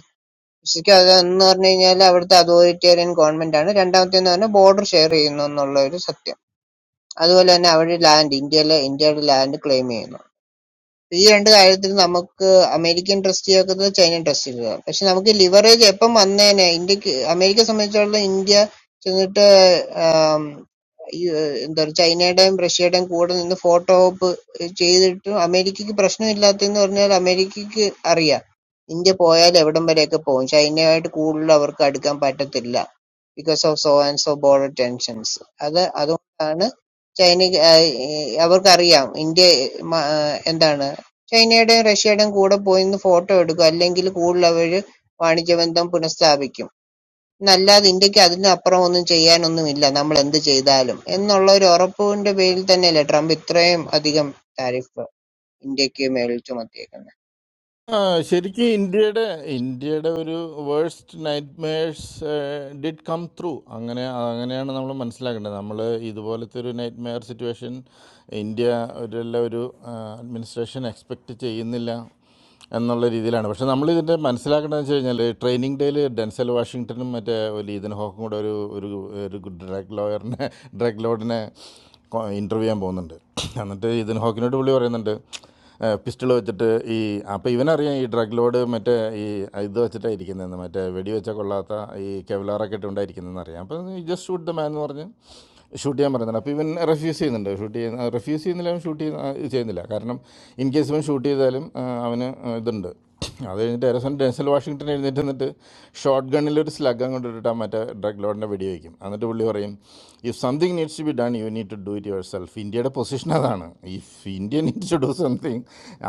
L: വിശ്വസിക്കാതെ എന്ന് പറഞ്ഞു കഴിഞ്ഞാൽ അവിടുത്തെ അതോറിറ്റേറിയൻ ഗവൺമെന്റ് ആണ് രണ്ടാമത്തെ എന്ന് പറഞ്ഞാൽ ബോർഡർ ഷെയർ ചെയ്യുന്നു എന്നുള്ള ഒരു സത്യം അതുപോലെ തന്നെ അവര് ലാൻഡ് ഇന്ത്യയിലെ ഇന്ത്യയുടെ ലാൻഡ് ക്ലെയിം ചെയ്യുന്നു ഈ രണ്ട് കാര്യത്തിൽ നമുക്ക് അമേരിക്കൻ ട്രസ്റ്റ് ചെയ്യാത്തത് ചൈനൻ ട്രസ്റ്റ് ചെയ്യുക പക്ഷെ നമുക്ക് ലിവറേജ് എപ്പം വന്നേനെ ഇന്ത്യക്ക് അമേരിക്കയെ സംബന്ധിച്ചിടത്തോളം ഇന്ത്യ ചെന്നിട്ട് ആം, ഈ, ഏഹ്, എന്താ പറയുക ചൈനയുടെയും റഷ്യയുടെയും കൂടെ നിന്ന് ഫോട്ടോ ഓപ്പ് ചെയ്തിട്ടും അമേരിക്കക്ക് പ്രശ്നമില്ലാത്തതെന്ന് പറഞ്ഞാൽ അമേരിക്കക്ക് അറിയാം ഇന്ത്യ പോയാൽ എവിടം വരെയൊക്കെ പോകും ചൈനയുമായിട്ട് കൂടുതൽ അവർക്ക് അടുക്കാൻ പറ്റത്തില്ല because of so and so border tensions അത് അതുകൊണ്ടാണ് ചൈന അവർക്കറിയാം ഇന്ത്യ മ- എന്താണ് ചൈനയുടെയും റഷ്യയുടെയും കൂടെ പോയിനിന്ന് ഫോട്ടോ എടുക്കും. അല്ലെങ്കില് കൂടുതലവര് വാണിജ്യബന്ധം പുനഃസ്ഥാപിക്കും. എന്നല്ലാതെ ഇന്ത്യക്ക് അതിനപ്പുറം ഒന്നും ചെയ്യാനൊന്നുമില്ല നമ്മളെന്ത് ചെയ്താലും എന്നുള്ള ഒരു ഉറപ്പിന്റെ പേരിൽ തന്നെയല്ലേ ട്രംപ് ഇത്രയും അധികം താരിഫ് ഇന്ത്യക്ക് മേൽ ചുമത്തിയേക്കുന്നത്.
J: ആ, ശരിക്കും ഇന്ത്യയുടെ ഇന്ത്യയുടെ ഒരു worst nightmares did come through അങ്ങനെ അങ്ങനെയാണ് നമ്മൾ മനസ്സിലാക്കേണ്ടത് നമ്മൾ ഇതുപോലത്തെ ഒരു നൈറ്റ് മെയർ സിറ്റുവേഷൻ ഇന്ത്യ ഒരു ഒരു അഡ്മിനിസ്ട്രേഷൻ എക്സ്പെക്റ്റ് ചെയ്യുന്നില്ല എന്നുള്ള രീതിയിലാണ് പക്ഷേ നമ്മൾ ഇതിൻ്റെ മനസ്സിലാക്കേണ്ടത് വെച്ച് കഴിഞ്ഞാൽ ട്രെയിനിങ് ഡേയിൽ ഡെൻസൽ വാഷിങ്ടണും മറ്റേ ഒരു ഈതൻ ഹോക്കും കൂടെ ഒരു ഒരു ഒരു ഡ്രഗ് ലോയറിനെ ഡ്രഗ് ലോഡിനെ ഇൻ്റർവ്യൂ ചെയ്യാൻ പോകുന്നുണ്ട് എന്നിട്ട് ഇതിൻ ഹോക്കിനോട് പുള്ളി പറയുന്നുണ്ട് പിസ്റ്റൾ വെച്ചിട്ട് ഈ അപ്പോൾ ഇവനറിയാം ഈ ഡ്രഗ് ലോഡ് മറ്റേ ഈ ഇത് വെച്ചിട്ടാണ് ഇരിക്കുന്നതെന്ന് മറ്റേ വെടി വെച്ചാൽ കൊള്ളാത്ത ഈ കെവലാറൊക്കെ ഇട്ടുകൊണ്ടായിരിക്കുന്നതെന്ന് അറിയാം അപ്പോൾ ജസ്റ്റ് ഷൂട്ട് ദ മാൻ എന്ന് പറഞ്ഞ് ഷൂട്ട് ചെയ്യാൻ പറയുന്നുണ്ട് അപ്പോൾ ഇവൻ റെഫ്യൂസ് ചെയ്യുന്നുണ്ട് ഷൂട്ട് ചെയ്യുന്ന റെഫ്യൂസ് ചെയ്യുന്നില്ല അവൻ ഷൂട്ട് ചെയ്യുന്ന ആ, ചെയ്യുന്നില്ല കാരണം ഇൻ കേസ് ഇവൻ ഷൂട്ട് ചെയ്താലും ആ, അവന് ഇതുണ്ട് അത് കഴിഞ്ഞിട്ട് ഏറെ സമയം ഡെൻസൽ വാഷിങ്ടൺ എഴുന്നേറ്റ് നിന്നിട്ട് ഷോർട്ട് ഗണ്ണിലൊരു സ്ലഗ് അങ്ങോട്ട് ഇട്ടിട്ട് ആ മറ്റേ ഡ്രഗ് ലോഡിനെ വെടി വയ്ക്കും എന്നിട്ട് പുള്ളി പറയും if something needs to be done you need to do it yourself ഇന്ത്യയുടെ പൊസിഷൻ അതാണ് if India needs to do something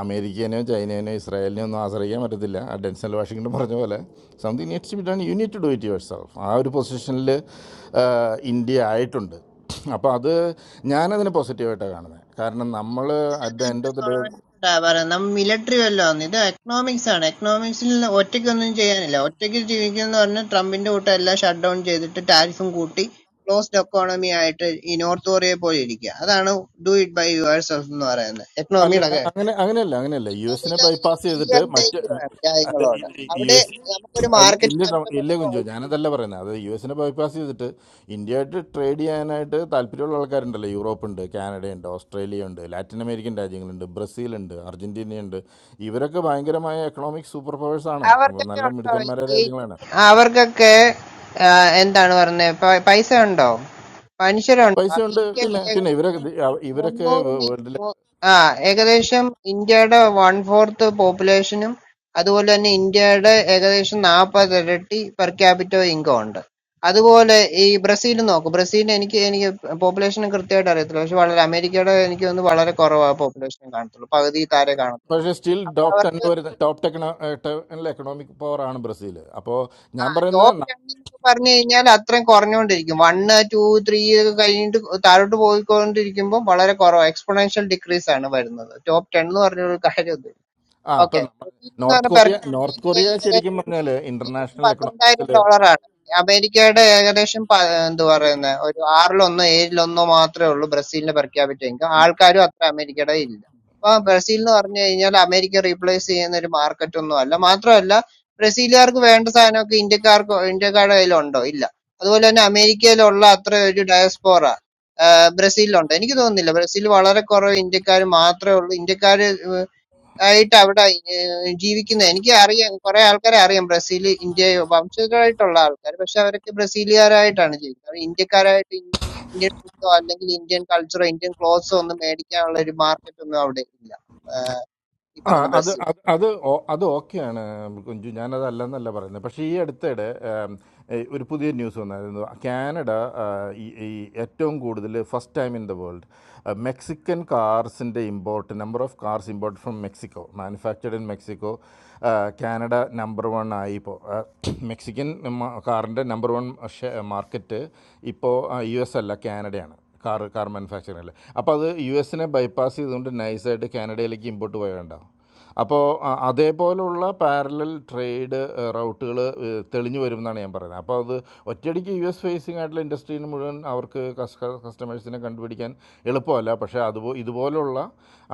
J: അമേരിക്കേനോ ചൈനേനോ ഇസ്രായേലിനോ ഒന്നും ആശ്രയിക്കാൻ പറ്റത്തില്ല ആ ഡെൻസൽ വാഷിങ്ടൺ പറഞ്ഞ പോലെ something needs to be done you need to do it yourself ആ ഒരു പൊസിഷനിൽ ഇന്ത്യ ആയിട്ടുണ്ട് അപ്പോൾ അത് ഞാനതിനെ പോസിറ്റീവായിട്ടാണ് കാണുന്നത് കാരണം നമ്മൾ at the end of the day
L: എന്താ പറയുന്നത് മിലിറ്ററി വല്ലോ ആണ് ഇത് എക്കണോമിക്സ് ആണ് എക്കണോമിക്സിൽ ഒറ്റയ്ക്കൊന്നും ചെയ്യാനില്ല ഒറ്റയ്ക്ക് ജീവിക്കുന്ന പറഞ്ഞ ട്രംപിന്റെ കൂട്ടം എല്ലാം ഷട്ട് ഡൗൺ ചെയ്തിട്ട് ടാരിഫും കൂട്ടി ക്ലോസ്ഡ് എക്കോണമി ആയിട്ട് ഈ നോർത്ത് കൊറിയ പോലെ ഇരിക്കുക അതാണ് ഡു ഇറ്റ് ബൈ യുവേഴ്സ് എന്ന് പറയുന്നത് എക്കണോമിയുടെ
J: അല്ലല്ല
L: കാര്യം
J: അങ്ങനെ അങ്ങനെയല്ല അങ്ങനെയല്ല യു എസിനെ
L: എക്കണോമിയിലെ
J: ബൈപ്പാസ് ചെയ്തിട്ട് മറ്റ്
L: ടേക്ക്
J: അല്ല
L: കാര്യങ്ങളോട്
J: ഇ- ഇ- യു
L: അവിടെ
J: എസ്
L: നമുക്കൊരു
J: അല്ല
L: മാർക്കറ്റ്
J: ഇല്ല ട- ഇല്ല
L: നഷ്ടപ്പെടുന്നു
J: കുഞ്ചു ഞാനതല്ല പറയുന്നത് അത് യു എസിനെ ബൈപ്പാസ് ചെയ്തിട്ട് ഇന്ത്യയായിട്ട് ട്രേഡ് ചെയ്യാനായിട്ട് താല്പര്യമുള്ള ആൾക്കാരുണ്ടല്ലോ യൂറോപ്പുണ്ട് കാനഡയുണ്ട് ഓസ്ട്രേലിയ ഉണ്ട് ലാറ്റിൻ അമേരിക്കൻ രാജ്യങ്ങളുണ്ട് ബ്രസീലുണ്ട് അർജന്റീനയുണ്ട് ഇവരൊക്കെ ഭയങ്കരമായ എക്കണോമിക് സൂപ്പർ പവേഴ്സാണ്
L: അവർക്കൊക്കെ
J: നല്ല
L: ഉണ്ടോ
J: മിടുക്കന്മാരായ
L: ഈ
J: രാജ്യങ്ങളാണ്
L: അവർക്കൊക്കെ ആ, എന്താണ് പറഞ്ഞത് പ- പൈസ ഉണ്ടോ മനുഷ്യരുണ്ടോ
J: പൈസയുണ്ട്
L: അമേരിക്കയിൽ
J: പിന്നെ പിന്നെ ഇവരൊക്കെ
L: ഏകദേശം
J: ദി- അവ- ഇവരൊക്കെ
L: മുന്നൂറ് മി-
J: വേൾഡിലെ
L: മു- ആ ഏകദേശം ഇന്ത്യയുടെ വൺ ഫോർത്ത് പോപ്പുലേഷനും അതുപോലെ തന്നെ ഇന്ത്യയുടെ ഏകദേശം നാൽപ്പത് ഇരട്ടി പെർ ക്യാപിറ്റോ ഇൻകം ഉണ്ട് അതുപോലെ ഈ ബ്രസീൽ നോക്ക് ബ്രസീൽ എനിക്ക് എനിക്ക് പോപ്പുലേഷൻ കൃത്യമായിട്ട് അറിയത്തില്ല പക്ഷെ വളരെ അമേരിക്കയുടെ എനിക്ക് തോന്നുന്നു വളരെ കുറവാ പോപ്പുലേഷൻ കാണത്തുള്ളൂ പകുതി താരെ കാണത്തുള്ളൂ
J: പക്ഷേ സ്റ്റിൽ
L: അവിടെ
J: ടോപ്പ് ടെൻ
L: അവർക്ക്
J: വരുന്ന ടോപ്പ് ടെക്നോ ടെനിലെ എക്കണോമിക് പവർ ആണ് ബ്രസീൽ അപ്പോൾ ഞാൻ പറയുന്നത്
L: ടോപ്പ്
J: ന-
L: രണ്ടെന്നൊക്കെ പറഞ്ഞു കഴിഞ്ഞാൽ അത്രയും കുറഞ്ഞുകൊണ്ടിരിക്കും വൺ ടു ത്രീ ഒക്കെ കഴിഞ്ഞിട്ട് താഴോട്ട് പോയിക്കൊണ്ടിരിക്കുമ്പോൾ വളരെ കുറവ് എക്സ്പൊണൻഷ്യൽ ഡിക്രീസ് ആണ് വരുന്നത് ടോപ്പ് ടെൻ എന്ന് പറഞ്ഞ ഒരു കാര്യമൊന്നും
J: ആ അപ്പം
L: ഓക്കെ
J: നമ്മ-
L: എന്ന്
J: നോർത്ത്
L: പറഞ്ഞ
J: കൊറിയ നോർത്ത് കൊറിയ
L: പെർ
J: ശരിക്കും പറഞ്ഞാൽ
L: ഏകദേശം
J: ഇന്റർനാഷണൽ
L: പന്ത്രണ്ടായിരം
J: എക്കണോമിക്സിൽ
L: ഡോളറാണ്. അമേരിക്കയുടെ ഏകദേശം പ എന്ത് പറയുന്നെ, ഒരു ആറിലൊന്നോ ഏഴിലൊന്നോ മാത്രേ ഉള്ളൂ ബ്രസീലിന് പെർ ക്യാപിറ്റ ഇൻകം. ആൾക്കാരും അത്ര അമേരിക്കയുടെ ഇല്ല. അപ്പൊ ബ്രസീൽ എന്ന് പറഞ്ഞു കഴിഞ്ഞാൽ അമേരിക്ക റീപ്ലേസ് ചെയ്യുന്ന ഒരു മാർക്കറ്റ് ഒന്നും അല്ല. മാത്രമല്ല ബ്രസീലുകാർക്ക് വേണ്ട സാധനമൊക്കെ ഇന്ത്യക്കാർക്ക് ഇന്ത്യക്കാരുടെ കയ്യിലുണ്ടോ? ഇല്ല. അതുപോലെ തന്നെ അമേരിക്കയിലുള്ള അത്ര ഒരു ഡയസ്പോറ ബ്രസീലിലുണ്ട്. എനിക്ക് തോന്നുന്നില്ല ബ്രസീൽ വളരെ കുറവ് ഇന്ത്യക്കാർ മാത്രമേ ഉള്ളൂ. ഇന്ത്യക്കാർ ആയിട്ട് അവിടെ ഏഹ്, ജീവിക്കുന്ന എനിക്ക് അറിയാം കുറെ ആൾക്കാരെ അറിയാം ബ്രസീൽ ഇന്ത്യ വംശജരായിട്ടുള്ള ആൾക്കാർ പക്ഷെ അവരൊക്കെ ബ്രസീലുകാരായിട്ടാണ് ജീവിക്കുന്നത് അവർ ഇന്ത്യക്കാരായിട്ട് ഇൻ- ഇന്ത്യൻ ഫുഡോ അല്ലെങ്കിൽ ഇന്ത്യൻ കൾച്ചറോ ഇന്ത്യൻ ക്ലോത്ത്സോ ഒന്നും മേടിക്കാനുള്ള ഒരു മാർക്കറ്റ് ഒന്നും അവിടെ ഇല്ല ആഹ്, ഈ
J: ആ
L: പറയുന്ന
J: അത്
L: ബ്രസീൽ
J: അത് അത് ഓ- അത് ഓക്കെയാണ് കുഞ്ചു ഞാനത് അല്ലെന്നല്ല പറയുന്നത് പക്ഷേ ഈ അടുത്തിടെ ഏഹ് ഒരു പുതിയ ന്യൂസ് വന്നായിരുന്നു കാനഡ ആഹ് ഈ ഈ ഏറ്റവും കൂടുതൽ first time in the world Mexican കാർസിൻ്റെ import number of cars import from Mexico manufactured in Mexico Canada number one ആയി ഇപ്പോൾ മെക്സിക്കൻ കാറിൻ്റെ നമ്പർ വൺ മാർക്കറ്റ് ഇപ്പോൾ യു എസ് അല്ല കാനഡയാണ് കാർ കാർ മാനുഫാക്ചറിംഗിൽ അപ്പോൾ അത് യു എസിനെ ബൈപ്പാസ് ചെയ്തുകൊണ്ട് നൈസായിട്ട് കാനഡയിലേക്ക് ഇമ്പോർട്ട് പോയ അപ്പോൾ അ- അതേപോലുള്ള പാരലൽ ട്രേഡ് റൗട്ടുകൾ തെളിഞ്ഞു വരും എന്നാണ് ഞാൻ പറയുന്നത് അപ്പോൾ അത് ഒറ്റയടിക്ക് യു എസ് ഫേസിംഗ് ആയിട്ടുള്ള ഇൻഡസ്ട്രീന് മുഴുവൻ അവർക്ക് കസ്റ്റമേഴ്സിനെ കണ്ടുപിടിക്കാൻ എളുപ്പമല്ല പക്ഷേ അതുപോ ഇതുപോലുള്ള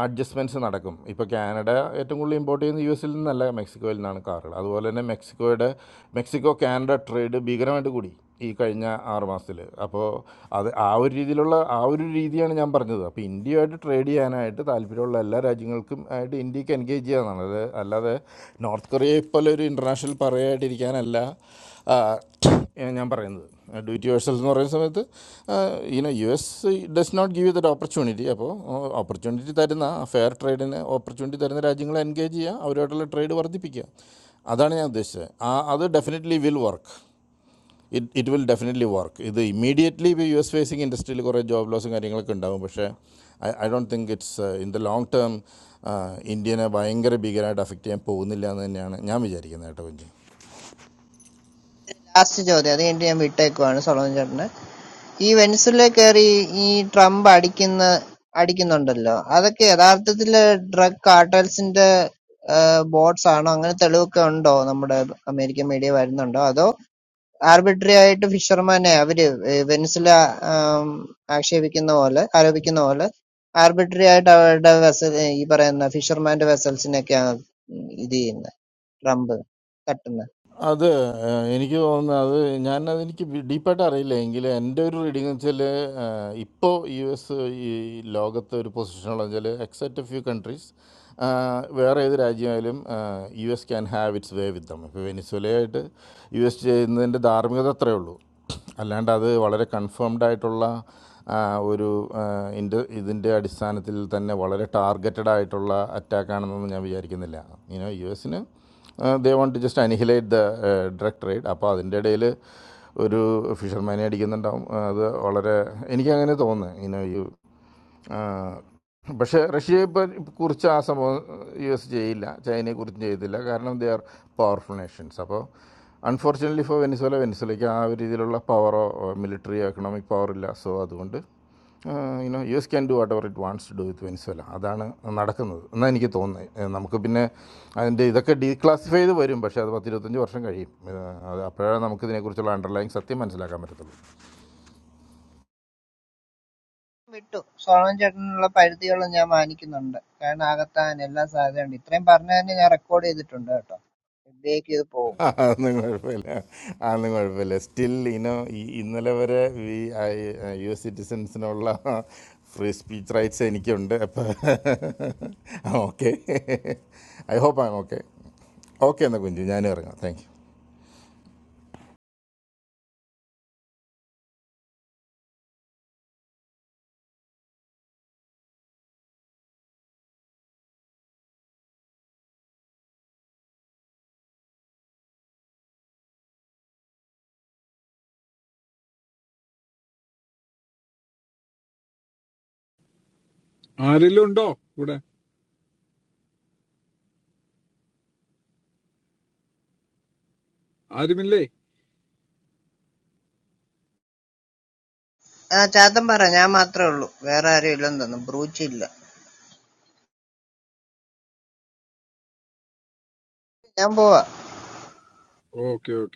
J: അഡ്ജസ്റ്റ്മെൻറ്റ്സ് നടക്കും ഇപ്പോൾ കാനഡ ഏറ്റവും കൂടുതൽ ഇമ്പോർട്ട് ചെയ്യുന്നത് യു എസിൽ നിന്നല്ല മെക്സിക്കോയിൽ നിന്നാണ് കാറുകൾ അതുപോലെ തന്നെ മെക്സിക്കോയുടെ മെക്സിക്കോ കാനഡ ട്രേഡ് ഭീകരമായിട്ട് കൂടി ഈ കഴിഞ്ഞ ആറ് മാസത്തിൽ അപ്പോൾ അത് ആ ഒരു രീതിയിലുള്ള ആ ഒരു ഒരു രീതിയാണ് ഞാൻ പറഞ്ഞത് അപ്പോൾ ഇന്ത്യയുമായിട്ട് ട്രേഡ് ചെയ്യാനായിട്ട് താല്പര്യമുള്ള എല്ലാ രാജ്യങ്ങൾക്കും ആയിട്ട് ഇന്ത്യക്ക് എൻഗേജ് ചെയ്യാന്നാണ് അത് അല്ലാതെ നോർത്ത് കൊറിയയെ പോലെ ഒരു ഇൻ്റർനാഷണൽ പറയായിട്ടിരിക്കാനല്ല ആ, ഞാൻ പറയുന്നത് ഡു ഇറ്റ് യുവേഴ്സൽസ് എന്ന് പറയുന്ന സമയത്ത് ഇനോ U S does not give you that opportunity അപ്പോൾ ഓപ്പർച്യൂണിറ്റി തരുന്ന ഫെയർ ട്രേഡിന് ഓപ്പർച്യൂണിറ്റി തരുന്ന രാജ്യങ്ങളെ എൻഗേജ് ചെയ്യുക അവരുമായിട്ടുള്ള ട്രേഡ് വർദ്ധിപ്പിക്കുക അതാണ് ഞാൻ ഉദ്ദേശിച്ചത് ആ അത് definitely will work it it will definitely work ഇത് ഇമ്മീഡിയറ്റ്ലി ഇപ്പോൾ യു എസ് ഫേസിങ് ഇൻഡസ്ട്രിയിൽ കുറേ ജോബ് ലോസും കാര്യങ്ങളൊക്കെ ഉണ്ടാകും പക്ഷേ I I don't think it's in the long term ഇന്ത്യനെ ഭയങ്കര ഭീകരമായിട്ട് അഫക്റ്റ് ചെയ്യാൻ പോകുന്നില്ല എന്ന് തന്നെയാണ് ഞാൻ വിചാരിക്കുന്നത് കേട്ടോ കുഞ്ഞ്
L: ലാസ്റ്റ് ചോദ്യം അത് കഴിഞ്ഞിട്ട് ഞാൻ വിട്ടേക്കുവാണ് സോളമൻ ചേട്ടന് ഈ വെനിസുല കയറി ഈ ട്രംപ് അടിക്കുന്ന അടിക്കുന്നുണ്ടല്ലോ അതൊക്കെ യഥാർത്ഥത്തില് ഡ്രഗ് കാർട്ടൽസിന്റെ ബോട്ട്സ് ആണോ അങ്ങനെ തെളിവൊക്കെ ഉണ്ടോ നമ്മുടെ അമേരിക്കൻ മീഡിയ വരുന്നുണ്ടോ അതോ ആർബിട്രറി ആയിട്ട് ഫിഷർമാനെ അവര് ഏഹ് വെനിസിൽ ആം, ആക്ഷേപിക്കുന്ന പോലെ ആരോപിക്കുന്ന പോലെ ആർബിട്രറി ആയിട്ട് അവരുടെ വെസൽ ഈ പറയുന്ന ഫിഷർമാന്റെ വെസൽസിനൊക്കെയാണ് ഇത് ചെയ്യുന്നത് ട്രംപ് തട്ടുന്നത്
J: അത് ഏഹ്, എനിക്ക് തോന്നുന്നത് അത് ഞാൻ അതെനിക്ക് ഡീപ്പായിട്ട് അറിയില്ല എങ്കിലും എൻ്റെ ഒരു റീഡിംഗ് എന്ന് വെച്ചാൽ ഇപ്പോൾ യു എസ് ഈ ലോകത്ത് ഒരു പൊസിഷനുള്ള വെച്ചാൽ എക്സെപ്റ്റ് ഫ്യൂ കൺട്രീസ് വേറെ ഏത് രാജ്യമായാലും U S can have its way with them ഇപ്പോൾ വെനിസ്വലയായിട്ട് യു എസ് ചെയ്യുന്നതിൻ്റെ ധാർമ്മികത അത്രയേ ഉള്ളൂ അല്ലാണ്ട് അത് വളരെ കൺഫേംഡ് ആയിട്ടുള്ള ആ, ഒരു ആ, ഇൻ്റെ ഇതിൻ്റെ അടിസ്ഥാനത്തിൽ തന്നെ വളരെ ടാർഗറ്റഡ് ആയിട്ടുള്ള അറ്റാക്കാണെന്നൊന്നും ഞാൻ വിചാരിക്കുന്നില്ല ഇനോ യു എസിന് they want to just annihilate the drug trade അപ്പോൾ അതിൻ്റെ ഇടയിൽ ഒരു ഫിഷർമാനെ അടിക്കുന്നുണ്ടാവും ആ, അത് വളരെ എനിക്കങ്ങനെ തോന്നുന്നത് ഇനോ യു ആ, പക്ഷേ റഷ്യയെ പ- കുറിച്ച് ആ സംഭവം യു എസ് ചെയ്യില്ല ചൈനയെ കുറിച്ചും ചെയ്തില്ല കാരണം ദേ ആർ പവർഫുൾ നേഷൻസ് അപ്പോൾ അൺഫോർച്യുനറ്റ്ലി ഇപ്പോൾ വെനിസ്വല വെനിസ്വലയ്ക്ക് ആ ഒരു രീതിയിലുള്ള പവറോ മിലിറ്ററി എക്കണോമിക് പവർ ഇല്ല സോ അതുകൊണ്ട് you know U S can do whatever it wants to do with Venezuela അതാണ് നടക്കുന്നത് എന്നാണ് എനിക്ക് തോന്നുന്നത് ഏ, നമുക്ക് പിന്നെ അതിൻ്റെ ഇതൊക്കെ ഡീക്ലാസിഫൈ ചെയ്ത് വരും പക്ഷേ അത് പത്തിരുപത്തഞ്ച് വർഷം കഴിയും ഏ, അത് അപ്പോഴാണ് നമുക്ക് ഇതിനെക്കുറിച്ചുള്ള അണ്ടർലൈൻ സത്യം മനസ്സിലാക്കാൻ പറ്റത്തുള്ളൂ
L: വിട്ടു സോളമൻ ചേട്ടനുള്ള പരിധികളും ഞാൻ മാനിക്കുന്നുണ്ട് കാരണം ആകത്താൻ എല്ലാ സാധ്യതയുണ്ട് ഇത്രയും പറഞ്ഞതിന് ഞാൻ റെക്കോർഡ് ചെയ്തിട്ടുണ്ട് കേട്ടോ FBIക്ക് ഇത് പോകും
J: അതൊന്നും കുഴപ്പമില്ല അതൊന്നും കുഴപ്പമില്ല സ്റ്റിൽ ഇനോ ഇന്നലെ വരെ വി യു എസ് സിറ്റിസൻസിനുള്ള ഫ്രീ സ്പീച്ച് റൈറ്റ്സ് എനിക്കുണ്ട് അപ്പോൾ okay I hope I'm okay okay എന്നാൽ കുഞ്ചു ഞാനും ഇറങ്ങാം താങ്ക് യു
I: ആരെങ്കിലും ഉണ്ടോ ഇവിടെ ആരുമില്ലേ
L: ആ ചാത്തൻ പറ ഞാൻ മാത്രമേ ഉള്ളൂ വേറെ ആരും ഇല്ലെന്ന് തോന്നുന്നു ബ്രൂച്ച് ഇല്ല ഞാൻ പോവാ
I: ഓക്കെ ഓക്കെ.